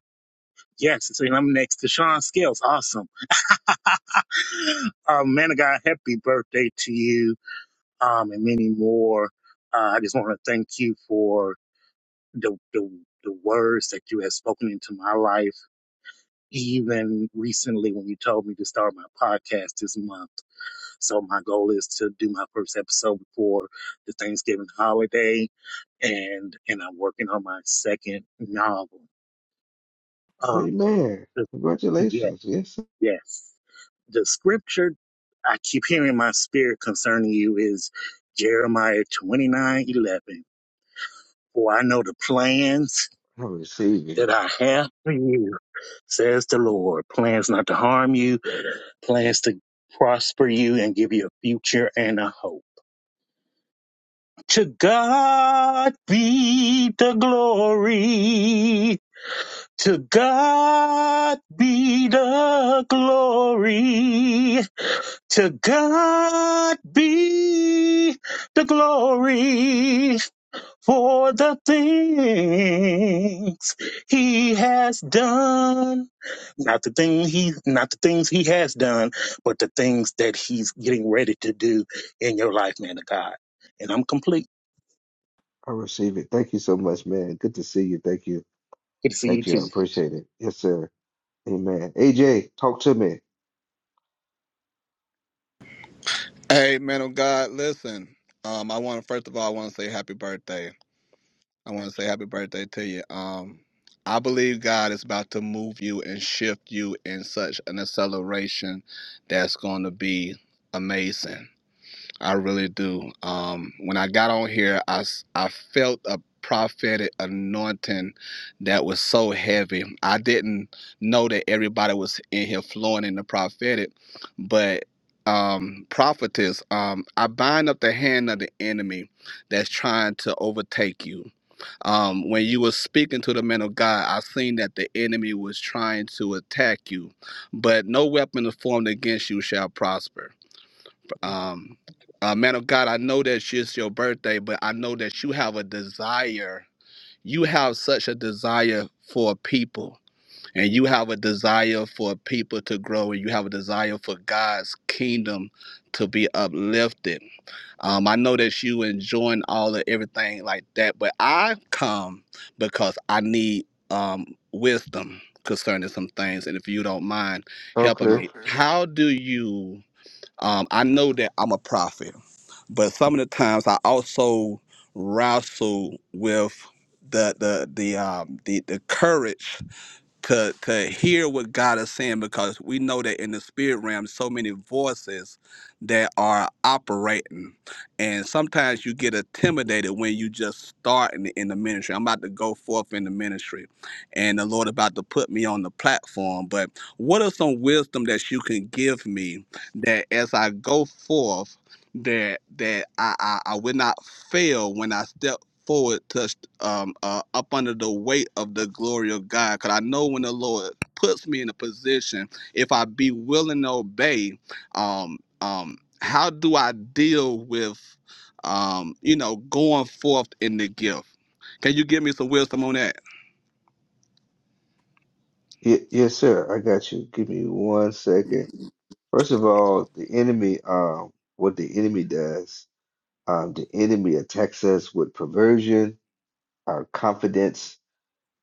yes, so I'm next to Sean Scales. Awesome. uh, man of God, happy birthday to you um, and many more. Uh, I just want to thank you for the, the, the words that you have spoken into my life, even recently when you told me to start my podcast this month. So my goal is to do my first episode before the Thanksgiving holiday, and and I'm working on my second novel. Um, amen. the- yeah, Congratulations. Yes, sir. yes. The scripture I keep hearing in my spirit concerning you is Jeremiah twenty nine eleven. For I know the plans I receive that it. I have for you, says the Lord. Plans not to harm you, plans to prosper you and give you a future and a hope. To God be the glory. To God be the glory. To God be the glory for the things he has done. Not the thing he, not the things he has done, but the things that he's getting ready to do in your life, man of God. And I'm complete. I receive it. Thank you so much, man. Good to see you. Thank you. Good to see you Thank you. I too. appreciate it. Yes, sir. Amen. AJ, talk to me. Hey, man of God, listen. Um, I want to first of all, I want to say happy birthday. I want to say happy birthday to you. Um, I believe God is about to move you and shift you in such an acceleration that's going to be amazing. I really do. Um, when I got on here, I I felt a prophetic anointing that was so heavy. I didn't know that everybody was in here flowing in the prophetic, but um, prophetess, um, I bind up the hand of the enemy that's trying to overtake you. Um, when you were speaking to the men of God, I seen that the enemy was trying to attack you, but no weapon formed against you shall prosper. Um, uh, man of God, I know that it's just your birthday, but I know that you have a desire. You have such a desire for people, and you have a desire for people to grow, and you have a desire for God's kingdom to be uplifted. Um, I know that you enjoying all of everything like that, but I come because I need um, wisdom concerning some things, and if you don't mind helping Okay. me, Okay. how do you? Um, I know that I'm a prophet but some of the times I also wrestle with the the the um the the courage could could hear what God is saying because we know that in the spirit realm so many voices that are operating. And sometimes you get intimidated when you just starting in the ministry. I'm about to go forth in the ministry and the Lord about to put me on the platform. But what are some wisdom that you can give me that as I go forth that that I, I, I will not fail when I step forward touched um uh, up under the weight of the glory of God. Cause I know when the Lord puts me in a position, if I be willing to obey, um um how do I deal with um you know going forth in the gift? Can you give me some wisdom on that? Y yes, sir. I got you. Give me one second. First of all, the enemy, um, what the enemy does, um, the enemy attacks us with perversion, our confidence,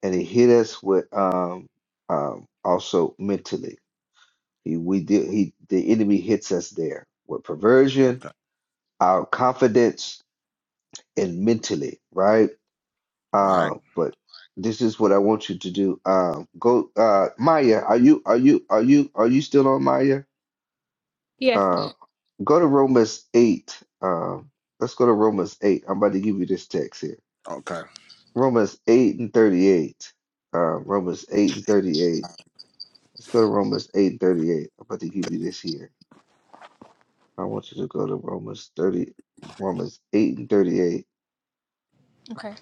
and he hit us with um, um, also mentally. He, we did, he, the enemy hits us there with perversion, our confidence, and mentally, right? Uh, but this is what I want you to do. Um, go, uh, Maya. Are you, are you, are you, are you still on Maya? Yes. Uh. Go to Romans 8. Um, let's go to Romans 8. I'm about to give you this text here. Romans 8 and 38. Uh, Romans 8 and 38. Let's go to Romans 8 and 38. I'm about to give you this here. I want you to go to Romans 30, Romans 8 and 38. Uh, Okay.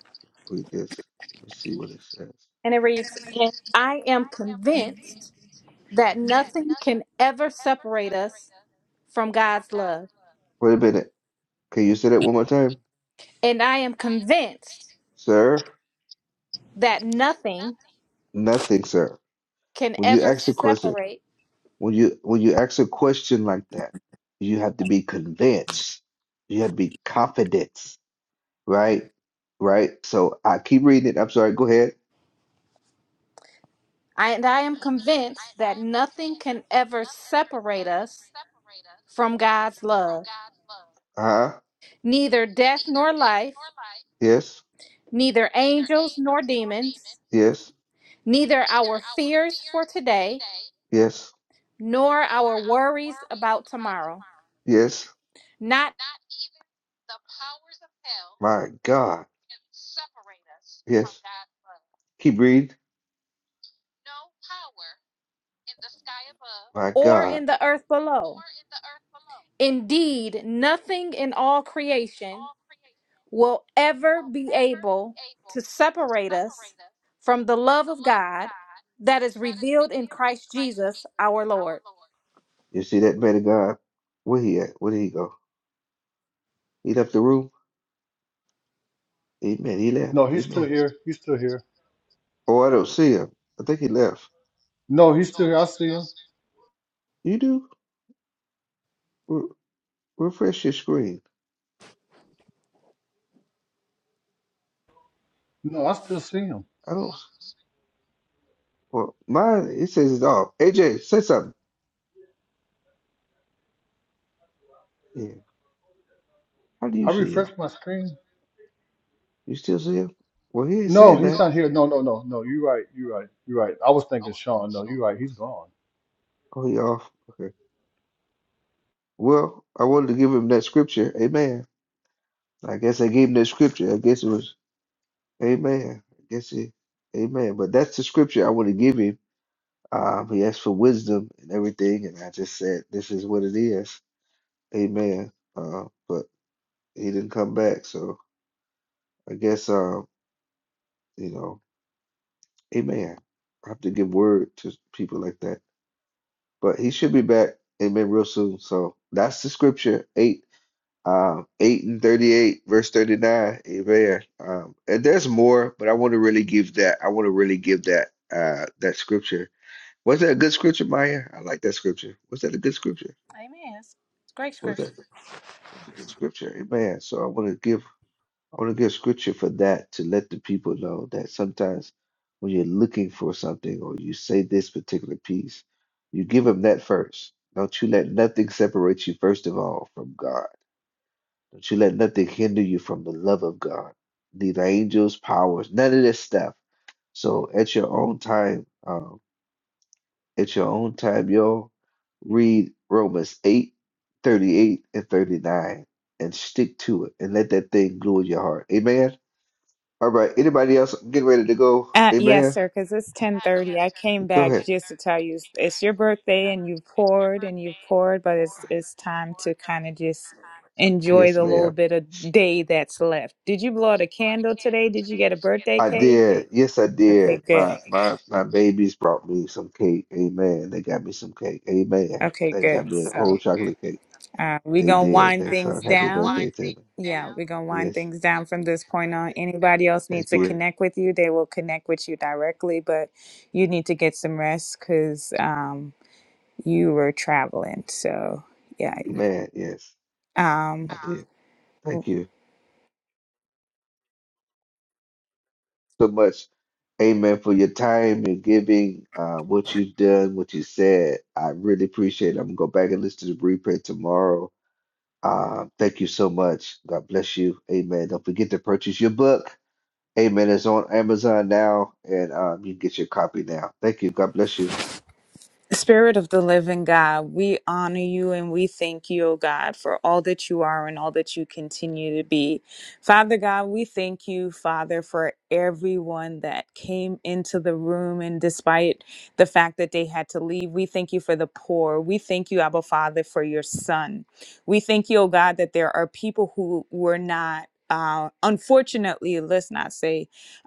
read this. Let me see what it says. And it reads And I am convinced that nothing can ever separate us from God's love. Wait a minute. Can you say that one more time? And I am convinced Sir? that nothing Nothing, sir. can When you ever ask the question, separate. When you when you ask a question like that, you have to be convinced. You have to be confident, right? Right? So I keep reading it. I'm sorry. Go ahead. I, and I am convinced that nothing can ever separate us from God's love. Uh-huh. Neither death nor life, Yes. neither angels nor demons, Yes. neither our fears for today, Yes. nor our worries about tomorrow, Yes. not My God. Yes. Keep reading. My or God. in the earth below. Indeed, nothing in all creation will ever be able to separate us from the love of God that is revealed in Christ Jesus our Lord. You see that man of God? Where he at? Where did he go? He left the room. Amen. He left. No, he's still Amen. here. He's still here. Oh, I don't see him. I think he left. No, he's still here. I see him. You do? Re- refresh your screen. No, I still see him. I don't. Well, mine it says it's off. AJ, say something. Yeah. How do you I see him? refresh my screen. You still see him? Well, he ain't No, saying he's that. not here. No, no, no, no. You're right. You're right. You're right. I was thinking Sean. No, you're right. He's gone. Oh, he off. Okay. Well, I wanted to give him that scripture. Amen. I guess I gave him that scripture. I guess it was Amen. I guess it. Amen. But that's the scripture I want to give him. Um, he asked for wisdom and everything, and I just said, "This is what it is." Amen. Uh, but he didn't come back, so I guess um, you know. Amen. I have to give word to people like that. But he should be back, amen, real soon. So that's the scripture, eight, um, eight and thirty-eight, verse thirty-nine. Amen. Um, and there's more, but I want to really give that. I want to really give that uh that scripture. Was that a good scripture, Maya? I like that scripture. Was that a good scripture? Amen. It's great Was that scripture. was a good scripture? Amen. So I want to give I want to give scripture for that to let the people know that sometimes when you're looking for something or you say this particular piece, you give them that first. Don't you let nothing separate you, first of all, from God. Don't you let nothing hinder you from the love of God. Neither angels, powers, none of this stuff. So at your own time, um, at your own time, y'all read Romans 8:38 and 39 and stick to it and let that thing glue in your heart. Amen. All right. Anybody else getting ready to go? Uh, yes, Amen. sir, because it's 1030. I came Go back ahead. just to tell you it's, it's your birthday and you've poured and you've poured, it's but it's it's time to kind of just enjoy Yes, the little ma'am. bit of day that's left. Did you blow out a candle today? Did you get a birthday I cake? did. Yes, I Okay, did. My good. my my babies brought me some cake. Amen. They got me some cake. Amen. Okay, They good. got me a whole So chocolate cake. uh, we're They going to did. wind They sung things happy birthday down. to Yeah, we're going to me. wind Yes. things down from this point on. Anybody else needs Thank to you. morning. connect with you, they will connect with you directly, but you need to get some rest because you were traveling. So, yeah. Amen. Yes, Um, I did. Thank you. so much, Amen, for your time, your giving, uh, what you've done, what you said. I really appreciate it. I'm gonna go back and listen to the replay tomorrow. Uh, thank you so much. God bless you. Amen. Don't forget to purchase your book. Amen. It's on Amazon now, and um, you can get your copy now. Thank you. God bless you. Spirit of the living God, we honor you and we thank you, O God, for all that you are and all that you continue to be. Father God, we thank you, Father, for everyone that came into the room and despite the fact that they had to leave, we thank you for the poor. We thank you, Abba Father, for your son. We thank you, O God, that there are people who were not, uh, unfortunately, let's not say,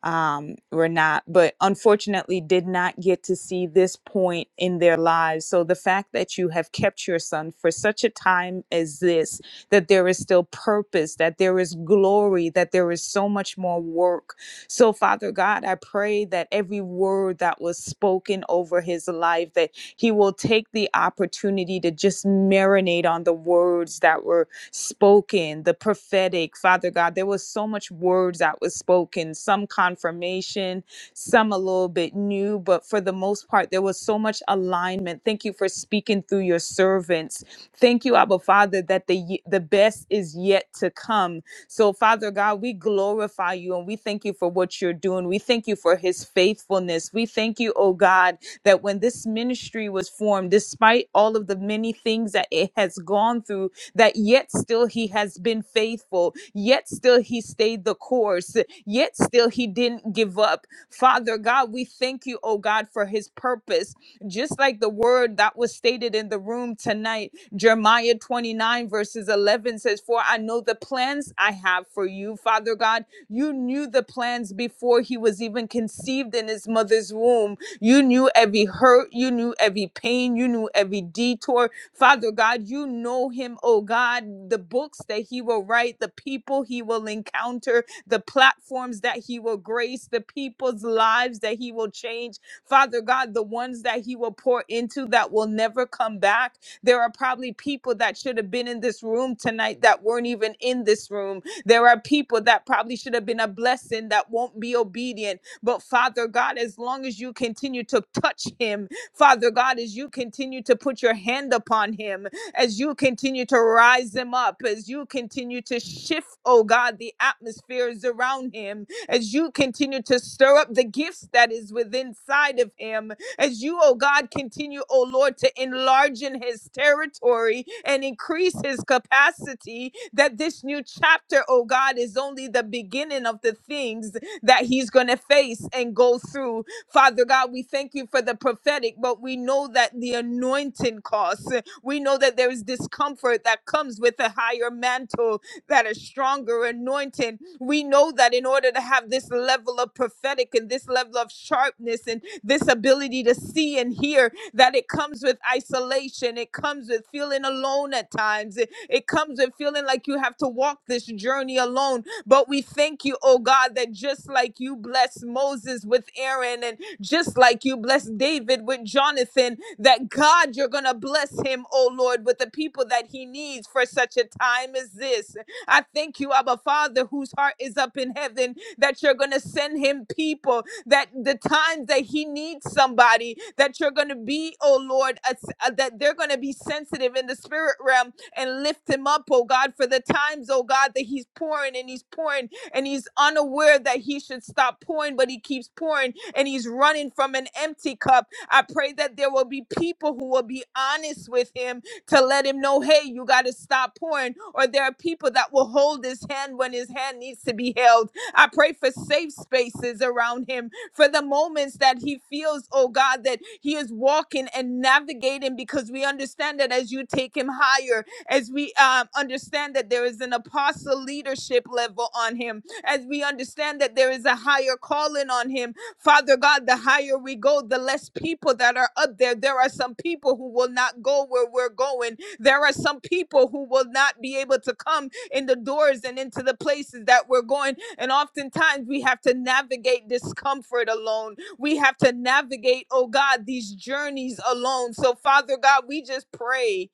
um, were not, but unfortunately did not get to see this point in their lives. So the fact that you have kept your son for such a time as this, that there is still purpose, that there is glory, that there is so much more work. So, Father God, I pray that every word that was spoken over his life, that he will take the opportunity to just marinate on the words that were spoken, the prophetic, Father God. There was so much words that was spoken, some confirmation, some a little bit new, but for the most part, there was so much alignment. Thank you for speaking through your servants. Thank you, Abba Father, that the ye- the best is yet to come. So, Father God, we glorify you and we thank you for what you're doing. We thank you for his faithfulness. We thank you, oh God, that when this ministry was formed, despite all of the many things that it has gone through, that yet still he has been faithful, yet still he stayed the course, yet still he didn't give up. Father God, we thank you, oh God, for his purpose. Just like the word that was stated in the room tonight, Jeremiah 29, verses 11 says, For I know the plans I have for you, Father God. You knew the plans before he was even conceived in his mother's womb. You knew every hurt, you knew every pain, you knew every detour, Father God, you know him, oh God, the books that he will write, the people he will encounter, the platforms that he will grace, the people's lives that he will change. Father God, the ones that he will pour into that will never come back. There are probably people that should have been in this room tonight that weren't even in this room. There are people that probably should have been a blessing that won't be obedient. But Father God, as long as you continue to touch him, Father God, as you continue to put your hand upon him, as you continue to rise him up, as you continue to shift, oh God, the atmospheres around him, as you continue to stir up the gifts that is within inside of him, as you, oh God, continue, oh Lord, to enlarge in his territory and increase his capacity, that this new chapter, oh God, is only the beginning of the things that he's going to face and go through Father God, we thank you for the prophetic, but we know that the anointing costs. We know that there is discomfort that comes with a higher mantle, that a stronger anointing. We know that in order to have this level of prophetic and this level of sharpness and this ability to see and hear, that it comes with isolation. It comes with feeling alone at times. It, it comes with feeling like you have to walk this journey alone. But we thank you, oh God, that just like you blessed Moses with Aaron just like you blessed David with Jonathan, that God, you're going to bless him, oh Lord, with the people that he needs for such a time as this. I thank you, Abba Father, whose heart is up in heaven, that you're going to send him people, that the times that he needs somebody, that you're going to be, oh Lord, a s- uh, that they're going to be sensitive in the spirit realm and lift him up, oh God, for the times, oh God, that he's pouring and he's pouring and he's unaware that he should stop pouring, but he keeps pouring and he's running from an empty cup. I pray that there will be people who will be honest with him to let him know, hey, you got to stop pouring. Or there are people that will hold his hand when his hand needs to be held. I pray for safe spaces around him for the moments that he feels, oh God, that he is walking and navigating because we understand that as you take him higher, as we um, understand that there is an apostle leadership level on him, as we understand that there is a higher calling on him. Father God, the higher we go, the less people that are up there. There are some people who will not go where we're going. There are some people who will not be able to come in the doors and into the places that we're going. And oftentimes we have to navigate discomfort alone. We have to navigate, oh God, these journeys alone. So, Father God, we just pray.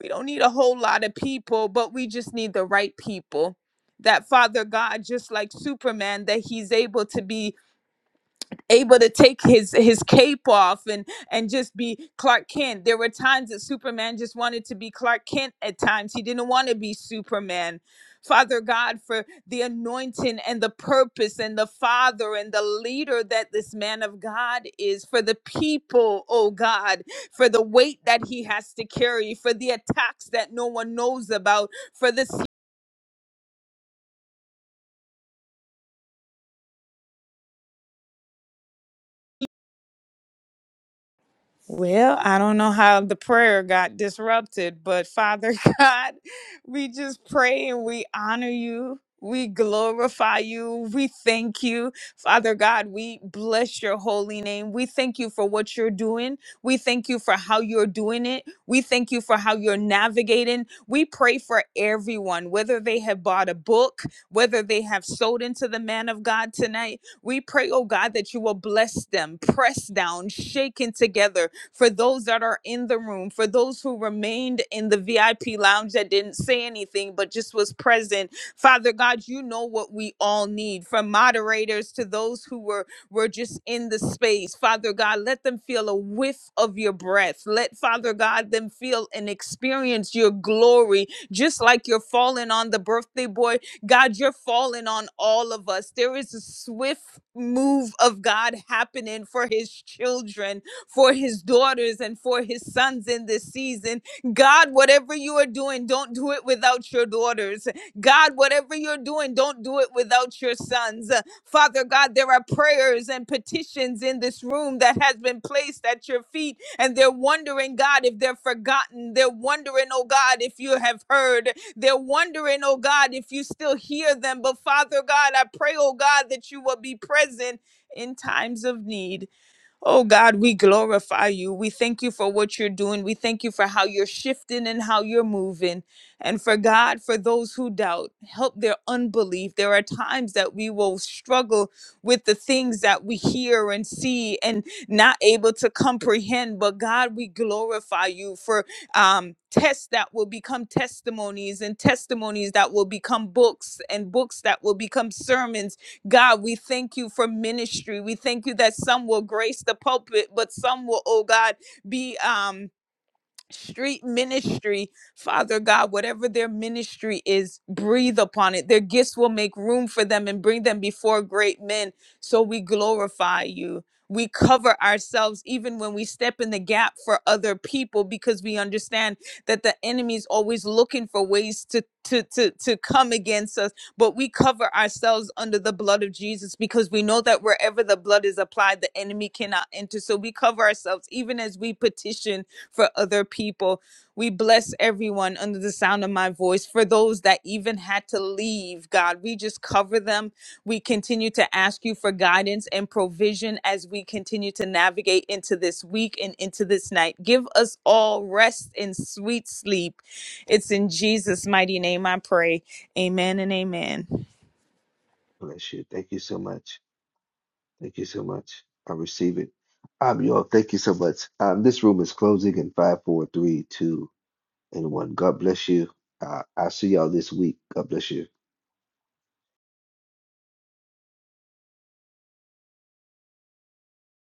We don't need a whole lot of people, but we just need the right people. That Father God, just like Superman, that he's able to be able to take his his cape off and and just be Clark Kent. There were times that Superman just wanted to be Clark Kent at times. He didn't want to be Superman. Father God, for the anointing and the purpose and the father and the leader that this man of God is, for the people, oh God, for the weight that he has to carry, for the attacks that no one knows about, for the Well, I don't know how the prayer got disrupted, but Father God, we just pray and we honor you. We glorify you. We thank you. Father God, we bless your holy name. We thank you for what you're doing. We thank you for how you're doing it. We thank you for how you're navigating. We pray for everyone, whether they have bought a book, whether they have sold into the man of God tonight. We pray, oh God, that you will bless them, press down, shaken together, for those that are in the room, for those who remained in the VIP lounge that didn't say anything but just was present. Father God, you know what we all need from moderators to those who were were just in the space. Father God, let them feel a whiff of your breath. Let Father God them feel and experience your glory, just like you're falling on the birthday boy. God, you're falling on all of us. There is a swift move of God happening for his children for his daughters and for his sons in this season. God, whatever you are doing, don't do it without your daughters. God, whatever you're doing, don't do it without your sons. Father God, there are prayers and petitions in this room that has been placed at your feet, and they're wondering, God, if they're forgotten. They're wondering, oh God, if you have heard. They're wondering, oh God, if you still hear them. But Father God, I pray, oh God, that you will be present in times of need. Oh God, we glorify you. We thank you for what you're doing. We thank you for how you're shifting and how you're moving. And for God, for those who doubt, help their unbelief. There are times that we will struggle with the things that we hear and see and not able to comprehend. But God, we glorify you for um, tests that will become testimonies and testimonies that will become books and books that will become sermons God, we thank you for ministry. We thank you that some will grace the pulpit, but some will, oh God, be um street ministry, Father God, whatever their ministry is, breathe upon it. Their gifts will make room for them and bring them before great men. So we glorify you. We cover ourselves even when we step in the gap for other people because we understand that the enemy is always looking for ways to, to, to, to come against us. But we cover ourselves under the blood of Jesus because we know that wherever the blood is applied, the enemy cannot enter. So we cover ourselves even as we petition for other people. We bless everyone under the sound of my voice. For those that even had to leave, God, we just cover them. We continue to ask you for guidance and provision as we continue to navigate into this week and into this night. Give us all rest and sweet sleep. It's in Jesus' mighty name I pray. Amen and amen. Bless you. Thank you so much. Thank you so much. I receive it. Um, y'all, thank you so much. Um, this room is closing in five, four, three, two. Anyone, God bless you. Uh, I'll see y'all this week. God bless you.